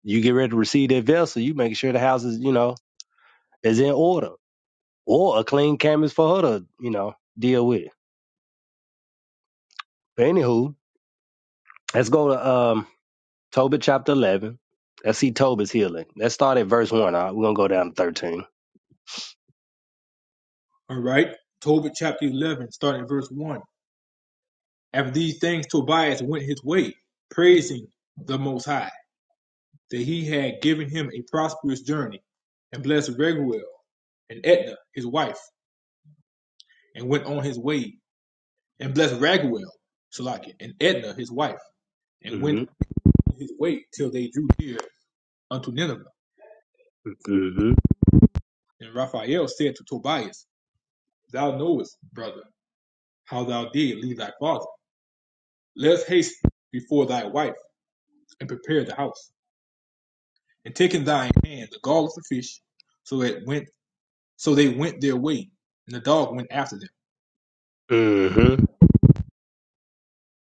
S10: you get ready to receive that vessel, you make sure the house is, you know, is in order, or a clean canvas for her to, you know, deal with. But anywho, let's go to um Tobit chapter eleven. Let's see Tobit's healing. Let's start at verse one. All right? We're gonna go down to thirteen.
S8: All right. Tobit chapter 11, starting verse 1. After these things, Tobias went his way, praising the Most High, that he had given him a prosperous journey, and blessed Raguel and Edna his wife, and went on his way, and blessed Raguel, Shalakin, and Edna his wife, and went
S10: hmm
S8: his way till they drew near unto Nineveh.
S10: hmm
S8: And Raphael said to Tobias, Thou knowest, brother, how thou did leave thy father. Let us haste before thy wife and prepare the house. And take in thine hand the gall of the fish, so it went so they went their way, and the dog went after them.
S10: hmm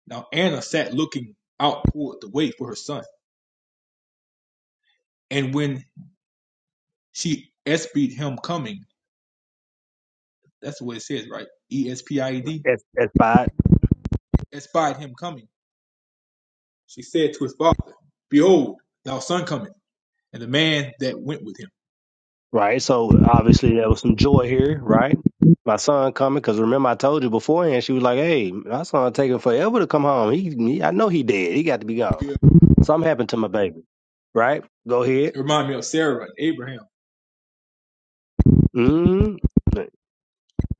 S8: Now Anna sat looking out toward the way for her son. And when she espied him coming, that's what it says, right? E S P I E D.
S10: That's, that's fine,
S8: Espied him coming. She said to his father, Behold, thou son cometh and the man that went with him.
S10: right? So obviously there was some joy here, right? My son coming, because remember I told you beforehand, she was like, "Hey, my son taking forever to come home. He, he, I know he dead. He got to be
S8: You
S10: gone.
S8: me?
S10: Something happened to my baby, right? Go ahead.
S8: It reminded me of Sarah and Abraham.
S10: hmm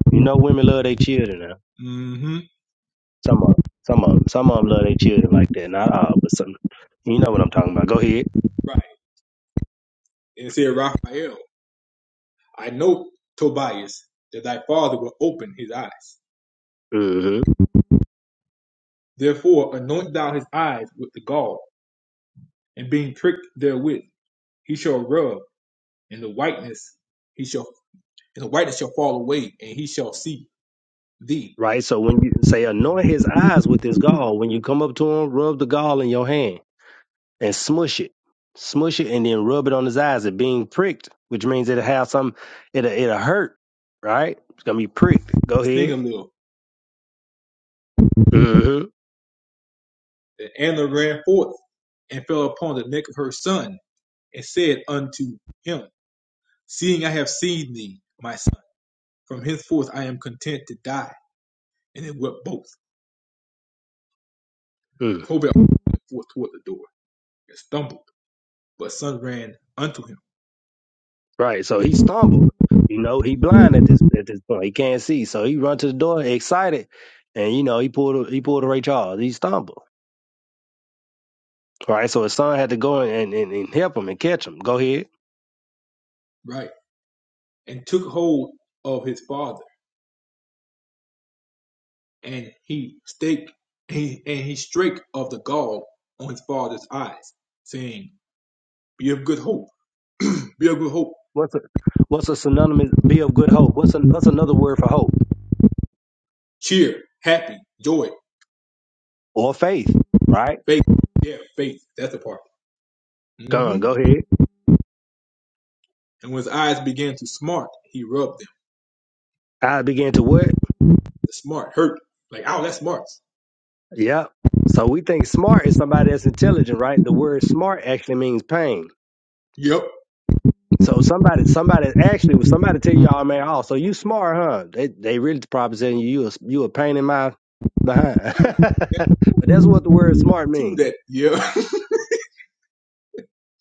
S10: You know, women love their children now.
S8: hmm
S10: Some of 'em. some of 'em. some of 'em love their children like that. Not all, but some. You know what I'm talking about. Go ahead.
S8: Right. And it said, Raphael, I know, Tobias, that thy father will open his eyes.
S10: hmm
S8: Therefore, anoint thou his eyes with the gall, and being pricked therewith, he shall rub, and the whiteness he shall and the whiteness shall fall away, and he shall see thee.
S10: Right. So when you say anoint his eyes with this gall, when you come up to him, rub the gall in your hand and smush it, smush it, and then rub it on his eyes. It being pricked, which means it'll have some. It'll it'll hurt. Right. It's gonna be pricked.
S8: The
S10: Go ahead.
S8: singer little.
S10: hmm
S8: And Anna ran forth and fell upon the neck of her son, and said unto him, Seeing I have seen thee, my son. From henceforth I am content to die. And they wept both. Tobel went forth toward the door, and stumbled, but son ran unto him,
S10: Right. So
S8: and
S10: he stumbled. You know, he blind at this at this point. He can't see. So he run to the door excited and you know, he pulled a he pulled a Ray Charles. He stumbled. Right. So his son had to go and, and, and help him and catch him. Go ahead.
S8: right, and took hold of his father, and he stake he and he strake of the gall on his father's eyes, saying, Be of good hope, [clears throat] be of good hope,
S10: What's a what's a synonymous be of good hope? What's an, what's another word for hope?
S8: cheer, happy, joy,
S10: Or faith, right?
S8: faith, yeah, faith, that's the part.
S10: Come on,
S8: hmm
S10: go ahead.
S8: And when his eyes began to smart, he rubbed them.
S10: I began to what?
S8: The smart hurt, like, ow, that smarts.
S10: Yep. So we think smart is somebody that's intelligent, right? The word smart actually means pain.
S8: Yep.
S10: So somebody, somebody actually, was somebody tell y'all, man, oh, so you smart, huh? They, they really probably saying you, you a, you a pain in my behind. [laughs] but that's what the word smart
S8: to
S10: mean,
S8: that. Yeah.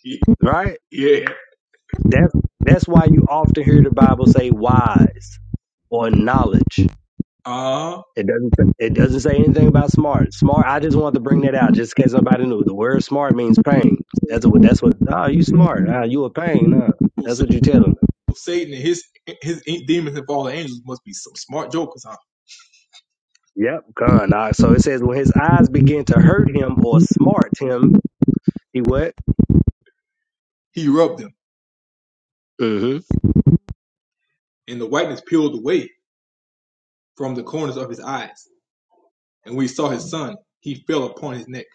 S8: [laughs]
S10: right?
S8: yeah.
S10: That's that's why you often hear the Bible say wise or knowledge.
S8: Uh
S10: It doesn't say- it doesn't say anything about smart. Smart. I just wanted to bring that out just in case nobody knew. The word smart means pain. That's what that's what. Oh, you smart. Ah, you a pain. Huh? That's what you tell 'em.
S8: Satan and his his demons and fallen angels must be some smart jokers, huh?
S10: Yep, gone. Uh, so it says when his eyes began to hurt him or smart him, he what?
S8: He rubbed them,
S10: hmm
S8: and the whiteness peeled away from the corners of his eyes. And we saw his son. He fell upon his neck.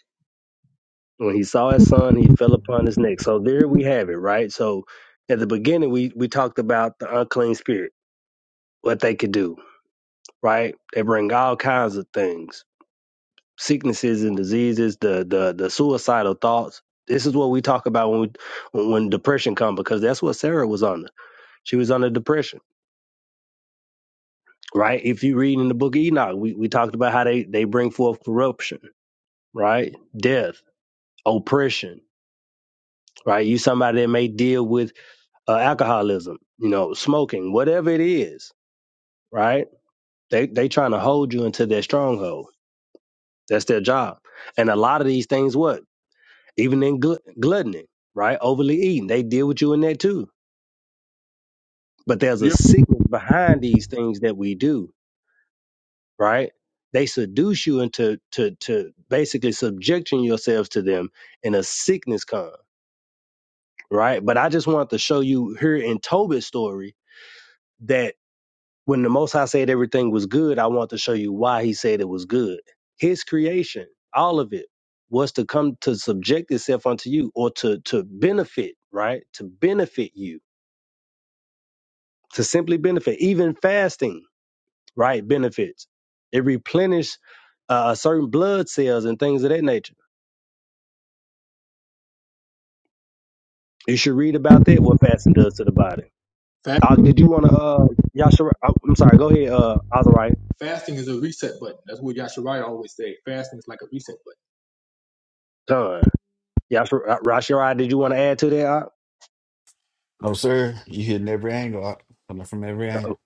S10: When he saw his son, he fell upon his neck. So there we have it, right? So at the beginning, we we talked about the unclean spirit, what they could do, right? They bring all kinds of things, sicknesses and diseases, the the the suicidal thoughts. This is what we talk about when we, when depression comes because that's what Sarah was under. She was under depression, right? If you read in the book of Enoch, we, we talked about how they, they bring forth corruption right? Death, oppression, right? You somebody that may deal with uh, alcoholism, you know, smoking, whatever it is, right? They they trying to hold you into their stronghold. That's their job. And a lot of these things, what even in gl- gluttony, right? Overly eating, they deal with you in that too. But there's a
S8: Yeah,
S10: sickness behind these things that we do, right? They seduce you into to to basically subjecting yourselves to them, and a sickness comes right? But I just wanted to show you here in Tobit's story that when the Most High said everything was good, I want to show you why he said it was good. His creation, all of it, was to come to subject itself unto you or to to benefit, right? To benefit you, to simply benefit. Even fasting, right, benefits. It replenishes uh, certain blood cells and things of that nature. You should read about that, what fasting does to the body.
S8: Fa-
S10: Uh, did you want to, uh, Yashara? oh, I'm sorry, go ahead, uh, Azariah.
S8: Fasting is a reset button. That's what Yashariah always say. Fasting is like a reset button.
S10: Yashar, Rashirai, did you want to add to that? Ak?
S12: No, sir. You hitting every angle. Coming from every
S10: Uh,
S12: angle.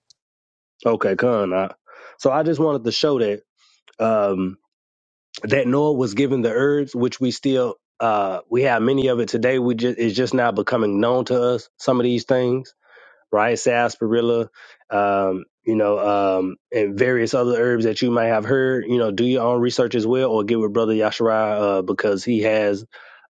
S10: Okay, con. Ak. So I just wanted to show that um, that Noah was given the herbs, which we still uh, we have many of it today. We just it's just now becoming known to us. Some of these things. right? Sarsaparilla, um, you know, um, and various other herbs that you might have heard. You know, do your own research as well, or get with Brother Yashara uh, because he has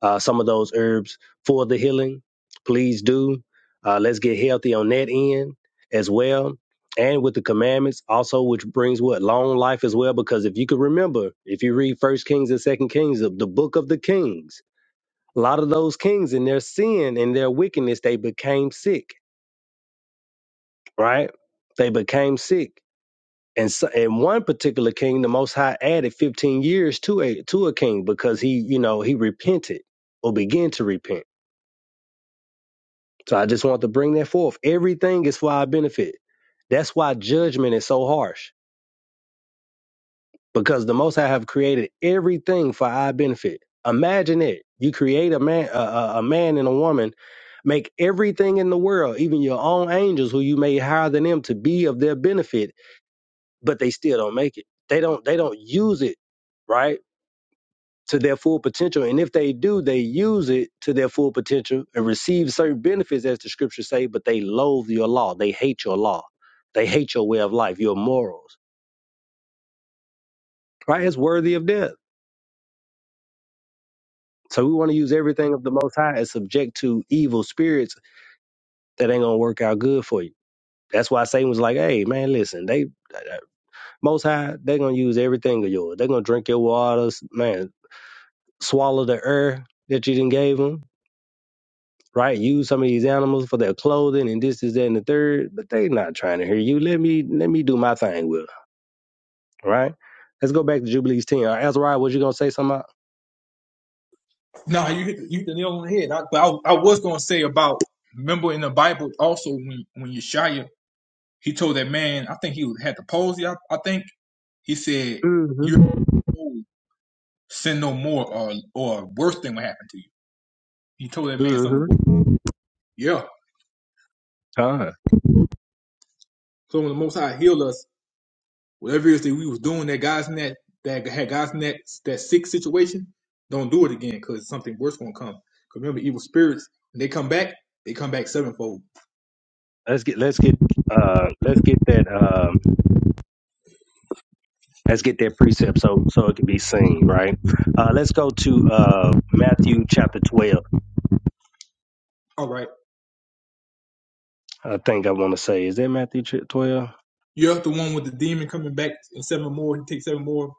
S10: uh, some of those herbs for the healing. Please do. Uh, let's get healthy on that end as well. And with the commandments, also, which brings what long life as well. Because if you could remember, if you read First Kings and Second Kings, the the book of the kings, a lot of those kings in their sin and their wickedness, they became sick right? They became sick. And so, in one particular king, the Most High added 15 years to a to a king because he, you know, he repented or began to repent. So I just want to bring that forth. Everything is for our benefit. That's why judgment is so harsh because the Most High have created everything for our benefit. Imagine it: you create a man, a, a a man and a woman, make everything in the world, even your own angels, who you may hire than them to be of their benefit but they still don't make it. They don't they don't use it, right? To their full potential. And if they do, they use it to their full potential and receive certain benefits as the scriptures say, but they loathe your law. They hate your law. They hate your way of life, your morals. Right? It's worthy of death. So we want to use everything of the most high as subject to evil spirits that ain't gonna work out good for you. That's why Satan was like, hey man, listen, they uh, most high, they're gonna use everything of yours. They're gonna drink your waters. Man, swallow the earth that you didn't gave them, right? Use some of these animals for their clothing and this is that and the third, but they not trying to hear you. Let me let me do my thing with them, right? Let's go back to Jubilees ten. All right, Azariah, was you gonna say something?
S8: No, you hit the, you hit the nail on the head. I, but I, I was gonna say about remember in the Bible also when when Yeshaya he told that man I think he had the palsy I, I think He said,
S10: Mm-hmm.
S8: "You sin no more, or or worse thing will happen to you." He told that man something.
S10: Mm-hmm.
S8: Yeah.
S10: Uh,
S8: So when the Most High healed us, whatever it is that we was doing that guys in that that had guys in that that sick situation, don't do it again because something worse gonna come. 'Cause remember, evil spirits when they come back, they come back sevenfold.
S10: let's get let's get uh let's get that um let's get that precept so so it can be seen, right? Uh let's go to uh Matthew chapter twelve.
S8: All right.
S10: I think I wanna say. Is that Matthew twelve?
S8: You're the one with the demon coming back and seven more. He takes seven more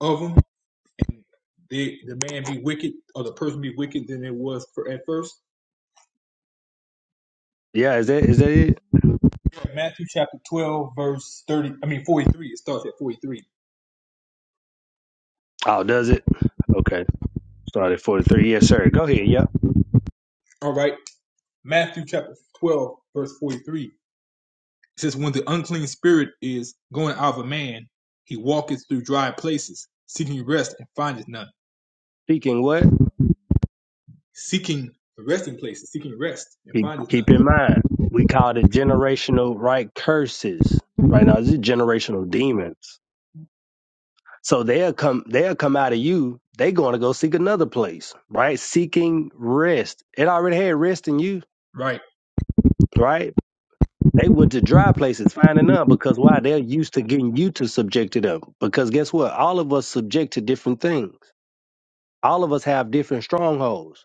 S8: of them. The the man be wicked or the person be wicked than it was for, at first
S10: Yeah, is that is that it?
S8: Matthew chapter 12, verse 30, I mean 43. It starts at 43.
S10: Oh, does it? Okay. Started 43. Yes, sir. Go ahead. Yep.
S8: All right. Matthew chapter 12, verse 43. It says, When the unclean spirit is going out of a man, he walketh through dry places, seeking rest and findeth none.
S10: Speaking what?
S8: Seeking resting places, seeking rest and
S10: Keep,
S8: findeth
S10: keep in
S8: none.
S10: mind, we call it generational right curses. Right now, this is generational demons. So they'll come, they'll come out of you. They going to go seek another place, right? Seeking rest. It already had rest in you,
S8: Right.
S10: right? They went to dry places, finding none because why? They're used to getting you to subject to them. Because guess what? All of us subject to different things. All of us have different strongholds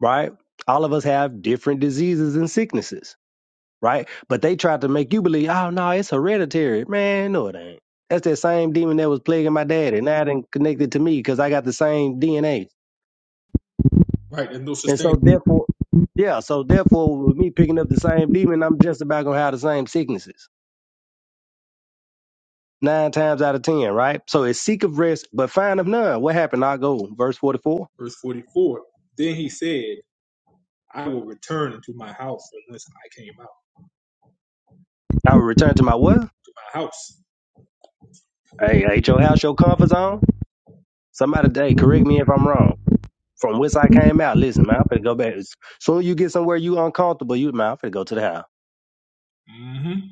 S10: right? All of us have different diseases and sicknesses, right? But they tried to make you believe, oh no, it's hereditary. Man, no, it ain't. That's that same demon that was plaguing my daddy. Now it ain't connected to me because I got the same DNA.
S8: Right. And no such
S10: And
S8: thing.
S10: so therefore, yeah, so therefore with me picking up the same demon, I'm just about gonna have the same sicknesses. Nine times out of ten, right? So it's seek of rest, but find of none. What happened? I go, verse forty four.
S8: Verse 44. Then he said, I will return into my house unless I came out.
S10: I will return to my what?
S8: of My house.
S10: Hey, ain't your house your comfort zone? Somebody hey, correct me if I'm wrong. From whence I came out, listen, man, I'm finna go back. As soon as you get somewhere you uncomfortable, you man, I'm finna go to the house.
S8: hmm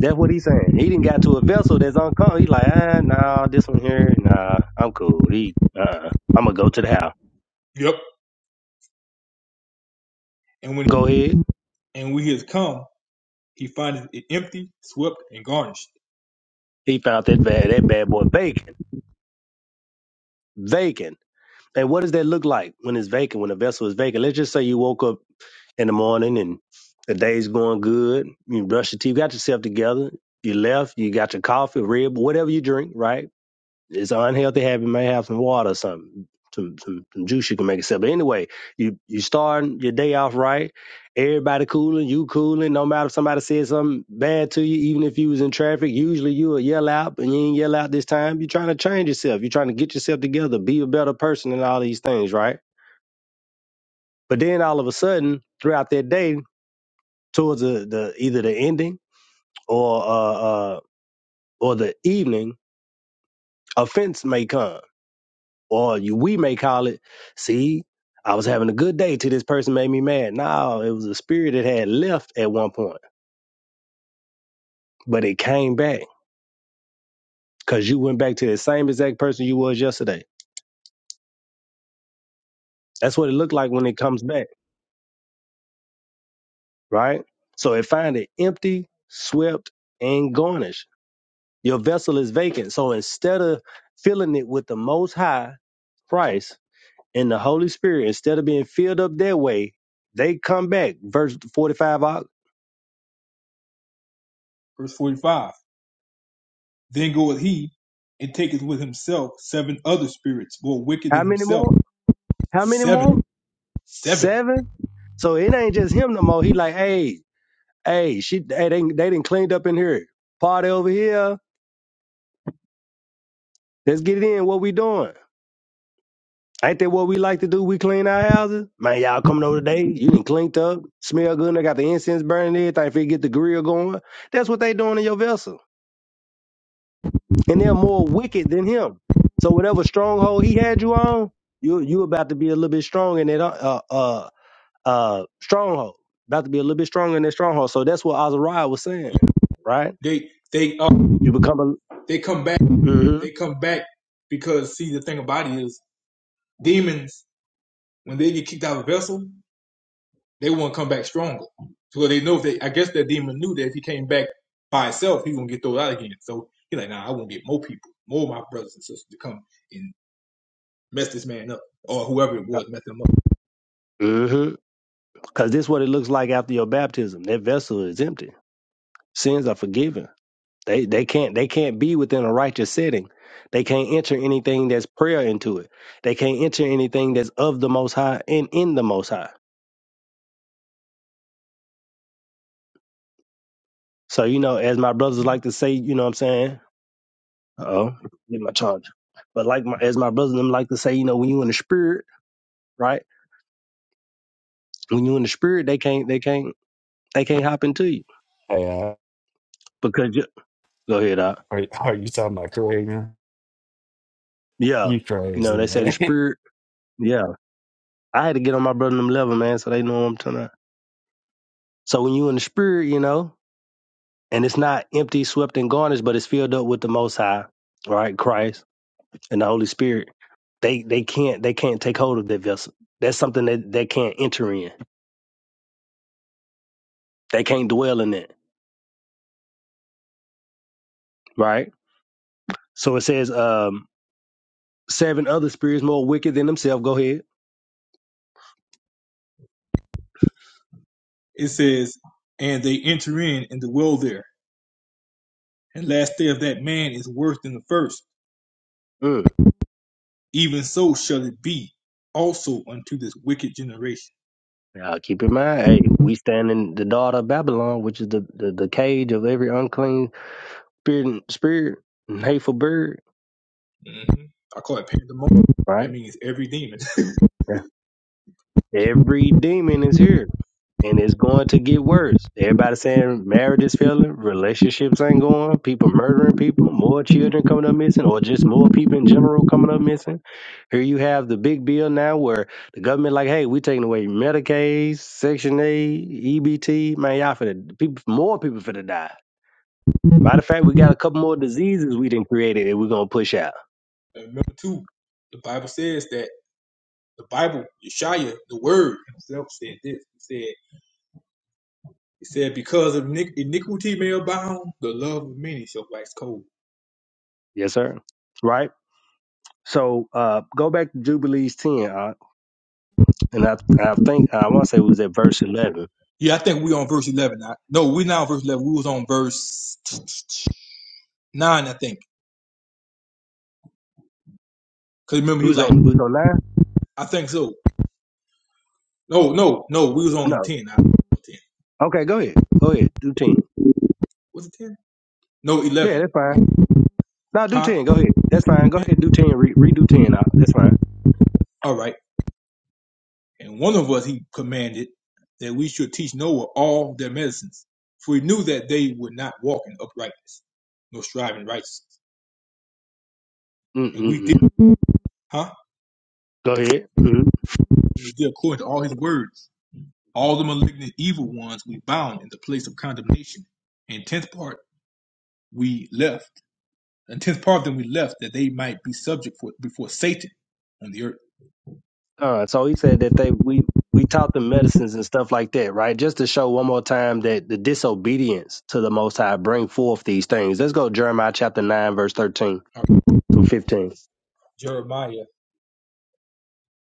S10: That's what he's saying. He didn't got to a vessel that's uncomfortable. He like, ah, nah, this one here, nah, I'm cool. He, uh, I'm gonna go to the house.
S8: Yep. And
S10: Go
S8: when
S10: ahead.
S8: and we has come. He findeth it e-, empty, swept, and garnished.
S10: He found that bad, that bad boy vacant, vacant. And what does that look like when it's vacant? When a vessel is vacant? Let's just say you woke up in the morning and the day's going good. You brush your teeth, got yourself together. You left. You got your coffee, rib, whatever you drink, right? it's unhealthy habit. May have some water, some some some, some juice you can make yourself. But anyway, you you starting your day off right. Everybody cooling, you cooling. No matter if somebody said something bad to you, even if you was in traffic, usually you will yell out, and you ain't yell out this time. You're trying to change yourself. You're trying to get yourself together, be a better person, and all these things, right? But then all of a sudden, throughout that day, towards the, the either the ending or uh, uh or the evening, offense may come or you, we may call it, see, I was having a good day till this person made me mad. No, it was a spirit that had left at one point, but it came back because you went back to the same exact person you was yesterday. That's what it looked like when it comes back, right? So it finds it empty, swept, and garnished. Your vessel is vacant. So instead of filling it with the most high Christ and the Holy Spirit, instead of being filled up their way, they come back. Verse 45, uh,
S8: Verse 45 Then goeth he and taketh with himself seven other spirits more wicked
S10: how
S8: than
S10: many
S8: himself.
S10: more? How many more?
S8: Seven. Seven.
S10: Seven? So it ain't just him no more. He like, hey, hey, she hey, they they didn't cleaned up in here. Party over here. Let's get it in. What we doing? Ain't that what we like to do? We clean our houses. Man, y'all coming over today. You done cleaned up, smell good, and they got the incense burning and everything. If you get the grill going. That's what they doing in your vessel. And they're more wicked than him. So whatever stronghold he had you on, you you about to be a little bit strong in that uh, uh uh stronghold. About to be a little bit stronger in that stronghold. So that's what Azariah was saying, right?
S8: They they uh,
S10: You become a
S8: they come back
S10: mm-hmm.
S8: they come back because see the thing about it is demons when they get kicked out of a vessel they want to come back stronger so they know if they I guess that demon knew that if he came back by himself he gonna get thrown out again so he like nah I want to get more people more of my brothers and sisters to come and. Messed this man up, or whoever it
S10: uh,
S8: was messed him up.
S10: Mm-hmm. Cause this is what it looks like after your baptism. That vessel is empty. Sins are forgiven. They they can't they can't be within a righteous setting. They can't enter anything that's prayer into it. They can't enter anything that's of the most high and in the most high. So, you know, as my brothers like to say, you know what I'm saying? Uh oh, get my charger. But like my, as my brothers and them like to say, you know, when you in the spirit, right? When you in the spirit, they can't they can't they can't hop into you
S12: Hey, uh,
S10: because you go ahead out.
S12: are, are you talking about Craig, man?
S10: Yeah,
S12: You
S10: you know
S12: crazy,
S10: they say the
S12: man. [laughs]
S10: spirit. Yeah, I had to get on my brother and them level man, so they know what I'm talking about. So when you in the spirit, you know, and it's not empty, swept, and garnished, but it's filled up with the Most High, right? Christ and the Holy Spirit. They they can't they can't take hold of that vessel. That's something that they can't enter in. They can't dwell in it, right? So it says um, seven other spirits more wicked than themselves. Go ahead.
S8: It says, and they enter in and dwell there. And last day of that man is worse than the first.
S10: Mm.
S8: Even so shall it be also unto this wicked generation.
S10: Now, keep in mind, hey, we stand in the daughter of Babylon, which is the, the, the cage of every unclean spirit and spirit and hateful bird,
S8: hmm I call it pandemonium.
S10: right?
S8: That means every demon.
S10: Yeah. Every demon is here. And it's going to get worse. Everybody saying marriage is failing, relationships ain't going, people murdering people, more children coming
S8: [laughs]
S10: up missing, or just more people in general coming up missing. Here you have the big bill now where the government like, hey, we taking away Medicaid, Section A, EBT. Man, y'all finna people, more people finna die Matter of fact, we got a couple more diseases we didn't created that we're gonna push out.
S8: And remember too, the Bible says that the Bible, Yeshaya, the Word himself said this. He said, "He said because of iniqu- iniquity may abound, the love of many shall wax cold."
S10: Yes, sir. Right. So uh, go back to Jubilees ten, uh, and I I think I want to say it was at verse eleven.
S8: Yeah, I think we on verse eleven. I, no, we not on verse eleven. We was on verse [sniffs] nine, I think. Cause remember
S10: It
S8: he was
S10: was
S8: like,
S10: on it was on nine.
S8: I think so. No, no, no. We was on
S10: No.
S8: ten. I, ten.
S10: Okay. Go ahead. Go ahead. Do ten.
S8: Was it ten? No,
S10: Yeah,
S8: eleven.
S10: that's fine. No, do
S8: Huh?
S10: ten. Go ahead. That's fine. Go
S8: 10?
S10: ahead. Do ten. Re- redo ten. Uh, that's fine.
S8: All right. And one of us he commanded that we should teach Noah all their medicines, for he knew that they would not walk in uprightness, nor strive in righteousness.
S10: Mm
S8: And
S10: mm
S8: we did,
S10: mm.
S8: huh?
S10: Go ahead. Mhm.
S8: We did according to all his words. All the malignant evil ones we bound in the place of condemnation. And tenth part we left, and tenth part of them we left that they might be subject for before Satan on the earth.
S10: Uh, so he said that they we we taught them medicines and stuff like that, right? Just to show one more time that the disobedience to the Most High bring forth these things. Let's go Jeremiah chapter nine, verse thirteen
S8: All right.
S10: through 15
S8: Jeremiah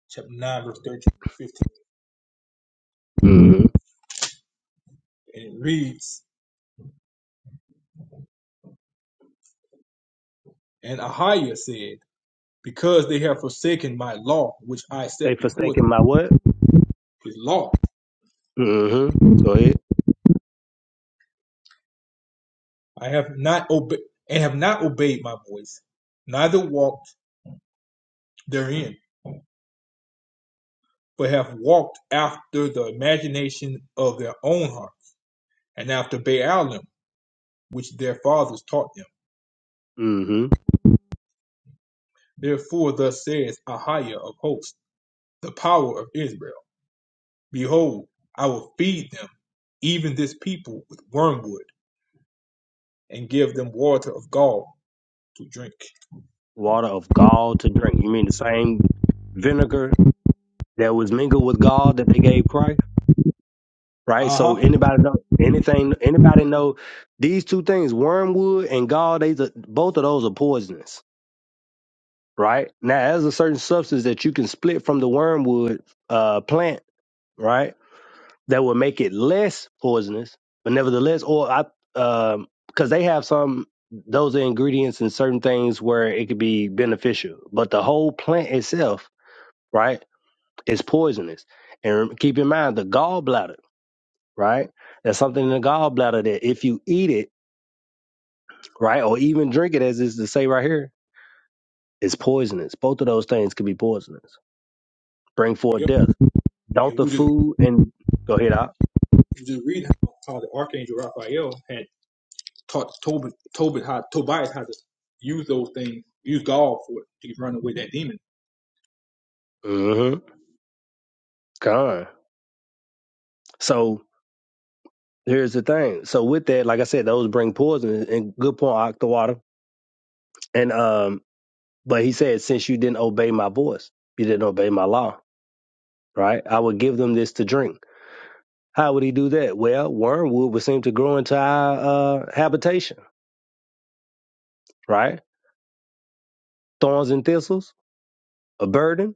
S8: chapter 9, verse 13 to 15.
S10: Mm-hmm.
S8: And it reads, And Ahiah said, because they have forsaken my law, which I set
S10: They
S8: before
S10: forsaken
S8: them,
S10: my what?
S8: his law.
S10: Mm-hmm. Go ahead.
S8: I have not obeyed and have not obeyed my voice, neither walked therein, but have walked after the imagination of their own heart, and after Baalim, which their fathers taught them.
S10: Mm-hmm.
S8: Therefore thus says Ahiah of hosts, the power of Israel, Behold, I will feed them, even this people, with wormwood, and give them water of gall to drink.
S10: Water of gall to drink. You mean the same vinegar that was mingled with gall that they gave Christ, right? So
S8: Uh-huh.
S10: anybody know anything? Anybody know these two things, wormwood and gall? They both of those are poisonous right? Now, as a certain substance that you can split from the wormwood uh, plant, right, that will make it less poisonous, but nevertheless, or I, um, because they have some those are ingredients in certain things where it could be beneficial, but the whole plant itself, right, is poisonous. And rem- keep in mind the gallbladder, right? There's something in the gallbladder that if you eat it, right, or even drink it, as is to say right here, is poisonous. Both of those things could be poisonous, bring forth
S8: Yep.
S10: death Don't
S8: And
S10: the
S8: we just
S10: food and go ahead out.
S8: just reading how, how the archangel Raphael had taught Tobit, Tobit how Tobias how to use those things, use God for it to run away that demon.
S10: Mm-hmm. Gone. So here's the thing. So with that, like I said, those bring poison and good point, Octawater. And um, but he said, since you didn't obey my voice, you didn't obey my law, right? I would give them this to drink. How would he do that? Well, wormwood would seem to grow into our uh, habitation, right? Thorns and thistles, a burden.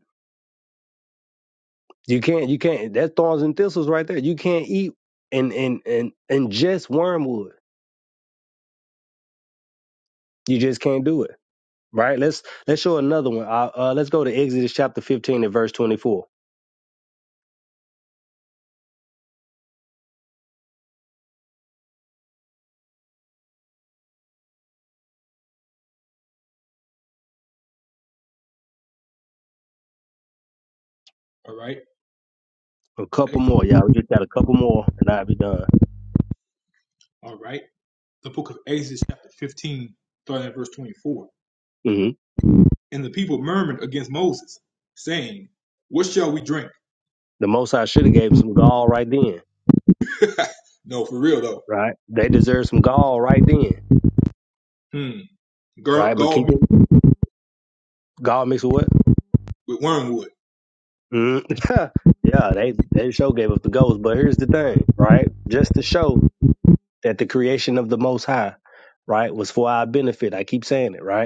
S10: You can't, you can't. That's thorns and thistles right there. You can't eat and and and ingest wormwood. You just can't do it. right? Let's let's show another one. Uh, uh, let's go to Exodus chapter fifteen and verse twenty four.
S8: All right,
S10: A couple more, y'all. We just got a couple more, and I'll be done.
S8: all right. The book of Exodus, chapter fifteen, starting at verse twenty-four.
S10: hmm
S8: And the people murmured against Moses, saying, "What shall we drink?"
S10: The Most High should have gave them some gall right then,
S8: [laughs] No, for real though.
S10: right? They deserve some gall right then,
S8: Hmm. Gar-
S10: right? But
S8: Gall
S10: keep
S8: mixed
S10: it gall mixed with what?
S8: with wormwood.
S10: mm [laughs] yeah, they they show gave up the goals. But here's the thing, right? Just to show that the creation of the Most High, right, was for our benefit. I keep saying it, right?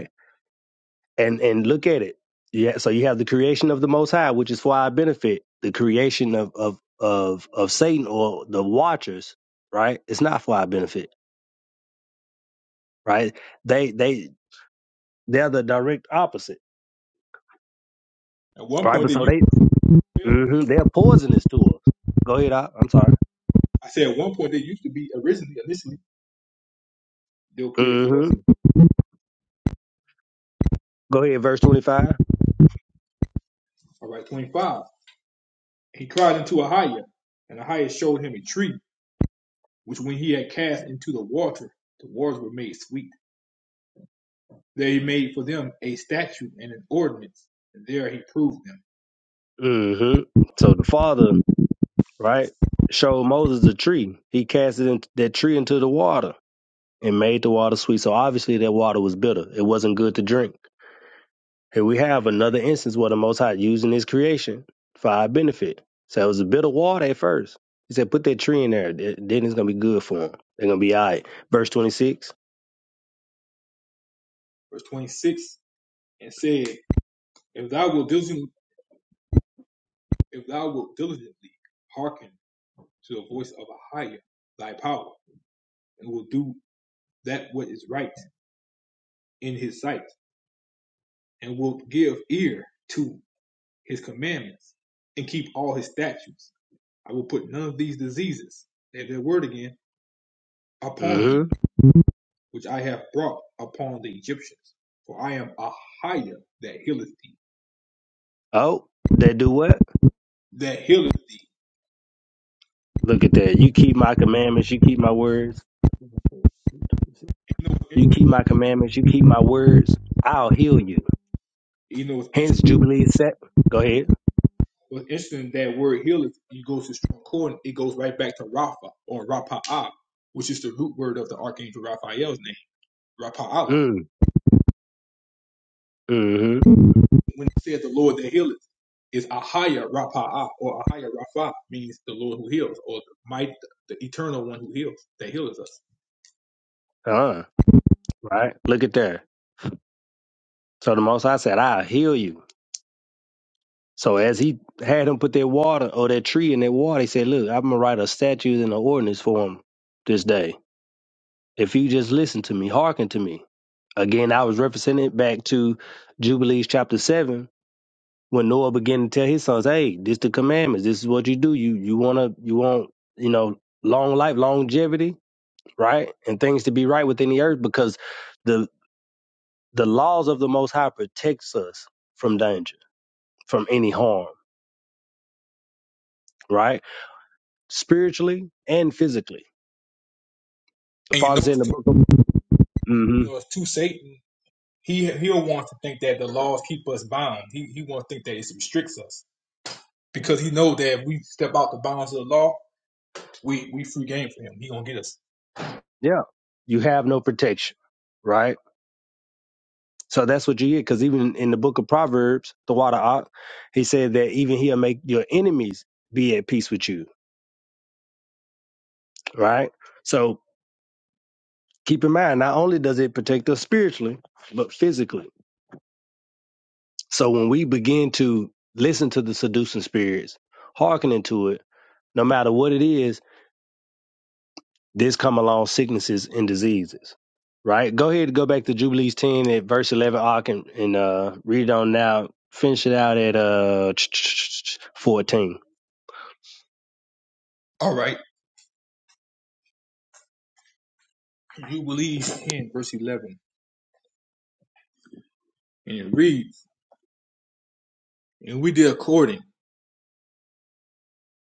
S10: and and look at it. Yeah, so you have the creation of the Most High, which is for our benefit. The creation of of of of Satan or the Watchers, right? It's not for our benefit, right? They they they're the direct opposite,
S8: At one
S10: right?
S8: point,
S10: But
S8: they
S10: so
S8: used.
S10: they
S8: To, be,
S10: hmm they're poisonous to us. Go ahead, I, I'm sorry.
S8: I said at one point they used to be originally initially they were created for us.
S10: hmm Go ahead, verse twenty five.
S8: All right, twenty-five. He cried unto Ahiah, and Ahiah showed him a tree, which when he had cast into the water, the waters were made sweet. There he made for them a statute and an ordinance, and there he proved them.
S10: hmm So the Father, right, showed Moses a tree. He cast it in, that tree into the water and made the water sweet. So obviously that water was bitter. It wasn't good to drink Here we have another instance where the Most High using his creation for our benefit. So it was a bit of water at first. He said, put that tree in there. th- Then it's going to be good for them. They're going to be all right. Verse 26.
S8: Verse 26, and said, If thou wilt diligently, if thou wilt diligently hearken to the voice of Ahiah, thy power, and will do that what is right in his sight, and wilt give ear to his commandments, and keep all his statutes, I will put none of these diseases, there's that word again, upon
S10: hmm
S8: thee, which I have brought upon the Egyptians. For I am Ahijah that healeth thee.
S10: Oh, they do what?
S8: That healeth thee.
S10: Look at that. You keep my commandments. You keep my words.
S8: You know, what's
S10: You keep my commandments. You keep my words. I'll heal you.
S8: you know what's interesting?
S10: Hence, Jubilee set. Go ahead.
S8: What's interesting that word healeth, you go to strong cord, it goes right back to Rapha or Rapa'ah, which is the root word of the archangel Raphael's name, Rapa'ah.
S10: Mm, mm-hmm.
S8: When it says the Lord that healeth, is Ahijah higher Rapa'ah or Ahijah Rapha, means the Lord who heals or the might, the eternal one who heals, that healeth us.
S10: Uh, right. Look at there. So the Most High said, I'll heal you. So as he had him put that water or that tree in that water, he said, Look, I'm gonna write a statute and an ordinance for him this day. If you just listen to me, hearken to me. Again, I was represented back to Jubilees chapter seven, when Noah began to tell his sons, Hey, this the commandments, this is what you do. You you wanna you want, you know, long life, longevity, right? And things to be right within the earth because the the laws of the most high protects us from danger, from any harm, right? spiritually and physically. The
S8: And you
S10: Father
S8: know
S10: said in
S8: it's
S10: the
S8: two,
S10: book of, hmm
S8: you know it's two Satan. He he'll want to think that the laws keep us bound. He he wants to think that it restricts us because he knows that if we step out the bounds of the law, we we free game for him. He gonna get us.
S10: yeah, you have no protection, right? So that's what you get. Because even in the book of Proverbs, the water, Ak, he said that even he'll make your enemies be at peace with you, right? So keep in mind, not only does it protect us spiritually, but physically. So when we begin to listen to the seducing spirits, hearkening to it, no matter what it is, This come along sicknesses and diseases. Right? Go ahead and go back to Jubilees 10 at verse 11. I can and uh, read it on now. Finish it out at uh 14.
S8: All right, you believe in verse eleven, and it reads, and we did according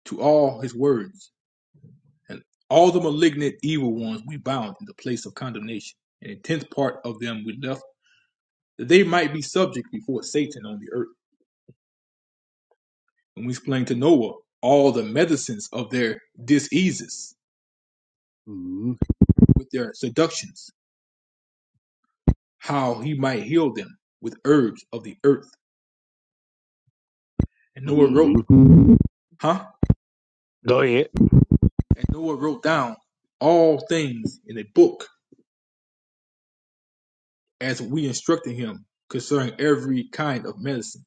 S8: to all his words, and all the malignant evil ones we bound in the place of condemnation, and a tenth part of them we left that they might be subject before Satan on the earth. And we explained to Noah all the medicines of their diseases
S10: mm
S8: with their seductions how he might heal them with herbs of the earth. And Noah wrote,
S10: hmm
S8: huh?
S10: Go ahead.
S8: And Noah wrote down all things in a book as we instructed him concerning every kind of medicine.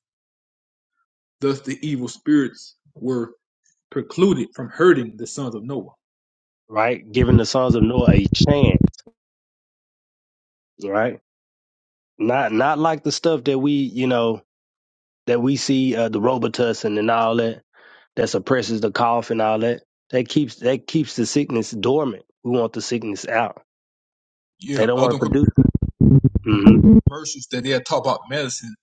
S8: Thus the evil spirits were precluded from hurting the sons of Noah.
S10: right? Giving the sons of Noah a chance, right? Not not like the stuff that we, you know, that we see uh, the Robitussin and all that that suppresses the cough and all that. That keeps that keeps the sickness dormant. We want the sickness out. They
S8: Yeah,
S10: don't want
S8: other
S10: to produce it. Mm-hmm.
S8: commercials that they'll talk about medicine,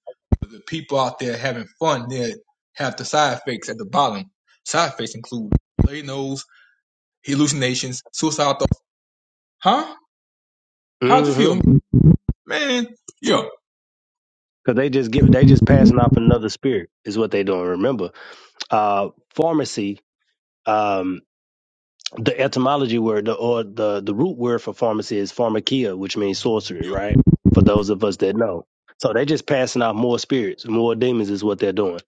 S8: but the people out there having fun, they have the side effects at the bottom. Side effects include bloody nose, hallucinations, suicidal thoughts. Huh? How does this heal me?
S10: Mm-hmm.
S8: Man, yo,
S10: Cause they just give they just passing off another spirit is what they doing. remember. Uh, pharmacy. Um, the etymology word the, or the the root word for pharmacy is pharmakia, which means sorcery,
S8: yo,
S10: right? For those of us that know. So they're just passing out more spirits, more demons is what they're doing.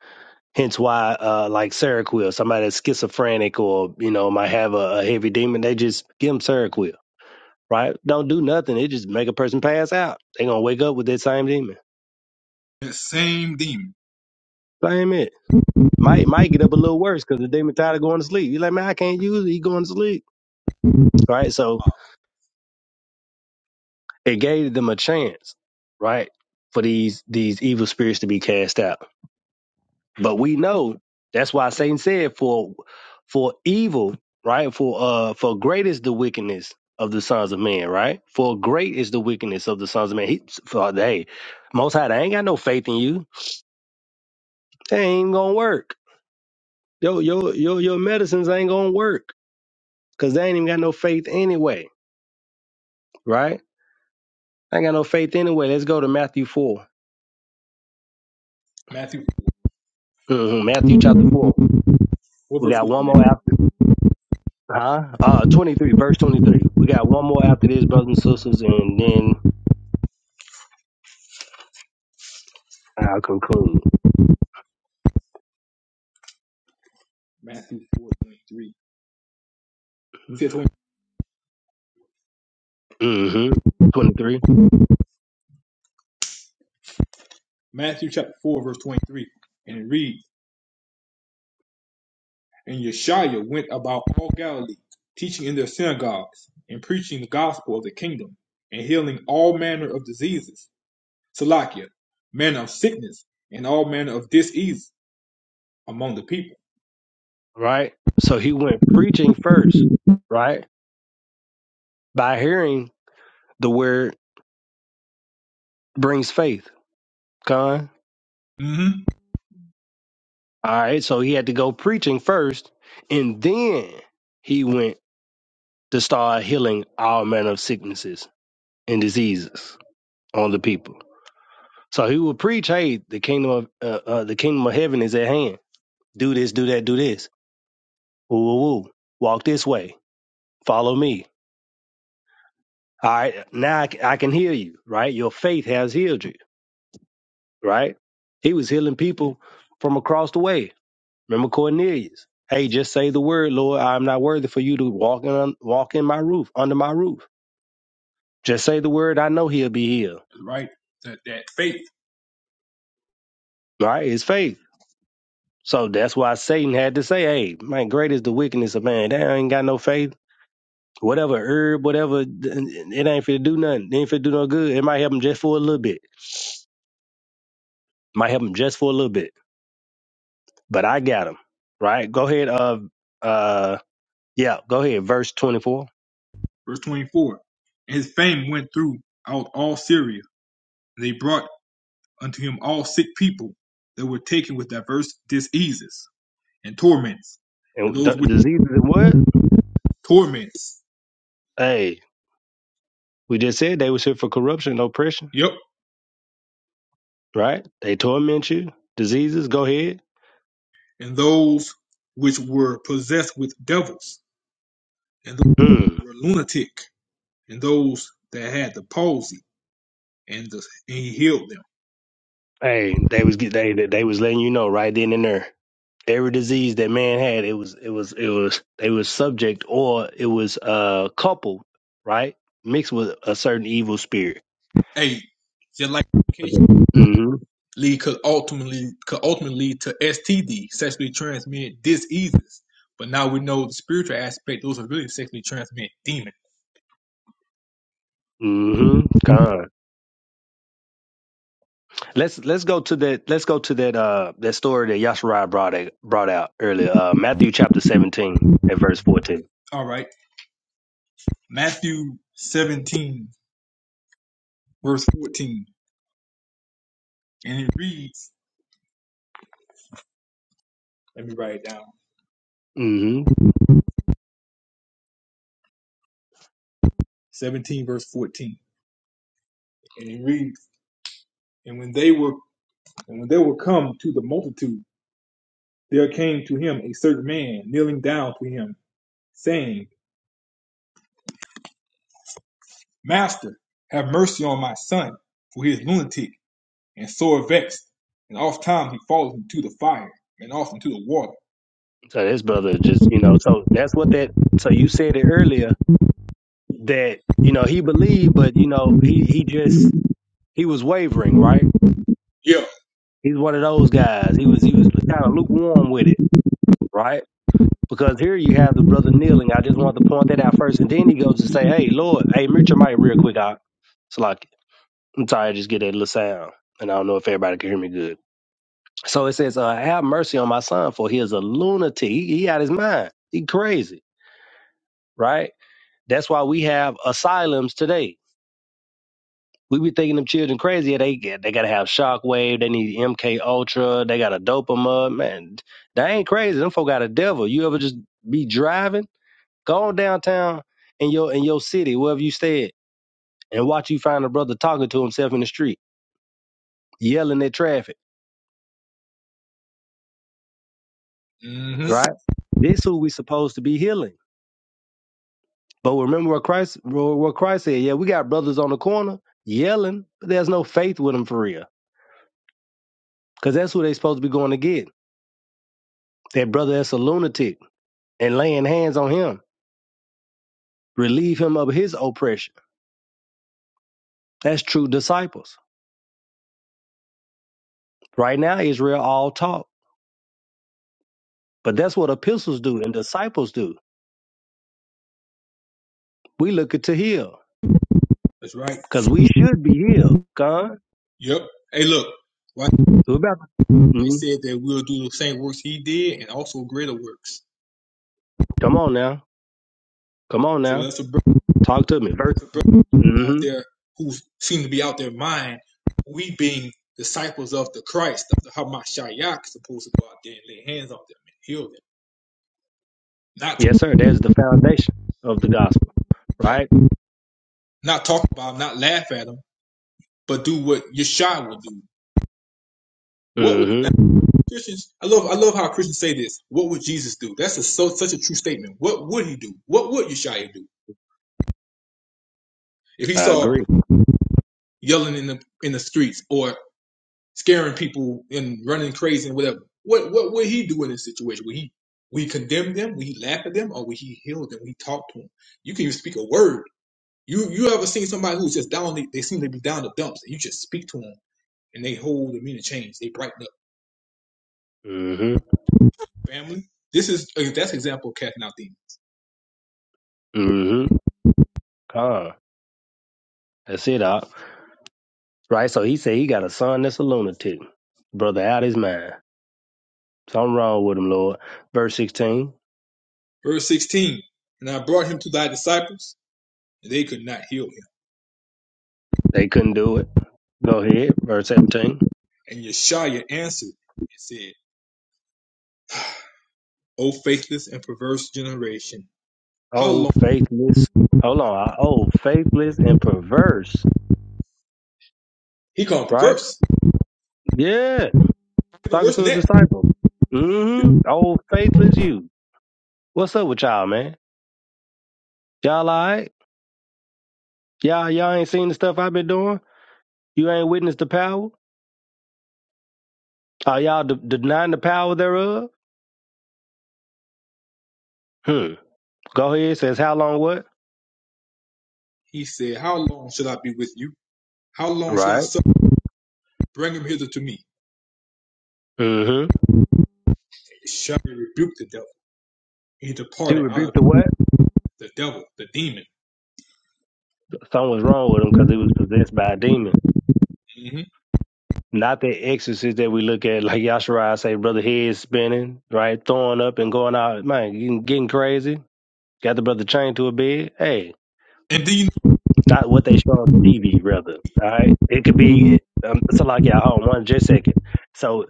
S10: Hence why uh like Seroquel, somebody that's schizophrenic or, you know, might have a, a heavy demon, they just give them Seroquel, right? Don't do nothing. They just make a person pass out. They're gonna wake up with that same demon.
S8: the same demon.
S10: Same it. Might
S8: Uh,
S10: might get up a little worse because the demon tired of going to sleep. You're like, man, I can't use it. He going to sleep. Right? So it gave them a chance, right, for these these evil spirits to be cast out. But we know that's why Satan said for for evil, right, for uh for great is the wickedness of the sons of men, right? For great is the wickedness of the sons of men. He, for hey, most high, they ain't got no faith in you. They ain't gonna work. Yo, your your your medicines ain't gonna work because they ain't even got no faith anyway, right? They Ain't got no faith anyway. Let's go to Matthew 4
S8: Matthew,
S10: hmm Matthew chapter
S8: what
S10: four. We
S8: verse
S10: got
S8: we
S10: one
S8: looking
S10: more
S8: at?
S10: after. Huh? Uh, 23, verse 23. We got one more after this, brothers and sisters, and then I'll conclude.
S8: Matthew four twenty three. It says
S10: Mm-hmm. 23.
S8: Matthew chapter 4, verse 23. And it reads, And Yeshua went about all Galilee, teaching in their synagogues, and preaching the gospel of the kingdom, and healing all manner of diseases, Salakia, manner of sickness, and all manner of disease among the people.
S10: Right? So he went preaching first, right? By hearing the word brings faith. Con.
S8: Mm-hmm.
S10: All right. So he had to go preaching first, and then he went to start healing all manner of sicknesses and diseases on the people. So he would preach, hey, the kingdom of uh, uh, the kingdom of heaven is at hand. Do this, do that, do this Woo, woo, woo. Walk this way. Follow me. All right. Now I, c- I can heal you, right? Your faith has healed you, right? He was healing people from across the way. Remember Cornelius? Hey, just say the word, Lord. I'm not worthy for you to walk in, walk in my roof, under my roof. Just say the word. I know he'll be healed,
S8: Right? That, that faith.
S10: right? It's faith. So that's why Satan had to say, hey, man, great is the wickedness of man. They ain't got no faith. Whatever herb, whatever, it ain't fit to do nothing. It ain't fit to do no good. It might help him just for a little bit. Might help him just for a little bit, but I got him. Right? Go ahead. Uh, uh, yeah. Go ahead. Verse twenty-four.
S8: Verse 24. And his fame went throughout all Syria, and they brought unto him all sick people that were taken with diverse diseases and torments, and
S10: And d-
S8: those with
S10: diseases and what?
S8: torments,
S10: Hey, we just said they was here for corruption and oppression.
S8: yep,
S10: Right? They torment you. Diseases. Go ahead.
S8: and those which were possessed with devils, and those
S10: Mm.
S8: who were lunatic, and those that had the palsy, and, the, and he healed them.
S10: Hey, they was get they they was letting you know right then and there. Every disease that man had, it was it was it was they was subject or it was uh coupled, right? Mixed with a certain evil spirit.
S8: Hey, just like the
S10: mm-hmm.
S8: lead could ultimately could ultimately lead to STD, sexually transmitted diseases. But now we know the spiritual aspect; those are really sexually transmitted demons.
S10: Mm-hmm. Let's let's go to that. Let's go to that. Uh, that story that Yasharai brought out, brought out earlier. Uh, Matthew chapter seventeen at verse 14
S8: All right, Matthew seventeen verse fourteen, and it reads. Let me write it down.
S10: hmm
S8: Seventeen verse fourteen, and it reads. And when they were and when they were come to the multitude, there came to him a certain man kneeling down to him, saying, Master, have mercy on my son, for he is lunatic and sore vexed, and oft time he falleth into the fire, and oft into the water.
S10: So this brother just you know. So that's what that. So you said it earlier that you know he believed, but you know he he just he was wavering, right?
S8: Yeah.
S10: He's one of those guys. He was he was kind of lukewarm with it, right? Because here you have the brother kneeling. I just want to point that out first, and then he goes to say, "Hey, Lord, hey, mute your mic real quick, out." I'm sorry, I just get that little sound. And I don't know if everybody can hear me good. So it says, uh, have mercy on my son, for he is a lunatic. He, he out his mind. He crazy, right? That's why we have asylums today. We be thinking them children crazy. Yeah, They get they gotta have shockwave. They need MK Ultra. They gotta dope them up. Man, they ain't crazy. Them folk got a devil. You ever just be driving, go on downtown in your in your city, wherever you stay, at, and watch you find a brother talking to himself in the street, yelling at traffic
S8: hmm
S10: right? This who we supposed to be healing. But remember what Christ what Christ said. Yeah, we got brothers on the corner yelling, but there's no faith with them for real. Because that's who they supposed to be going to get. That brother that's a lunatic and laying hands on him, relieve him of his oppression. That's true disciples. Right now, Israel all talk. But that's what epistles do and disciples do. We looking to heal.
S8: That's right.
S10: Because we should be healed. God.
S8: Yep. Hey, look. Why
S10: We're about to-
S8: they
S10: mhm.
S8: said that we'll do the same works he did and also greater works.
S10: Come on now. Come on
S8: So
S10: now.
S8: that's a brother,
S10: Talk to me. Verse.
S8: that's a brother out
S10: mm-hmm.
S8: there who seem to be out their mind. We being disciples of the Christ, of the Hamashiach, supposed to go out there and lay hands on them and heal them. Not to
S10: Yes, sir. That's the foundation of the gospel,
S8: fight,
S10: right?
S8: not talk about them, not laugh at them, but do what Yeshua would do. What?
S10: Mm-hmm.
S8: Christians, I love, I love how Christians say this. What would Jesus do? That's a, so such a true statement. What would he do? What would Yeshua do if he
S10: I
S8: saw
S10: agree.
S8: yelling in the in the streets or scaring people and running crazy and whatever? What what would he do in this situation? Would he would he condemn them? Would he laugh at them, or would he heal them? Would he talk to them? You can even speak a word. You you ever seen somebody who's just down? They, they seem to be down the dumps, and you just speak to them, and they hold the meaning change. They brighten up.
S10: Mm-hmm.
S8: Family. This is that's an example of casting out demons.
S10: Mm-hmm. Con. That's it, Op. Right? So he said he got a son that's a lunatic. Brother out his mind. Something wrong with him, Lord. Verse 16,
S8: Verse 16 And I brought him to thy disciples, and they could not heal him.
S10: they couldn't do it. Go ahead. Verse 17.
S8: And Yeshua answered and said, "Ah, O faithless and perverse generation, how
S10: Oh,
S8: long?
S10: faithless. Hold on. I- Oh, faithless and perverse.
S8: He called him
S10: Right?
S8: perverse.
S10: Yeah.
S8: no
S10: Talking
S8: worse than
S10: to a
S8: that.
S10: disciple. Mm-hmm. Oh, faithless you. What's up with y'all, man? Y'all all right? Y'all, y'all ain't seen the stuff I've been doing. You ain't witnessed the power. Are y'all de- denying the power thereof? Hmm. Go ahead. Says how long? What?
S8: He said, How long shall I be with you? How long shall I
S10: Right.
S8: suffer? Bring him hither to me.
S10: Mm-hmm.
S8: And Yeshua rebuked the devil. He
S10: He
S8: departed out
S10: rebuked the
S8: of
S10: what?
S8: the devil, the demon.
S10: Something was wrong with him because he was possessed by a demon.
S8: hmm
S10: Not the exorcist that we look at, like Yashariah say, brother head spinning, right, throwing up and going out, man, getting, getting crazy. Got the brother chained to a bed. Hey,
S8: And then you,
S10: not what they show on TV, rather. All right, it could be. Um, so like, yeah, hold on one just second. So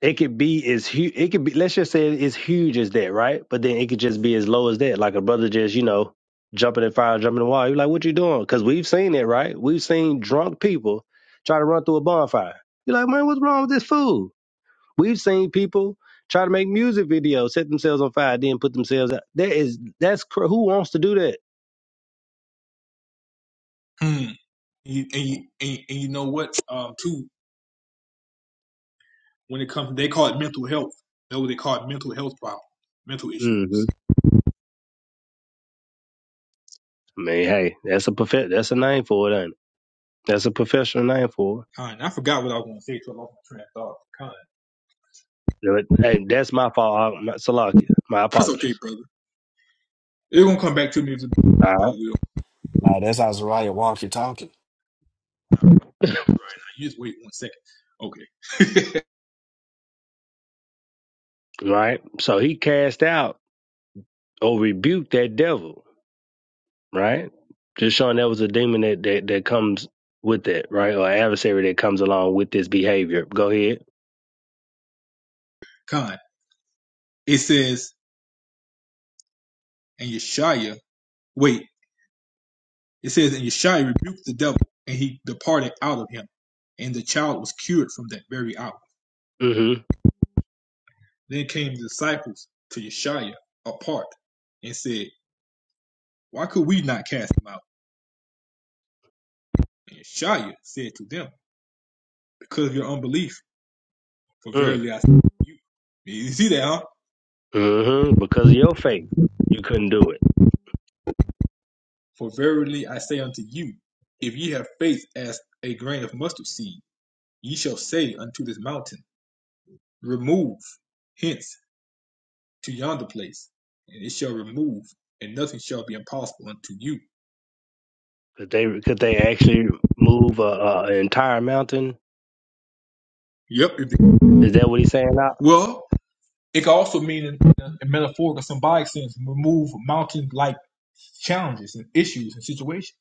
S10: it could be as huge. It could be. Let's just say it's huge as that, right? But then it could just be as low as that. Like a brother just, you know, jumping in fire, jumping in the wall. You're like, what you doing? Because we've seen it, right? We've seen drunk people try to run through a bonfire. You're like, man, what's wrong with this fool? We've seen people try to make music videos, set themselves on fire, then put themselves out. That is, that's cr- who wants to do
S8: hmm, and, and, and you know what? Um, too, when it comes, they call it mental health. That's what they call it mental health problem, mental issues.
S10: that. I mean, hey, that's a prof- that's a name for it, ain't it? That's a professional name for
S8: Kind. I forgot what I was gonna say, so I lost my train of thought. Kind.
S10: it. But, Hey, that's my fault. I- My, Salakia. My
S8: That's okay,
S10: apologies.
S8: brother. It's gonna come back to me. I
S10: All
S8: will.
S12: nah, that's how Zariah walk you talking.
S10: [laughs] right.
S8: You just wait one second. Okay.
S10: right? So he cast out or rebuked that devil, right? Just showing that was a demon that, that, that comes with that, right? Or adversary that comes along with this behavior. Go ahead.
S8: Con. It says, and Yeshaya. Wait. It says, and Yeshaya rebuked the devil, and he departed out of him, and the child was cured from that very hour.
S10: Mm-hmm.
S8: Then came the disciples to Yeshaya apart, and said, Why could we not cast him out? And Yeshaya said to them, Because of your unbelief. For
S10: Mm.
S8: verily I say to you. You see that, huh?
S10: Mm-hmm. Because of your faith, you couldn't do it.
S8: For verily I say unto you, if ye have faith as a grain of mustard seed, ye shall say unto this mountain, Remove hence to yonder place, and it shall remove, and nothing shall be impossible unto you.
S10: Could they could they actually move a, a, an entire mountain?
S8: Yep. if- it-
S10: Is that what he's saying? Out
S8: Well, it can also mean in in a in metaphorical, symbolic sense, remove mountain like challenges and issues and situations.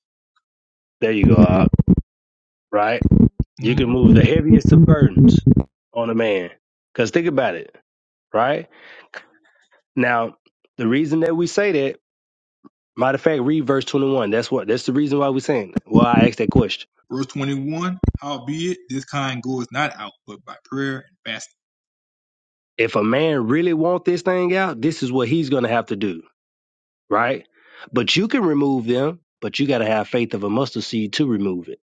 S10: there you go. right? You can
S8: Mhm.
S10: move the heaviest of burdens on a man. Because think about it, right? Now, the reason that we say that, matter of fact, read verse 21. That's what that's the reason why we're saying it. Well, I asked that question.
S8: Verse 21 Howbeit, this kind goeth not out but by prayer and fasting.
S10: If a man really want this thing out, this is what he's gonna have to do, right? But you can remove them, but you gotta have faith of a mustard seed to remove it,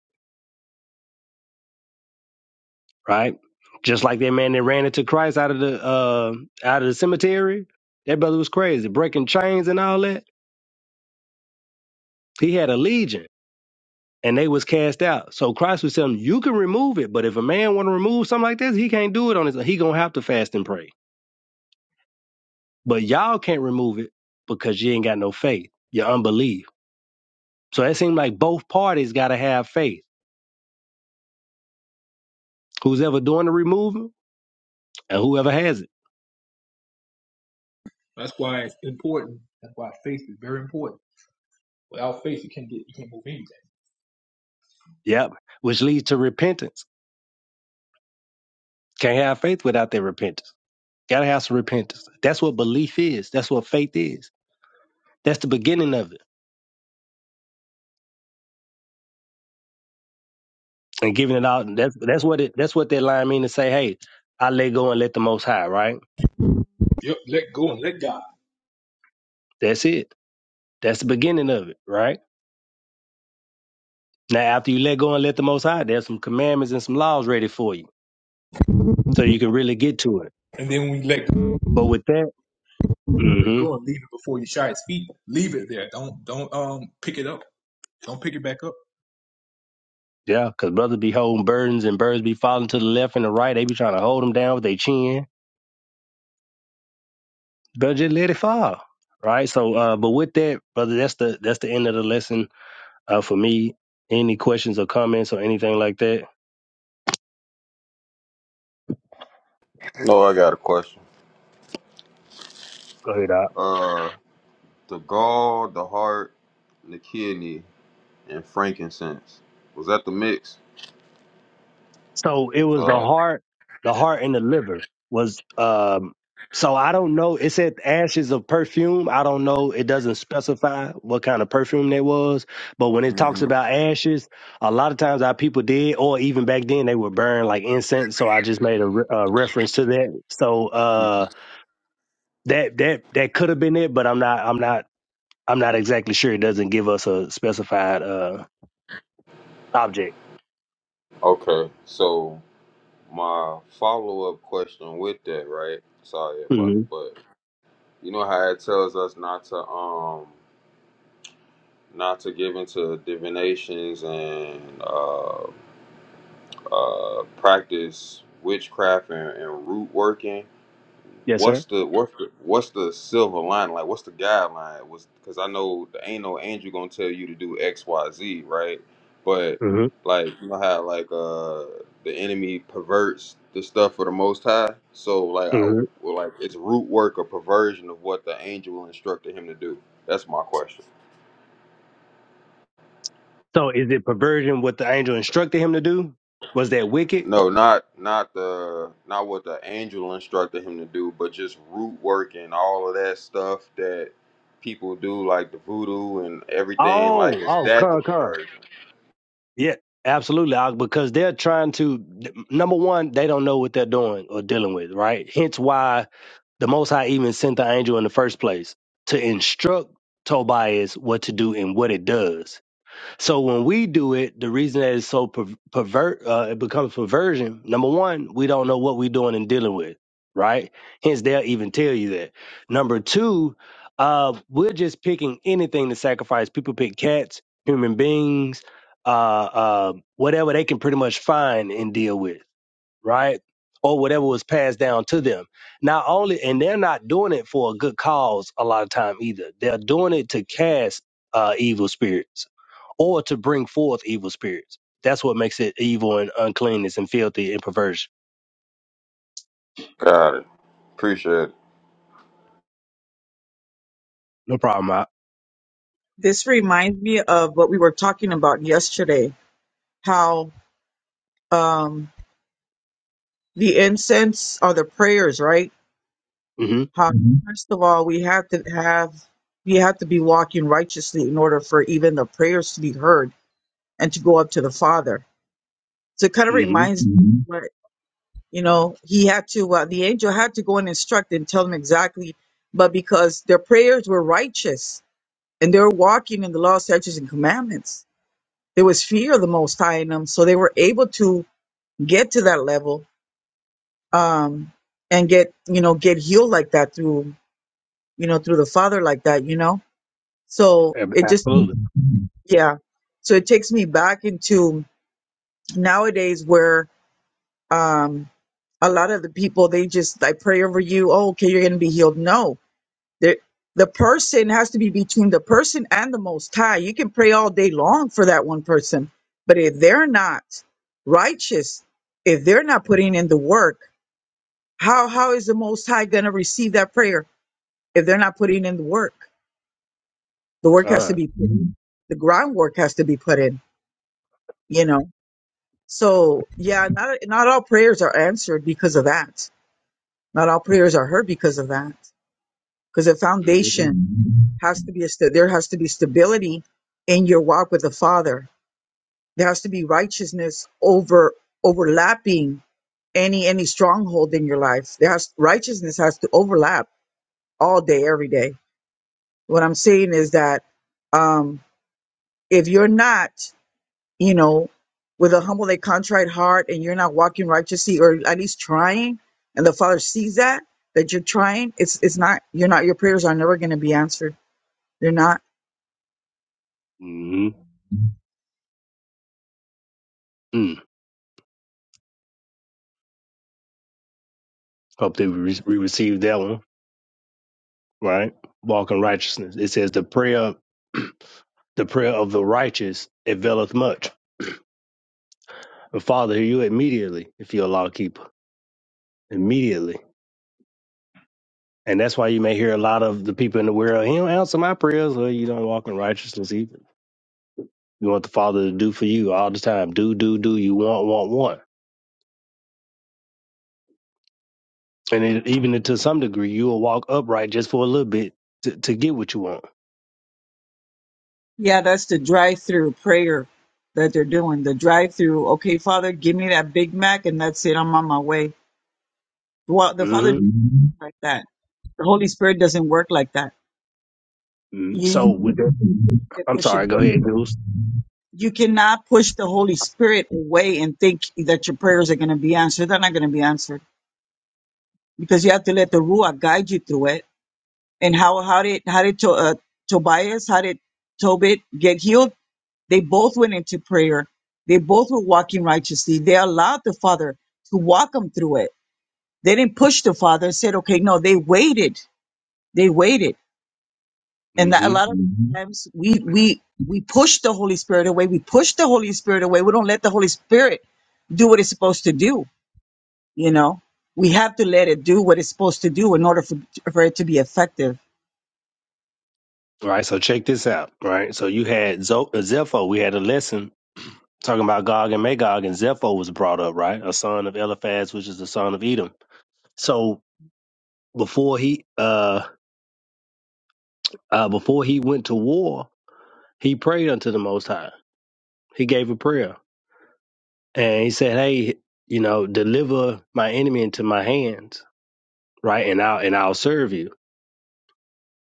S10: right? Just like that man that ran into Christ out of the uh out of the cemetery, that brother was crazy, breaking chains and all that. He had a legion and they was cast out. So Christ was telling them, you can remove it, but if a man want to remove something like this, he can't do it on his own. He gonna have to fast and pray. But y'all can't remove it because you ain't got no faith, your unbelief. So that seemed like both parties gotta have faith. Who's ever doing the removing and whoever has it.
S8: That's why it's important. That's why faith is very important Without faith, you can't get, you can't move anything.
S10: Yep. Which leads to repentance. Can't have faith without their repentance. Gotta have some repentance. That's what belief is. That's what faith is. That's the beginning of it. And giving it out. That's that's what it that's what that line mean to say, hey, I let go and let the most high, right?
S8: Yep, let go and let God.
S10: That's it. That's the beginning of it, right? Now, after you let go and let the Most High, there's some commandments and some laws ready for you, so you can really get to it.
S8: And then when you let go,
S10: But with that,
S8: let
S10: mm-hmm,
S8: go and leave it before you shy his feet. Leave it there. Don't don't um pick it up. Don't pick it back up.
S10: yeah, because brothers be holding burdens and birds be falling to the left and the right. They be trying to hold them down with their chin. Better just let it fall, right? So, uh, but with that, brother, that's the that's the end of the lesson uh, for me. Any questions or comments or anything like that?
S15: No, I got a question.
S10: Go ahead, Doc.
S15: Uh, the gall, the heart, the kidney, and frankincense. Was that the mix?
S10: So it was the
S15: Uh,
S10: heart, the heart and the liver was um so I don't know. It said ashes of perfume. I don't know. It doesn't specify what kind of perfume that was. But when it talks
S15: Mhm,
S10: about ashes, a lot of times our people did, or even back then they would burn like incense. So I just made a, re- a reference to that. So uh,
S15: mhm.
S10: that that that could have been it, but I'm not. I'm not. I'm not exactly sure. It doesn't give us a specified uh, object.
S15: okay. So my follow-up question with that, right? Sorry about
S10: hmm
S15: it, but you know how it tells us not to um not to give into divinations and uh uh practice witchcraft and, and root working.
S10: Yes, sir.
S15: what's the what's the what's the silver lining? Like, what's the guideline? Was because I know there ain't no angel gonna tell you to do X, Y, Z, right? But
S10: hmm
S15: like, you know how like uh the enemy perverts the stuff for the Most High. So like, I
S10: hmm
S15: well, like it's root work or perversion of what the angel instructed him to do. That's my question.
S10: So is it perversion what the angel instructed him to do? Was that wicked?
S15: No, not not the not what the angel instructed him to do, but just root work and all of that stuff that people do, like the voodoo and everything. Like,
S10: Oh,
S15: is
S10: oh,
S15: that the
S10: con, con.
S15: perversion?
S10: Yeah, absolutely. I- Because they're trying to, number one, they don't know what they're doing or dealing with, right? Hence why the Most High even sent the angel in the first place to instruct Tobias what to do and what it does. So when we do it, the reason that it's so per- pervert, uh, it becomes perversion. Number one, we don't know what we're doing and dealing with, right? Hence, they'll even tell you that. Number two, uh, we're just picking anything to sacrifice. People pick cats, human beings, uh, uh, whatever they can pretty much find and deal with right? Or whatever was passed down to them. Not only, and they're not doing it for a good cause a lot of time either. They're doing it to cast uh, evil spirits or to bring forth evil spirits. That's what makes it evil and uncleanness and filthy and perversion.
S15: Got it. Appreciate it.
S10: No problem, I.
S9: This reminds me of what we were talking about yesterday, how um, the incense are the prayers, right?
S10: Mm-hmm.
S9: How, Mhm. first of all, we have to have, we have to be walking righteously in order for even the prayers to be heard and to go up to the Father. So it kind of
S10: Mm-hmm.
S9: reminds me Mhm. what, you know, he had to, uh, the angel had to go and instruct and tell them exactly, but because their prayers were righteous and they were walking in the law, statutes, and commandments, there was fear of the Most High in them. So they were able to get to that level um, and get, you know, get healed like that through, you know, through the Father like that, you know So it just,
S10: Absolutely.
S9: yeah. So it takes me back into nowadays where um, a lot of the people, they just, I pray over you. Oh, okay, you're going to be healed. No, there, the person has to be between the person and the Most High. You can pray all day long for that one person, but if they're not righteous, if they're not putting in the work, how how is the Most High going to receive that prayer if they're not putting in the work? The work
S10: All
S9: has to
S10: right.
S9: be put in. The groundwork has to be put in. You know. So yeah, not not all prayers are answered because of that. Not all prayers are heard because of that. Because the
S10: Mm-hmm.
S9: foundation has to be a st- there has to be stability in your walk with the Father. There has to be righteousness over overlapping any any stronghold in your life. There has righteousness has to overlap all day, every day. What I'm saying is that um, if you're not you know, with a humble and contrite heart and you're not walking righteously or at least trying, and the Father sees that, that you're trying, it's it's not you're not your prayers are never gonna be answered. They're not.
S10: Mm-hmm. Mm. Hope they re- we receive that one, right? Walk in righteousness. It says the prayer. [clears throat] The prayer of the righteous availeth much. And Father, hear you immediately if you're a law keeper. Immediately. And that's why you may hear a lot of the people in the world, he don't answer my prayers or you don't walk in righteousness either. You want the Father to do for you all the time. Do, do, do. You want, want, want. And it, even to some degree, you will walk upright just for a little bit to, to get what you want.
S9: Yeah, that's the drive through prayer that they're doing. The drive through, okay, Father, give me that Big Mac and that's it. I'm on my way. Well, the Father
S10: hmm
S9: doesn't Mhm. work like that. The Holy Spirit doesn't work like that. You,
S10: So
S9: you
S10: with that,
S9: can't
S10: I'm sorry. Go
S9: push
S10: ahead,
S9: it.
S10: Jules.
S9: You cannot push the Holy Spirit away and think that your prayers are going to be answered. They're not going to be answered. because you have to let the ruach guide you through it. And how how did how did to, uh, Tobias how did Tobit get healed? They both went into prayer. They both were walking righteously. They allowed the Father to walk them through it. They didn't push the Father and said, "Okay, no." They waited. They waited. And that, a
S10: hmm
S9: lot of hmm times we we we push the Holy Spirit away. We push the Holy Spirit away. We don't let the Holy Spirit do what it's supposed to do. You know, we have to let it do what it's supposed to do in order for for it to be effective
S10: All right. So check this out. All right. So you had Zo- uh, Zepho. We had a lesson talking about Gog and Magog, and Zepho was brought up, right? A son of Eliphaz, which is the son of Edom. So before he uh, uh before he went to war, he prayed unto the Most High. He gave a prayer and he said, "Hey, you know, deliver my enemy into my hands, right? And I'll and I'll serve you."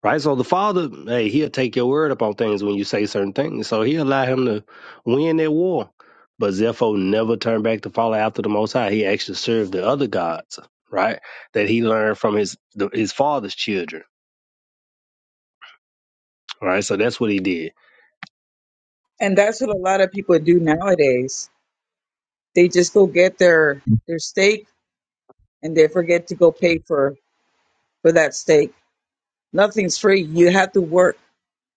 S10: Right? So the Father, hey, he'll take your word up on things when you say certain things. So he allowed him to win that war. But Zepho never turned back to follow after the Most High. He actually served the other gods, right? That he learned from his the, his father's children, right? So that's what he did.
S9: And that's what a lot of people do nowadays. They just go get their their steak and they forget to go pay for for that steak. Nothing's free. You have to work.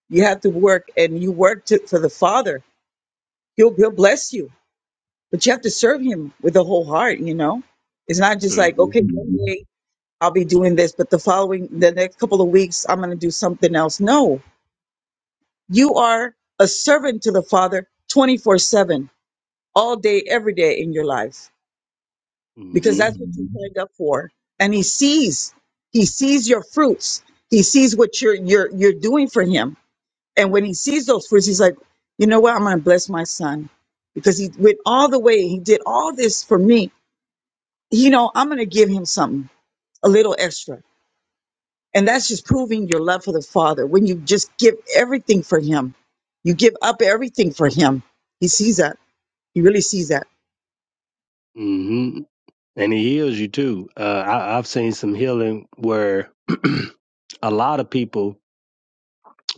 S9: You have to work, and you work to, for the Father. He'll He'll bless you, but you have to serve Him with the whole heart. You know, it's not just like
S10: hmm
S9: okay, one day I'll be doing this, but the following the next couple of weeks I'm going to do something else. No, you are a servant to the Father, twenty four seven, all day, every day in your life. because
S10: hmm
S9: that's what you signed up for. And he sees, he sees your fruits. He sees what you're you're you're doing for him. And when he sees those fruits, he's like, you know what? I'm gonna bless my son because he went all the way. He did all this for me. You know, I'm gonna give him something a little extra. And that's just proving your love for the father. When you just give everything for him, you give up everything for him. He sees that. He really sees that.
S10: hmm And he heals you too. Uh, I, I've seen some healing where [clears throat] a lot of people,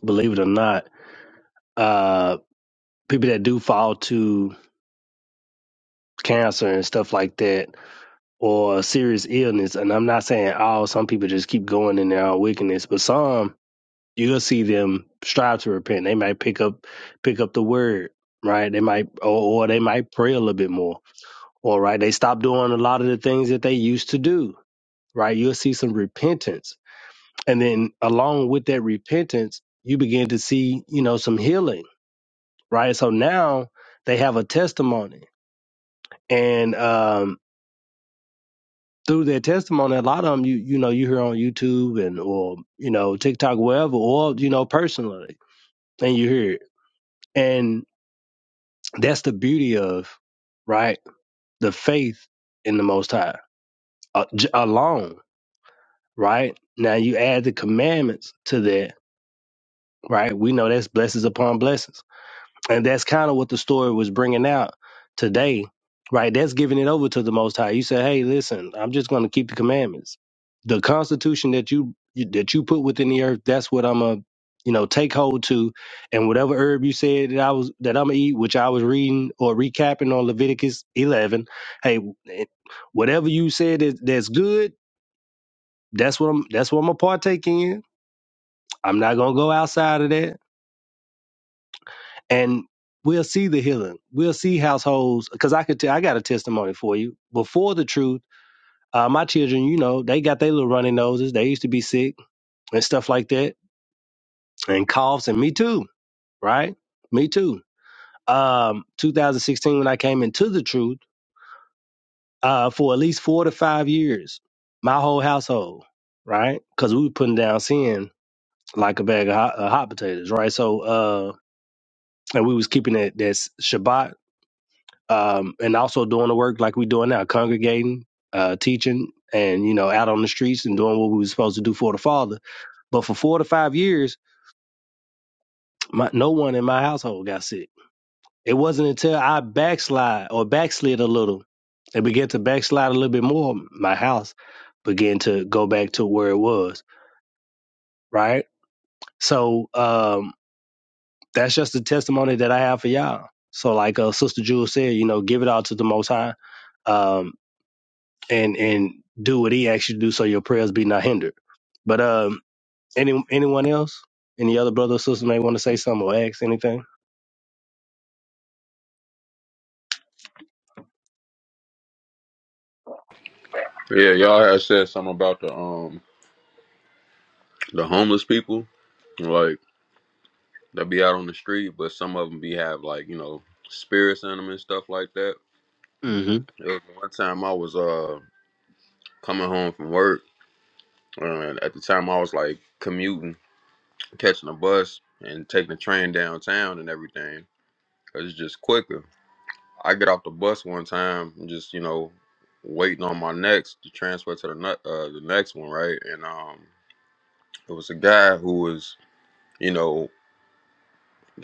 S10: believe it or not, uh, people that do fall to cancer and stuff like that, or a serious illness. And I'm not saying all, some people just keep going in their own wickedness, but some you'll see them strive to repent. They might pick up pick up the word, right? They might or, or they might pray a little bit more. Or right, they stop doing a lot of the things that they used to do. Right. You'll see some repentance. And then along with that repentance, you begin to see, you know, some healing. Right. So now they have a testimony. And um through their testimony, a lot of them you you know you hear on YouTube and or you know TikTok, wherever, or you know personally, and you hear it, and that's the beauty of right the faith in the Most High uh, j- alone, right? Now you add the commandments to that, right? We know that's blessings upon blessings And that's kind of what the story was bringing out today, right? That's giving it over to the Most High. You say, "Hey, listen, I'm just going to keep the commandments. The Constitution that you that you put within the earth, that's what I'm a, you know, take hold to. And whatever herb you said that I was that I'm gonna eat, which I was reading or recapping on Leviticus 11. Hey, eh, whatever you said that, that's good, that's what I'm that's what I'm gonna partake in. I'm not gonna go outside of that. and we'll see the healing. We'll see households because I could tell I got a testimony for you. Before the truth, uh, my children, you know, they got their little runny noses. They used to be sick and stuff like that, and coughs, and me too, right? Me too. Um, 2016 when I came into the truth, uh, for at least four to five years, my whole household, right? Because we were putting down sin like a bag of hot, uh, hot potatoes, right? So, uh, and we was keeping that that Shabbat um, and also doing the work like we're doing now, congregating, uh, teaching, and you know, out on the streets and doing what we were supposed to do for the Father. But for four to five years, my, no one in my household got sick. It wasn't until I backslide or backslid a little and began to backslide a little bit more, my house began to go back to where it was. Right. So um, that's just the testimony that I have for y'all. So, like uh, Sister Jewel said, you know, give it all to the Most High Um, and and do what he asks you to do so your prayers be not hindered. But um any anyone else? Any other brother or sister may want to say something or ask anything?
S15: Yeah, y'all had said something about the um the homeless people, like they be out on the street, but some of them be have like you know spirits in them and stuff like that.
S10: Mm-hmm.
S15: It was one time I was uh coming home from work, and at the time I was like commuting. catching a bus and taking the train downtown and everything. 'cause it's just quicker. I get off the bus one time and just you know waiting on my next to transfer to the ne- uh, the next one, right? And um, it was a guy who was you know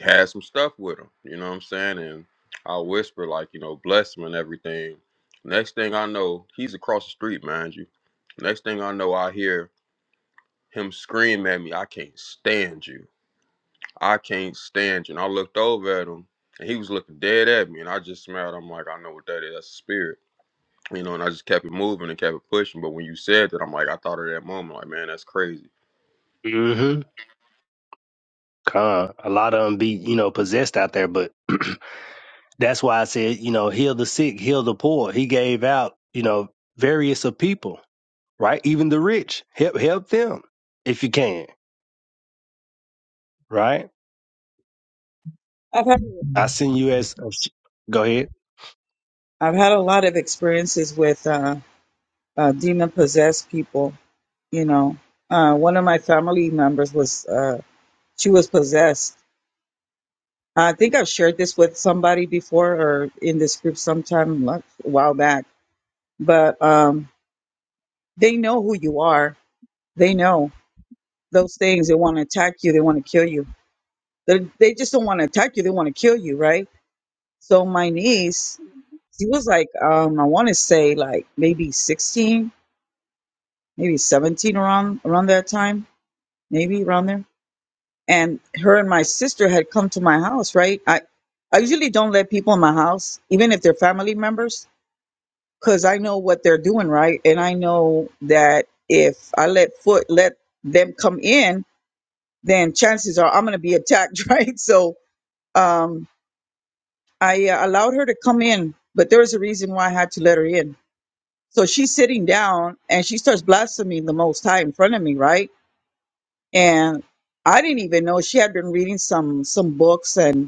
S15: had some stuff with him. You know what I'm saying? And I whisper like you know bless him and everything. Next thing I know, he's across the street, mind you. Next thing I know, I hear him scream at me, "I can't stand you." I can't stand you. And I looked over at him and he was looking dead at me. And I just smiled. I'm like, I know what that is. That's a spirit. You know, and I just kept it moving and kept it pushing. But when you said that, I'm like, I thought of that moment. Like, man, that's crazy.
S10: Mm-hmm. Con. A lot of them be, you know, possessed out there, but [clears throat] that's why I said, you know, heal the sick, heal the poor. He gave out, you know, various of people. right? Even the rich, help help them if you can, right?
S9: I've had
S10: I send you as a sh- go ahead.
S9: I've had a lot of experiences with. Uh, uh, demon possessed people. You know, uh, one of my family members was uh, she was possessed. I think I've shared this with somebody before or in this group sometime like, a while back. But um, they know who you are. They know those things. They want to attack you. They want to kill you. They they just don't want to attack you. They want to kill you, right? So my niece, she was like, um, I want to say like maybe sixteen, maybe seventeen around around that time, maybe around there and her and my sister had come to my house right i i usually don't let people in my house even if they're family members because i know what they're doing right and i know that if i let foot let them come in then chances are i'm going to be attacked [laughs] right so um i uh, allowed her to come in but there was a reason why i had to let her in so she's sitting down and she starts blaspheming the most high in front of me right and i didn't even know she had been reading some some books and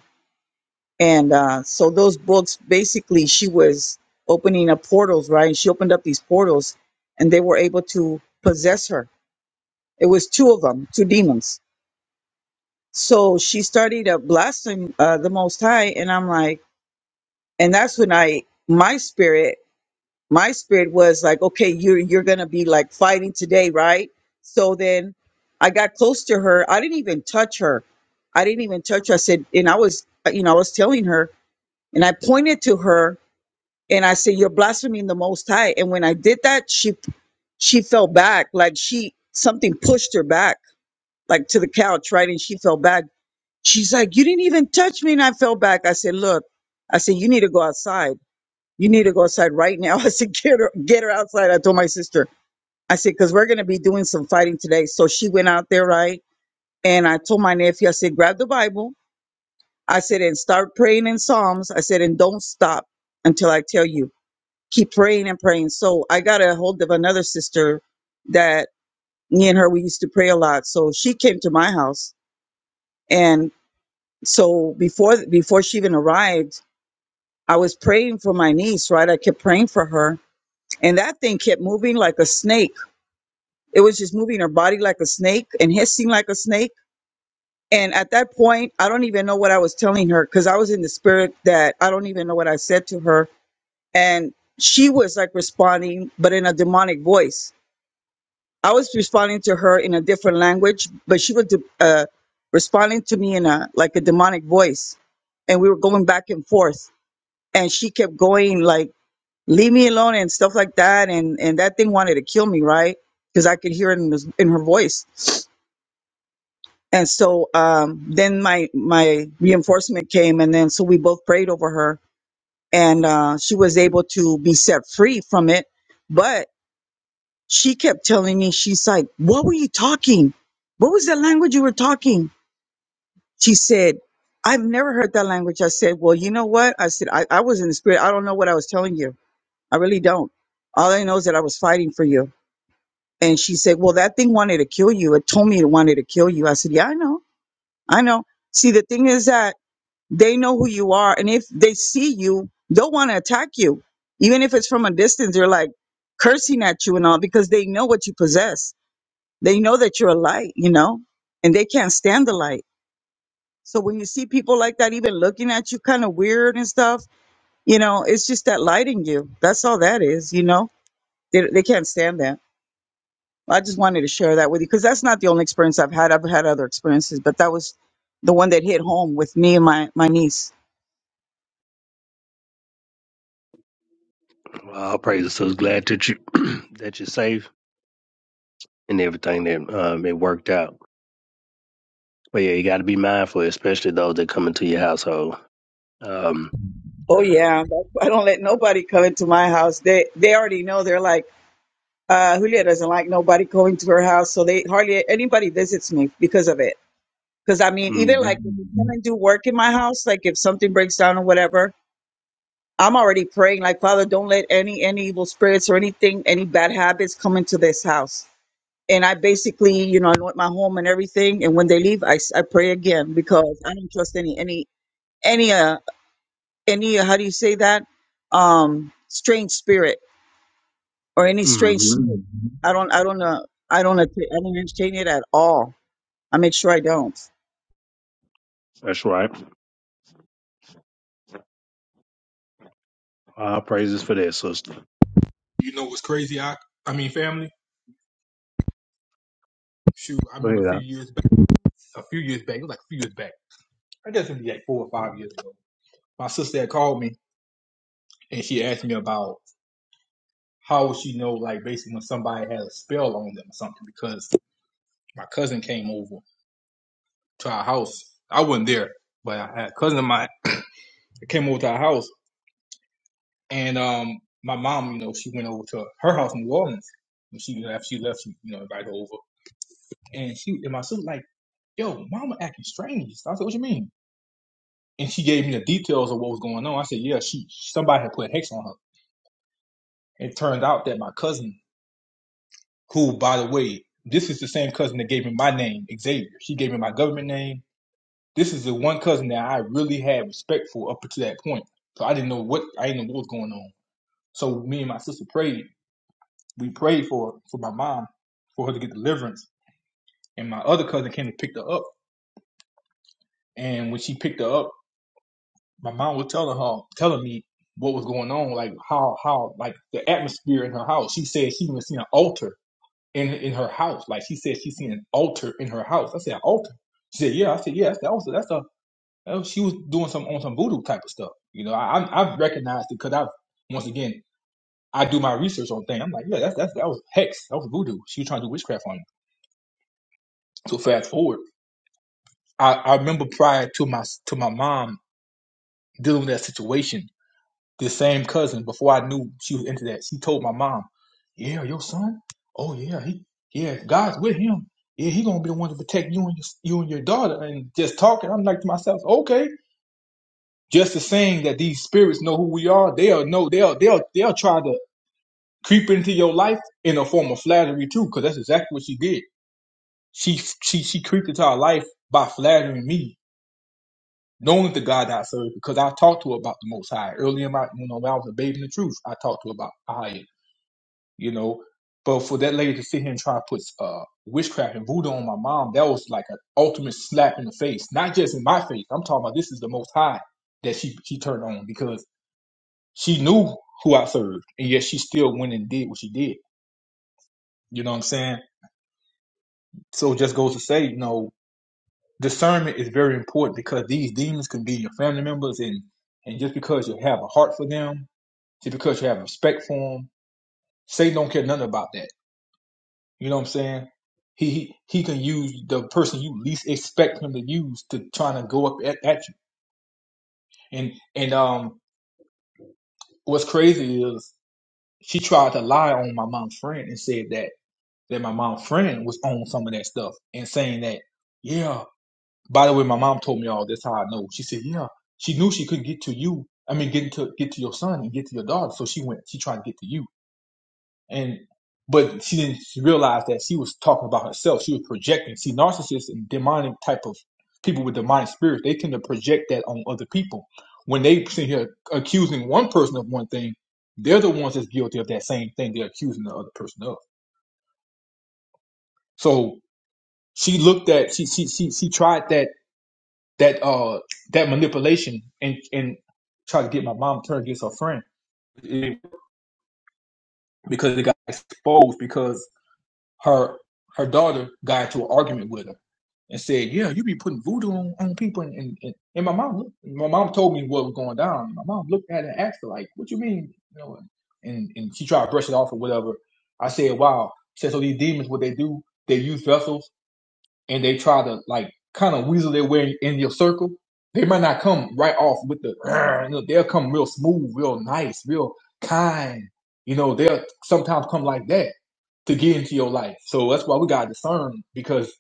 S9: and uh, so those books basically she was opening up portals right and she opened up these portals and they were able to possess her it was two of them two demons so she started to blaspheme uh, the most high and i'm like and that's when i my spirit my spirit was like okay you're you're gonna be like fighting today right so then i got close to her i didn't even touch her i didn't even touch her i said and i was you know i was telling her and i pointed to her and I said, "You're blaspheming the Most High." And when I did that, she she fell back, like she something pushed her back, like to the couch, right? And she fell back. She's like, "You didn't even touch me," and I fell back. I said, "Look," I said, "You need to go outside. You need to go outside right now." [laughs] I said, "Get her, get her outside." I told my sister. I said, "Cause we're gonna be doing some fighting today." So she went out there, right? And I told my nephew, I said, "Grab the Bible." I said, "And start praying in Psalms." I said, "And don't stop until I tell you." keep praying and praying. So I got a hold of another sister that me and her we used to pray a lot. So she came to my house, and so before before she even arrived, I was praying for my niece. Right, I kept praying for her, and that thing kept moving like a snake. It was just moving her body like a snake and hissing like a snake. And at that point, I don't even know what I was telling her because I was in the spirit that I don't even know what I said to her. And she was like responding, but in a demonic voice. I was responding to her in a different language, but she was uh, responding to me in a like a demonic voice, and we were going back and forth. And she kept going like, "Leave me alone" and stuff like that. And and that thing wanted to kill me, right? Because I could hear it in, this- in her voice. And so um, then my my reinforcement came, and then so we both prayed over her, and uh, she was able to be set free from it. But she kept telling me, she's like, what were you talking? What was the language you were talking? She said, I've never heard that language. I said, well, you know what? I said, I, I was in the spirit. I don't know what I was telling you. I really don't. All I know is that I was fighting for you. And she said, well, that thing wanted to kill you. It told me it wanted to kill you. I said, yeah, I know. I know. See, the thing is that they know who you are. And if they see you, they'll want to attack you. Even if it's from a distance, they're like cursing at you and all because they know what you possess They know that you're a light, you know, and they can't stand the light. So when you see people like that, even looking at you kind of weird and stuff, you know, it's just that light in you. That's all that is, you know, they, they can't stand that. I just wanted to share that with you because that's not the only experience I've had. I've had other experiences, but that was the one that hit home with me and my, my niece.
S10: Well, praise it. So glad that you [clears throat] that you're safe and everything that um, it worked out. But yeah, you got to be mindful, especially those that come into your household. Um,
S9: Oh yeah, I don't let nobody come into my house. They they already know. They're like, uh, Julia doesn't like nobody going to her house, so they hardly anybody visits me because of it Because I mean, even
S10: hmm
S9: like when you come and do work in my house, like if something breaks down or whatever, I'm already praying, like, Father, don't let any any evil spirits or anything, any bad habits come into this house. And I basically, you know, anoint my home and everything. And when they leave, I, s- I pray again because I don't trust any any any uh any uh, how do you say that um strange spirit or any strange
S10: hmm
S9: smoke. I don't I don't uh, I don't atta- I don't entertain it at all. I make sure I don't.
S10: That's right. All praises for that, sister.
S8: You know what's crazy? I I mean, family. Shoot, I
S10: Go
S8: remember a
S10: ahead.
S8: few
S10: Al.
S8: years back. A few years back, it was like a few years back. I guess it was like four or five years ago. My sister had called me and she asked me about how would she know, like basically when somebody has a spell on them or something. Because my cousin came over to our house. I wasn't there, but I had a cousin of mine that came over to our house And um, my mom, you know, she went over to her house in New Orleans. When she after she left, she you know invited her over, and she and my sister like, "Yo, mama acting strange." So I said, "What you mean?" And she gave me the details of what was going on. I said, "Yeah, she somebody had put hex on her." It turned out that my cousin, who by the way, this is the same cousin that gave me my name, Xavier. She gave me my government name. This is the one cousin that I really had respect for up to that point. So I didn't know what I didn't know what was going on. So me and my sister prayed, we prayed for for my mom for her to get deliverance. And my other cousin came and picked her up. And when she picked her up, my mom was telling her, telling me what was going on, like how how like the atmosphere in her house. She said she even seen an altar in in her house. Like she said she seen an altar in her house. I said an altar. She said yeah. I said yeah. That's the altar. That's a oh, she was doing some on some voodoo type of stuff. You know, I I- I've recognized it because I've once again I do my research on things. I'm like yeah, that's that's that was hex. That was voodoo. She was trying to do witchcraft on me. So fast forward. I, I remember prior to my to my mom dealing with that situation, this same cousin, before I knew she was into that, she told my mom, "Yeah, your son. Oh yeah, he yeah, God's with him. Yeah, he gonna be the one to protect you and your, you and your daughter." And just talking, I'm like to myself, "Okay." Just the saying that these spirits know who we are, they'll know they'll they'll they'll try to creep into your life in a form of flattery too, because that's exactly what she did. She she she creeped into our life by flattering me knowing the God I serve, because I talked to her about the Most High early in my, you know, when I was a baby in the truth, I talked to her about Ahia, you know. But for that lady to sit here and try to put uh, witchcraft and voodoo on my mom, that was like an ultimate slap in the face. Not just in my face. I'm talking about this is the Most High that she she turned on because she knew who I served, and yet she still went and did what she did. You know what I'm saying? So it just goes to say, you know, discernment is very important because these demons can be your family members, and and just because you have a heart for them See, because you have respect for him, Satan don't care nothing about that. You know what I'm saying? He he, he can use the person you least expect him to use to trying to go up at, at you. And and um, what's crazy is she tried to lie on my mom's friend and said that that my mom's friend was on some of that stuff and saying that yeah. By the way, my mom told me all this. How I know? She said yeah. She knew she couldn't get to you. I mean, get to get to your son and get to your daughter. So she went. She tried to get to you and but she didn't realize that she was talking about herself. She was projecting. See, narcissists and demonic type of people with demonic spirits, they tend to project that on other people. When they sit here accusing one person of one thing, they're the ones that's guilty of that same thing they're accusing the other person of. So she looked at she she she she tried that that uh that manipulation and and tried to get my mom turned against her friend it, because it got exposed because her her daughter got into an argument with her and said, "Yeah, you be putting voodoo on, on people." And, and, and and my mom, looked- my mom told me what was going down. My mom looked at it and asked her, "Like, what you mean?" You know, and and she tried to brush it off or whatever. I said, "Wow." She said, "So these demons, what they do? They use vessels and they try to like kind of weasel their way in your circle. They might not come right off with the, you know, they'll come real smooth, real nice, real kind. You know, they'll sometimes come like that." to get into your life. So that's why we gotta discern because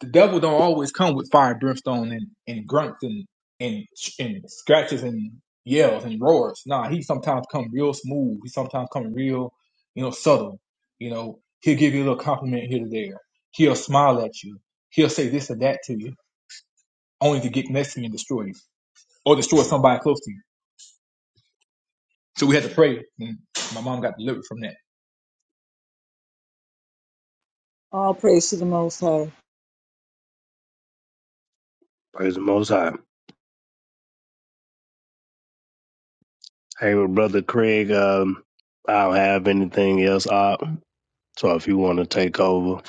S8: the devil don't always come with fire, and brimstone, and and grunts and and and scratches and yells and roars. Nah, he sometimes come real smooth. He sometimes come real, you know, subtle. You know, he'll give you a little compliment here to there. He'll smile at you. He'll say this or that to you, only to get next to you and destroy you or destroy somebody close to you. So we had to pray, and my mom got delivered from that.
S9: All praise to the Most High.
S10: Praise the Most High. Hey, well, brother Craig. Um, I don't have anything else up. So if you want to take over,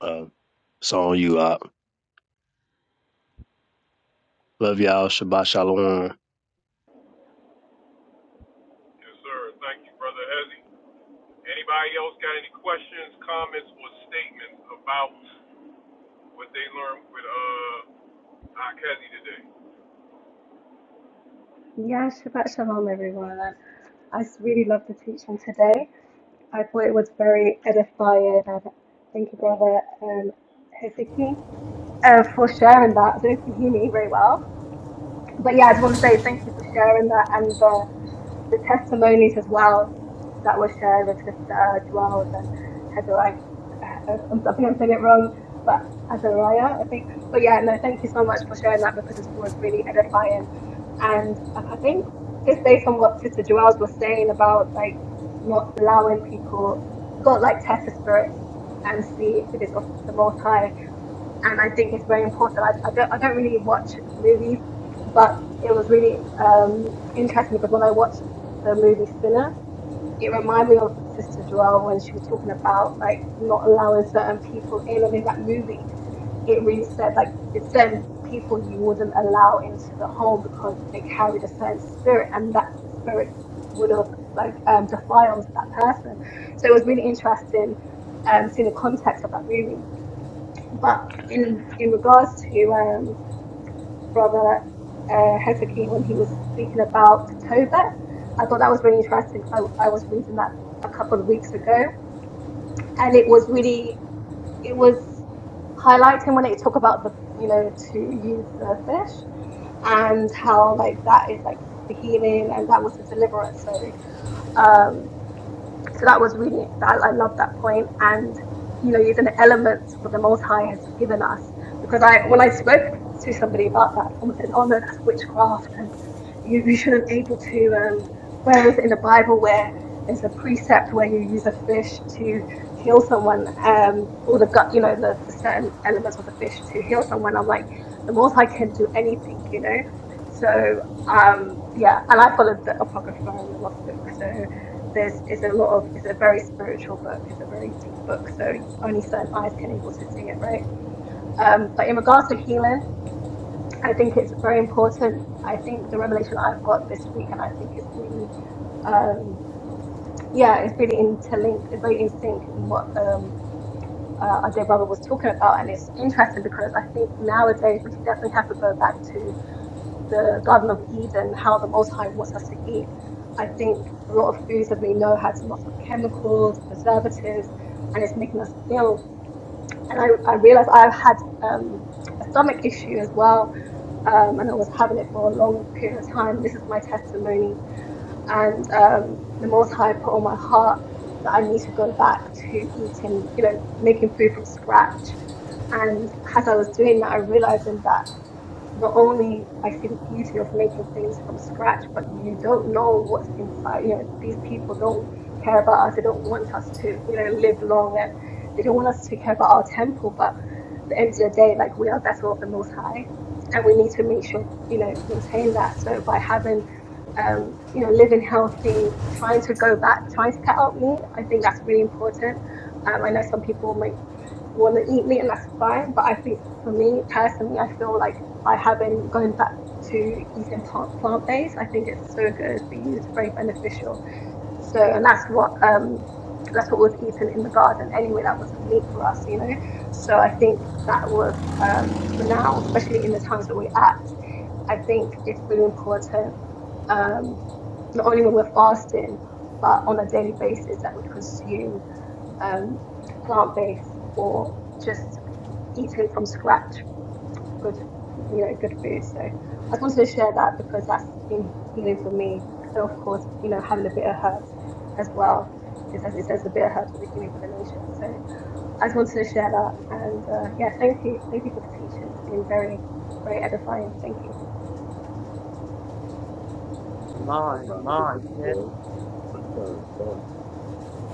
S10: uh, it's on you up. Love y'all. Shabbat shalom.
S1: Yes, sir. Thank you, Brother Hezzy. Anybody else got any questions, comments, or statements about what they learned with uh I cut
S16: Yeah, Shabbat Shalom, everyone. I I s- really loved the teaching today. I thought it was very edifying. And thank you, Brother um, Hezeki, uh, for sharing that. I don't know if you can hear me very well. But yeah, I just want to say thank you for sharing that. and. the the testimonies as well that were shared with Sister Dwells and Hezariah. I think I'm saying it wrong, but Azariah, I think. But yeah, no, thank you so much for sharing that because it was really edifying. And I think just based on what Sister Dwells was saying about like not allowing people, God like test the spirits and see if it's of the Most High and I think it's very important. I, I, don't, I don't really watch movies, but it was really um, interesting because when I watched the movie Sinner, it reminded me of Sister Joelle when she was talking about like not allowing certain people in, and in that movie, it really said like it's certain people you wouldn't allow into the home because they carried a certain spirit, and that spirit would have like um, defiled that person. So it was really interesting um, seeing the context of that movie. But in in regards to um, Brother uh, Hezekiah when he was speaking about Tobit, I thought that was really interesting because I, I was reading that a couple of weeks ago, and it was really it was highlighting when it talked about the you know to use the fish and how like that is like the healing and that was the deliverance. Sorry, um, so that was really I, I love that point and you know using the elements that the most high has given us because i when i spoke to somebody about that someone says oh no that's witchcraft and you, you shouldn't be able to um where is it in the bible where there's a precept where you use a fish to heal someone um or the gut you know the, the certain elements of the fish to heal someone i'm like the most high can do anything you know so um yeah and i followed the apocrypha and the lost book so there's is a lot of it's a very spiritual book it's a very deep book so only certain eyes can able to see it right um, but in regards to healing i think it's very important i think the revelation i've got this week and i think it's really um, yeah it's really interlinked it's very in sync in what um, uh, our dear brother was talking about and it's interesting because i think nowadays we definitely have to go back to the Garden of Eden, how the Most High wants us to eat. I think a lot of foods that we know has lots of chemicals, preservatives, and it's making us ill. And I, I realized I've had um, a stomach issue as well, um, and I was having it for a long period of time. This is my testimony. And um, the Most High put on my heart that I need to go back to eating, you know, making food from scratch. And as I was doing that, I realized that not only I see the beauty of making things from scratch, but you don't know what's inside. You know, these people don't care about us. They don't want us to, you know, live long, and they don't want us to care about our temple. But at the end of the day, like we are vessel of the Most High, and we need to make sure, you know, maintain that. So by having, um, you know, living healthy, trying to go back, trying to cut out meat, I think that's really important. Um, I know some people might want to eat meat, and that's fine. But I think for me personally, I feel like by having going back to eating plant based, I think it's so good for you. It's very beneficial. So, and that's what um that's what was eaten in the garden anyway. That was the meat for us, you know. So I think that was um for now, especially in the times that we're at. I think it's really important um not only when we're fasting, but on a daily basis that we consume um, plant-based or just eating from scratch good you know good food so i just wanted to share that because that's been healing for me and of course you know having a bit of herbs as well is as it says a bit of herbs are the healing for the nation so i just wanted to share that and uh, yeah thank you thank you for the teaching it's been very very edifying thank you
S10: No
S5: Amon,
S10: problem. Get
S5: Amon,
S10: what
S5: sis.
S10: you said. Uh, no.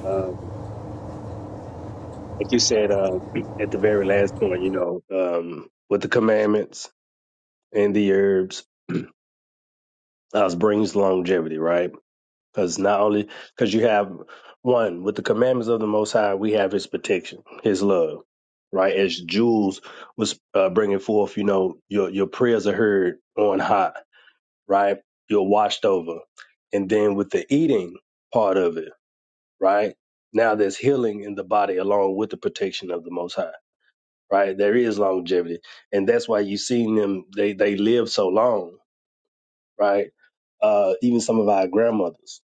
S10: Um, like you said uh, [clears throat] at the very last point, you know, um, with the commandments and the herbs, uh, brings longevity, right? Because not only because you have one with the commandments of the Most High, we have His protection, His love, right? As Jules was uh, bringing forth, you know, your your prayers are heard on high, right? You're washed over, and then with the eating part of it right? Now there's healing in the body along with the protection of the Most High, right? There is longevity, and that's why you've seen them. They they live so long, right? Uh, even some of our grandmothers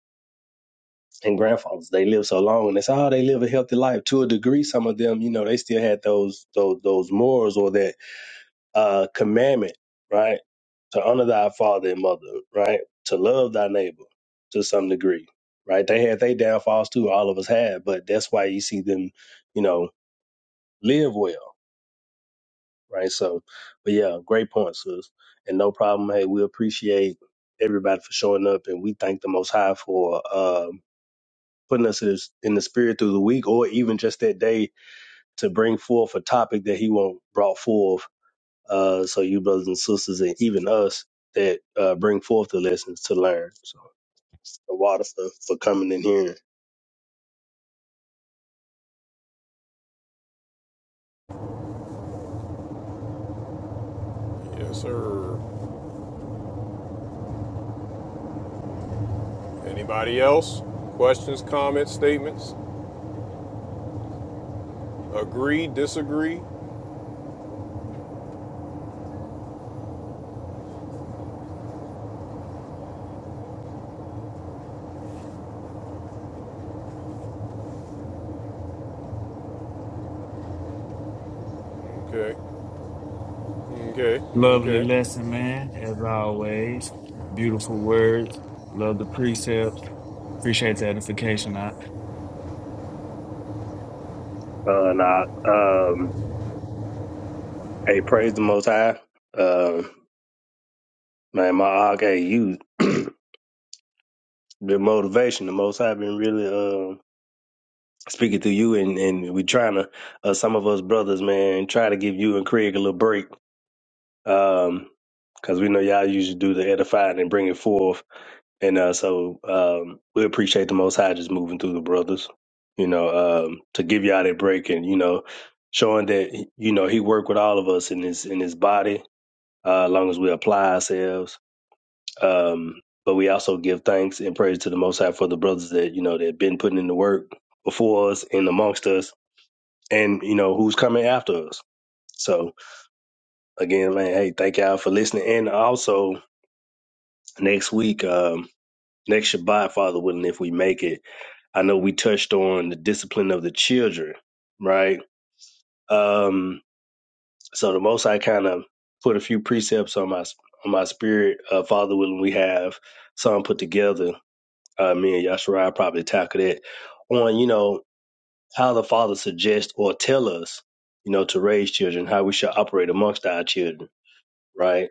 S10: and grandfathers, they live so long, and they say, oh, they live a healthy life to a degree. Some of them, you know, they still had those those those morals or that uh, commandment, right? To honor thy father and mother, right? To love thy neighbor to some degree, right? They had their downfalls too, all of us had, but that's why you see them, you know, live well, right? So, but yeah, great point, sis. And no problem. Hey, we appreciate everybody for showing up and we thank the Most High for um, putting us in His- in the spirit through the week or even just that day to bring forth a topic that He won't brought forth Uh, so you brothers and sisters, and even us that uh, bring forth the lessons to learn. So the water for, for coming in here.
S1: you today. Yes, sir. Anybody else? Questions, comments, statements? Agree, disagree? Okay, okay,
S12: Lovely
S1: okay.
S12: lesson, man, as always. Beautiful words. Love the precepts. Appreciate the edification. I.
S10: Uh, nah, um, hey, praise the Most High. Um, man, my og, hey, you [clears throat] the motivation. The Most High been really um speaking to you, and and we trying to uh, some of us brothers, man, try to give you and Craig a little break. Um, because we know y'all usually do the edifying and bring it forth And uh, so um, we appreciate the Most High just moving through the brothers, you know, um, to give y'all that break and you know, showing that you know He worked with all of us in His in His body, uh, as long as we apply ourselves. Um, but we also give thanks and praise to the Most High for the brothers that you know that have been putting in the work before us and amongst us, and you know who's coming after us. So again, man, hey, thank y'all for listening. And also next week, um, next Shabbat, Father willing, if we make it I know we touched on the discipline of the children, right? Um, so the Most I kind of put a few precepts on my on my spirit. Uh, Father willing, we have some put together. Uh, me and Yashara probably tackle that on you know how the Father suggests or tell us you know to raise children, how we should operate amongst our children, right?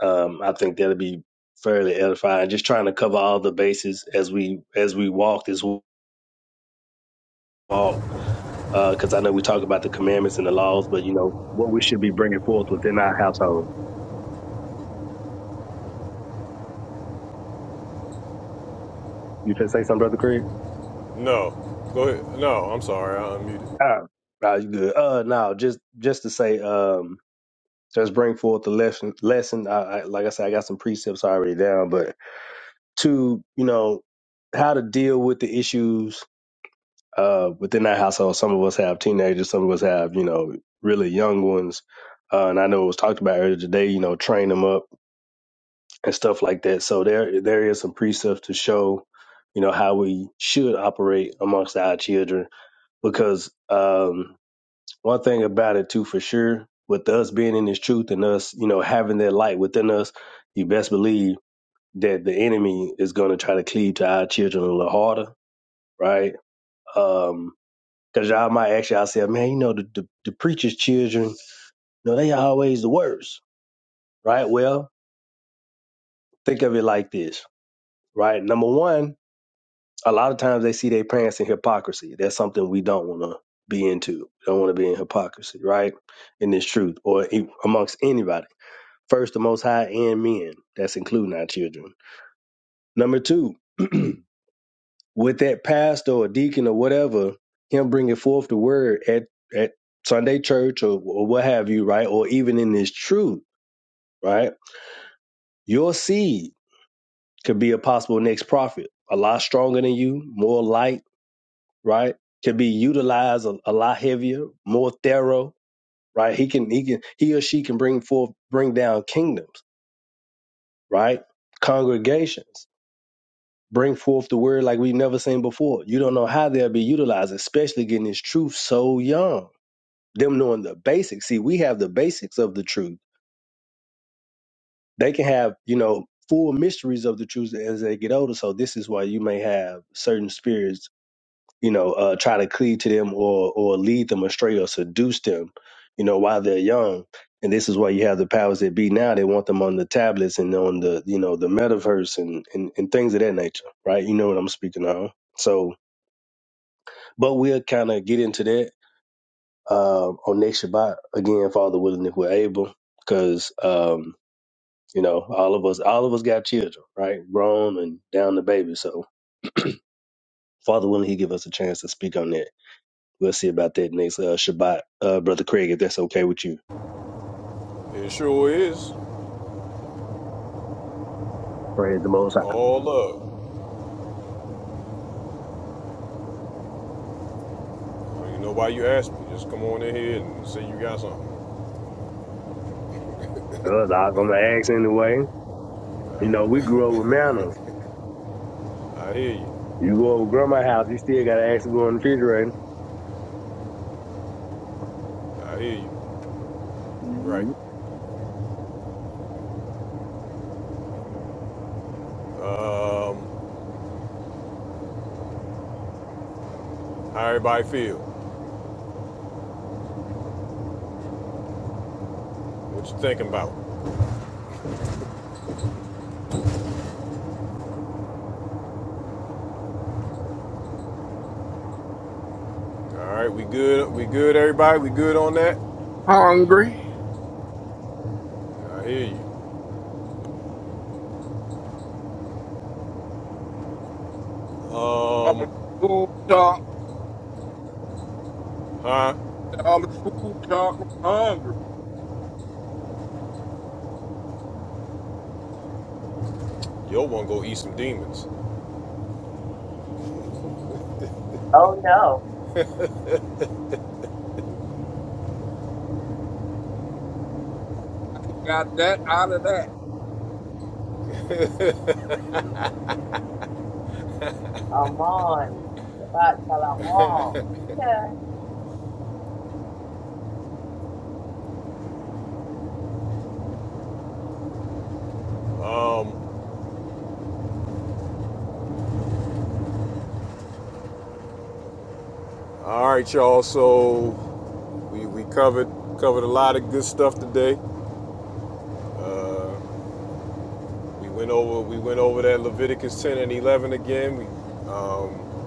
S10: Um, I think that'll be fairly edifying. Just trying to cover all the bases as we as we walk this walk because I know we talk about the commandments and the laws, but you know what we should be bringing forth within our household. You can say something, brother Craig.
S1: No, go ahead. No, I'm sorry, I unmuted.
S10: Oh, nah, you good? Uh, no, just just to say, um, just bring forth the lesson. Lesson, I, I, like I said, I got some precepts already down, but to you know how to deal with the issues uh within our household. Some of us have teenagers, some of us have you know really young ones, uh, and I know it was talked about earlier today. You know, train them up and stuff like that. So there there is some precepts to show, you know, how we should operate amongst our children. Because um, one thing about it too, for sure, with us being in this truth and us, you know, having that light within us, you best believe that the enemy is going to try to cleave to our children a little harder, right? Um, Cause y'all might ask yourself, man, you know, the, the, the preacher's children, you know, they always the worst, right? Well, think of it like this, right? Number one, a lot of times they see their parents in hypocrisy. That's something we don't want to be into. Don't want to be in hypocrisy, right? In this truth or e- amongst anybody. First, the most high and men. That's including our children. Number two, [clears throat] with that pastor or deacon or whatever, him bringing forth the word at, at Sunday church or, or what have you, right? Or even in this truth, right? Your seed could be a possible next prophet. A lot stronger than you, more light right? Can be utilized a, a lot heavier, more thorough, right? He can he can he or she can bring forth bring down kingdoms, right? Congregations bring forth the word like we've never seen before. You don't know how they'll be utilized, especially getting this truth so young. Them knowing the basics. See, we have the basics of the truth. They can have, you know, full mysteries of the truth as they get older. So this is why you may have certain spirits you know, uh, try to cleave to them or or lead them astray or seduce them, you know, while they're young. And this is why you have the powers that be now. They want them on the tablets and on the, you know, the metaverse and, and, and things of that nature, right? You know what I'm speaking of. So, but we'll kind of get into that um on next Shabbat again, Father willing, if we're able, because um, you know, all of us, all of us got children, right? Grown and down to baby. So, Father willing, He give us a chance to speak on that. We'll see about that next uh, Shabbat, uh, brother Craig, if that's okay with you.
S1: It sure is.
S10: Praise the Most
S1: It's
S10: High.
S1: all love. You know why you asked me. Just come on in here and say you got something.
S10: Uh, I'm gonna ask anyway. You know, we grew up with manners.
S1: I hear you.
S10: You go over to grandma's
S1: I
S10: house, you still gotta ask to go in the refrigerator.
S1: hear you. You're right.
S10: Mhm.
S1: Um, how everybody feel? What you thinking about? All right, we good. We good, everybody. We good on that.
S7: Hungry.
S1: I hear you.
S7: All the
S1: Um,
S7: food talk
S1: huh?
S7: all the food talk I'm hungry.
S1: Yo, wanna go eat some demons?
S5: Oh no,
S7: He got that out of that.
S5: Amon. Shabbat shalom. Amon,
S1: Um, all right, y'all. So we we covered covered a lot of good stuff today. Uh, we went over we went over that Leviticus 10 and 11 again. We um,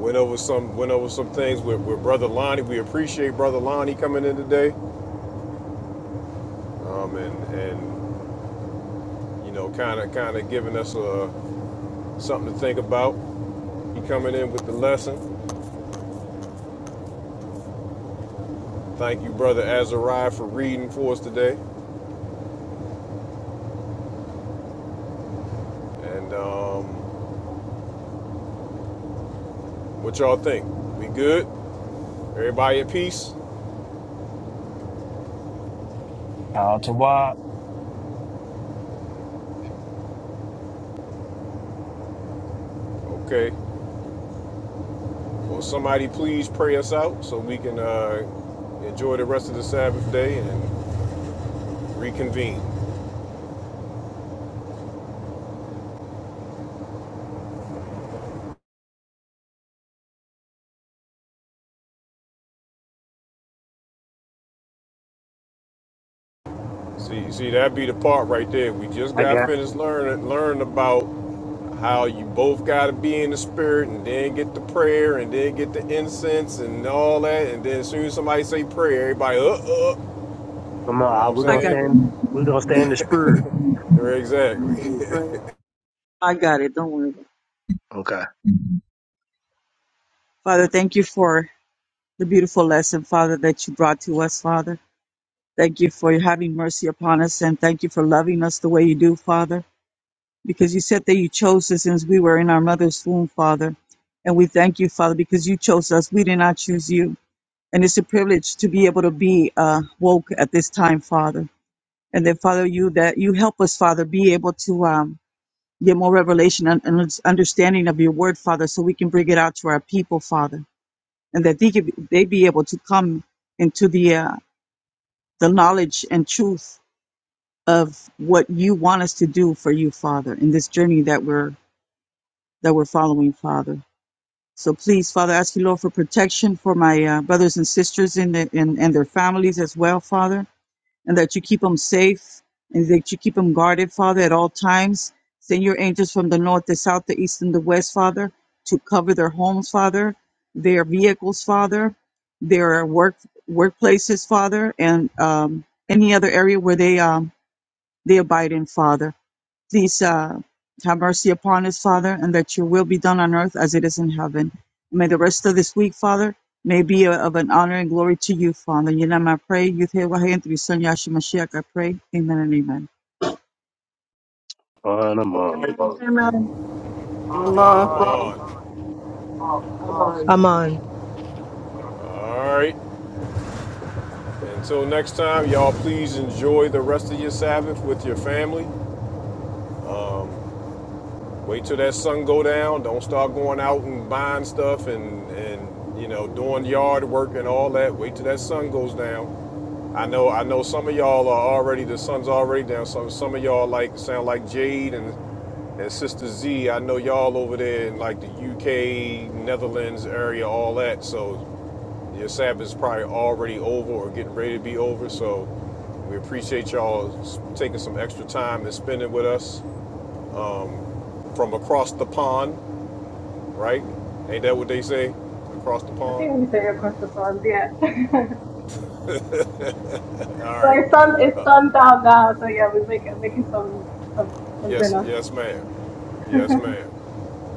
S1: went over some went over some things with, with brother Lonnie. We appreciate brother Lonnie coming in today. Um, and and you know, kind of kind of giving us uh, something to think about. He coming in with the lesson. Thank you, brother Azariah, for reading for us today. And um, what y'all think? We good? Everybody at peace?
S12: Power to
S1: Okay. Well, somebody please pray us out so we can uh, enjoy the rest of the Sabbath day and reconvene. See, see, that be the part right there. We just
S10: I
S1: got
S10: got.
S1: finished learning, learning about how you both got to be in the spirit and then get the prayer and then get the incense and all that. And then as soon as somebody say prayer, everybody, uh, uh,
S10: Come
S1: you
S10: on,
S1: know what I'm
S10: we're
S9: I
S10: gonna
S9: got
S10: stand.
S1: saying?
S9: it,
S10: We're gonna stand the spirit.
S1: Very Exactly.
S9: brother. I got it. Don't worry. about it.
S10: Okay.
S9: Father, thank you for the beautiful lesson, Father, that you brought to us, Father. Thank you for having mercy upon us and thank you for loving us the way you do, Father, because you said that you chose us since we were in our mother's womb, Father. And we thank you, Father, because you chose us. We did not choose you. And it's a privilege to be able to be uh, woke at this time, Father. And then, Father, you that you help us, Father, be able to um, get more revelation and, and understanding of your word, Father, so we can bring it out to our people, Father. and that they, could, they be able to come into the uh, the knowledge and truth of what you want us to do for you, Father, in this journey that we're that we're following, Father. So please, Father, I ask you, Lord, for protection for my uh, brothers and sisters in the, in, and their families as well, Father and that you keep them safe and that you keep them guarded, Father, at all times. Send your angels from the north, the south, the east, and the west, Father, to cover their homes, Father, their vehicles, Father, their work workplaces, Father, and um, any other area where they um, they abide in, Father. Please uh, have mercy upon us, Father, and that your will be done on earth as it is in heaven. May the rest of this week, Father, may be of an honor and glory to you, Father. In your name I pray. Youth here, Wahayan, through your son Yahshua Mashiach, I pray. Amen and amen.
S10: Oh, no,
S1: [laughs]
S2: Allah.
S1: I'm
S5: Amon,
S1: on.
S5: Amon.
S4: the.
S13: I'm on.
S1: All right. Until next time, y'all please enjoy the rest of your Sabbath with your family. Wait till that sun go down. Don't start going out and buying stuff and and you know doing yard work and all that. Wait till that sun goes down. I know I know some of y'all are already the sun's already down. Some some of y'all like sound like Jade and and Sister Z. I know y'all over there in like the UK, Netherlands area, all that. So Your Sabbath is probably already over or getting ready to be over, so we appreciate y'all taking some extra time and spending with us um, from across the pond, right? Ain't that what they say? Across the
S16: I think we
S1: pond.
S16: say across the pond, yeah. [laughs] well,
S1: All right.
S16: it's sun, it's sun down now, so yeah, we're making making some some some
S1: Yes,
S16: dinner.
S1: yes, ma'am. Yes, ma'am.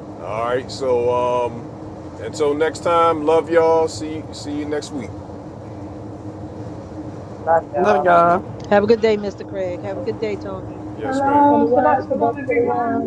S1: All right. So um, until next time, love y'all. See see you next week.
S5: Love y'all.
S2: Another guy.
S13: Have a good day, Mr. Craig. Have a good day, Tony.
S1: Yes,
S16: Hello,
S1: ma'am.
S16: Shabbat Shalom, everyone.